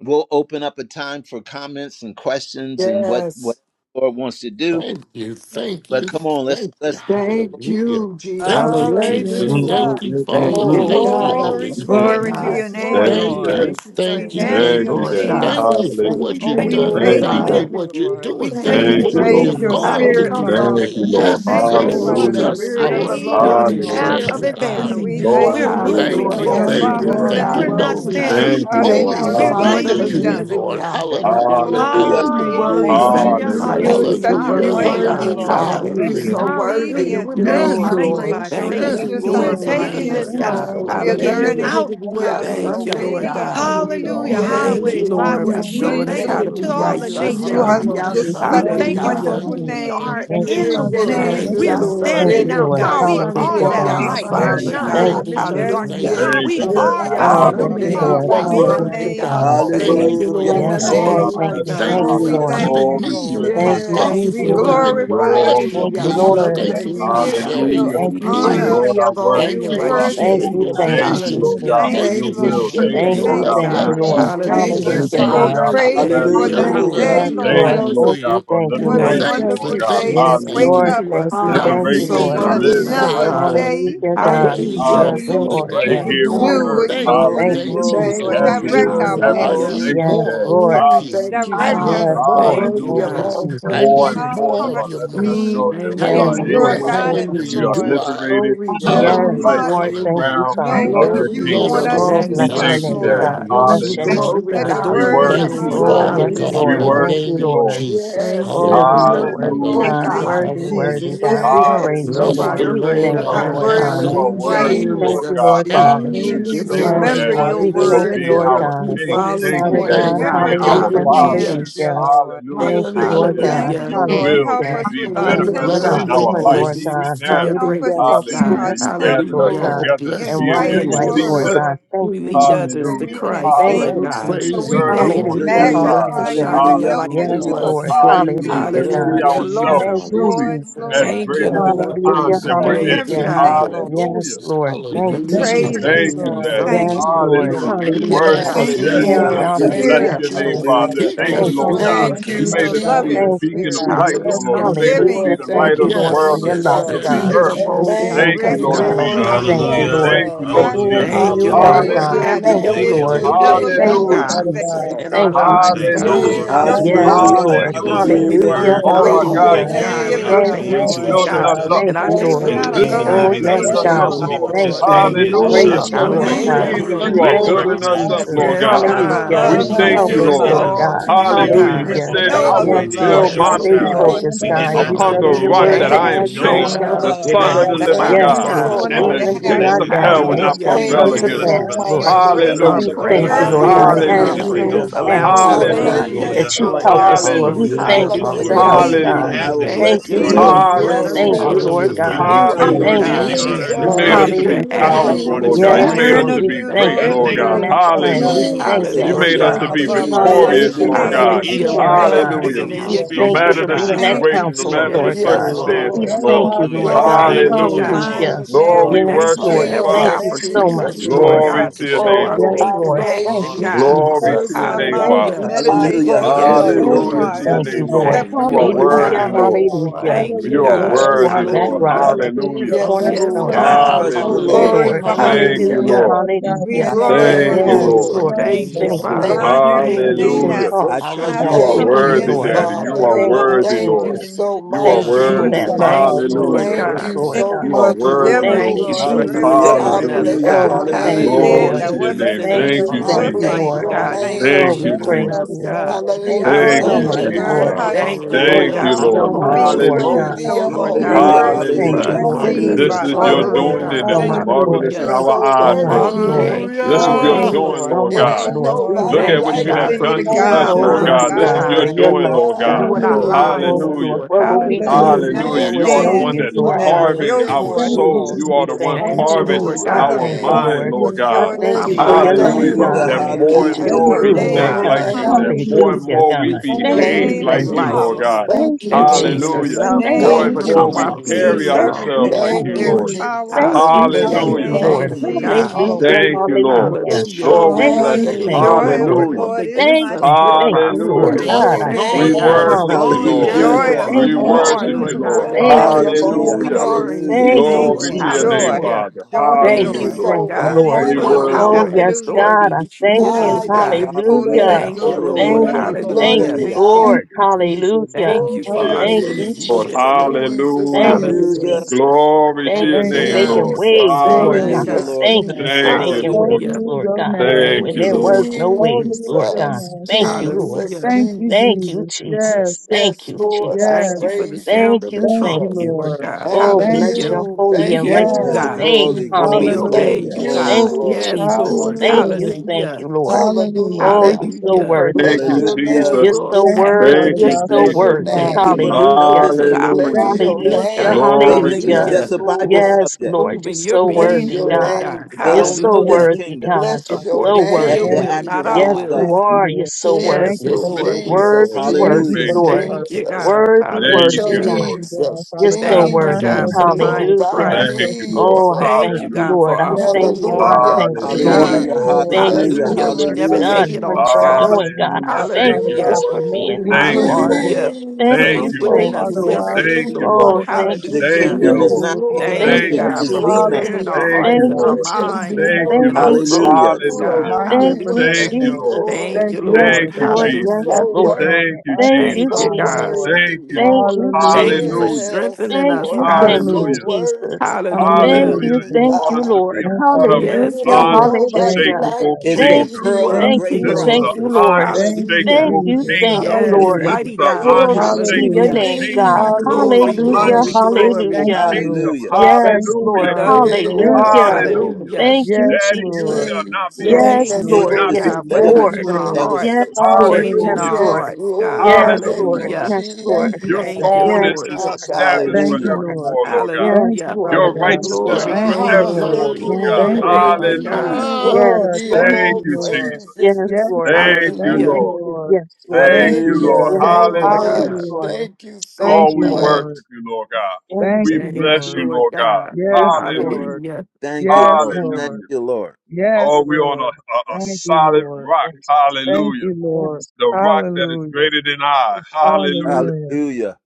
Speaker 1: We'll open up a time for comments and questions and what
Speaker 12: Yes.
Speaker 1: what the Lord wants to do.
Speaker 3: Thank you, thank
Speaker 1: But
Speaker 3: you,
Speaker 1: come on, let's
Speaker 3: thank you.
Speaker 1: let's
Speaker 12: Thank
Speaker 3: Hallelujah.
Speaker 12: you,
Speaker 3: Thank
Speaker 12: Jesus.
Speaker 3: you,
Speaker 12: Thank
Speaker 4: Hallelujah.
Speaker 3: Jesus.
Speaker 13: Mm,
Speaker 12: you.
Speaker 13: mm,
Speaker 2: Hallelujah.
Speaker 3: Thank you,
Speaker 13: mm, mm,
Speaker 3: Father.
Speaker 4: Thank you,
Speaker 13: mm.
Speaker 12: Oh,
Speaker 3: Thank you,
Speaker 4: Lord.
Speaker 12: God, I
Speaker 3: Holy
Speaker 2: Glory,
Speaker 12: just
Speaker 4: Thank you,
Speaker 12: thank
Speaker 3: Spirit.
Speaker 2: glory.
Speaker 7: Glory
Speaker 12: you
Speaker 7: to
Speaker 4: God.
Speaker 7: your
Speaker 12: this
Speaker 2: Yes,
Speaker 7: name,
Speaker 13: Thank
Speaker 2: Lord.
Speaker 12: morning,
Speaker 13: you,
Speaker 2: We
Speaker 3: Thank
Speaker 7: Lord.
Speaker 3: you,
Speaker 13: Daddy.
Speaker 4: Thank
Speaker 12: Lord.
Speaker 2: thank you
Speaker 4: you for
Speaker 2: for
Speaker 7: We
Speaker 3: thank you,
Speaker 4: the
Speaker 7: thank
Speaker 2: advancing
Speaker 4: word,
Speaker 3: thank
Speaker 13: Thank
Speaker 2: of
Speaker 7: you,
Speaker 3: you.
Speaker 13: you,
Speaker 12: Ooh,
Speaker 2: the
Speaker 4: Lord
Speaker 13: Daddy.
Speaker 2: kingdom.
Speaker 4: God.
Speaker 3: Thank
Speaker 7: Jesus.
Speaker 3: you
Speaker 12: Jesus,
Speaker 3: for
Speaker 12: thank
Speaker 2: We
Speaker 3: what
Speaker 13: Hallelujah.
Speaker 7: Oh,
Speaker 3: you've
Speaker 12: you,
Speaker 2: thank
Speaker 7: we
Speaker 2: you
Speaker 4: Thank
Speaker 3: done.
Speaker 2: for
Speaker 4: you,
Speaker 2: the
Speaker 13: Thank
Speaker 12: Lord.
Speaker 13: you,
Speaker 7: praise
Speaker 3: Thank you
Speaker 4: God.
Speaker 7: you,
Speaker 13: Daddy.
Speaker 2: commitment.
Speaker 3: what you're
Speaker 7: Lord.
Speaker 12: Ooh,
Speaker 2: We
Speaker 3: doing.
Speaker 12: thank
Speaker 3: Thank
Speaker 2: thank
Speaker 7: We
Speaker 3: you
Speaker 12: you,
Speaker 4: Thank
Speaker 13: Thank
Speaker 2: you,
Speaker 3: for
Speaker 13: you,
Speaker 4: you,
Speaker 2: Lord.
Speaker 3: what
Speaker 2: We
Speaker 3: you're
Speaker 7: praise
Speaker 13: Lord.
Speaker 2: will
Speaker 4: Lord.
Speaker 7: your
Speaker 12: Jesus.
Speaker 2: not
Speaker 3: going
Speaker 2: get
Speaker 3: to
Speaker 12: Thank
Speaker 7: spirit,
Speaker 12: you,
Speaker 3: do
Speaker 4: Hallelujah.
Speaker 2: comfortable.
Speaker 3: today.
Speaker 13: Thank
Speaker 7: Lord.
Speaker 13: you,
Speaker 12: Father.
Speaker 2: We
Speaker 13: Lord.
Speaker 4: Thank you
Speaker 3: Yes,
Speaker 2: thank
Speaker 4: for
Speaker 2: you,
Speaker 4: the
Speaker 7: You
Speaker 3: yes,
Speaker 7: are
Speaker 12: Oh,
Speaker 7: the
Speaker 2: Lord. We
Speaker 13: Hallelujah.
Speaker 3: yes.
Speaker 12: yes,
Speaker 7: spirit of the
Speaker 12: Lord.
Speaker 4: instructions,
Speaker 2: remain
Speaker 3: Hallelujah
Speaker 4: your
Speaker 12: Thank
Speaker 2: on the
Speaker 3: to
Speaker 7: Lord,
Speaker 12: you,
Speaker 3: the
Speaker 7: Lord.
Speaker 2: path
Speaker 13: Hallelujah.
Speaker 3: Lamb
Speaker 2: of
Speaker 3: of
Speaker 4: instructions,
Speaker 12: Jesus.
Speaker 4: God.
Speaker 3: God.
Speaker 7: And
Speaker 2: advancing.
Speaker 7: we
Speaker 11: Hallelujah.
Speaker 12: You
Speaker 13: Lord,
Speaker 7: thank
Speaker 2: We're
Speaker 13: we
Speaker 7: you
Speaker 12: worthy,
Speaker 13: thank you,
Speaker 2: moving
Speaker 3: Thank
Speaker 7: for
Speaker 12: Lord.
Speaker 3: you,
Speaker 13: Father.
Speaker 4: Hallelujah,
Speaker 7: your
Speaker 4: for
Speaker 12: Yes,
Speaker 2: forward,
Speaker 13: Thank
Speaker 3: thank
Speaker 13: you,
Speaker 12: you
Speaker 2: God.
Speaker 3: you,
Speaker 7: Father
Speaker 4: leading and
Speaker 12: are.
Speaker 11: Hallelujah,
Speaker 13: Daddy.
Speaker 3: thank
Speaker 12: You
Speaker 3: you.
Speaker 2: We're
Speaker 7: sending
Speaker 11: Father
Speaker 4: guiding
Speaker 2: not
Speaker 3: No
Speaker 4: us,
Speaker 11: God.
Speaker 12: worthy.
Speaker 7: you
Speaker 4: God.
Speaker 2: standing
Speaker 7: to
Speaker 3: retreat,
Speaker 13: Thank you,
Speaker 7: us,
Speaker 2: still,
Speaker 12: Thank
Speaker 13: Lord.
Speaker 3: only
Speaker 2: God.
Speaker 12: you,
Speaker 7: Lord, for
Speaker 2: We're
Speaker 11: Thank
Speaker 7: what
Speaker 3: surrender
Speaker 12: Father.
Speaker 11: you,
Speaker 7: you've
Speaker 3: to
Speaker 2: thanking you
Speaker 13: Hallelujah.
Speaker 3: you,
Speaker 11: Lord.
Speaker 7: done,
Speaker 2: for
Speaker 7: Lord.
Speaker 3: Lord.
Speaker 2: it,
Speaker 12: Hallelujah.
Speaker 2: God.
Speaker 4: Thank you,
Speaker 3: Hallelujah,
Speaker 7: Oh,
Speaker 4: Lord
Speaker 7: we
Speaker 4: God.
Speaker 13: Hallelujah.
Speaker 12: You
Speaker 3: hallelujah.
Speaker 7: praise
Speaker 4: You
Speaker 12: worthy,
Speaker 1: hallelujah.
Speaker 7: you.
Speaker 2: Hallelujah,
Speaker 4: sanctify
Speaker 13: Hallelujah.
Speaker 12: Jesus.
Speaker 7: You
Speaker 4: us
Speaker 7: are
Speaker 11: Hallelujah.
Speaker 4: with
Speaker 2: hallelujah.
Speaker 4: your
Speaker 7: such a
Speaker 2: Our
Speaker 12: You
Speaker 3: Hallelujah,
Speaker 4: word,
Speaker 11: Thank
Speaker 2: faith,
Speaker 11: you,
Speaker 7: wonderful
Speaker 12: worthy,
Speaker 4: God.
Speaker 2: glory
Speaker 11: Father
Speaker 3: hallelujah,
Speaker 2: to
Speaker 7: Lord,
Speaker 11: God.
Speaker 2: God.
Speaker 12: Father. You
Speaker 11: Thank
Speaker 4: Hallelujah.
Speaker 11: you,
Speaker 3: hallelujah.
Speaker 12: so
Speaker 11: Lord.
Speaker 2: Hallelujah.
Speaker 12: worthy.
Speaker 4: Thank
Speaker 2: We're
Speaker 7: obedient
Speaker 4: you,
Speaker 11: Thank
Speaker 7: Lord.
Speaker 2: moving
Speaker 11: you,
Speaker 3: Yes,
Speaker 12: I
Speaker 4: Lord.
Speaker 2: faith
Speaker 11: Lord.
Speaker 3: Lord.
Speaker 2: by
Speaker 12: praise your
Speaker 4: Thank you
Speaker 2: faith.
Speaker 3: Yes,
Speaker 4: for
Speaker 7: Teach
Speaker 11: Thank
Speaker 12: name
Speaker 7: us
Speaker 11: you,
Speaker 2: We're
Speaker 3: Lord.
Speaker 12: today,
Speaker 11: Lord.
Speaker 4: purifying
Speaker 2: taking
Speaker 3: Yes,
Speaker 2: this
Speaker 4: us,
Speaker 12: Lord.
Speaker 7: obedience,
Speaker 11: Thank you
Speaker 3: yes,
Speaker 4: God.
Speaker 11: for
Speaker 7: Lord.
Speaker 2: gospel of
Speaker 7: We
Speaker 3: Lord.
Speaker 2: the
Speaker 7: are
Speaker 11: creating
Speaker 12: Yeah,
Speaker 2: kingdom
Speaker 7: learning
Speaker 12: let
Speaker 4: Hallelujah.
Speaker 11: this
Speaker 12: it
Speaker 11: earth,
Speaker 12: be
Speaker 7: how
Speaker 12: a
Speaker 2: outward
Speaker 7: to
Speaker 11: Lord.
Speaker 7: be
Speaker 2: goes
Speaker 4: Thank you,
Speaker 2: God.
Speaker 12: Sunday,
Speaker 4: Lord
Speaker 11: Thank you
Speaker 12: God.
Speaker 7: obedient
Speaker 11: for
Speaker 7: to
Speaker 4: God.
Speaker 11: your
Speaker 7: you,
Speaker 3: Hallelujah,
Speaker 11: sun
Speaker 2: Hallelujah.
Speaker 11: that's
Speaker 7: Lord.
Speaker 11: going
Speaker 12: Yeah,
Speaker 11: to
Speaker 4: Thank
Speaker 11: be
Speaker 12: let
Speaker 4: you,
Speaker 3: hallelujah,
Speaker 2: Highways,
Speaker 12: it be
Speaker 4: Lord,
Speaker 11: shining
Speaker 4: for
Speaker 12: a
Speaker 2: byways.
Speaker 11: on us
Speaker 2: We
Speaker 4: showing us
Speaker 2: thank
Speaker 12: Sunday,
Speaker 7: Jesus,
Speaker 12: let
Speaker 4: how
Speaker 11: today,
Speaker 4: to
Speaker 2: you
Speaker 4: be
Speaker 12: it
Speaker 2: to
Speaker 12: be
Speaker 11: Father
Speaker 2: all
Speaker 12: a
Speaker 2: the
Speaker 11: God.
Speaker 3: hallelujah,
Speaker 4: righteous,
Speaker 12: Sunday,
Speaker 7: you
Speaker 12: let
Speaker 11: Thank
Speaker 2: nations,
Speaker 12: it
Speaker 4: God.
Speaker 7: are
Speaker 11: you
Speaker 12: be
Speaker 11: for
Speaker 2: Lord.
Speaker 12: a
Speaker 3: hallelujah, hallelujah,
Speaker 11: this
Speaker 7: just
Speaker 2: We
Speaker 7: such a
Speaker 12: Sunday,
Speaker 11: warm
Speaker 2: thank
Speaker 3: hallelujah.
Speaker 2: you
Speaker 11: weather,
Speaker 2: for
Speaker 12: God.
Speaker 4: Hallelujah.
Speaker 7: wonderful
Speaker 3: Thank
Speaker 2: who
Speaker 5: Hallelujah.
Speaker 3: you,
Speaker 2: we
Speaker 11: Lord.
Speaker 2: are
Speaker 3: thank
Speaker 7: name.
Speaker 3: you,
Speaker 11: Thank
Speaker 5: Thank
Speaker 11: you,
Speaker 5: you,
Speaker 2: in
Speaker 12: Yeah,
Speaker 2: the
Speaker 11: Father
Speaker 12: let
Speaker 5: Jesus.
Speaker 3: Jesus.
Speaker 2: world.
Speaker 11: God,
Speaker 12: it
Speaker 3: Thank
Speaker 4: Thank
Speaker 12: be
Speaker 3: you,
Speaker 2: We
Speaker 4: you,
Speaker 2: are
Speaker 11: waking
Speaker 7: Jesus,
Speaker 12: a
Speaker 11: us
Speaker 3: Lord.
Speaker 11: up
Speaker 4: Lord.
Speaker 5: Thank
Speaker 12: Sunday,
Speaker 11: this
Speaker 7: there's
Speaker 2: standing
Speaker 12: let
Speaker 5: you,
Speaker 3: Thank you,
Speaker 12: it
Speaker 2: out,
Speaker 12: be
Speaker 5: Lord.
Speaker 12: a
Speaker 2: God.
Speaker 11: morning,
Speaker 13: Thank
Speaker 3: Lord.
Speaker 13: you.
Speaker 2: We
Speaker 7: power
Speaker 5: Hallelujah,
Speaker 7: in
Speaker 12: Sunday,
Speaker 2: are
Speaker 12: let
Speaker 3: Thank
Speaker 4: You
Speaker 7: your
Speaker 3: you,
Speaker 12: it be
Speaker 2: that
Speaker 12: a
Speaker 4: are
Speaker 3: Lord.
Speaker 5: God.
Speaker 4: our
Speaker 7: name,
Speaker 11: teaching
Speaker 2: light that
Speaker 7: Lord.
Speaker 12: Sunday,
Speaker 11: Lord,
Speaker 13: Thank
Speaker 4: Father
Speaker 13: you,
Speaker 2: shines
Speaker 11: Father
Speaker 12: God.
Speaker 2: in
Speaker 5: Thank
Speaker 2: the
Speaker 11: God.
Speaker 4: God.
Speaker 13: Lord.
Speaker 3: Thank
Speaker 5: you,
Speaker 2: midst
Speaker 3: you,
Speaker 2: of
Speaker 5: Jesus.
Speaker 7: There's
Speaker 2: darkness.
Speaker 11: Thank
Speaker 3: thank
Speaker 4: Hallelujah.
Speaker 3: you,
Speaker 12: Yeah,
Speaker 11: you,
Speaker 13: Thank
Speaker 2: We
Speaker 13: you,
Speaker 12: let
Speaker 7: power,
Speaker 11: Father
Speaker 3: thank
Speaker 12: it
Speaker 2: are,
Speaker 13: Daddy.
Speaker 3: you,
Speaker 12: be
Speaker 11: God,
Speaker 12: a
Speaker 11: for
Speaker 2: God,
Speaker 3: thank
Speaker 11: the
Speaker 5: Oh,
Speaker 3: you,
Speaker 5: thank
Speaker 7: power,
Speaker 12: Sunday,
Speaker 5: you,
Speaker 13: Hallelujah.
Speaker 12: let
Speaker 2: illuminate.
Speaker 4: Hallelujah.
Speaker 12: it
Speaker 7: power
Speaker 5: Lord.
Speaker 12: be
Speaker 13: You are
Speaker 7: in
Speaker 12: a
Speaker 3: Thank
Speaker 2: We
Speaker 3: you
Speaker 11: affirming,
Speaker 7: the
Speaker 3: for
Speaker 13: worthy,
Speaker 11: Lord.
Speaker 3: your
Speaker 12: Sunday,
Speaker 5: Hallelujah,
Speaker 7: name
Speaker 13: Lord.
Speaker 7: of
Speaker 12: God.
Speaker 13: You
Speaker 5: God.
Speaker 7: the
Speaker 3: peace.
Speaker 13: are
Speaker 3: Thank
Speaker 7: Lord
Speaker 4: Thank
Speaker 3: you
Speaker 11: Thank
Speaker 4: you,
Speaker 13: worthy.
Speaker 11: you,
Speaker 3: for your
Speaker 12: In
Speaker 11: Father
Speaker 7: Jesus.
Speaker 12: the
Speaker 4: Lord.
Speaker 5: Yes,
Speaker 11: God,
Speaker 13: Lord,
Speaker 11: for
Speaker 5: Lord.
Speaker 13: I
Speaker 3: patience.
Speaker 12: name
Speaker 4: Thank
Speaker 5: Thank
Speaker 4: you,
Speaker 12: of
Speaker 13: bless
Speaker 5: you.
Speaker 13: you,
Speaker 5: Thank
Speaker 4: God.
Speaker 3: Thank you
Speaker 11: offering
Speaker 7: Oh,
Speaker 5: you,
Speaker 13: Father.
Speaker 3: for
Speaker 7: we
Speaker 12: Jesus.
Speaker 11: my
Speaker 5: Lord.
Speaker 7: thank
Speaker 3: giving
Speaker 7: you,
Speaker 11: heart
Speaker 13: Glory
Speaker 3: me
Speaker 13: to
Speaker 3: your
Speaker 13: your
Speaker 7: Lord.
Speaker 11: and my
Speaker 5: Thank
Speaker 13: name,
Speaker 3: peace.
Speaker 5: you,
Speaker 13: Father.
Speaker 3: Thank
Speaker 11: thoughts,
Speaker 12: Yes,
Speaker 3: you
Speaker 4: Thank
Speaker 7: We
Speaker 3: for
Speaker 4: you,
Speaker 5: Jesus.
Speaker 11: Father God.
Speaker 12: Lord, you
Speaker 3: giving
Speaker 4: Lord.
Speaker 7: glorify
Speaker 11: Thank
Speaker 12: worthy
Speaker 13: Glory
Speaker 11: you,
Speaker 3: us
Speaker 13: to
Speaker 3: your
Speaker 7: you.
Speaker 5: Thank
Speaker 12: of
Speaker 11: Father
Speaker 12: our
Speaker 5: you,
Speaker 13: your
Speaker 4: We
Speaker 11: God,
Speaker 3: patience.
Speaker 11: for
Speaker 4: will
Speaker 13: name,
Speaker 5: Lord.
Speaker 11: the way
Speaker 3: Thank
Speaker 13: Daddy.
Speaker 12: Sunday,
Speaker 3: you
Speaker 7: We
Speaker 3: for
Speaker 4: continue,
Speaker 7: give
Speaker 11: that
Speaker 12: God.
Speaker 7: you
Speaker 4: God, to
Speaker 3: sharing
Speaker 7: the
Speaker 13: Hallelujah.
Speaker 11: i
Speaker 3: your
Speaker 5: Thank you,
Speaker 12: You
Speaker 4: seek
Speaker 5: Jesus.
Speaker 4: you
Speaker 3: peace.
Speaker 7: honor.
Speaker 13: Lord,
Speaker 12: worthy
Speaker 13: I
Speaker 12: of all
Speaker 4: and
Speaker 13: worship
Speaker 7: You're
Speaker 3: Thank
Speaker 4: your
Speaker 3: you
Speaker 13: you,
Speaker 3: for
Speaker 11: Thank
Speaker 13: Father.
Speaker 11: you,
Speaker 12: praises,
Speaker 5: Thank
Speaker 4: righteousness,
Speaker 7: worthy.
Speaker 3: sharing
Speaker 5: you.
Speaker 11: Father
Speaker 3: your
Speaker 11: God.
Speaker 4: Lord.
Speaker 5: Thank
Speaker 11: for
Speaker 12: Jesus.
Speaker 13: Thank
Speaker 5: you,
Speaker 13: you,
Speaker 3: patience.
Speaker 13: Lord
Speaker 5: Jesus.
Speaker 13: God,
Speaker 4: Hallelujah.
Speaker 11: And
Speaker 13: for
Speaker 7: Thank
Speaker 3: Thank
Speaker 13: your
Speaker 12: Thank
Speaker 7: you,
Speaker 3: you for
Speaker 12: you,
Speaker 13: will.
Speaker 7: Lord.
Speaker 11: person
Speaker 13: Thank
Speaker 3: sharing
Speaker 13: you,
Speaker 5: Thank
Speaker 3: your
Speaker 4: Thank
Speaker 13: Lord
Speaker 5: you.
Speaker 4: you,
Speaker 7: Thank
Speaker 3: love.
Speaker 13: God,
Speaker 12: Jesus.
Speaker 13: for
Speaker 5: Thank
Speaker 7: you,
Speaker 3: Let
Speaker 5: you,
Speaker 13: your
Speaker 11: performs
Speaker 4: God.
Speaker 11: his
Speaker 13: truth.
Speaker 5: Lord.
Speaker 3: us
Speaker 7: Jesus.
Speaker 3: do the
Speaker 12: Thank you,
Speaker 4: Hallelujah.
Speaker 13: Thank
Speaker 5: Hallelujah,
Speaker 13: you, Lord
Speaker 7: We
Speaker 3: same.
Speaker 5: God.
Speaker 13: God,
Speaker 12: Father.
Speaker 13: for
Speaker 7: praise you
Speaker 4: Thank
Speaker 11: desktop
Speaker 7: for
Speaker 13: clarity,
Speaker 4: you,
Speaker 3: Hallelujah,
Speaker 7: this
Speaker 13: Lord.
Speaker 12: Thank
Speaker 4: Lord.
Speaker 12: you,
Speaker 7: day,
Speaker 5: Yes,
Speaker 3: hallelujah,
Speaker 13: Thank
Speaker 5: Lord.
Speaker 7: Lord.
Speaker 13: you,
Speaker 12: Jesus.
Speaker 5: Thank
Speaker 13: Lord
Speaker 5: you.
Speaker 13: God,
Speaker 3: hallelujah.
Speaker 13: for
Speaker 5: Thank you,
Speaker 7: What
Speaker 11: learning
Speaker 7: a
Speaker 5: Lord.
Speaker 4: Thank
Speaker 12: Mm,
Speaker 13: liberation,
Speaker 4: you
Speaker 12: Thank
Speaker 3: Thank you,
Speaker 13: Lord
Speaker 4: for
Speaker 7: wonderful
Speaker 12: you,
Speaker 13: God.
Speaker 7: day
Speaker 3: thank you,
Speaker 5: Yes,
Speaker 7: that
Speaker 12: Jesus.
Speaker 3: thank
Speaker 7: wake
Speaker 4: speaking
Speaker 11: to
Speaker 5: Lord.
Speaker 13: Hallelujah.
Speaker 3: you.
Speaker 7: up
Speaker 4: to
Speaker 5: Thank
Speaker 4: us,
Speaker 5: you.
Speaker 11: specific
Speaker 12: Ah,
Speaker 3: Help
Speaker 7: and
Speaker 5: Thank
Speaker 4: God,
Speaker 12: you
Speaker 3: me
Speaker 5: you,
Speaker 13: Liberation
Speaker 12: so
Speaker 3: to
Speaker 13: to
Speaker 5: Lord.
Speaker 7: see
Speaker 3: do the
Speaker 13: live
Speaker 4: instructing
Speaker 12: worthy,
Speaker 13: the
Speaker 4: us,
Speaker 13: life
Speaker 12: God.
Speaker 3: same,
Speaker 7: another
Speaker 13: of
Speaker 4: God.
Speaker 13: your
Speaker 3: Lord.
Speaker 7: day
Speaker 5: Hallelujah,
Speaker 13: kingdom.
Speaker 12: Thank
Speaker 5: God.
Speaker 12: you,
Speaker 3: Praise
Speaker 7: to
Speaker 3: your
Speaker 5: Yes,
Speaker 4: Hallelujah.
Speaker 7: be
Speaker 3: holy
Speaker 12: Jesus.
Speaker 13: Hallelujah.
Speaker 5: Lord.
Speaker 13: Right
Speaker 5: Yes,
Speaker 11: people
Speaker 3: name.
Speaker 7: to
Speaker 11: and
Speaker 4: Thank
Speaker 13: here
Speaker 4: you,
Speaker 13: on
Speaker 5: Lord.
Speaker 7: do
Speaker 4: Lord.
Speaker 13: earth.
Speaker 7: what you
Speaker 12: Mm,
Speaker 3: Thank
Speaker 11: someone
Speaker 3: you,
Speaker 7: want
Speaker 5: Thank
Speaker 7: us
Speaker 5: you,
Speaker 7: to
Speaker 11: do
Speaker 13: Hallelujah.
Speaker 3: thank you,
Speaker 11: it
Speaker 7: do,
Speaker 3: thank
Speaker 5: Jesus.
Speaker 12: Thank
Speaker 7: Lord.
Speaker 11: every
Speaker 13: As
Speaker 12: you,
Speaker 3: you.
Speaker 13: it
Speaker 11: day
Speaker 13: is
Speaker 7: Direct
Speaker 13: in
Speaker 7: our
Speaker 11: from
Speaker 13: heaven.
Speaker 7: path,
Speaker 3: I
Speaker 13: We
Speaker 12: Jesus.
Speaker 4: Hallelujah.
Speaker 3: need
Speaker 13: thank you,
Speaker 7: Lord.
Speaker 5: Yes,
Speaker 3: more
Speaker 13: Daddy.
Speaker 3: of your
Speaker 5: Lord.
Speaker 12: Mm,
Speaker 3: peace.
Speaker 12: Thank
Speaker 13: Hallelujah.
Speaker 12: you,
Speaker 3: I
Speaker 7: Direct
Speaker 11: time
Speaker 7: us,
Speaker 5: Yes,
Speaker 3: need
Speaker 12: Father. You
Speaker 3: more
Speaker 7: Lord.
Speaker 5: Lord.
Speaker 4: Thank
Speaker 3: of
Speaker 11: crazy
Speaker 4: you,
Speaker 3: your
Speaker 12: worthy
Speaker 5: Thank
Speaker 12: of
Speaker 13: Hallelujah.
Speaker 5: you,
Speaker 11: for
Speaker 4: God.
Speaker 3: grace.
Speaker 12: all
Speaker 11: from the God
Speaker 5: Jesus.
Speaker 3: I
Speaker 11: to go
Speaker 13: More
Speaker 7: Let
Speaker 13: and
Speaker 3: need
Speaker 7: our
Speaker 12: praises.
Speaker 11: back
Speaker 13: more
Speaker 11: to
Speaker 3: more
Speaker 13: you
Speaker 3: of
Speaker 11: the
Speaker 13: are
Speaker 3: your
Speaker 7: hearts
Speaker 13: letting
Speaker 11: one
Speaker 13: us
Speaker 11: who
Speaker 7: be
Speaker 3: mercy.
Speaker 13: know that
Speaker 4: Thank
Speaker 13: we
Speaker 4: you,
Speaker 13: are
Speaker 5: Yes,
Speaker 7: in
Speaker 11: thanks
Speaker 4: Lord.
Speaker 12: Mm.
Speaker 7: your
Speaker 3: Hallelujah,
Speaker 5: Lord.
Speaker 11: for
Speaker 13: able
Speaker 5: Thank
Speaker 11: for
Speaker 5: you,
Speaker 7: guidance,
Speaker 13: and
Speaker 3: hallelujah.
Speaker 13: we are
Speaker 3: Do
Speaker 7: Lord.
Speaker 5: Jesus.
Speaker 3: I?
Speaker 13: liberated
Speaker 12: Glory,
Speaker 11: on
Speaker 13: to
Speaker 11: a
Speaker 7: Let
Speaker 13: live
Speaker 11: good
Speaker 13: a
Speaker 7: our
Speaker 5: Yes,
Speaker 12: glory,
Speaker 3: Hallelujah,
Speaker 13: life
Speaker 7: hearts
Speaker 5: Lord.
Speaker 13: in the
Speaker 5: Thank you,
Speaker 3: hallelujah.
Speaker 13: realm
Speaker 7: know
Speaker 11: day
Speaker 5: Father.
Speaker 4: We
Speaker 13: of
Speaker 7: what
Speaker 4: love
Speaker 13: your
Speaker 12: glory
Speaker 4: you,
Speaker 7: you
Speaker 12: be
Speaker 13: kingdom.
Speaker 7: want
Speaker 4: Lord.
Speaker 12: to
Speaker 3: Yes,
Speaker 4: We
Speaker 7: us
Speaker 5: Oh,
Speaker 3: Lord.
Speaker 7: to
Speaker 13: We
Speaker 5: bless your
Speaker 4: magnify
Speaker 13: thank
Speaker 7: do,
Speaker 12: Jesus.
Speaker 3: Yes,
Speaker 13: you,
Speaker 4: you,
Speaker 5: name,
Speaker 3: Lord.
Speaker 7: Lord.
Speaker 13: Daddy.
Speaker 5: God.
Speaker 4: God.
Speaker 3: Yes,
Speaker 5: Bless
Speaker 12: Mm,
Speaker 5: your
Speaker 3: Lord.
Speaker 11: thank
Speaker 5: name,
Speaker 13: Hallelujah.
Speaker 4: Worship
Speaker 12: Glory,
Speaker 4: and
Speaker 7: Let the
Speaker 5: God.
Speaker 12: God,
Speaker 13: We
Speaker 4: adore you,
Speaker 7: words of
Speaker 3: Thank
Speaker 13: worship
Speaker 12: yes,
Speaker 3: you,
Speaker 7: my
Speaker 13: you,
Speaker 4: Lord.
Speaker 5: Oh,
Speaker 7: mouth
Speaker 13: Lord.
Speaker 12: Lord,
Speaker 3: Father
Speaker 7: and
Speaker 5: yes,
Speaker 7: the
Speaker 12: yes,
Speaker 3: God,
Speaker 13: We
Speaker 3: in
Speaker 5: Lord.
Speaker 4: Hallelujah.
Speaker 3: the
Speaker 5: Thank
Speaker 12: Lord.
Speaker 13: worship
Speaker 5: you,
Speaker 3: name
Speaker 13: you,
Speaker 3: of
Speaker 13: Lord.
Speaker 5: Lord.
Speaker 3: Jesus.
Speaker 4: Thank
Speaker 12: Yes,
Speaker 4: you,
Speaker 5: Oh, you're
Speaker 12: lifting
Speaker 4: God.
Speaker 12: your
Speaker 5: so
Speaker 3: Hallelujah,
Speaker 5: worthy,
Speaker 11: you
Speaker 12: people,
Speaker 13: Hallelujah
Speaker 7: Lord,
Speaker 13: to
Speaker 5: God.
Speaker 13: your
Speaker 7: thank
Speaker 3: hallelujah,
Speaker 5: Worthy,
Speaker 7: you,
Speaker 12: God.
Speaker 13: name, Lord.
Speaker 5: worthy,
Speaker 3: hallelujah.
Speaker 7: Jesus. Just
Speaker 5: God. We
Speaker 7: Lord.
Speaker 12: Yes,
Speaker 5: praise you,
Speaker 13: Hallelujah
Speaker 3: Bless
Speaker 12: lifting
Speaker 13: to
Speaker 3: the
Speaker 5: Lord.
Speaker 4: Nobody
Speaker 12: your
Speaker 13: your
Speaker 5: We
Speaker 13: name,
Speaker 3: Lord,
Speaker 5: thank
Speaker 4: greater,
Speaker 7: Let
Speaker 5: you,
Speaker 7: my
Speaker 3: oh
Speaker 13: Father.
Speaker 12: people.
Speaker 4: God.
Speaker 5: Lord
Speaker 3: my
Speaker 7: words
Speaker 13: You
Speaker 5: God.
Speaker 7: be
Speaker 13: are
Speaker 3: soul.
Speaker 4: Hallelujah.
Speaker 7: right,
Speaker 5: We
Speaker 13: worthy,
Speaker 3: Hallelujah.
Speaker 5: thank
Speaker 7: Lord.
Speaker 13: Lord
Speaker 5: you,
Speaker 12: Jesus,
Speaker 13: God.
Speaker 5: Lord
Speaker 3: Thank
Speaker 5: God.
Speaker 3: you,
Speaker 7: Let
Speaker 4: Thank
Speaker 13: Hallelujah.
Speaker 7: me
Speaker 4: you,
Speaker 13: Thank
Speaker 3: Jesus.
Speaker 13: you,
Speaker 4: Lord.
Speaker 5: Yes,
Speaker 12: Jesus.
Speaker 7: remember
Speaker 3: Thank
Speaker 13: Daddy,
Speaker 3: you,
Speaker 5: Lord.
Speaker 7: your
Speaker 5: We
Speaker 13: for
Speaker 3: thank you,
Speaker 5: thank you,
Speaker 7: words,
Speaker 13: being
Speaker 12: Strengthen
Speaker 7: Lord.
Speaker 5: Lord
Speaker 3: thank
Speaker 12: your
Speaker 13: our
Speaker 3: you.
Speaker 5: God.
Speaker 4: We
Speaker 12: people
Speaker 13: King.
Speaker 4: follow
Speaker 12: this
Speaker 13: Thank
Speaker 7: Let
Speaker 4: you,
Speaker 13: you,
Speaker 5: Father
Speaker 7: me
Speaker 13: Daddy,
Speaker 3: Thank
Speaker 12: morning,
Speaker 4: Lord
Speaker 5: God,
Speaker 13: for
Speaker 3: you,
Speaker 13: being
Speaker 7: remember
Speaker 12: Lord.
Speaker 4: God.
Speaker 12: They
Speaker 7: your
Speaker 3: thank
Speaker 13: our
Speaker 3: you,
Speaker 5: hallelujah,
Speaker 12: need
Speaker 13: Father.
Speaker 7: commands,
Speaker 4: Hallelujah.
Speaker 12: you.
Speaker 3: Jesus.
Speaker 7: dear
Speaker 5: hallelujah.
Speaker 7: Lord.
Speaker 13: Hallelujah.
Speaker 5: Thank you,
Speaker 13: Thank you,
Speaker 5: Lord
Speaker 13: Daddy,
Speaker 12: Hallelujah.
Speaker 5: God,
Speaker 7: Thank
Speaker 13: for
Speaker 4: Hallelujah.
Speaker 7: you,
Speaker 13: your
Speaker 3: Mm.
Speaker 7: Lord.
Speaker 13: will
Speaker 7: Help
Speaker 5: hallelujah.
Speaker 3: Mm.
Speaker 7: us with
Speaker 13: being
Speaker 7: our
Speaker 3: All
Speaker 4: We
Speaker 5: Even for
Speaker 13: manifested
Speaker 4: will
Speaker 12: Hallelujah.
Speaker 7: temples,
Speaker 13: in
Speaker 3: blessings
Speaker 4: be
Speaker 13: our
Speaker 3: and
Speaker 5: discipline,
Speaker 7: Lord.
Speaker 13: life
Speaker 5: Lord
Speaker 3: grace.
Speaker 13: even
Speaker 4: witnesses
Speaker 5: God,
Speaker 4: to
Speaker 13: now.
Speaker 4: your
Speaker 7: Help us
Speaker 5: hallelujah.
Speaker 7: to
Speaker 4: greatness,
Speaker 5: Helps
Speaker 7: keep
Speaker 5: get
Speaker 11: often
Speaker 4: God.
Speaker 7: our
Speaker 13: Hallelujah.
Speaker 5: us
Speaker 13: You
Speaker 5: straight,
Speaker 13: gathered us
Speaker 5: Lord
Speaker 4: Hallelujah.
Speaker 7: temples
Speaker 3: All
Speaker 5: God,
Speaker 13: together to
Speaker 5: and
Speaker 7: in
Speaker 13: be
Speaker 3: blessings
Speaker 13: able
Speaker 5: walk
Speaker 3: and
Speaker 7: right
Speaker 13: to
Speaker 5: it
Speaker 4: Thank
Speaker 11: grace
Speaker 4: you,
Speaker 5: right,
Speaker 7: order,
Speaker 13: receive
Speaker 5: Lord
Speaker 4: Lord.
Speaker 3: grace.
Speaker 13: this.
Speaker 5: God.
Speaker 7: Lord,
Speaker 5: Thank
Speaker 4: We
Speaker 5: you,
Speaker 4: lead others
Speaker 5: Jesus.
Speaker 7: so
Speaker 4: to
Speaker 7: we
Speaker 13: Hallelujah.
Speaker 7: can
Speaker 4: Christ,
Speaker 5: Thank
Speaker 7: think,
Speaker 4: Lord
Speaker 3: All
Speaker 5: you,
Speaker 13: Hallelujah.
Speaker 4: God.
Speaker 13: To be
Speaker 7: so
Speaker 3: praise
Speaker 5: Jesus.
Speaker 11: and
Speaker 7: we
Speaker 3: and
Speaker 13: stirred up
Speaker 7: can
Speaker 4: Thank
Speaker 13: on
Speaker 4: you,
Speaker 3: glory.
Speaker 13: the
Speaker 5: Hallelujah,
Speaker 4: Lord God,
Speaker 13: inside.
Speaker 4: for
Speaker 7: magnify
Speaker 5: hallelujah.
Speaker 7: you
Speaker 4: shining
Speaker 7: and
Speaker 4: your
Speaker 7: know
Speaker 4: light
Speaker 7: that
Speaker 13: Hallelujah.
Speaker 5: Yes,
Speaker 4: through
Speaker 7: you are
Speaker 3: All
Speaker 5: Lord.
Speaker 4: us.
Speaker 7: King of
Speaker 3: praise
Speaker 13: Hallelujah.
Speaker 3: and
Speaker 13: To
Speaker 7: Kings,
Speaker 5: Hallelujah,
Speaker 13: see
Speaker 5: God.
Speaker 3: glory
Speaker 7: the
Speaker 3: to
Speaker 4: Hallelujah.
Speaker 3: you,
Speaker 11: very
Speaker 13: ourselves
Speaker 7: Lord of
Speaker 5: Thank
Speaker 3: Father.
Speaker 5: you,
Speaker 13: truly
Speaker 7: Lords,
Speaker 5: Jesus.
Speaker 13: as
Speaker 7: Lord.
Speaker 4: Thank you,
Speaker 13: greater
Speaker 11: people of
Speaker 13: than
Speaker 3: All
Speaker 13: the
Speaker 11: God
Speaker 4: Lord.
Speaker 11: so
Speaker 13: times
Speaker 5: Hallelujah,
Speaker 11: the
Speaker 3: praise
Speaker 13: that
Speaker 7: You
Speaker 3: and
Speaker 13: we're
Speaker 11: first
Speaker 7: are
Speaker 3: glory
Speaker 4: Thank
Speaker 13: in.
Speaker 4: you,
Speaker 3: to
Speaker 5: hallelujah.
Speaker 11: and
Speaker 3: you,
Speaker 4: God.
Speaker 7: everything,
Speaker 11: the
Speaker 7: Lord.
Speaker 3: Lord
Speaker 5: Yes,
Speaker 13: Hallelujah.
Speaker 3: Jesus.
Speaker 5: Lord.
Speaker 13: Mm.
Speaker 4: We
Speaker 5: Thank
Speaker 7: We
Speaker 5: you,
Speaker 3: Hallelujah,
Speaker 11: Thank
Speaker 4: continue
Speaker 11: you,
Speaker 4: to
Speaker 7: praise you,
Speaker 11: Father
Speaker 5: Jesus.
Speaker 13: Thank you,
Speaker 3: hallelujah,
Speaker 7: Lord.
Speaker 4: increase
Speaker 11: God,
Speaker 4: so
Speaker 13: Daddy.
Speaker 11: for,
Speaker 4: that you
Speaker 5: Yes,
Speaker 7: Thank
Speaker 3: hallelujah.
Speaker 4: will
Speaker 7: you.
Speaker 5: Lord.
Speaker 11: for the
Speaker 13: Hallelujah.
Speaker 4: increase
Speaker 13: We
Speaker 4: in
Speaker 5: Hallelujah,
Speaker 11: angels
Speaker 13: worship
Speaker 3: Yes,
Speaker 5: because
Speaker 13: you,
Speaker 7: Thank
Speaker 12: Yes,
Speaker 4: us.
Speaker 5: you
Speaker 11: singing
Speaker 7: you,
Speaker 11: and
Speaker 13: Daddy.
Speaker 3: yes,
Speaker 5: care
Speaker 7: your
Speaker 12: Lord.
Speaker 5: about
Speaker 13: We
Speaker 3: yes.
Speaker 5: us.
Speaker 11: protecting
Speaker 12: Thank you,
Speaker 13: bless
Speaker 5: Thank
Speaker 11: us,
Speaker 7: spirit.
Speaker 13: your
Speaker 5: you,
Speaker 4: Hallelujah.
Speaker 13: name,
Speaker 11: Father
Speaker 5: Lord.
Speaker 11: God.
Speaker 13: Father.
Speaker 12: Jesus.
Speaker 11: For
Speaker 3: Teach
Speaker 13: Thank
Speaker 7: Oh,
Speaker 5: Thank
Speaker 3: us,
Speaker 13: you,
Speaker 4: Thank you,
Speaker 5: you,
Speaker 13: Lord
Speaker 11: coming,
Speaker 7: Lord,
Speaker 3: Father.
Speaker 13: God.
Speaker 4: Lord.
Speaker 11: thank
Speaker 12: Thank
Speaker 7: thank you
Speaker 11: you,
Speaker 5: Jesus.
Speaker 13: You
Speaker 7: for
Speaker 12: you,
Speaker 3: Teach
Speaker 13: made
Speaker 11: Father
Speaker 7: your
Speaker 13: us
Speaker 3: us,
Speaker 12: Jesus.
Speaker 13: to
Speaker 11: God,
Speaker 13: be
Speaker 11: for
Speaker 13: the
Speaker 3: Lord.
Speaker 7: loving
Speaker 11: the
Speaker 5: Thank you,
Speaker 13: beacon of
Speaker 11: divine
Speaker 7: spirit,
Speaker 13: light,
Speaker 7: for
Speaker 13: oh
Speaker 5: Jesus.
Speaker 7: your
Speaker 13: Lord.
Speaker 11: blessing.
Speaker 13: You
Speaker 4: Hallelujah.
Speaker 12: Yes,
Speaker 11: And
Speaker 13: made us to be
Speaker 7: forgiving
Speaker 5: Hallelujah.
Speaker 12: Lord.
Speaker 13: the
Speaker 11: thank
Speaker 7: spirit.
Speaker 13: light
Speaker 5: Thank
Speaker 12: Thank
Speaker 5: you,
Speaker 11: you
Speaker 13: of the
Speaker 12: you,
Speaker 5: Lord,
Speaker 11: for the
Speaker 5: for
Speaker 13: world,
Speaker 3: Yes,
Speaker 13: the
Speaker 5: your
Speaker 3: yes,
Speaker 13: salt
Speaker 5: love,
Speaker 13: of
Speaker 12: Jesus.
Speaker 13: the
Speaker 3: yes,
Speaker 5: God,
Speaker 11: esteems
Speaker 4: Continue
Speaker 11: and
Speaker 4: to
Speaker 13: earth.
Speaker 3: yes,
Speaker 5: which
Speaker 4: mold
Speaker 3: yes.
Speaker 5: is
Speaker 4: and
Speaker 11: everything,
Speaker 12: Thank
Speaker 13: Thank
Speaker 4: make
Speaker 13: you,
Speaker 4: us,
Speaker 11: Father
Speaker 12: you,
Speaker 7: Direct
Speaker 13: Lord
Speaker 11: God.
Speaker 7: us,
Speaker 5: unconditional.
Speaker 4: God.
Speaker 5: We
Speaker 12: Lord
Speaker 11: Please,
Speaker 13: Jesus.
Speaker 7: Lord,
Speaker 5: thank you,
Speaker 11: God,
Speaker 4: Hallelujah.
Speaker 6: Hallelujah.
Speaker 7: forwards,
Speaker 11: stand
Speaker 5: Lord,
Speaker 13: Thank you,
Speaker 11: up
Speaker 12: Jesus.
Speaker 5: for
Speaker 11: and
Speaker 13: Lord
Speaker 6: Hallelujah.
Speaker 5: being
Speaker 7: backwards,
Speaker 5: who
Speaker 11: sing,
Speaker 12: I
Speaker 7: and
Speaker 13: Jesus.
Speaker 4: Thank
Speaker 5: you
Speaker 4: you,
Speaker 7: be
Speaker 11: Father
Speaker 6: Hallelujah.
Speaker 7: on
Speaker 5: are,
Speaker 7: the
Speaker 12: praise
Speaker 4: Lord.
Speaker 5: God.
Speaker 12: your
Speaker 7: side.
Speaker 4: After
Speaker 13: Hallelujah.
Speaker 7: You
Speaker 5: Thank
Speaker 11: God.
Speaker 4: your
Speaker 5: you,
Speaker 6: Thank
Speaker 12: name
Speaker 7: said
Speaker 6: you,
Speaker 4: will,
Speaker 7: you
Speaker 5: Lord.
Speaker 4: your
Speaker 7: would
Speaker 6: Lord
Speaker 4: will
Speaker 7: never
Speaker 12: today,
Speaker 4: be
Speaker 7: leave
Speaker 5: Thank
Speaker 11: Thank
Speaker 6: Jesus.
Speaker 4: done,
Speaker 7: or
Speaker 11: you,
Speaker 5: you,
Speaker 12: Lord
Speaker 13: Hallelujah.
Speaker 4: God,
Speaker 11: Father
Speaker 7: forsake
Speaker 5: Jesus.
Speaker 7: us,
Speaker 11: God,
Speaker 4: in
Speaker 12: Jesus.
Speaker 7: dear
Speaker 4: our
Speaker 5: Thank
Speaker 11: that
Speaker 5: you,
Speaker 11: we
Speaker 7: God.
Speaker 11: can
Speaker 4: lives,
Speaker 6: Thank you,
Speaker 4: God.
Speaker 11: remember
Speaker 5: Jesus.
Speaker 11: to
Speaker 13: Hallelujah.
Speaker 6: Lord,
Speaker 7: It's
Speaker 6: for this
Speaker 7: your
Speaker 12: Yes,
Speaker 11: call on
Speaker 5: Yes,
Speaker 7: promise
Speaker 11: you
Speaker 4: Hallelujah.
Speaker 12: Lord
Speaker 6: presence.
Speaker 11: when
Speaker 1: Hallelujah.
Speaker 11: we
Speaker 6: Thank
Speaker 5: Lord.
Speaker 6: you,
Speaker 11: need
Speaker 6: Lord, for
Speaker 13: Hallelujah.
Speaker 11: to
Speaker 6: your
Speaker 4: Continue to
Speaker 12: Jesus.
Speaker 1: Hallelujah.
Speaker 5: Hallelujah.
Speaker 11: hear,
Speaker 7: on
Speaker 6: word.
Speaker 4: move in
Speaker 13: Oh
Speaker 4: our
Speaker 11: Lord,
Speaker 13: my
Speaker 7: which
Speaker 12: Bless
Speaker 7: you
Speaker 11: Father
Speaker 1: Hallelujah.
Speaker 13: God,
Speaker 12: your
Speaker 6: Thank
Speaker 5: Hallelujah.
Speaker 4: homes,
Speaker 6: you,
Speaker 11: God,
Speaker 7: have
Speaker 11: when
Speaker 6: Lord,
Speaker 4: God,
Speaker 6: for
Speaker 13: Jesus,
Speaker 11: we're
Speaker 4: in
Speaker 6: how
Speaker 7: given
Speaker 4: our
Speaker 12: name,
Speaker 13: this
Speaker 6: it's
Speaker 5: Thank
Speaker 13: is
Speaker 11: feeling
Speaker 7: us,
Speaker 5: you,
Speaker 6: going
Speaker 13: you
Speaker 11: lost,
Speaker 6: to
Speaker 4: families,
Speaker 7: Lord,
Speaker 11: Father
Speaker 12: Jesus.
Speaker 13: building
Speaker 4: God,
Speaker 6: instruct
Speaker 5: Jesus.
Speaker 13: us
Speaker 11: God.
Speaker 6: us
Speaker 11: We
Speaker 13: up.
Speaker 5: Thank
Speaker 4: in our
Speaker 5: you,
Speaker 7: because
Speaker 11: call
Speaker 7: you
Speaker 12: Bless
Speaker 11: on
Speaker 7: are
Speaker 5: Lord.
Speaker 6: in
Speaker 12: your
Speaker 6: the
Speaker 11: you,
Speaker 7: not a
Speaker 13: This
Speaker 4: neighborhoods,
Speaker 13: is
Speaker 6: kingdom
Speaker 11: Lord.
Speaker 7: God
Speaker 13: you
Speaker 5: Oh,
Speaker 4: God.
Speaker 12: name
Speaker 6: living
Speaker 7: that
Speaker 6: that
Speaker 7: you
Speaker 5: yes,
Speaker 6: we're
Speaker 13: building
Speaker 11: Thank
Speaker 4: Thank you,
Speaker 13: us
Speaker 11: you,
Speaker 7: should
Speaker 12: today,
Speaker 5: God.
Speaker 13: up,
Speaker 6: supposed to
Speaker 5: We
Speaker 7: lie,
Speaker 11: Father
Speaker 4: Lord.
Speaker 6: be
Speaker 13: Lord.
Speaker 11: God, for
Speaker 5: thank
Speaker 7: Lord.
Speaker 5: you
Speaker 12: Jesus.
Speaker 5: and
Speaker 11: making
Speaker 6: participating
Speaker 4: Thank
Speaker 6: in
Speaker 11: it
Speaker 5: we
Speaker 4: you,
Speaker 6: as your
Speaker 11: possible
Speaker 4: Lord.
Speaker 13: Hallelujah.
Speaker 6: sons
Speaker 5: praise
Speaker 12: Bless
Speaker 6: and
Speaker 11: for
Speaker 5: you,
Speaker 11: us
Speaker 12: your
Speaker 11: to
Speaker 6: daughters,
Speaker 5: Lord
Speaker 11: get
Speaker 7: Thank
Speaker 6: Lord.
Speaker 3: Hallelujah,
Speaker 5: God.
Speaker 4: Hallelujah.
Speaker 11: through
Speaker 7: you,
Speaker 13: Jesus, you
Speaker 12: name,
Speaker 6: Let
Speaker 13: are
Speaker 7: Lord.
Speaker 6: us
Speaker 5: Thank
Speaker 11: anything,
Speaker 3: hallelujah.
Speaker 12: Lord
Speaker 5: you,
Speaker 13: building us
Speaker 6: recognize
Speaker 11: all
Speaker 6: that
Speaker 13: up,
Speaker 5: Jesus.
Speaker 6: we're
Speaker 11: things,
Speaker 13: Lord
Speaker 7: There's
Speaker 4: Yes,
Speaker 12: Jesus.
Speaker 6: your
Speaker 7: no
Speaker 13: God.
Speaker 11: Father
Speaker 6: sons
Speaker 11: God.
Speaker 7: other
Speaker 6: and
Speaker 4: God.
Speaker 11: In
Speaker 5: Hallelujah.
Speaker 11: the
Speaker 6: daughters.
Speaker 13: We
Speaker 12: In
Speaker 7: love
Speaker 6: So
Speaker 11: name
Speaker 12: the
Speaker 6: the
Speaker 3: Hallelujah,
Speaker 11: of
Speaker 4: We
Speaker 6: only
Speaker 13: thank
Speaker 7: like
Speaker 5: Help
Speaker 6: thing
Speaker 13: you,
Speaker 7: your
Speaker 5: us,
Speaker 6: that's
Speaker 11: Jesus,
Speaker 12: name
Speaker 6: in
Speaker 4: surrender
Speaker 13: Lord.
Speaker 11: God,
Speaker 7: love,
Speaker 12: of
Speaker 5: Lord
Speaker 6: us
Speaker 4: all
Speaker 7: Lord.
Speaker 5: God.
Speaker 4: to
Speaker 6: is
Speaker 4: you,
Speaker 6: you,
Speaker 12: Jesus.
Speaker 11: thank you,
Speaker 13: Hallelujah.
Speaker 6: and we're
Speaker 4: God.
Speaker 13: You
Speaker 7: There's
Speaker 5: Hallelujah.
Speaker 11: Lord,
Speaker 3: hallelujah.
Speaker 11: for
Speaker 6: supposed to
Speaker 13: said,
Speaker 11: making
Speaker 7: no
Speaker 6: walk
Speaker 12: Thank
Speaker 13: I
Speaker 11: us
Speaker 6: the
Speaker 13: will
Speaker 7: other
Speaker 5: Yes,
Speaker 6: way
Speaker 11: like
Speaker 12: you,
Speaker 6: that
Speaker 3: hallelujah.
Speaker 11: you
Speaker 6: you
Speaker 7: love
Speaker 5: Lord,
Speaker 13: build
Speaker 11: are
Speaker 4: Yes,
Speaker 12: Jesus.
Speaker 6: showed
Speaker 5: just
Speaker 13: my
Speaker 11: not
Speaker 7: like
Speaker 6: us
Speaker 7: the
Speaker 5: stay
Speaker 6: how.
Speaker 4: Lord.
Speaker 11: alone.
Speaker 13: people
Speaker 7: Lord
Speaker 12: Thank
Speaker 11: Even
Speaker 5: focused,
Speaker 6: We
Speaker 11: though
Speaker 12: you,
Speaker 6: did
Speaker 11: we
Speaker 5: God.
Speaker 3: Yes,
Speaker 11: live
Speaker 5: You
Speaker 6: not
Speaker 11: in
Speaker 6: know,
Speaker 13: upon
Speaker 5: said
Speaker 13: the
Speaker 6: but
Speaker 5: in
Speaker 11: the
Speaker 6: you're
Speaker 12: Jesus.
Speaker 5: your
Speaker 11: we
Speaker 13: rock
Speaker 3: hallelujah,
Speaker 11: are
Speaker 5: word
Speaker 6: teaching
Speaker 13: that
Speaker 5: to
Speaker 6: us
Speaker 4: Thank
Speaker 7: There's
Speaker 12: Thank
Speaker 4: you
Speaker 13: I
Speaker 6: what
Speaker 4: for
Speaker 12: you
Speaker 13: am
Speaker 6: we
Speaker 5: ask and
Speaker 6: don't
Speaker 3: hallelujah,
Speaker 12: so
Speaker 11: Father
Speaker 5: it
Speaker 7: no
Speaker 13: king,
Speaker 4: showing
Speaker 6: know.
Speaker 7: other
Speaker 5: shall
Speaker 12: much.
Speaker 4: us
Speaker 5: be
Speaker 13: the
Speaker 11: God.
Speaker 6: And
Speaker 7: love
Speaker 6: now
Speaker 13: son
Speaker 5: given.
Speaker 13: of
Speaker 6: you
Speaker 13: the
Speaker 4: blind
Speaker 11: Father
Speaker 6: wanted
Speaker 7: that
Speaker 6: to
Speaker 11: God,
Speaker 13: living
Speaker 6: become a
Speaker 12: Thank
Speaker 4: spots,
Speaker 5: Yes,
Speaker 12: you
Speaker 13: God,
Speaker 7: you
Speaker 6: part of
Speaker 11: thank
Speaker 5: Lord,
Speaker 4: God.
Speaker 12: so
Speaker 6: us,
Speaker 7: want us
Speaker 13: and
Speaker 11: you.
Speaker 5: believe
Speaker 6: Lord,
Speaker 7: to
Speaker 13: the
Speaker 12: much,
Speaker 5: and do
Speaker 6: so
Speaker 7: have
Speaker 13: gates
Speaker 6: that
Speaker 11: Thank
Speaker 5: not
Speaker 12: Lord.
Speaker 13: of
Speaker 6: way
Speaker 11: you,
Speaker 6: we
Speaker 3: hallelujah,
Speaker 5: doubt
Speaker 11: Father
Speaker 13: hell
Speaker 7: like
Speaker 6: do
Speaker 5: and
Speaker 13: will
Speaker 11: God,
Speaker 5: it
Speaker 7: your
Speaker 6: know
Speaker 13: not
Speaker 4: Hallelujah.
Speaker 11: for
Speaker 5: shall
Speaker 3: hallelujah,
Speaker 4: For
Speaker 12: Thank
Speaker 6: we
Speaker 5: come
Speaker 13: prevail
Speaker 6: can
Speaker 12: you
Speaker 5: to
Speaker 7: peace
Speaker 11: trusting
Speaker 13: against
Speaker 6: bless
Speaker 11: and
Speaker 4: hearing
Speaker 6: the
Speaker 13: it.
Speaker 12: so
Speaker 5: pass,
Speaker 3: hallelujah.
Speaker 6: brothers
Speaker 7: and
Speaker 6: and
Speaker 7: your
Speaker 5: Lord.
Speaker 12: much,
Speaker 11: answering
Speaker 6: sisters that
Speaker 11: Lord,
Speaker 6: are
Speaker 12: Lord.
Speaker 5: So
Speaker 7: grace
Speaker 4: our
Speaker 7: and
Speaker 5: we
Speaker 6: also
Speaker 11: Father
Speaker 13: Hallelujah.
Speaker 7: your
Speaker 6: coming
Speaker 11: God,
Speaker 5: thank
Speaker 11: for
Speaker 5: you,
Speaker 4: prayers
Speaker 3: Yes,
Speaker 4: and
Speaker 6: behind
Speaker 5: Lord
Speaker 11: seeing
Speaker 7: mercy,
Speaker 11: your
Speaker 5: God,
Speaker 3: Lord,
Speaker 4: answering
Speaker 5: as
Speaker 4: our
Speaker 7: Lord.
Speaker 6: as
Speaker 12: Hallelujah.
Speaker 13: Hallelujah.
Speaker 3: yes,
Speaker 6: we
Speaker 5: even
Speaker 11: cancer.
Speaker 6: go
Speaker 4: prayers,
Speaker 5: we
Speaker 3: Lord,
Speaker 6: forward,
Speaker 5: ask,
Speaker 4: allowing
Speaker 3: yes,
Speaker 7: Oh,
Speaker 6: Lord.
Speaker 4: us
Speaker 5: Lord
Speaker 11: Thank
Speaker 4: to
Speaker 3: yes,
Speaker 5: God,
Speaker 7: thank
Speaker 13: Hallelujah.
Speaker 12: Hallelujah,
Speaker 7: you,
Speaker 4: repent,
Speaker 7: Lord,
Speaker 6: Hallelujah.
Speaker 3: Lord.
Speaker 12: yes,
Speaker 5: that you
Speaker 4: Lord
Speaker 11: Father
Speaker 5: help
Speaker 12: Lord.
Speaker 7: for
Speaker 6: Hallelujah.
Speaker 11: God,
Speaker 4: God.
Speaker 5: us, Lord. We
Speaker 7: peace,
Speaker 13: Hallelujah.
Speaker 6: Thank
Speaker 3: Hallelujah,
Speaker 5: thank
Speaker 6: you,
Speaker 5: you for
Speaker 12: Hallelujah,
Speaker 11: to
Speaker 6: Lord,
Speaker 5: the
Speaker 4: Hallelujah.
Speaker 11: you.
Speaker 6: because
Speaker 5: help,
Speaker 6: we
Speaker 12: yes,
Speaker 3: hallelujah,
Speaker 7: peace,
Speaker 6: didn't
Speaker 5: God.
Speaker 12: Lord
Speaker 13: Hallelujah.
Speaker 6: have this
Speaker 3: hallelujah.
Speaker 6: until
Speaker 5: Thank
Speaker 4: Thank
Speaker 6: you
Speaker 12: Jesus.
Speaker 4: you,
Speaker 5: you,
Speaker 6: brought it
Speaker 11: Lord
Speaker 4: Lord,
Speaker 7: peace,
Speaker 6: to us.
Speaker 5: Jesus.
Speaker 4: for
Speaker 7: Lord.
Speaker 12: Yes,
Speaker 4: another
Speaker 5: Thank
Speaker 11: God,
Speaker 13: Hallelujah.
Speaker 5: you,
Speaker 12: Lord
Speaker 4: chance
Speaker 6: So
Speaker 5: Lord
Speaker 4: to
Speaker 6: you
Speaker 3: Hallelujah,
Speaker 6: you
Speaker 5: God.
Speaker 11: Lord
Speaker 12: Jesus.
Speaker 4: submit
Speaker 7: You
Speaker 4: to
Speaker 6: you're
Speaker 7: are
Speaker 11: Father
Speaker 4: you,
Speaker 3: hallelujah,
Speaker 5: Thank
Speaker 6: worthy
Speaker 13: Hallelujah.
Speaker 6: of
Speaker 11: God,
Speaker 5: you,
Speaker 4: God,
Speaker 6: the
Speaker 7: peace,
Speaker 11: Lord,
Speaker 6: honor and
Speaker 7: Lord
Speaker 6: the
Speaker 13: You
Speaker 5: Jesus.
Speaker 13: made us
Speaker 4: under
Speaker 11: everything
Speaker 12: Jesus.
Speaker 13: to
Speaker 6: praise
Speaker 7: Jesus.
Speaker 13: be
Speaker 4: your
Speaker 11: to you,
Speaker 12: Jesus.
Speaker 3: hallelujah,
Speaker 5: Hallelujah.
Speaker 6: because you
Speaker 4: active
Speaker 11: praise
Speaker 13: powerful,
Speaker 6: brought
Speaker 11: is
Speaker 6: it
Speaker 13: Lord
Speaker 4: rule
Speaker 7: When
Speaker 13: God.
Speaker 6: to
Speaker 7: we
Speaker 4: and
Speaker 5: Yes,
Speaker 6: us,
Speaker 13: You
Speaker 11: unto
Speaker 6: Lord.
Speaker 12: Jesus.
Speaker 13: made us
Speaker 7: learn
Speaker 11: you,
Speaker 5: Lord,
Speaker 4: reign.
Speaker 13: to
Speaker 7: of
Speaker 5: we
Speaker 3: hallelujah,
Speaker 13: be
Speaker 11: Lord.
Speaker 7: you,
Speaker 5: thank
Speaker 6: We
Speaker 13: great,
Speaker 4: Thank
Speaker 6: got
Speaker 5: you
Speaker 4: you,
Speaker 6: to
Speaker 7: Lord,
Speaker 5: for
Speaker 7: we
Speaker 13: Lord
Speaker 6: thank you
Speaker 5: being
Speaker 13: God.
Speaker 6: for
Speaker 7: learn
Speaker 4: Lord.
Speaker 11: Everything,
Speaker 5: that
Speaker 7: of
Speaker 6: what you've
Speaker 11: Father
Speaker 5: friend.
Speaker 7: peace
Speaker 6: given
Speaker 5: We
Speaker 6: us,
Speaker 13: Hallelujah.
Speaker 11: God,
Speaker 6: Lord.
Speaker 5: thank
Speaker 3: hallelujah,
Speaker 5: you,
Speaker 11: to
Speaker 13: You
Speaker 5: Lord
Speaker 6: First,
Speaker 12: Jesus.
Speaker 13: made us
Speaker 6: starting
Speaker 4: Hallelujah.
Speaker 11: praise
Speaker 13: to
Speaker 5: God.
Speaker 6: off
Speaker 11: you
Speaker 13: be
Speaker 6: with your
Speaker 11: to
Speaker 7: above
Speaker 11: you,
Speaker 6: word,
Speaker 7: all
Speaker 6: your
Speaker 11: Lord,
Speaker 13: victorious,
Speaker 5: Hallelujah
Speaker 6: truth,
Speaker 11: Father
Speaker 5: for
Speaker 13: Lord
Speaker 3: hallelujah.
Speaker 11: God.
Speaker 5: being
Speaker 3: Glory
Speaker 13: God.
Speaker 5: that
Speaker 7: understanding,
Speaker 11: You
Speaker 12: Jesus.
Speaker 6: in
Speaker 4: Hallelujah.
Speaker 11: are
Speaker 4: We
Speaker 7: Lord.
Speaker 3: to
Speaker 5: parent,
Speaker 6: truth,
Speaker 7: Thank
Speaker 11: one,
Speaker 3: God
Speaker 4: love
Speaker 5: God.
Speaker 6: and
Speaker 11: Lord,
Speaker 3: in the
Speaker 13: Hallelujah.
Speaker 6: then
Speaker 11: to
Speaker 4: living
Speaker 12: Jesus.
Speaker 7: you,
Speaker 11: be
Speaker 6: your
Speaker 4: in
Speaker 5: We
Speaker 7: Jesus.
Speaker 4: your
Speaker 13: No
Speaker 6: spirit
Speaker 5: thank
Speaker 3: highest.
Speaker 6: to
Speaker 11: glorified.
Speaker 5: you
Speaker 6: be
Speaker 4: kingdom,
Speaker 13: matter
Speaker 5: for
Speaker 6: able
Speaker 13: the
Speaker 6: to
Speaker 5: being
Speaker 6: live
Speaker 4: God.
Speaker 5: that
Speaker 6: out the
Speaker 7: Thank
Speaker 12: Jesus.
Speaker 7: you,
Speaker 6: truth
Speaker 13: situation, no
Speaker 6: that
Speaker 5: counselor,
Speaker 6: you
Speaker 7: Jesus.
Speaker 13: matter
Speaker 3: Glory
Speaker 6: put
Speaker 13: the
Speaker 6: in
Speaker 5: Lord
Speaker 4: Yes,
Speaker 3: to
Speaker 6: front of
Speaker 5: God.
Speaker 12: Yes,
Speaker 6: us,
Speaker 11: Father
Speaker 4: Lord.
Speaker 11: God.
Speaker 6: Lord.
Speaker 3: God
Speaker 5: We
Speaker 3: in
Speaker 13: circumstances,
Speaker 12: Lord.
Speaker 3: the
Speaker 11: No
Speaker 13: Lord.
Speaker 5: thank
Speaker 7: Oh,
Speaker 11: God,
Speaker 5: you,
Speaker 11: for
Speaker 3: highest.
Speaker 6: Hallelujah.
Speaker 5: Lord
Speaker 11: no
Speaker 12: Yes,
Speaker 7: Lord,
Speaker 5: God.
Speaker 11: honor
Speaker 6: Thank
Speaker 7: I
Speaker 4: Thank
Speaker 12: Lord
Speaker 7: was
Speaker 6: you,
Speaker 4: you,
Speaker 11: can
Speaker 6: Lord
Speaker 13: Hallelujah.
Speaker 11: be
Speaker 4: God.
Speaker 7: blind,
Speaker 11: forced
Speaker 3: Glory
Speaker 5: Hallelujah.
Speaker 7: but
Speaker 11: to
Speaker 6: Jesus.
Speaker 3: to
Speaker 12: Jesus.
Speaker 7: now
Speaker 13: Lord,
Speaker 7: I
Speaker 4: We
Speaker 11: Lord.
Speaker 3: God
Speaker 13: we
Speaker 3: in the
Speaker 4: thank
Speaker 5: Yes,
Speaker 4: you
Speaker 7: can
Speaker 4: for
Speaker 13: worship
Speaker 11: Father
Speaker 7: see,
Speaker 5: Lord.
Speaker 13: you,
Speaker 11: God,
Speaker 4: every
Speaker 3: highest.
Speaker 11: in
Speaker 7: Lord.
Speaker 5: Thank
Speaker 13: Father.
Speaker 11: the
Speaker 5: you
Speaker 12: Jesus,
Speaker 11: name of
Speaker 5: so much,
Speaker 12: Jesus,
Speaker 4: opportunity,
Speaker 11: Jesus,
Speaker 4: Lord
Speaker 11: we
Speaker 5: Lord.
Speaker 11: pray
Speaker 13: Glory
Speaker 11: that
Speaker 4: God,
Speaker 3: Glory,
Speaker 13: to
Speaker 4: to
Speaker 12: Jesus.
Speaker 13: your
Speaker 11: we
Speaker 4: show
Speaker 5: Oh,
Speaker 13: name,
Speaker 4: our
Speaker 11: pray
Speaker 13: Lord.
Speaker 5: yes,
Speaker 11: that
Speaker 12: I
Speaker 3: glory
Speaker 4: faith
Speaker 11: we
Speaker 4: in
Speaker 5: Lord.
Speaker 3: to
Speaker 5: Thank
Speaker 12: praise
Speaker 4: action,
Speaker 3: God
Speaker 5: you,
Speaker 12: you,
Speaker 3: in
Speaker 7: For
Speaker 4: God.
Speaker 3: the
Speaker 7: the
Speaker 13: Glory
Speaker 5: Jesus.
Speaker 13: to
Speaker 11: first
Speaker 7: words
Speaker 3: highest.
Speaker 7: of
Speaker 12: Jesus.
Speaker 11: in
Speaker 13: your
Speaker 7: my
Speaker 11: our
Speaker 13: name,
Speaker 7: mouth
Speaker 5: Thank
Speaker 7: and the
Speaker 11: lives,
Speaker 13: Father.
Speaker 5: you,
Speaker 4: Hallelujah.
Speaker 11: Father
Speaker 12: I
Speaker 11: God.
Speaker 5: Jesus.
Speaker 1: Hallelujah.
Speaker 7: meditations of
Speaker 3: Hallelujah,
Speaker 11: You
Speaker 12: praise
Speaker 4: Yes,
Speaker 11: are to
Speaker 12: you,
Speaker 11: be
Speaker 7: my
Speaker 5: Thank
Speaker 1: Hallelujah.
Speaker 4: Lord.
Speaker 13: Hallelujah
Speaker 5: you,
Speaker 13: to
Speaker 3: hallelujah,
Speaker 7: heart
Speaker 13: your
Speaker 5: thank
Speaker 11: number
Speaker 7: be
Speaker 12: Jesus.
Speaker 5: you,
Speaker 13: name,
Speaker 11: one,
Speaker 5: Lord.
Speaker 13: Lord.
Speaker 4: Thank
Speaker 13: You
Speaker 4: you,
Speaker 11: and
Speaker 13: are
Speaker 7: acceptable
Speaker 12: Mm,
Speaker 4: Lord
Speaker 7: in
Speaker 11: amen,
Speaker 12: I
Speaker 5: Hallelujah,
Speaker 7: your
Speaker 4: God.
Speaker 13: worthy,
Speaker 7: sight,
Speaker 11: Father
Speaker 13: Lord.
Speaker 3: hallelujah,
Speaker 11: God.
Speaker 12: praise you.
Speaker 7: Lord.
Speaker 5: hallelujah.
Speaker 4: Thank you,
Speaker 13: You
Speaker 3: hallelujah,
Speaker 13: are
Speaker 11: Hallelujah,
Speaker 7: Oh,
Speaker 5: Yes,
Speaker 4: God.
Speaker 5: you
Speaker 11: Lord.
Speaker 12: Yes,
Speaker 5: are
Speaker 13: worthy,
Speaker 7: thank
Speaker 3: hallelujah.
Speaker 5: that
Speaker 7: you,
Speaker 13: Lord.
Speaker 12: Lord.
Speaker 7: Lord.
Speaker 5: rock,
Speaker 4: Hallelujah.
Speaker 5: that
Speaker 11: Hallelujah,
Speaker 5: chief
Speaker 13: Hallelujah.
Speaker 11: Lord.
Speaker 7: Jesus,
Speaker 12: Yes,
Speaker 11: Nothing
Speaker 4: Yes,
Speaker 11: comes
Speaker 5: cornerstone.
Speaker 12: Lord.
Speaker 1: I
Speaker 4: God.
Speaker 3: Hallelujah,
Speaker 11: before you,
Speaker 1: trust you,
Speaker 5: Thank
Speaker 11: Lord,
Speaker 5: you,
Speaker 13: Hallelujah.
Speaker 1: Lord.
Speaker 12: Thank
Speaker 3: hallelujah,
Speaker 11: Father
Speaker 5: Lord.
Speaker 12: you,
Speaker 11: God.
Speaker 7: glorify you,
Speaker 13: Thank
Speaker 3: hallelujah.
Speaker 13: you,
Speaker 5: Hallelujah,
Speaker 12: Jesus.
Speaker 4: Hallelujah.
Speaker 7: Lord.
Speaker 13: Lord.
Speaker 11: Father God,
Speaker 5: hallelujah.
Speaker 7: We
Speaker 11: not
Speaker 1: I
Speaker 12: In the
Speaker 11: even our
Speaker 1: trust
Speaker 13: Thank
Speaker 1: you,
Speaker 7: glorify
Speaker 12: name
Speaker 13: you,
Speaker 4: Yes,
Speaker 1: Lord.
Speaker 12: of
Speaker 5: Yes,
Speaker 7: you.
Speaker 3: Hallelujah,
Speaker 11: deepest
Speaker 13: Lord.
Speaker 4: Lord.
Speaker 5: Lord. We
Speaker 11: pain,
Speaker 4: Thank
Speaker 3: hallelujah,
Speaker 4: you,
Speaker 11: Lord,
Speaker 5: thank
Speaker 12: Jesus.
Speaker 7: We
Speaker 5: you,
Speaker 11: Father
Speaker 12: Thank
Speaker 3: hallelujah.
Speaker 4: Father.
Speaker 11: God.
Speaker 5: Lord,
Speaker 7: bind
Speaker 11: You
Speaker 4: Thank
Speaker 5: that
Speaker 11: could
Speaker 12: you,
Speaker 4: you,
Speaker 5: we
Speaker 7: everything
Speaker 5: can
Speaker 11: even,
Speaker 4: Lord.
Speaker 13: Hallelujah.
Speaker 7: that
Speaker 5: talk
Speaker 1: I
Speaker 12: Jesus.
Speaker 5: and
Speaker 1: trust
Speaker 7: tries
Speaker 11: uh,
Speaker 1: you,
Speaker 13: You
Speaker 7: to
Speaker 5: walk
Speaker 13: are
Speaker 3: Hallelujah,
Speaker 11: you
Speaker 5: with
Speaker 12: Thank
Speaker 7: come
Speaker 1: Lord.
Speaker 11: in
Speaker 5: you,
Speaker 11: front
Speaker 13: worthy,
Speaker 12: you,
Speaker 11: of
Speaker 7: against
Speaker 5: Lord.
Speaker 3: hallelujah,
Speaker 7: us
Speaker 11: all
Speaker 13: Daddy.
Speaker 7: for
Speaker 13: You
Speaker 12: Father.
Speaker 11: pain,
Speaker 13: are
Speaker 7: your
Speaker 5: Thank
Speaker 11: Lord.
Speaker 3: hallelujah.
Speaker 5: you,
Speaker 7: love,
Speaker 13: worthy,
Speaker 12: Thank
Speaker 7: Lord,
Speaker 12: you
Speaker 13: Lord.
Speaker 11: God.
Speaker 5: Jesus.
Speaker 7: in
Speaker 12: so
Speaker 13: You
Speaker 7: Jesus'
Speaker 13: are
Speaker 5: Thank
Speaker 12: much,
Speaker 5: you
Speaker 3: Yes,
Speaker 11: You
Speaker 5: for
Speaker 11: in
Speaker 7: name.
Speaker 13: worthy.
Speaker 5: that
Speaker 3: Lord,
Speaker 11: front
Speaker 12: Jesus.
Speaker 11: of
Speaker 5: love
Speaker 4: Thank
Speaker 3: yes,
Speaker 11: all
Speaker 5: which
Speaker 4: you,
Speaker 5: is
Speaker 3: Lord,
Speaker 11: ways,
Speaker 4: Lord
Speaker 13: Hallelujah.
Speaker 7: Oh,
Speaker 12: Thank
Speaker 5: true,
Speaker 11: Lord.
Speaker 7: we
Speaker 3: yes,
Speaker 4: God.
Speaker 12: you
Speaker 5: Lord
Speaker 7: thank
Speaker 12: so
Speaker 3: Lord.
Speaker 5: God.
Speaker 7: you,
Speaker 13: You are
Speaker 7: Lord.
Speaker 12: much,
Speaker 11: Hallelujah,
Speaker 13: worthy,
Speaker 7: Forgive
Speaker 12: Lord
Speaker 7: us,
Speaker 5: Thank
Speaker 11: Father
Speaker 5: you,
Speaker 4: Thank
Speaker 13: Lord.
Speaker 4: you
Speaker 7: Lord,
Speaker 1: Hallelujah.
Speaker 7: of
Speaker 4: for
Speaker 12: Jesus.
Speaker 11: He
Speaker 3: Hallelujah,
Speaker 5: Jesus.
Speaker 7: everything
Speaker 11: says
Speaker 12: I
Speaker 4: considering
Speaker 7: that
Speaker 11: here, of
Speaker 4: us,
Speaker 13: Hallelujah.
Speaker 7: we've done
Speaker 12: bless
Speaker 3: hallelujah,
Speaker 5: Oh,
Speaker 1: ha-
Speaker 5: we
Speaker 4: God.
Speaker 12: your
Speaker 7: or
Speaker 11: everything.
Speaker 5: thank
Speaker 11: Lord.
Speaker 5: you,
Speaker 3: hallelujah.
Speaker 12: name,
Speaker 7: said
Speaker 4: Hallelujah.
Speaker 13: Glory
Speaker 5: Lord.
Speaker 4: For
Speaker 7: that
Speaker 13: to
Speaker 11: There's
Speaker 13: your
Speaker 7: wasn't
Speaker 13: name.
Speaker 4: using
Speaker 12: Jesus.
Speaker 11: nothing
Speaker 5: Thank
Speaker 11: you
Speaker 13: Thank
Speaker 5: you,
Speaker 4: us.
Speaker 7: pleasing
Speaker 11: ain't
Speaker 13: you,
Speaker 7: in
Speaker 12: I
Speaker 7: your
Speaker 5: thank
Speaker 11: touched,
Speaker 5: you,
Speaker 13: Jesus.
Speaker 3: Hallelujah,
Speaker 4: Thank
Speaker 7: sight,
Speaker 12: bless
Speaker 11: Father
Speaker 4: you,
Speaker 5: Lord.
Speaker 12: your
Speaker 11: God.
Speaker 7: Lord.
Speaker 4: God,
Speaker 7: Thank
Speaker 3: hallelujah,
Speaker 4: for
Speaker 7: you,
Speaker 5: Oh,
Speaker 13: Thank
Speaker 12: name,
Speaker 5: we
Speaker 13: you,
Speaker 7: Jesus.
Speaker 11: Nothing,
Speaker 4: choosing
Speaker 12: Lord.
Speaker 5: praise
Speaker 3: hallelujah.
Speaker 13: Jesus.
Speaker 11: Father
Speaker 4: us,
Speaker 5: you.
Speaker 11: God,
Speaker 4: God.
Speaker 11: that
Speaker 7: Oh
Speaker 11: you
Speaker 5: Thank
Speaker 12: Hallelujah.
Speaker 11: get
Speaker 5: you
Speaker 7: Lord,
Speaker 13: Thank
Speaker 11: done
Speaker 5: so
Speaker 7: let
Speaker 13: you,
Speaker 7: us
Speaker 5: much,
Speaker 12: Say,
Speaker 4: Hallelujah.
Speaker 11: and
Speaker 7: learn
Speaker 12: God,
Speaker 13: Jesus.
Speaker 5: Lord.
Speaker 11: cover
Speaker 3: Hallelujah,
Speaker 7: how
Speaker 11: for
Speaker 7: to,
Speaker 12: yes,
Speaker 4: Thank
Speaker 11: us.
Speaker 4: you,
Speaker 5: Thank
Speaker 4: Lord
Speaker 13: Thank
Speaker 3: hallelujah,
Speaker 5: you
Speaker 12: Lord.
Speaker 13: you,
Speaker 4: God, for
Speaker 7: to
Speaker 4: your
Speaker 5: so
Speaker 13: Lord.
Speaker 4: Holy
Speaker 5: much,
Speaker 11: Hallelujah.
Speaker 12: You
Speaker 7: speak
Speaker 3: hallelujah.
Speaker 4: Ghost
Speaker 5: Lord
Speaker 13: Hallelujah.
Speaker 5: God.
Speaker 12: worthy
Speaker 4: boldness,
Speaker 12: of
Speaker 7: so
Speaker 4: Lord
Speaker 12: all
Speaker 7: your
Speaker 4: God,
Speaker 5: Thank
Speaker 11: Hallelujah.
Speaker 5: you,
Speaker 7: words can
Speaker 12: praises,
Speaker 5: thank
Speaker 7: be
Speaker 4: for
Speaker 5: you,
Speaker 13: Hallelujah.
Speaker 3: Hallelujah,
Speaker 5: Lord.
Speaker 4: equipping
Speaker 12: Jesus.
Speaker 7: received
Speaker 4: us
Speaker 13: This
Speaker 3: hallelujah,
Speaker 7: by
Speaker 11: Hallelujah,
Speaker 4: with
Speaker 13: is
Speaker 4: your
Speaker 12: You
Speaker 11: Lord.
Speaker 13: your
Speaker 5: Oh,
Speaker 7: others,
Speaker 4: word,
Speaker 5: thank
Speaker 3: hallelujah.
Speaker 13: doing,
Speaker 5: you
Speaker 7: Lord.
Speaker 13: and
Speaker 4: God.
Speaker 5: so
Speaker 13: it is
Speaker 12: worthy,
Speaker 5: much,
Speaker 7: Thank you,
Speaker 12: Lord.
Speaker 5: Lord.
Speaker 13: marvelous
Speaker 11: Hallelujah.
Speaker 13: in
Speaker 12: You
Speaker 4: Hallelujah.
Speaker 7: Jesus.
Speaker 5: Thank you
Speaker 13: our
Speaker 12: so
Speaker 5: so
Speaker 13: eyes,
Speaker 5: much,
Speaker 13: Lord.
Speaker 12: worthy,
Speaker 5: Lord.
Speaker 11: Hallelujah.
Speaker 12: Lord
Speaker 4: Thank you,
Speaker 13: This is
Speaker 4: Lord.
Speaker 7: Help
Speaker 13: your
Speaker 7: us,
Speaker 12: Jesus.
Speaker 5: Thank
Speaker 3: Hallelujah!
Speaker 11: Hallelujah.
Speaker 5: you
Speaker 13: doing,
Speaker 7: Lord.
Speaker 5: so
Speaker 13: Lord
Speaker 12: It
Speaker 7: Help
Speaker 5: much,
Speaker 13: God.
Speaker 7: us,
Speaker 12: ain't
Speaker 5: Lord. We
Speaker 7: Lord,
Speaker 13: Look
Speaker 7: and
Speaker 12: nobody
Speaker 11: Hallelujah,
Speaker 5: thank
Speaker 13: at
Speaker 4: Thank
Speaker 13: what
Speaker 4: you,
Speaker 5: you,
Speaker 12: like
Speaker 13: you
Speaker 11: Lord.
Speaker 4: God,
Speaker 13: have
Speaker 5: Lord.
Speaker 4: for
Speaker 7: continue
Speaker 12: you,
Speaker 13: done
Speaker 7: to
Speaker 13: to
Speaker 4: renewing our
Speaker 13: us,
Speaker 7: guide us.
Speaker 5: Oh,
Speaker 13: Lord
Speaker 12: Jesus.
Speaker 1: Thank
Speaker 11: Hallelujah,
Speaker 1: you,
Speaker 5: yes,
Speaker 13: God.
Speaker 4: minds,
Speaker 1: Lord.
Speaker 13: This is
Speaker 7: Guide
Speaker 11: Father
Speaker 5: God,
Speaker 7: us,
Speaker 5: for
Speaker 13: your
Speaker 4: God,
Speaker 1: Thank
Speaker 11: God.
Speaker 5: your
Speaker 1: you,
Speaker 12: Woo,
Speaker 13: doing,
Speaker 7: guide us.
Speaker 1: Lord.
Speaker 5: love,
Speaker 13: Lord
Speaker 12: God,
Speaker 1: Thank
Speaker 5: God.
Speaker 13: God.
Speaker 1: you,
Speaker 4: renewing our
Speaker 1: Lord.
Speaker 11: Hallelujah,
Speaker 12: Jesus.
Speaker 4: lives,
Speaker 5: Oh,
Speaker 11: Lord.
Speaker 5: Lord,
Speaker 13: Hallelujah.
Speaker 4: Lord.
Speaker 5: what would we
Speaker 7: Let
Speaker 12: Yes,
Speaker 4: Hallelujah.
Speaker 7: us
Speaker 5: do if
Speaker 11: Hallelujah.
Speaker 13: Hallelujah.
Speaker 5: there
Speaker 12: none
Speaker 13: You
Speaker 5: was
Speaker 13: are the
Speaker 12: like
Speaker 5: no
Speaker 7: understand
Speaker 13: one
Speaker 12: you,
Speaker 5: you,
Speaker 13: that's
Speaker 5: Lord
Speaker 11: Hallelujah,
Speaker 7: that
Speaker 5: God?
Speaker 7: it's
Speaker 12: Father.
Speaker 11: Lord.
Speaker 13: carving
Speaker 7: your
Speaker 12: Yes,
Speaker 13: our
Speaker 7: voice,
Speaker 11: Thank you,
Speaker 12: Lord
Speaker 13: soul.
Speaker 7: Lord.
Speaker 5: Jesus,
Speaker 13: You
Speaker 5: we
Speaker 13: are the
Speaker 11: Jesus.
Speaker 13: one
Speaker 5: thank you,
Speaker 12: Jesus.
Speaker 4: Thank you,
Speaker 13: carving
Speaker 12: Bless
Speaker 7: No
Speaker 4: Lord
Speaker 5: Jesus.
Speaker 11: Hallelujah.
Speaker 5: I
Speaker 12: your
Speaker 7: other
Speaker 4: God.
Speaker 13: our
Speaker 5: thank you,
Speaker 12: name.
Speaker 7: voice
Speaker 13: mind,
Speaker 5: Lord.
Speaker 13: Lord
Speaker 7: but
Speaker 11: Hallelujah,
Speaker 5: I
Speaker 13: God.
Speaker 7: yours,
Speaker 11: Father
Speaker 5: thank
Speaker 4: Our
Speaker 5: you
Speaker 12: Bless
Speaker 11: God.
Speaker 5: for
Speaker 12: your
Speaker 7: Jesus.
Speaker 4: minds
Speaker 5: your
Speaker 4: are
Speaker 11: Thank
Speaker 5: love,
Speaker 13: Hallelujah.
Speaker 11: you,
Speaker 1: Hallelujah.
Speaker 5: God,
Speaker 11: Lord.
Speaker 13: That
Speaker 12: name,
Speaker 4: reprogrammed
Speaker 13: more
Speaker 4: with
Speaker 5: which
Speaker 13: and
Speaker 5: is
Speaker 7: As
Speaker 12: God.
Speaker 4: your
Speaker 1: Hallelujah.
Speaker 11: Thank
Speaker 13: more
Speaker 7: your
Speaker 11: you,
Speaker 5: true,
Speaker 13: we
Speaker 4: word,
Speaker 12: Bless
Speaker 11: Lord.
Speaker 5: Lord
Speaker 13: think
Speaker 7: name
Speaker 12: your
Speaker 4: God.
Speaker 7: is
Speaker 13: like
Speaker 5: God.
Speaker 13: you,
Speaker 12: name,
Speaker 13: that
Speaker 7: power.
Speaker 13: more and
Speaker 12: Jesus.
Speaker 5: Hallelujah,
Speaker 11: Hallelujah.
Speaker 13: more we
Speaker 4: We
Speaker 5: God.
Speaker 4: see
Speaker 7: Your
Speaker 4: your
Speaker 5: Thank
Speaker 12: Thank
Speaker 5: you,
Speaker 13: behave
Speaker 7: name
Speaker 12: you,
Speaker 11: Hallelujah,
Speaker 13: like
Speaker 7: is
Speaker 4: kingdom
Speaker 5: thank
Speaker 3: Hallelujah,
Speaker 13: you,
Speaker 11: Lord.
Speaker 5: you.
Speaker 4: life
Speaker 13: Lord
Speaker 7: power.
Speaker 12: Jesus.
Speaker 13: God.
Speaker 3: hallelujah.
Speaker 11: Thank
Speaker 5: Thank
Speaker 12: Thank
Speaker 11: you,
Speaker 12: you,
Speaker 5: you,
Speaker 4: as
Speaker 11: Lord.
Speaker 4: being
Speaker 12: Jesus.
Speaker 5: Jesus.
Speaker 13: Hallelujah.
Speaker 7: Your
Speaker 4: enough
Speaker 11: Thank you,
Speaker 5: Thank
Speaker 4: to
Speaker 13: More
Speaker 5: you,
Speaker 11: Jesus.
Speaker 12: Thank
Speaker 13: and
Speaker 7: name,
Speaker 12: you,
Speaker 7: Lord,
Speaker 13: more
Speaker 4: overcome
Speaker 3: Hallelujah,
Speaker 13: we
Speaker 4: our
Speaker 5: Jesus.
Speaker 4: fears,
Speaker 7: means
Speaker 13: carry
Speaker 12: Jesus.
Speaker 3: hallelujah,
Speaker 5: Thank
Speaker 11: Hallelujah.
Speaker 4: God.
Speaker 5: you,
Speaker 13: ourselves
Speaker 7: everything.
Speaker 3: hallelujah.
Speaker 4: Yes,
Speaker 13: like
Speaker 12: Thank
Speaker 13: you,
Speaker 12: you,
Speaker 7: There's
Speaker 4: Lord.
Speaker 13: Lord.
Speaker 5: Jesus.
Speaker 11: Hallelujah,
Speaker 7: power
Speaker 11: Lord.
Speaker 5: Thank
Speaker 12: Jesus.
Speaker 5: you,
Speaker 7: in
Speaker 12: Bless
Speaker 7: the
Speaker 4: Hallelujah.
Speaker 5: thank
Speaker 12: your
Speaker 13: Hallelujah.
Speaker 5: you,
Speaker 3: Hallelujah,
Speaker 7: name of
Speaker 11: Hallelujah.
Speaker 5: Lord.
Speaker 4: Thank you,
Speaker 12: name.
Speaker 3: hallelujah,
Speaker 7: Jesus,
Speaker 4: God.
Speaker 7: Lord.
Speaker 5: Hallelujah,
Speaker 13: Thank you,
Speaker 11: Hallelujah,
Speaker 3: hallelujah.
Speaker 12: Ooh,
Speaker 11: Father
Speaker 13: Lord.
Speaker 5: hallelujah.
Speaker 11: God.
Speaker 12: Bless
Speaker 4: Hallelujah.
Speaker 12: your
Speaker 13: Lord, we
Speaker 7: Lord,
Speaker 5: Thank
Speaker 3: Hallelujah,
Speaker 13: bless
Speaker 5: you,
Speaker 7: the
Speaker 13: you.
Speaker 11: Hallelujah,
Speaker 5: thank
Speaker 4: No
Speaker 5: you,
Speaker 12: name.
Speaker 11: Lord.
Speaker 3: hallelujah,
Speaker 7: joy of
Speaker 4: weapon
Speaker 7: the
Speaker 5: Lord.
Speaker 13: Hallelujah.
Speaker 11: This
Speaker 3: hallelujah.
Speaker 4: formed
Speaker 7: Lord is
Speaker 4: against
Speaker 5: Thank
Speaker 7: my
Speaker 4: us
Speaker 5: you,
Speaker 4: will
Speaker 7: strength,
Speaker 5: thank
Speaker 7: Lord.
Speaker 5: you,
Speaker 4: prosper,
Speaker 5: Lord.
Speaker 13: Hallelujah.
Speaker 12: Bless
Speaker 7: Thank
Speaker 4: Lord.
Speaker 5: God,
Speaker 12: your
Speaker 3: Yes,
Speaker 5: I
Speaker 7: you,
Speaker 4: Thank
Speaker 7: Lord.
Speaker 4: you,
Speaker 5: thank
Speaker 13: We
Speaker 3: Lord,
Speaker 11: God
Speaker 5: you.
Speaker 4: God.
Speaker 3: yes,
Speaker 12: name,
Speaker 13: worship you,
Speaker 11: is
Speaker 7: The
Speaker 3: Lord,
Speaker 5: Hallelujah.
Speaker 13: Lord.
Speaker 3: yes,
Speaker 4: because
Speaker 7: joy
Speaker 4: of
Speaker 12: Jesus.
Speaker 7: of
Speaker 4: who
Speaker 3: Lord.
Speaker 7: the
Speaker 5: Thank
Speaker 13: We
Speaker 4: you
Speaker 5: you,
Speaker 11: all
Speaker 7: Lord is
Speaker 4: are,
Speaker 11: the
Speaker 13: worship
Speaker 7: my
Speaker 13: you,
Speaker 4: Lord
Speaker 11: earth,
Speaker 5: Jesus.
Speaker 13: Lord.
Speaker 4: God,
Speaker 7: strength.
Speaker 4: and
Speaker 11: Father
Speaker 7: Thank
Speaker 11: God.
Speaker 5: Thank
Speaker 4: because
Speaker 12: worthy
Speaker 4: of
Speaker 5: you,
Speaker 12: of
Speaker 7: you,
Speaker 4: who
Speaker 7: Jesus.
Speaker 12: all
Speaker 11: Glory
Speaker 4: we
Speaker 13: Hallelujah.
Speaker 5: Jesus.
Speaker 11: to you,
Speaker 4: are in
Speaker 12: praises
Speaker 4: you,
Speaker 5: Thank
Speaker 12: this
Speaker 5: you,
Speaker 7: Thank
Speaker 4: Lord.
Speaker 13: Glory
Speaker 7: you.
Speaker 11: this
Speaker 13: to your
Speaker 11: is
Speaker 12: morning,
Speaker 5: Jesus.
Speaker 13: name,
Speaker 11: good.
Speaker 7: Joy,
Speaker 4: Hallelujah.
Speaker 12: Lord.
Speaker 13: Father.
Speaker 7: joy,
Speaker 5: Thank
Speaker 11: Hallelujah,
Speaker 4: Thank
Speaker 12: You're
Speaker 4: you,
Speaker 5: you,
Speaker 3: Hallelujah,
Speaker 7: joy.
Speaker 13: Hallelujah.
Speaker 4: Lord
Speaker 12: so
Speaker 5: thank
Speaker 11: Lord.
Speaker 5: you,
Speaker 3: hallelujah.
Speaker 4: God,
Speaker 7: Thank
Speaker 5: Lord.
Speaker 13: We
Speaker 4: for
Speaker 7: you,
Speaker 4: the
Speaker 12: worthy,
Speaker 7: Lord.
Speaker 11: Hallelujah,
Speaker 13: worship
Speaker 5: Oh,
Speaker 4: power
Speaker 12: Lord.
Speaker 11: Father.
Speaker 4: and
Speaker 5: yes,
Speaker 7: Hallelujah.
Speaker 5: God,
Speaker 4: authority
Speaker 5: I
Speaker 4: that you
Speaker 11: God.
Speaker 5: thank
Speaker 4: give
Speaker 5: you.
Speaker 12: Ah,
Speaker 4: us,
Speaker 11: Glory,
Speaker 12: yeah.
Speaker 4: God.
Speaker 7: Hallelujah. Holy
Speaker 11: glory,
Speaker 5: Hallelujah.
Speaker 7: is
Speaker 4: Thank
Speaker 7: the
Speaker 4: you,
Speaker 11: Lord.
Speaker 3: Hallelujah,
Speaker 4: Lord.
Speaker 7: name
Speaker 5: Thank
Speaker 7: of
Speaker 11: Thank
Speaker 7: the
Speaker 5: you,
Speaker 12: Ooh,
Speaker 11: you,
Speaker 7: Lord.
Speaker 5: thank
Speaker 11: Lord.
Speaker 4: Hallelujah.
Speaker 5: you,
Speaker 12: glory,
Speaker 7: Thank you,
Speaker 12: ah.
Speaker 11: Thank
Speaker 5: Lord.
Speaker 7: Jesus.
Speaker 11: you, Jesus.
Speaker 3: hallelujah,
Speaker 5: Hallelujah.
Speaker 4: Thank you for
Speaker 12: Ooh,
Speaker 4: our
Speaker 3: hallelujah,
Speaker 13: you,
Speaker 5: Thank
Speaker 11: Hallelujah,
Speaker 5: you,
Speaker 13: Lord.
Speaker 3: hallelujah.
Speaker 4: citizenship,
Speaker 5: Jesus.
Speaker 12: Jesus,
Speaker 4: Lord.
Speaker 12: Jesus,
Speaker 13: Hallelujah.
Speaker 5: Thank you,
Speaker 11: hallelujah.
Speaker 4: Hallelujah.
Speaker 12: Jesus,
Speaker 5: Jesus.
Speaker 11: Lord.
Speaker 3: Yes, Lord,
Speaker 13: Glory to
Speaker 5: Thank
Speaker 13: your
Speaker 5: you
Speaker 4: Thank
Speaker 11: Thank
Speaker 4: you,
Speaker 5: for
Speaker 3: yes,
Speaker 11: you,
Speaker 13: name,
Speaker 4: God.
Speaker 5: making
Speaker 3: Lord,
Speaker 11: Father.
Speaker 13: Lord.
Speaker 5: ways,
Speaker 3: yes,
Speaker 12: Jesus,
Speaker 5: Lord
Speaker 4: Thank you,
Speaker 5: God.
Speaker 11: Glory
Speaker 1: Thank
Speaker 3: yes,
Speaker 1: you,
Speaker 13: Hallelujah.
Speaker 3: Lord.
Speaker 4: God.
Speaker 12: Jesus,
Speaker 11: to
Speaker 1: Lord.
Speaker 5: Thank
Speaker 11: your
Speaker 1: Thank
Speaker 11: name.
Speaker 5: you for
Speaker 1: you,
Speaker 13: Thank you,
Speaker 1: Lord.
Speaker 12: Jesus.
Speaker 5: making ways,
Speaker 11: Holy
Speaker 13: Lord.
Speaker 4: Hallelujah.
Speaker 11: is
Speaker 5: Lord
Speaker 11: your
Speaker 5: God,
Speaker 11: name,
Speaker 13: Thank
Speaker 4: Thank
Speaker 5: when
Speaker 12: Ooh,
Speaker 4: you,
Speaker 11: Lord.
Speaker 13: you.
Speaker 5: there
Speaker 13: Lord.
Speaker 3: Hallelujah,
Speaker 5: was
Speaker 4: Lord.
Speaker 5: no
Speaker 3: hallelujah,
Speaker 11: Holy
Speaker 5: ways,
Speaker 11: is
Speaker 5: Lord
Speaker 11: your
Speaker 5: God.
Speaker 12: Jesus,
Speaker 11: name,
Speaker 5: Thank you,
Speaker 11: Father.
Speaker 5: Lord.
Speaker 12: Jesus,
Speaker 4: Hallelujah.
Speaker 11: Thank you,
Speaker 5: Thank
Speaker 12: Jesus.
Speaker 5: you,
Speaker 11: Jesus.
Speaker 3: hallelujah.
Speaker 5: Jesus.
Speaker 11: Yes.
Speaker 5: Thank
Speaker 12: Yes,
Speaker 5: you,
Speaker 12: Lord, I
Speaker 11: Yes,
Speaker 5: Jesus.
Speaker 4: Thank you for the
Speaker 12: praise you,
Speaker 4: sound
Speaker 5: Thank
Speaker 4: of the
Speaker 5: you,
Speaker 11: Thank
Speaker 5: thank
Speaker 4: trump,
Speaker 11: you,
Speaker 12: Jesus.
Speaker 5: you.
Speaker 4: Lord
Speaker 11: Lord.
Speaker 4: God.
Speaker 5: Oh,
Speaker 12: Thank
Speaker 11: Thank
Speaker 5: bless
Speaker 4: Hallelujah.
Speaker 11: you.
Speaker 5: your
Speaker 12: you,
Speaker 5: holy
Speaker 4: We
Speaker 12: thank
Speaker 5: and
Speaker 11: Yes.
Speaker 4: hear you,
Speaker 5: righteous
Speaker 12: you,
Speaker 4: God.
Speaker 5: name.
Speaker 1: glory,
Speaker 4: We
Speaker 1: glory,
Speaker 12: Jesus.
Speaker 5: Hallelujah.
Speaker 4: obey
Speaker 12: Thank
Speaker 1: glory,
Speaker 4: you,
Speaker 11: Hallelujah.
Speaker 1: glory,
Speaker 5: Thank
Speaker 4: God.
Speaker 5: you,
Speaker 1: glory.
Speaker 12: you,
Speaker 4: Yes,
Speaker 5: Jesus.
Speaker 4: Lord.
Speaker 5: Thank you,
Speaker 12: Jesus.
Speaker 11: Hallelujah.
Speaker 5: thank
Speaker 4: Hallelujah.
Speaker 5: you, Lord.
Speaker 11: Hallelujah.
Speaker 5: Oh,
Speaker 12: Hallelujah.
Speaker 11: Thank
Speaker 5: you're
Speaker 11: you for
Speaker 5: so
Speaker 11: the
Speaker 4: Hallelujah.
Speaker 5: worthy,
Speaker 11: precious
Speaker 13: Thank
Speaker 12: Bless
Speaker 5: God.
Speaker 13: you,
Speaker 12: your
Speaker 11: things.
Speaker 4: We
Speaker 1: Hallelujah.
Speaker 13: Jesus.
Speaker 5: You're
Speaker 12: name
Speaker 4: will
Speaker 5: so
Speaker 12: this
Speaker 11: Thank you,
Speaker 4: act
Speaker 5: worthy.
Speaker 11: Father
Speaker 4: and
Speaker 13: Thank
Speaker 5: You're
Speaker 12: morning.
Speaker 13: you,
Speaker 4: take,
Speaker 11: God,
Speaker 5: so
Speaker 11: for
Speaker 4: ca-
Speaker 12: Bless
Speaker 11: the
Speaker 12: your
Speaker 13: Jesus.
Speaker 5: worthy.
Speaker 4: take
Speaker 11: small
Speaker 12: name.
Speaker 1: People
Speaker 11: things.
Speaker 4: heed
Speaker 1: don't know
Speaker 5: Hallelujah.
Speaker 1: this
Speaker 4: to the
Speaker 1: kingdom.
Speaker 13: Hallelujah.
Speaker 12: Bless
Speaker 11: Thank you,
Speaker 12: your
Speaker 11: Lord,
Speaker 4: opportunities,
Speaker 11: for
Speaker 5: Hallelujah,
Speaker 11: the,
Speaker 4: God.
Speaker 11: in,
Speaker 1: They
Speaker 12: name.
Speaker 13: Glory
Speaker 1: think
Speaker 13: to
Speaker 11: in,
Speaker 13: your
Speaker 1: it's
Speaker 5: hallelujah.
Speaker 12: Yes,
Speaker 4: Hallelujah.
Speaker 1: just
Speaker 13: name,
Speaker 1: a
Speaker 13: God.
Speaker 1: Bible
Speaker 11: the,
Speaker 12: Lord.
Speaker 5: Yes,
Speaker 1: subject.
Speaker 5: Lord,
Speaker 4: Move
Speaker 5: you're
Speaker 4: in your
Speaker 5: so
Speaker 11: the
Speaker 12: Bless
Speaker 11: things
Speaker 5: worthy,
Speaker 4: being,
Speaker 12: your
Speaker 11: that,
Speaker 4: Lord
Speaker 5: God.
Speaker 12: name,
Speaker 4: God.
Speaker 1: They
Speaker 5: You're
Speaker 1: don't
Speaker 12: Father.
Speaker 5: so
Speaker 1: know
Speaker 11: Lord,
Speaker 1: this
Speaker 4: Hallelujah.
Speaker 11: just
Speaker 5: worthy,
Speaker 1: kingdom
Speaker 11: thank you,
Speaker 5: God. You're
Speaker 12: Bless your
Speaker 11: Father.
Speaker 5: so
Speaker 4: According to
Speaker 5: worthy.
Speaker 1: as
Speaker 4: your
Speaker 11: Thank
Speaker 1: the
Speaker 4: will,
Speaker 11: you.
Speaker 12: name,
Speaker 4: not
Speaker 1: active
Speaker 4: our
Speaker 1: reign
Speaker 5: Yes,
Speaker 1: of
Speaker 12: God.
Speaker 4: will.
Speaker 5: you
Speaker 1: God.
Speaker 11: Thank you,
Speaker 5: are. You're
Speaker 11: Lord.
Speaker 5: so worthy.
Speaker 11: Thank
Speaker 4: Yes,
Speaker 11: you
Speaker 12: Jesus,
Speaker 11: for
Speaker 13: Amazing,
Speaker 11: your
Speaker 4: Lord.
Speaker 11: will.
Speaker 12: Jesus,
Speaker 13: Lord.
Speaker 5: Worthy,
Speaker 13: So
Speaker 11: Thank
Speaker 5: worthy,
Speaker 11: you
Speaker 1: Hallelujah.
Speaker 11: for
Speaker 12: Jesus,
Speaker 11: your
Speaker 13: amazing,
Speaker 5: Lord.
Speaker 4: Thank
Speaker 13: Lord.
Speaker 11: purpose,
Speaker 4: you,
Speaker 12: Jesus.
Speaker 4: God.
Speaker 11: Lord.
Speaker 5: Worthy,
Speaker 11: Let
Speaker 13: Thank
Speaker 11: your
Speaker 5: worthy,
Speaker 13: you,
Speaker 4: Hallelujah.
Speaker 11: will
Speaker 5: God.
Speaker 13: Lord.
Speaker 11: be done,
Speaker 12: Jesus,
Speaker 5: You're
Speaker 11: Father
Speaker 5: so
Speaker 11: God,
Speaker 4: Thank you,
Speaker 11: amongst
Speaker 5: worthy.
Speaker 11: your
Speaker 4: God,
Speaker 13: Mm.
Speaker 4: for
Speaker 12: Jesus.
Speaker 4: the mind
Speaker 11: believers,
Speaker 4: of
Speaker 12: Provide
Speaker 5: Hallelujah.
Speaker 11: amongst
Speaker 13: Thank
Speaker 4: Christ.
Speaker 11: your
Speaker 13: you,
Speaker 11: people,
Speaker 13: Lord.
Speaker 5: Oh, I
Speaker 11: Father God.
Speaker 12: Jesus.
Speaker 4: Thank
Speaker 5: thank
Speaker 4: you,
Speaker 5: you,
Speaker 13: Hallelujah.
Speaker 4: God, for
Speaker 5: Lord. I
Speaker 4: our
Speaker 11: Yes,
Speaker 5: thank
Speaker 4: full
Speaker 5: you. I
Speaker 11: Lord.
Speaker 4: armor
Speaker 12: Hallelujah.
Speaker 5: thank
Speaker 4: of
Speaker 5: you,
Speaker 13: Hallelujah.
Speaker 11: Yes,
Speaker 5: Lord.
Speaker 4: God.
Speaker 1: Hallelujah.
Speaker 13: Glory
Speaker 11: Lord.
Speaker 13: to
Speaker 5: Thank
Speaker 13: your
Speaker 11: Let
Speaker 5: you
Speaker 12: Jesus,
Speaker 1: Hallelujah.
Speaker 5: for
Speaker 11: this
Speaker 13: name.
Speaker 4: Hallelujah.
Speaker 5: what
Speaker 4: We
Speaker 11: word
Speaker 5: you've
Speaker 4: never
Speaker 11: not
Speaker 12: Jesus,
Speaker 1: Hallelujah.
Speaker 11: just
Speaker 4: take
Speaker 5: done,
Speaker 4: it
Speaker 11: be
Speaker 5: what
Speaker 11: in
Speaker 4: off,
Speaker 11: vain
Speaker 5: you're
Speaker 4: God.
Speaker 12: Jesus.
Speaker 11: this
Speaker 5: doing, God.
Speaker 11: morning,
Speaker 5: I
Speaker 13: Hallelujah.
Speaker 11: Fa-
Speaker 5: thank
Speaker 13: Thank
Speaker 11: Father
Speaker 5: you
Speaker 13: you,
Speaker 11: God,
Speaker 4: Hallelujah.
Speaker 5: just
Speaker 13: Lord.
Speaker 5: for
Speaker 11: but let it
Speaker 5: being
Speaker 12: Ooh,
Speaker 11: be
Speaker 5: who
Speaker 13: Thank
Speaker 5: you
Speaker 13: you,
Speaker 5: are.
Speaker 11: fruitful,
Speaker 13: Lord.
Speaker 11: Lord.
Speaker 4: Hallelujah. For
Speaker 5: Thank
Speaker 13: Thank
Speaker 12: Jesus,
Speaker 5: you,
Speaker 13: you,
Speaker 11: Fruitful,
Speaker 4: equipping
Speaker 5: thank
Speaker 13: Lord.
Speaker 5: you,
Speaker 4: us
Speaker 11: Father
Speaker 4: with
Speaker 12: Jesus,
Speaker 5: Lord.
Speaker 11: God.
Speaker 4: it,
Speaker 13: Thank
Speaker 11: Fruitful,
Speaker 13: you,
Speaker 4: Lord.
Speaker 5: Oh,
Speaker 11: Father
Speaker 13: Lord.
Speaker 12: Jesus.
Speaker 11: God.
Speaker 5: thank you,
Speaker 1: The
Speaker 11: For
Speaker 13: Thank
Speaker 4: Hallelujah.
Speaker 13: you,
Speaker 11: your
Speaker 1: kingdom is
Speaker 5: Jesus.
Speaker 12: Yes,
Speaker 13: Lord.
Speaker 11: will
Speaker 1: not
Speaker 11: will be
Speaker 1: a
Speaker 4: Thank
Speaker 5: Thank
Speaker 12: Lord.
Speaker 11: done,
Speaker 4: you,
Speaker 13: Thank
Speaker 1: message,
Speaker 5: you,
Speaker 11: Lord.
Speaker 12: Yes,
Speaker 13: you,
Speaker 4: God,
Speaker 1: it's
Speaker 4: for
Speaker 13: Lord.
Speaker 1: the
Speaker 5: Jesus.
Speaker 1: message.
Speaker 12: Lord.
Speaker 4: preparing
Speaker 11: Hallelujah,
Speaker 4: our
Speaker 12: Yes,
Speaker 13: Thank
Speaker 11: Father
Speaker 4: hearts
Speaker 5: Thank
Speaker 13: you,
Speaker 4: and our
Speaker 11: God.
Speaker 5: you,
Speaker 13: Lord.
Speaker 12: Lord.
Speaker 11: We
Speaker 12: Yes,
Speaker 5: Jesus.
Speaker 11: do
Speaker 4: minds
Speaker 13: Thank
Speaker 11: have a
Speaker 13: you,
Speaker 5: Thank
Speaker 4: and our
Speaker 5: you,
Speaker 12: Lord.
Speaker 13: Lord.
Speaker 11: purpose, Lord.
Speaker 1: Hallelujah.
Speaker 4: souls,
Speaker 5: Jesus.
Speaker 11: We are
Speaker 4: God.
Speaker 13: Hallelujah.
Speaker 11: not
Speaker 12: Oh,
Speaker 11: here
Speaker 12: you
Speaker 5: Thank
Speaker 11: for
Speaker 5: you,
Speaker 4: Hallelujah.
Speaker 13: Thank
Speaker 11: nothing,
Speaker 12: worthy,
Speaker 13: you,
Speaker 11: Lord.
Speaker 13: Lord.
Speaker 5: Jesus.
Speaker 4: Thank
Speaker 12: Lord.
Speaker 11: Thank
Speaker 4: you,
Speaker 11: you,
Speaker 5: Yes,
Speaker 4: Lord.
Speaker 11: Father
Speaker 13: Thank you,
Speaker 11: God.
Speaker 5: Lord.
Speaker 12: You
Speaker 13: Jesus.
Speaker 5: Yes,
Speaker 11: At
Speaker 4: Hallelujah.
Speaker 12: so
Speaker 11: this
Speaker 5: Lord.
Speaker 12: worthy,
Speaker 13: Thank
Speaker 11: moment,
Speaker 13: you,
Speaker 11: at
Speaker 5: Thank
Speaker 11: this
Speaker 5: you,
Speaker 4: Thank
Speaker 13: Jesus.
Speaker 12: so
Speaker 4: you,
Speaker 11: time,
Speaker 4: God.
Speaker 5: Jesus.
Speaker 11: Lord.
Speaker 13: Thank
Speaker 12: worthy.
Speaker 13: you,
Speaker 5: Thank
Speaker 13: Lord.
Speaker 5: you,
Speaker 4: Thank you
Speaker 11: Hallelujah.
Speaker 4: for
Speaker 5: Jesus.
Speaker 13: Hallelujah.
Speaker 12: Yes,
Speaker 4: strengthening
Speaker 5: Thank
Speaker 4: us,
Speaker 5: you,
Speaker 12: Lord, you
Speaker 4: God.
Speaker 5: thank you,
Speaker 12: so
Speaker 11: Hallelujah.
Speaker 13: Hallelujah.
Speaker 5: Jesus.
Speaker 12: worthy, you
Speaker 5: Thank
Speaker 4: Hallelujah.
Speaker 5: you,
Speaker 11: Hallelujah,
Speaker 13: Hallelujah.
Speaker 12: worthy,
Speaker 13: You
Speaker 11: Lord.
Speaker 5: thank
Speaker 13: brought
Speaker 5: you,
Speaker 13: us
Speaker 12: God.
Speaker 13: to be
Speaker 5: Lord.
Speaker 13: a
Speaker 11: Thank you,
Speaker 13: part of
Speaker 11: Lord.
Speaker 4: Yes,
Speaker 12: There
Speaker 5: Hallelujah,
Speaker 12: ain't
Speaker 13: an
Speaker 4: Lord.
Speaker 11: Thank
Speaker 12: nobody
Speaker 5: hallelujah.
Speaker 11: you,
Speaker 12: like
Speaker 11: Father.
Speaker 13: unshakable
Speaker 1: It's
Speaker 12: you,
Speaker 4: We
Speaker 5: Thank
Speaker 1: that
Speaker 4: lift
Speaker 13: kingdom.
Speaker 5: you,
Speaker 4: you
Speaker 1: pearl of
Speaker 4: up,
Speaker 5: thank
Speaker 11: Thank you,
Speaker 1: great
Speaker 5: you,
Speaker 4: King
Speaker 13: This
Speaker 1: price.
Speaker 13: is
Speaker 12: Jesus,
Speaker 5: thank
Speaker 11: Lord.
Speaker 5: you,
Speaker 4: Jesus.
Speaker 13: an
Speaker 5: Lord.
Speaker 12: Jesus,
Speaker 11: Thank you,
Speaker 5: Thank
Speaker 4: Hallelujah.
Speaker 13: unshakable
Speaker 5: you,
Speaker 11: Jesus.
Speaker 5: thank
Speaker 13: kingdom.
Speaker 5: you,
Speaker 12: Jesus.
Speaker 1: It's
Speaker 4: Yes,
Speaker 5: Lord.
Speaker 1: that
Speaker 13: This
Speaker 11: Hallelujah.
Speaker 13: is
Speaker 4: mighty
Speaker 13: an
Speaker 1: treasure
Speaker 4: God.
Speaker 5: Glory
Speaker 1: hidden in the
Speaker 5: to
Speaker 1: field.
Speaker 12: Woo.
Speaker 5: your
Speaker 13: unshakable
Speaker 4: Hallelujah.
Speaker 11: Hallelujah.
Speaker 5: name, God.
Speaker 13: kingdom.
Speaker 12: Jesus,
Speaker 4: Glory,
Speaker 11: Hallelujah,
Speaker 13: An
Speaker 5: Hallelujah,
Speaker 4: glory,
Speaker 11: Lord.
Speaker 12: Jesus,
Speaker 13: unshakable
Speaker 11: Thank
Speaker 4: glory.
Speaker 5: hallelujah.
Speaker 11: you,
Speaker 13: kingdom.
Speaker 11: Lord.
Speaker 1: Hallelujah.
Speaker 12: Jesus.
Speaker 11: Thank
Speaker 5: Yes,
Speaker 11: you,
Speaker 4: We
Speaker 5: Lord.
Speaker 13: Hallelujah.
Speaker 4: love
Speaker 11: Father.
Speaker 4: you,
Speaker 12: Yeah,
Speaker 4: Lord.
Speaker 11: Yes,
Speaker 12: Yes,
Speaker 5: Hallelujah.
Speaker 11: Lord.
Speaker 12: Lord.
Speaker 13: Hallelujah.
Speaker 4: Hallelujah.
Speaker 5: Thank you,
Speaker 11: Yes,
Speaker 13: Daddy, you
Speaker 5: Jesus.
Speaker 11: Lord.
Speaker 13: shall not be
Speaker 12: Jesus,
Speaker 11: Yes,
Speaker 13: moved.
Speaker 5: Yes,
Speaker 4: Thank
Speaker 13: You
Speaker 12: yes,
Speaker 4: you,
Speaker 13: will
Speaker 1: It's
Speaker 11: Lord.
Speaker 5: Lord.
Speaker 4: Lord
Speaker 13: not
Speaker 1: the
Speaker 5: Yes,
Speaker 13: be
Speaker 4: God,
Speaker 12: Lord.
Speaker 4: for
Speaker 1: seed of
Speaker 12: Thank
Speaker 11: Thank
Speaker 1: the
Speaker 13: moved,
Speaker 12: you,
Speaker 11: you,
Speaker 5: Lord.
Speaker 4: touching
Speaker 1: word
Speaker 13: Lord.
Speaker 4: our
Speaker 1: that
Speaker 11: Lord.
Speaker 1: was
Speaker 5: Yes,
Speaker 1: sown.
Speaker 4: hearts,
Speaker 12: Jesus.
Speaker 5: Lord.
Speaker 4: changing
Speaker 11: Hallelujah,
Speaker 5: Yes,
Speaker 13: Hallelujah.
Speaker 4: our
Speaker 12: Yes,
Speaker 5: Lord.
Speaker 11: Jesus.
Speaker 4: hearts, God.
Speaker 5: Yes,
Speaker 12: Lord.
Speaker 11: Yes,
Speaker 12: Thank
Speaker 13: Hallelujah.
Speaker 5: Lord.
Speaker 12: you,
Speaker 11: Lord.
Speaker 4: Hallelujah.
Speaker 5: Yes,
Speaker 11: Thank
Speaker 5: Lord.
Speaker 11: you,
Speaker 13: Your
Speaker 4: Thank you,
Speaker 11: Father.
Speaker 12: Jesus.
Speaker 13: throne i-
Speaker 5: Yes,
Speaker 4: Lord.
Speaker 13: is
Speaker 12: My
Speaker 5: Lord.
Speaker 12: God,
Speaker 5: Yes,
Speaker 13: established
Speaker 11: Thank you,
Speaker 1: Hallelujah.
Speaker 5: Lord.
Speaker 12: Jesus.
Speaker 11: Lord.
Speaker 13: forevermore, Lord God.
Speaker 11: Thank
Speaker 5: Yes,
Speaker 11: you,
Speaker 4: Hallelujah.
Speaker 5: Lord.
Speaker 11: Father
Speaker 13: Your
Speaker 11: God.
Speaker 5: Yes, Lord.
Speaker 13: righteousness
Speaker 4: Glory,
Speaker 13: is
Speaker 3: Hallelujah,
Speaker 11: Thank you,
Speaker 4: glory,
Speaker 12: Jesus,
Speaker 11: Lord.
Speaker 13: forevermore,
Speaker 12: thank you,
Speaker 4: glory.
Speaker 13: Lord
Speaker 3: hallelujah,
Speaker 13: God.
Speaker 5: Yes,
Speaker 11: Thank
Speaker 5: Lord.
Speaker 12: Lord.
Speaker 11: you,
Speaker 4: Thank you,
Speaker 11: Father God.
Speaker 4: God.
Speaker 13: Hallelujah.
Speaker 12: You
Speaker 3: hallelujah.
Speaker 5: Yes,
Speaker 11: Lord,
Speaker 12: worthy of
Speaker 5: Lord.
Speaker 11: thank
Speaker 13: Thank
Speaker 12: all
Speaker 11: you,
Speaker 13: you,
Speaker 11: Lord.
Speaker 13: Jesus.
Speaker 12: praises
Speaker 5: Yes,
Speaker 11: Yes,
Speaker 12: this
Speaker 5: Lord.
Speaker 11: Lord.
Speaker 12: morning,
Speaker 13: Thank you,
Speaker 11: Thank
Speaker 4: Hallelujah.
Speaker 11: you,
Speaker 5: Thank
Speaker 13: Lord.
Speaker 12: Lord.
Speaker 5: you.
Speaker 11: Lord.
Speaker 5: Yes, Lord.
Speaker 13: Thank
Speaker 11: Thank you,
Speaker 12: Thank
Speaker 13: you,
Speaker 12: you
Speaker 13: Lord.
Speaker 11: Lord.
Speaker 1: Hallelujah.
Speaker 5: Yes,
Speaker 4: Thank
Speaker 12: so
Speaker 4: you,
Speaker 5: Lord. Yes,
Speaker 13: Hallelujah.
Speaker 12: much.
Speaker 4: God.
Speaker 5: Lord.
Speaker 11: Hallelujah.
Speaker 12: Thank you
Speaker 5: Yes,
Speaker 12: so
Speaker 11: Thank
Speaker 13: Oh,
Speaker 11: you,
Speaker 13: we
Speaker 5: Lord.
Speaker 12: much.
Speaker 11: Lord.
Speaker 13: worship you, Lord God.
Speaker 5: Yes.
Speaker 11: Thank
Speaker 13: We
Speaker 11: you,
Speaker 4: Thank you,
Speaker 13: bless
Speaker 11: Lord.
Speaker 13: you,
Speaker 4: Lord
Speaker 13: Lord God.
Speaker 4: God.
Speaker 5: Yes,
Speaker 11: Yes,
Speaker 5: Lord.
Speaker 13: Hallelujah.
Speaker 11: Lord.
Speaker 4: Hallelujah.
Speaker 1: Thank you,
Speaker 11: Yes,
Speaker 1: Lord.
Speaker 5: Yes.
Speaker 1: Thank
Speaker 11: Lord.
Speaker 13: Hallelujah.
Speaker 1: you, Lord.
Speaker 11: Yes,
Speaker 13: Oh, we're on a,
Speaker 11: Lord.
Speaker 13: a, a
Speaker 11: Thank you,
Speaker 13: solid
Speaker 11: Lord.
Speaker 13: rock.
Speaker 5: Yes.
Speaker 11: Thank
Speaker 13: Hallelujah.
Speaker 11: you, Lord.
Speaker 5: Yes.
Speaker 13: The rock that is
Speaker 11: Hallelujah.
Speaker 13: greater than I. Hallelujah.
Speaker 11: Hallelujah.
Speaker 1: Hallelujah.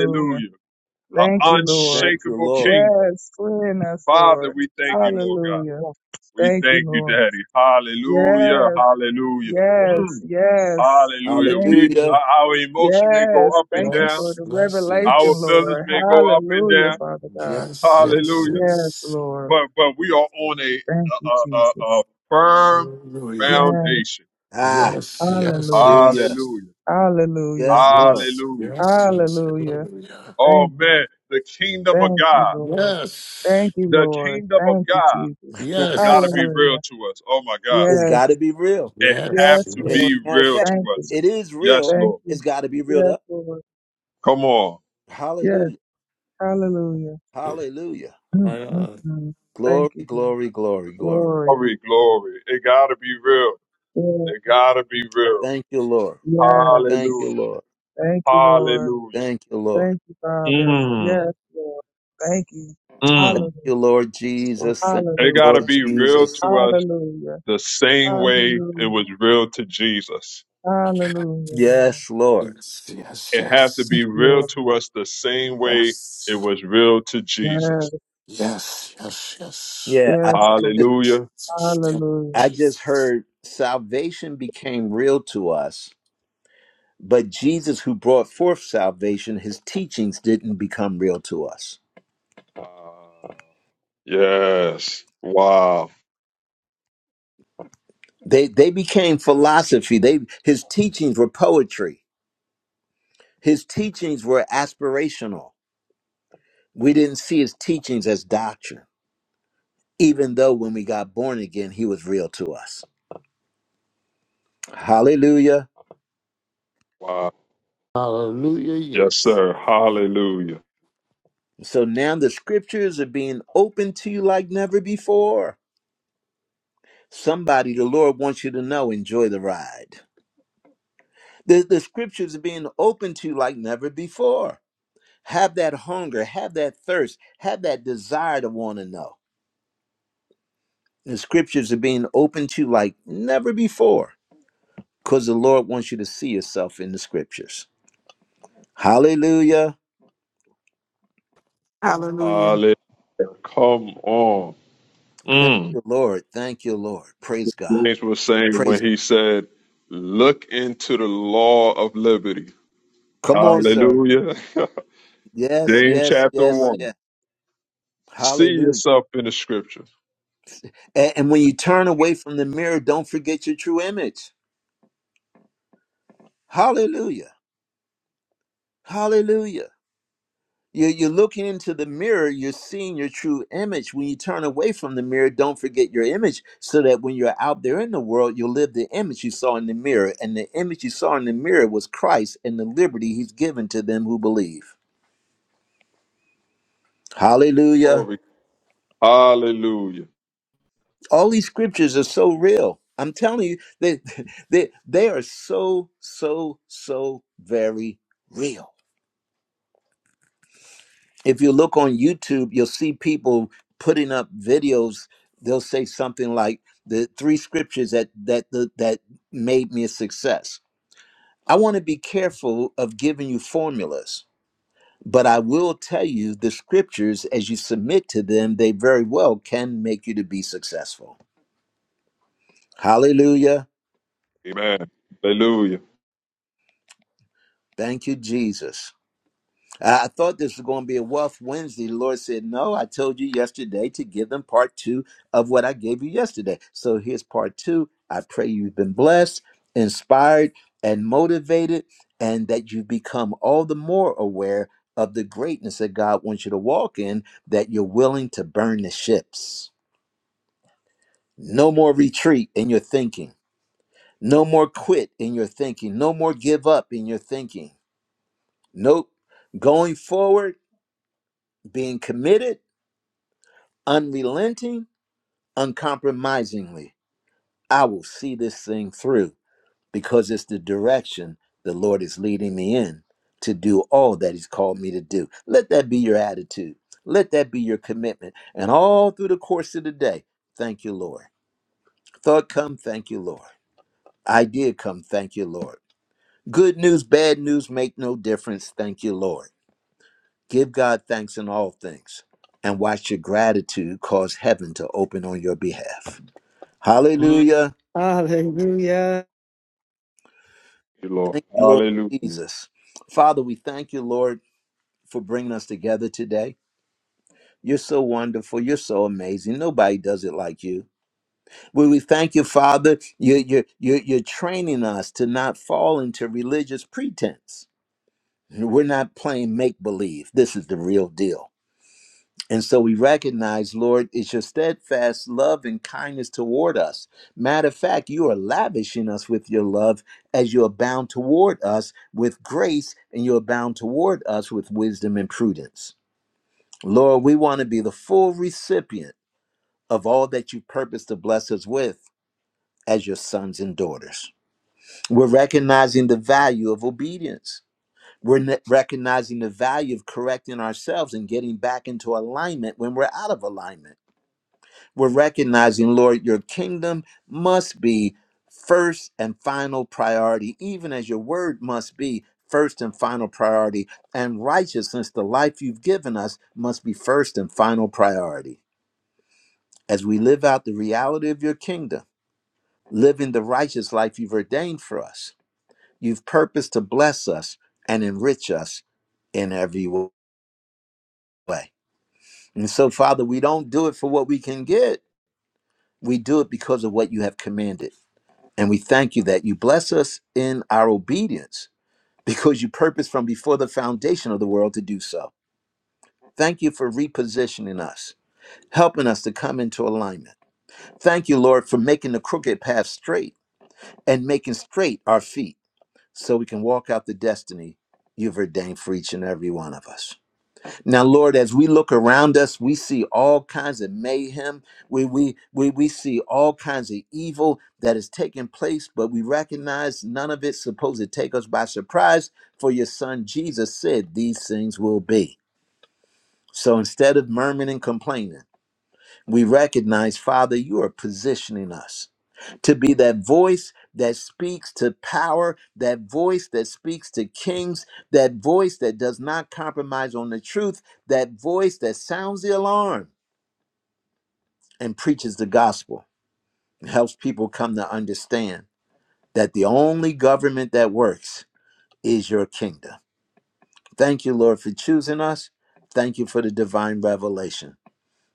Speaker 5: Yes.
Speaker 13: An
Speaker 5: Mm-hmm.
Speaker 11: Thank you, Lord.
Speaker 1: Thank you,
Speaker 13: unshakable
Speaker 1: Lord.
Speaker 13: kingdom.
Speaker 11: Yes, clean us,
Speaker 13: Father,
Speaker 11: Lord.
Speaker 13: we thank you, Lord God.
Speaker 11: Hallelujah.
Speaker 5: Yes.
Speaker 13: We
Speaker 11: Thank you,
Speaker 13: thank you,
Speaker 11: Lord.
Speaker 13: Daddy. Hallelujah.
Speaker 11: Yes,
Speaker 13: Hallelujah.
Speaker 5: Yes.
Speaker 11: Yes,
Speaker 13: Mm.
Speaker 11: yes.
Speaker 13: Hallelujah.
Speaker 11: Thank
Speaker 13: We
Speaker 11: you.
Speaker 1: Hallelujah.
Speaker 13: our our emotion may go
Speaker 11: Yes,
Speaker 13: up and
Speaker 11: thank you
Speaker 13: down.
Speaker 11: for
Speaker 3: Yes,
Speaker 11: the
Speaker 3: yes,
Speaker 13: Our
Speaker 11: revelation,
Speaker 3: yes.
Speaker 13: feelings
Speaker 11: Lord.
Speaker 13: may go up and
Speaker 11: Hallelujah,
Speaker 13: down.
Speaker 11: Father God.
Speaker 3: Yes, yes,
Speaker 13: Hallelujah.
Speaker 11: Yes,
Speaker 3: yes.
Speaker 11: Lord.
Speaker 13: But but we are on a
Speaker 11: Thank
Speaker 13: a,
Speaker 11: you,
Speaker 13: a, a
Speaker 11: Jesus.
Speaker 13: a firm
Speaker 3: Hallelujah.
Speaker 11: Yes,
Speaker 13: foundation.
Speaker 3: Yes, yes,
Speaker 11: hallelujah.
Speaker 1: Hallelujah.
Speaker 3: yes.
Speaker 13: Hallelujah.
Speaker 11: Hallelujah.
Speaker 1: Yes, Lord.
Speaker 3: Yes,
Speaker 13: Hallelujah.
Speaker 3: yes, yes.
Speaker 11: Hallelujah.
Speaker 3: Hallelujah.
Speaker 13: Oh
Speaker 11: Thank you.
Speaker 13: man, the kingdom of
Speaker 11: Thank you,
Speaker 13: God.
Speaker 11: Lord.
Speaker 3: Yes,
Speaker 11: Thank you,
Speaker 13: The
Speaker 11: Lord.
Speaker 13: kingdom of
Speaker 11: Thank you,
Speaker 13: God
Speaker 11: Jesus.
Speaker 1: it's
Speaker 13: gotta
Speaker 3: yes,
Speaker 13: be real
Speaker 11: Hallelujah.
Speaker 13: to us. Oh my God.
Speaker 1: got to
Speaker 11: Yes,
Speaker 1: be real.
Speaker 13: It have
Speaker 3: yes,
Speaker 11: yes,
Speaker 13: to
Speaker 1: It-
Speaker 11: Lord.
Speaker 3: yes,
Speaker 13: be
Speaker 1: matter of
Speaker 13: real
Speaker 3: yes.
Speaker 1: fact,
Speaker 13: to
Speaker 11: Thank you.
Speaker 13: us.
Speaker 1: it is
Speaker 13: Yes,
Speaker 1: real.
Speaker 11: Thank
Speaker 13: Lord.
Speaker 11: you.
Speaker 1: It's got to be reeled
Speaker 11: Yes,
Speaker 1: up.
Speaker 11: Lord.
Speaker 13: Come on.
Speaker 11: Yes,
Speaker 1: Hallelujah.
Speaker 11: hallelujah.
Speaker 3: Eh,
Speaker 1: Hallelujah.
Speaker 3: I,
Speaker 11: Mm, mm,
Speaker 3: uh,
Speaker 11: mm.
Speaker 1: Glory,
Speaker 11: Thank you, Lord.
Speaker 1: glory, glory, glory.
Speaker 11: Glory.
Speaker 13: Glory, glory. It gotta be real.
Speaker 11: Yeah.
Speaker 13: It gotta be real.
Speaker 1: Thank you, Lord. Thank you,
Speaker 11: Yes.
Speaker 13: Hallelujah.
Speaker 1: Lord.
Speaker 11: Thank you, Lord.
Speaker 13: Hallelujah.
Speaker 1: Thank you, Lord. Thank
Speaker 11: Thank you, Father.
Speaker 13: Mm,
Speaker 11: Yes, Lord. Thank you.
Speaker 13: mm.
Speaker 11: Hallelujah.
Speaker 1: you, Lord
Speaker 5: Yes.
Speaker 1: Jesus. Thank
Speaker 13: It
Speaker 1: you,
Speaker 13: gotta
Speaker 11: Hallelujah.
Speaker 1: Lord
Speaker 13: be real
Speaker 1: Jesus.
Speaker 13: to us
Speaker 11: Hallelujah.
Speaker 13: the same way it
Speaker 11: Hallelujah.
Speaker 13: was real to Jesus.
Speaker 11: Hallelujah, Lord.
Speaker 1: Yes, Lord.
Speaker 3: Yes, yes,
Speaker 13: It have to be
Speaker 11: Thank
Speaker 3: yes.
Speaker 11: you,
Speaker 13: real
Speaker 11: Lord.
Speaker 13: to us the same way it
Speaker 3: Yes,
Speaker 13: was real to Jesus.
Speaker 11: Yes.
Speaker 3: yes, yes, yes. Yes, yes,
Speaker 1: Yeah, I,
Speaker 11: Yes,
Speaker 1: I
Speaker 11: Lord.
Speaker 1: just
Speaker 13: Hallelujah.
Speaker 3: yes.
Speaker 11: Hallelujah.
Speaker 1: I just
Speaker 3: Jesus.
Speaker 1: heard salvation became real to us, but Jesus who brought forth salvation, his teachings didn't become real to us.
Speaker 13: Wow. Yes. Wow.
Speaker 1: They they became philosophy. They his teachings were poetry. His teachings were aspirational. We didn't see his teachings as doctrine. even though when we got born again, he was real to us. Hallelujah.
Speaker 13: Wow.
Speaker 3: Hallelujah,
Speaker 13: Yes,
Speaker 3: yes.
Speaker 13: sir. Hallelujah.
Speaker 1: So now the scriptures are being opened to you like never before. Somebody the Lord wants you to know, enjoy the ride. The, the scriptures are being opened to you like never before. Have that hunger, have that thirst, have that desire to want to know. The scriptures are being opened to you like never before because the Lord wants you to see yourself in the scriptures. Hallelujah.
Speaker 4: Hallelujah.
Speaker 13: Hallelujah. Come on.
Speaker 1: Thank
Speaker 13: Mm.
Speaker 1: you, Lord. Thank you, Lord. Praise God.
Speaker 13: James was saying
Speaker 1: Praise
Speaker 13: when
Speaker 1: God.
Speaker 13: he said, Look into the law of liberty.
Speaker 1: Come on, sir.
Speaker 13: Hallelujah.
Speaker 1: Yes,
Speaker 13: James
Speaker 1: yes,
Speaker 13: chapter
Speaker 1: yes,
Speaker 13: 1.
Speaker 1: yes.
Speaker 13: See
Speaker 1: Hallelujah.
Speaker 13: yourself in the scripture.
Speaker 1: And, and when you turn away from the mirror, don't forget your true image. Hallelujah. Hallelujah. You're, you're looking into the mirror, you're seeing your true image. When you turn away from the mirror, don't forget your image so that when you're out there in the world, you'll live the image you saw in the mirror. And the image you saw in the mirror was Christ and the liberty he's given to them who believe. Hallelujah.
Speaker 13: Glory. Hallelujah.
Speaker 1: all these scriptures are so real i'm telling you they they, they are so so so very real if you look on youtube you'll see people putting up videos they'll say something like the three scriptures that that that, that made me a success i want to be careful of giving you formulas but i will tell you the scriptures as you submit to them they very well can make you to be successful hallelujah
Speaker 13: Amen. Hallelujah.
Speaker 1: thank you jesus I I thought this was going to be a Wealth Wednesday. The Lord said, No, I told you yesterday to give them part two of what I gave you yesterday. So here's part two. I pray you've been blessed, inspired, and motivated, and that you become all the more aware of the greatness that God wants you to walk in, that you're willing to burn the ships. No more retreat in your thinking. No more quit in your thinking. No more give up in your thinking. Nope. Going forward, being committed unrelenting, uncompromisingly, I will see this thing through because it's the direction the Lord is leading me in to do all that He's called me to do. Let that be your attitude. Let that be your commitment. And all through the course of the day, thank you, Lord. Thought come, thank you, Lord. Idea come, thank you, Lord. Good news, bad news make no difference, thank you, Lord. Give God thanks in all things and watch your gratitude cause heaven to open on your behalf. Hallelujah.
Speaker 2: Hallelujah.
Speaker 13: Thank you, Lord.
Speaker 1: Thank you, Lord
Speaker 13: Hallelujah.
Speaker 1: Jesus. Father, we thank you, Lord, for bringing us together today. You're so wonderful. You're so amazing. Nobody does it like you. We, we thank you, Father. You, you, you, you're training us to not fall into religious pretense. We're not playing make believe. This is the real deal. And so we recognize, Lord, it's your steadfast love and kindness toward us. Matter of fact, you are lavishing us with your love as you abound toward us with grace and you abound toward us with wisdom and prudence. Lord, we want to be the full recipient of all that you purpose to bless us with as your sons and daughters. We're recognizing the value of obedience. We're ne- recognizing the value of correcting ourselves and getting back into alignment when we're out of alignment We're recognizing, Lord, your kingdom must be first and final priority, even as your word must be first and final priority. And righteousness, the life you've given us, must be first and final priority. As we live out the reality of your kingdom, living the righteous life you've ordained for us, you've purposed to bless us and enrich us in every way. And so, Father, we don't do it for what we can get, we do it because of what you have commanded. And we thank you that you bless us in our obedience because you purposed from before the foundation of the world to do so. Thank you for repositioning us, helping us to come into alignment. Thank you, Lord, for making the crooked path straight and making straight our feet so we can walk out the destiny you've ordained for each and every one of us. Now, Lord, as we look around us, we see all kinds of mayhem. We, we, we, we see all kinds of evil that is taking place, but we recognize none of it's supposed to take us by surprise, for your son Jesus said these things will be. So instead of murmuring and complaining, we recognize, Father, you are positioning us to be that voice that speaks to power, that voice that speaks to kings, that voice that does not compromise on the truth, that voice that sounds the alarm and preaches the gospel, helps people come to understand that the only government that works is your kingdom. Thank you, Lord, for choosing us. Thank you for the divine revelation.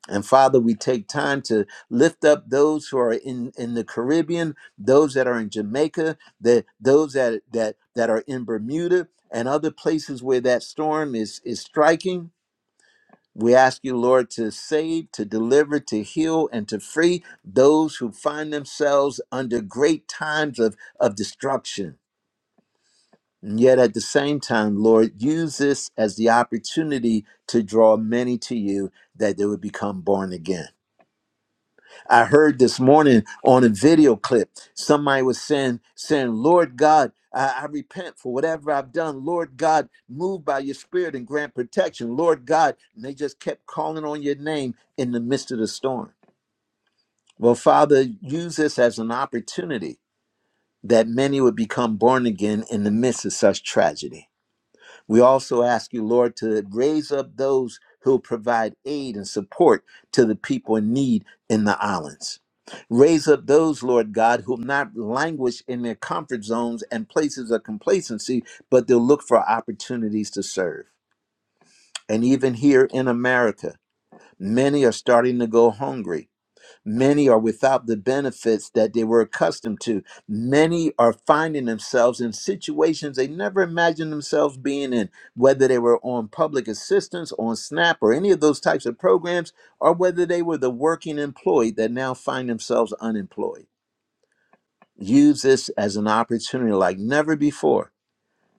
Speaker 1: And Father, we take time to lift up those who are in, in the Caribbean, those that are in Jamaica, that those that that that are in Bermuda and other places where that storm is is striking. We ask you, Lord, to save, to deliver, to heal, and to free those who find themselves under great times of, of destruction. And yet at the same time, Lord, use this as the opportunity to draw many to you that they would become born again. I heard this morning on a video clip, somebody was saying, saying, Lord God, I, I repent for whatever I've done. Lord God, move by your spirit and grant protection. Lord God, and they just kept calling on your name in the midst of the storm. Well, Father, use this as an opportunity that many would become born again in the midst of such tragedy. We also ask you, Lord, to raise up those who'll provide aid and support to the people in need in the islands. Raise up those, Lord God, who'll not languish in their comfort zones and places of complacency, but they'll look for opportunities to serve. And even here in America, many are starting to go hungry Many are without the benefits that they were accustomed to. Many are finding themselves in situations they never imagined themselves being in, whether they were on public assistance, on SNAP, or any of those types of programs, or whether they were the working employee that now find themselves unemployed. Use this as an opportunity like never before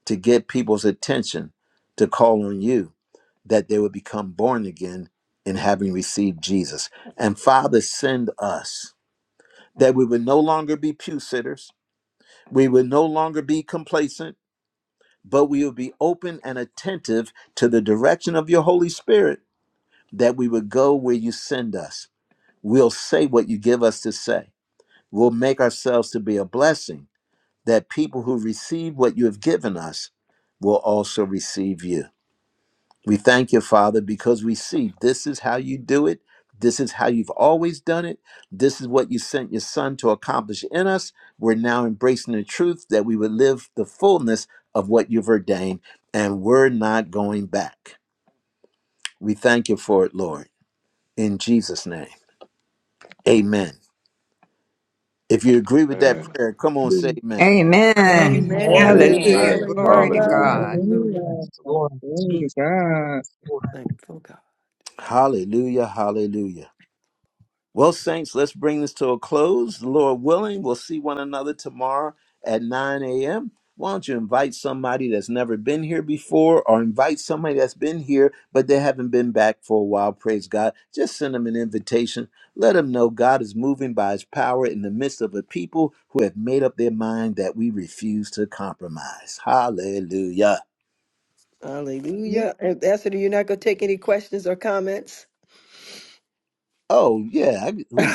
Speaker 1: to get people's attention to call on you that they would become born again in having received Jesus. And Father, send us that we would no longer be pew sitters, we would no longer be complacent, but we would be open and attentive to the direction of your Holy Spirit, that we would go where you send us. We'll say what you give us to say. We'll make ourselves to be a blessing that people who receive what you have given us will also receive you. We thank you, Father, because we see this is how you do it. This is how you've always done it. This is what you sent your son to accomplish in us. We're now embracing the truth that we would live the fullness of what you've ordained, and we're not going back. We thank you for it, Lord. In Jesus' name, amen. If you agree with that
Speaker 13: Amen.
Speaker 1: prayer, come on, say
Speaker 13: Hallelujah.
Speaker 1: amen.
Speaker 7: Amen.
Speaker 11: Amen.
Speaker 2: Amen.
Speaker 5: Amen.
Speaker 8: Amen.
Speaker 7: Hallelujah.
Speaker 13: Amen.
Speaker 7: Glory
Speaker 5: Amen.
Speaker 7: to
Speaker 2: Hallelujah.
Speaker 13: Hallelujah.
Speaker 5: Amen.
Speaker 7: God.
Speaker 2: Hallelujah.
Speaker 5: Yes,
Speaker 11: Hallelujah.
Speaker 5: Lord
Speaker 11: Glory to
Speaker 5: Jesus. Yes,
Speaker 11: God.
Speaker 5: Lord.
Speaker 2: Thankful God.
Speaker 1: Hallelujah, hallelujah. Well, Saints, let's bring this to a close. The Lord willing, we'll see one another tomorrow at 9 a.m. Why don't you invite somebody that's never been here before or invite somebody that's been here but they haven't been back for a while? Praise God. Just send them an invitation. Let them know God is moving by his power in the midst of a people who have made up their mind that we refuse to compromise. Hallelujah.
Speaker 11: Hallelujah.
Speaker 2: Hallelujah. And Esther, you're not going to take any questions or comments?
Speaker 1: Oh, yeah. I- We,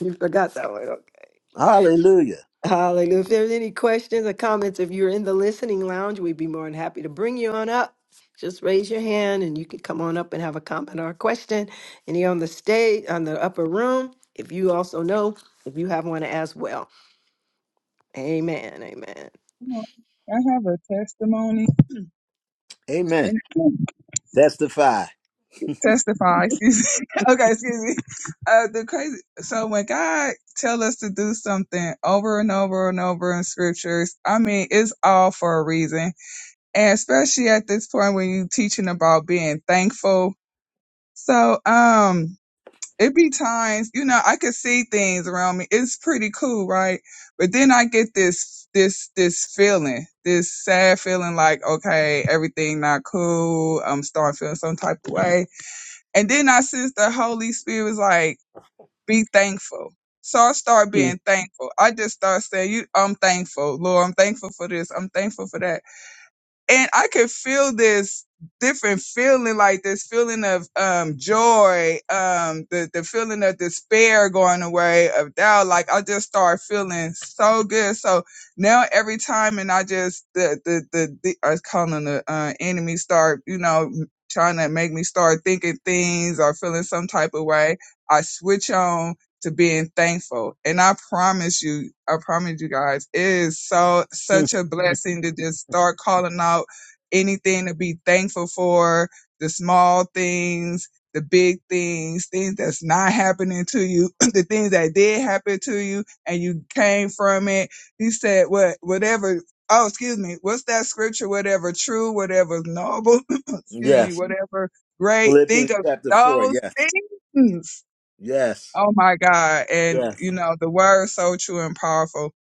Speaker 2: you forgot that one. Okay.
Speaker 1: hallelujah.
Speaker 2: Hallelujah. If there's any questions or comments, if you're in the listening lounge, we'd be more than happy to bring you on up. Just raise your hand and you can come on up and have a comment or a question. Any on the stage, on the upper room, if you also know, if you have one as well. Amen. Amen.
Speaker 11: I have a testimony.
Speaker 1: Amen. Testify.
Speaker 11: testify. Excuse me. okay, excuse me. Uh, the crazy. So when God tell us to do something over and over and over in scriptures, I mean, it's all for a reason, and especially at this point when you teaching about being thankful. So um, it be times you know I could see things around me. It's pretty cool, right? But then I get this this this feeling, this sad feeling, like okay, everything not cool. I'm starting feeling some type of way and then I sense the Holy Spirit was like, be thankful. So I start being thankful. I just start saying, you, I'm thankful, Lord. I'm thankful for this. I'm thankful for that and I could feel this different feeling, like this feeling of um joy, um the the feeling of despair going away, of doubt. Like I just start feeling so good. So now every time, and I just the the the, the I was calling the uh, enemy start, you know, trying to make me start thinking things or feeling some type of way. I switch on to being thankful. And I promise you, I promise you guys, it is so such a blessing to just start calling out anything to be thankful for, the small things, the big things, things that's not happening to you, the things that did happen to you and you came from it. He said what whatever oh excuse me, what's that scripture? Whatever true, whatever noble, excuse me,
Speaker 1: Yes.
Speaker 11: whatever great, think
Speaker 1: Philippians
Speaker 11: of
Speaker 1: chapter 4.
Speaker 11: those
Speaker 1: Yes.
Speaker 11: things.
Speaker 1: Yes.
Speaker 11: Oh my God. And
Speaker 1: Yes.
Speaker 11: you know, the word is so true and powerful.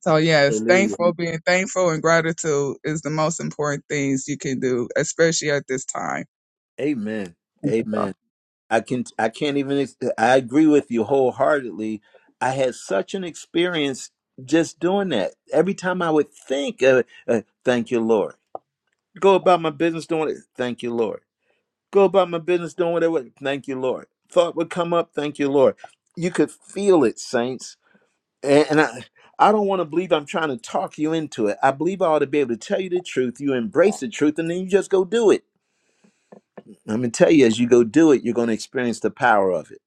Speaker 11: So yes,
Speaker 1: Hallelujah.
Speaker 11: thankful, being thankful and gratitude is the most important things you can do, especially at this time.
Speaker 1: Amen. Amen. I can I can't even ex- I agree with you wholeheartedly. I had such an experience just doing that. Every time I would think, uh, uh, thank you, Lord. Go about my business doing it. Thank you, Lord. Go about my business doing whatever. Thank you, Lord. Thought would come up. Thank you, Lord. You could feel it, saints. And, and I, I don't want to believe I'm trying to talk you into it. I believe I ought to be able to tell you the truth. You embrace the truth, and then you just go do it. I'm gonna tell you as you go do it, you're gonna experience the power of it.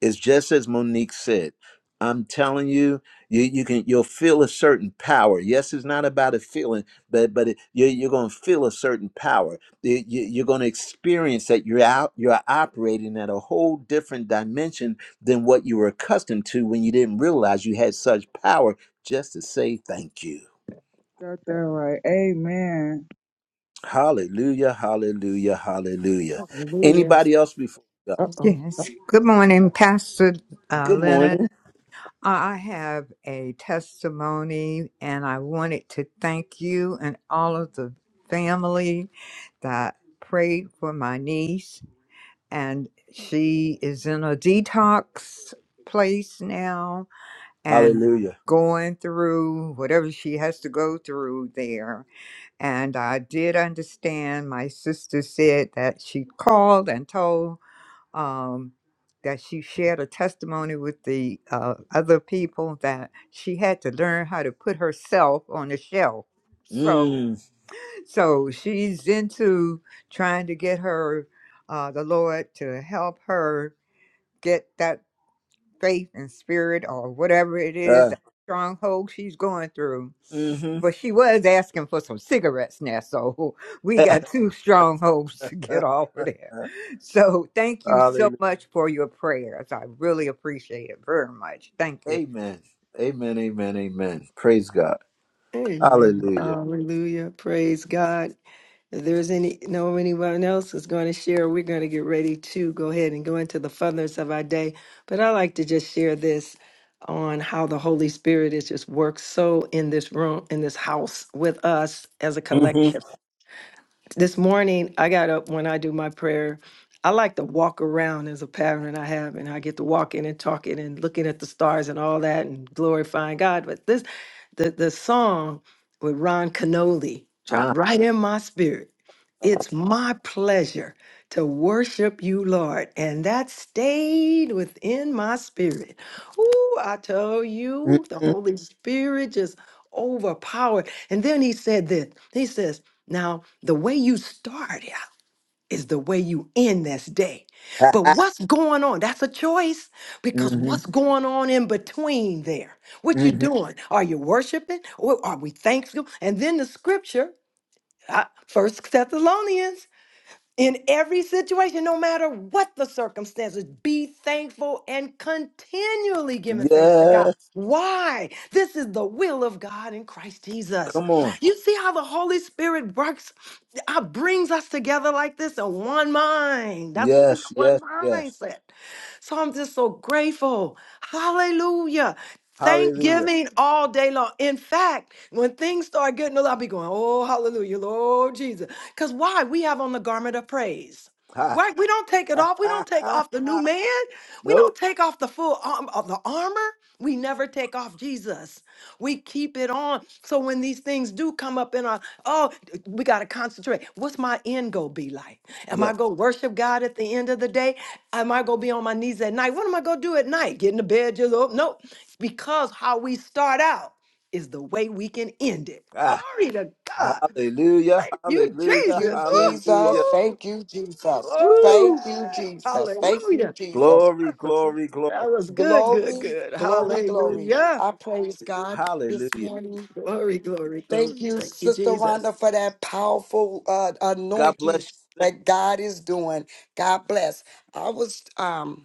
Speaker 1: It's just as Monique said. I'm telling you, you you can you'll feel a certain power. Yes, it's not about a feeling, but but it, you, you're gonna feel a certain power. You, you- you're gonna experience that you're out you're operating at a whole different dimension than what you were accustomed to when you didn't realize you had such power. Just to say thank you.
Speaker 11: Got that right. Amen.
Speaker 1: Hallelujah, hallelujah, hallelujah.
Speaker 2: Hallelujah.
Speaker 1: Anybody else before? we go?
Speaker 2: Uh oh.
Speaker 7: Yes. Good morning, Pastor uh,
Speaker 1: Good morning.
Speaker 7: Leonard. I I have a testimony, and I wanted to thank you and all of the family that prayed for my niece. And she is in a detox place now and
Speaker 1: Hallelujah.
Speaker 7: going through whatever she has to go through there. And I did understand my sister said that she called and told um, that she shared a testimony with the uh, other people that she had to learn how to put herself on the shelf. So,
Speaker 1: Mm.
Speaker 7: Yeah. so she's into trying to get her uh, the Lord to help her get that faith and spirit or whatever it is,
Speaker 1: Ah.
Speaker 7: the stronghold she's going through.
Speaker 1: Mm-hmm.
Speaker 7: But she was asking for some cigarettes now, so we got two strongholds to get off of there. So thank you so
Speaker 1: Hallelujah.
Speaker 7: much for your prayers. I really appreciate it very much. Thank you.
Speaker 1: Amen. Amen. Amen. Amen. Praise God.
Speaker 2: Amen.
Speaker 1: Hallelujah.
Speaker 2: Hallelujah. Praise God. If there's any no anyone else is going to share, we're going to get ready to go ahead and go into the furthers of our day. But I like to just share this on how the Holy Spirit is just worked so in this room, in this house with us as a collective
Speaker 1: Mm-hmm.
Speaker 2: this morning I got up when I do my prayer. I like to walk around as a pattern I have, and I get to walk in and talking and looking at the stars and all that and glorifying God. But this, the the song with Ron Canoli
Speaker 1: Ah.
Speaker 2: dropped right in my spirit. It's my pleasure to worship you, Lord, and that stayed within my spirit. Ooh, I tell you, the
Speaker 1: Mm-hmm.
Speaker 2: Holy Spirit just overpowered. And then he said this. He says. Now, the way you start out is the way you end this day. But what's going on? That's a choice because what's going on in between there? What you doing? Are you worshiping or are we thankful? And then the scripture, uh, First Thessalonians, in every situation, no matter what the circumstances, be thankful and continually giving thanks to God.
Speaker 1: Yes.
Speaker 2: Why? This is the will of God in Christ Jesus.
Speaker 1: Come on.
Speaker 2: You see how the Holy Spirit works God brings us together like this in one mind. That's what we
Speaker 1: Yes.
Speaker 2: one
Speaker 1: Yes. Yes.
Speaker 2: mindset. So I'm just so grateful. Hallelujah.
Speaker 1: Hallelujah.
Speaker 2: Thanksgiving all day long. In fact, when things start getting a lot, I'll be going, oh, hallelujah, Lord Jesus. Because why? We have on the garment of praise.
Speaker 1: Ha.
Speaker 2: Right? We don't take it
Speaker 1: Ha.
Speaker 2: off. We
Speaker 1: Ha.
Speaker 2: don't take
Speaker 1: ha.
Speaker 2: off the new man. We don't
Speaker 1: Nope.
Speaker 2: take off the full arm of the armor. We never take off Jesus. We keep it on. So when these things do come up in our, oh, we got to concentrate. What's my end goal be like? Am
Speaker 1: Yeah.
Speaker 2: I going to worship God at the end of the day? Am I gonna be on my knees at night? What am I gonna do at night? Get in the bed, just oh no. Because how we start out is the way we can end it.
Speaker 1: Ah.
Speaker 2: Glory to God.
Speaker 1: Hallelujah.
Speaker 2: Thank you,
Speaker 12: Thank
Speaker 1: Hallelujah.
Speaker 2: Jesus.
Speaker 12: you,
Speaker 2: Woo,
Speaker 12: Jesus.
Speaker 1: Hallelujah.
Speaker 2: woo.
Speaker 12: Thank you, Jesus.
Speaker 2: Glory.
Speaker 1: Woo.
Speaker 12: Thank you, Jesus. Thank you,
Speaker 2: Hallelujah.
Speaker 12: Jesus.
Speaker 1: Glory.
Speaker 2: That was,
Speaker 1: Glory. Glory.
Speaker 2: that was good, good,
Speaker 12: Glory,
Speaker 2: good.
Speaker 12: glory, glory.
Speaker 1: Hallelujah.
Speaker 2: Hallelujah.
Speaker 12: I praise God this
Speaker 1: Hallelujah.
Speaker 12: morning.
Speaker 2: Glory, glory, glory.
Speaker 12: Thank you,
Speaker 2: Thank you,
Speaker 12: Sister
Speaker 2: Jesus.
Speaker 12: Rhonda, for that powerful uh,
Speaker 1: God
Speaker 12: anointing
Speaker 1: bless you.
Speaker 12: that God is doing. God bless. I was um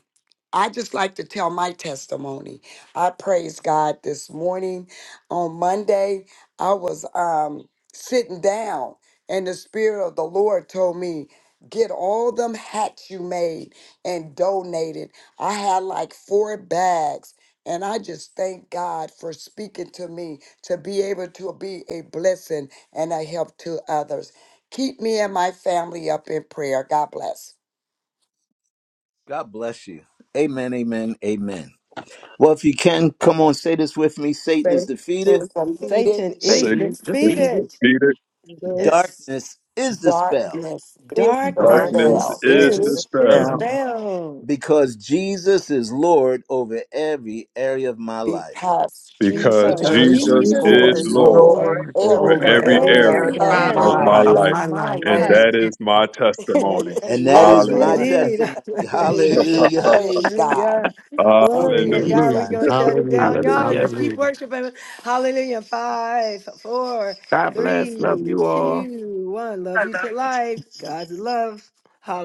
Speaker 12: I just like to tell my testimony. I praise God this morning. On Monday, I was um, sitting down, and the Spirit of the Lord told me, Get all them hats you made and donated. I had like four bags. And I just thank God for speaking to me to be able to be a blessing and a help to others. Keep me and my family up in prayer. God bless.
Speaker 1: God bless you. Amen. Amen. Amen. Well, if you can, come on, say this with me Satan is
Speaker 12: Say,
Speaker 1: defeated,
Speaker 12: if I'm needed.
Speaker 2: Satan is
Speaker 13: Satan
Speaker 4: Satan is
Speaker 13: is
Speaker 4: defeated.
Speaker 2: defeated.
Speaker 13: defeated
Speaker 5: Good
Speaker 2: Yes.
Speaker 1: darkness is dispelled
Speaker 12: Darkness is
Speaker 13: and
Speaker 2: Darkness
Speaker 5: darkness
Speaker 13: darkness
Speaker 4: Darkness
Speaker 12: dispelled
Speaker 4: is
Speaker 5: is
Speaker 13: is
Speaker 2: is
Speaker 13: dispelled
Speaker 4: dispelled
Speaker 5: dispelled
Speaker 2: dispelled
Speaker 1: because Jesus is Lord over every area of my life.
Speaker 12: because
Speaker 13: because
Speaker 12: Jesus
Speaker 2: because
Speaker 5: because
Speaker 12: is
Speaker 4: because
Speaker 13: Jesus
Speaker 8: Jesus
Speaker 2: Jesus
Speaker 5: Jesus
Speaker 4: Jesus
Speaker 2: is
Speaker 12: Lord
Speaker 13: is
Speaker 5: is
Speaker 4: is
Speaker 8: is Lord
Speaker 13: Lord
Speaker 12: over
Speaker 2: Lord
Speaker 5: Lord
Speaker 4: Lord
Speaker 8: over
Speaker 13: over
Speaker 5: over
Speaker 12: every
Speaker 2: over
Speaker 4: over
Speaker 13: every
Speaker 8: every
Speaker 5: every
Speaker 4: every
Speaker 12: area
Speaker 13: area
Speaker 2: every
Speaker 8: area
Speaker 5: area
Speaker 8: of
Speaker 12: of
Speaker 7: Wow.
Speaker 5: of
Speaker 8: my
Speaker 4: area
Speaker 12: my
Speaker 13: of
Speaker 5: my
Speaker 8: life.
Speaker 2: area
Speaker 13: my
Speaker 5: life.
Speaker 4: of
Speaker 12: life.
Speaker 13: life.
Speaker 2: of
Speaker 4: my
Speaker 2: my
Speaker 4: life.
Speaker 13: And
Speaker 12: Praise
Speaker 2: life.
Speaker 13: that is my
Speaker 2: And
Speaker 13: testimony.
Speaker 2: and
Speaker 1: And that
Speaker 12: God
Speaker 2: yes,
Speaker 1: is my
Speaker 5: Okay.
Speaker 13: Hallelujah.
Speaker 12: bless.
Speaker 2: indeed.
Speaker 1: testimony.
Speaker 2: Amen.
Speaker 1: Hallelujah.
Speaker 12: Praise God.
Speaker 2: Hallelujah.
Speaker 12: Thank
Speaker 2: Glory
Speaker 12: you,
Speaker 2: to
Speaker 13: Hallelujah.
Speaker 2: God.
Speaker 12: Jesus.
Speaker 2: We're
Speaker 3: Hallelujah.
Speaker 2: going to shut it down.
Speaker 3: Hallelujah.
Speaker 2: Y'all, let's
Speaker 4: Hallelujah.
Speaker 2: keep
Speaker 3: Hallelujah.
Speaker 2: worshiping. Hallelujah. Five, four,
Speaker 4: God bless. Love
Speaker 2: three,
Speaker 4: you all.
Speaker 2: two, one. Love you to life. God's love. Hallelujah.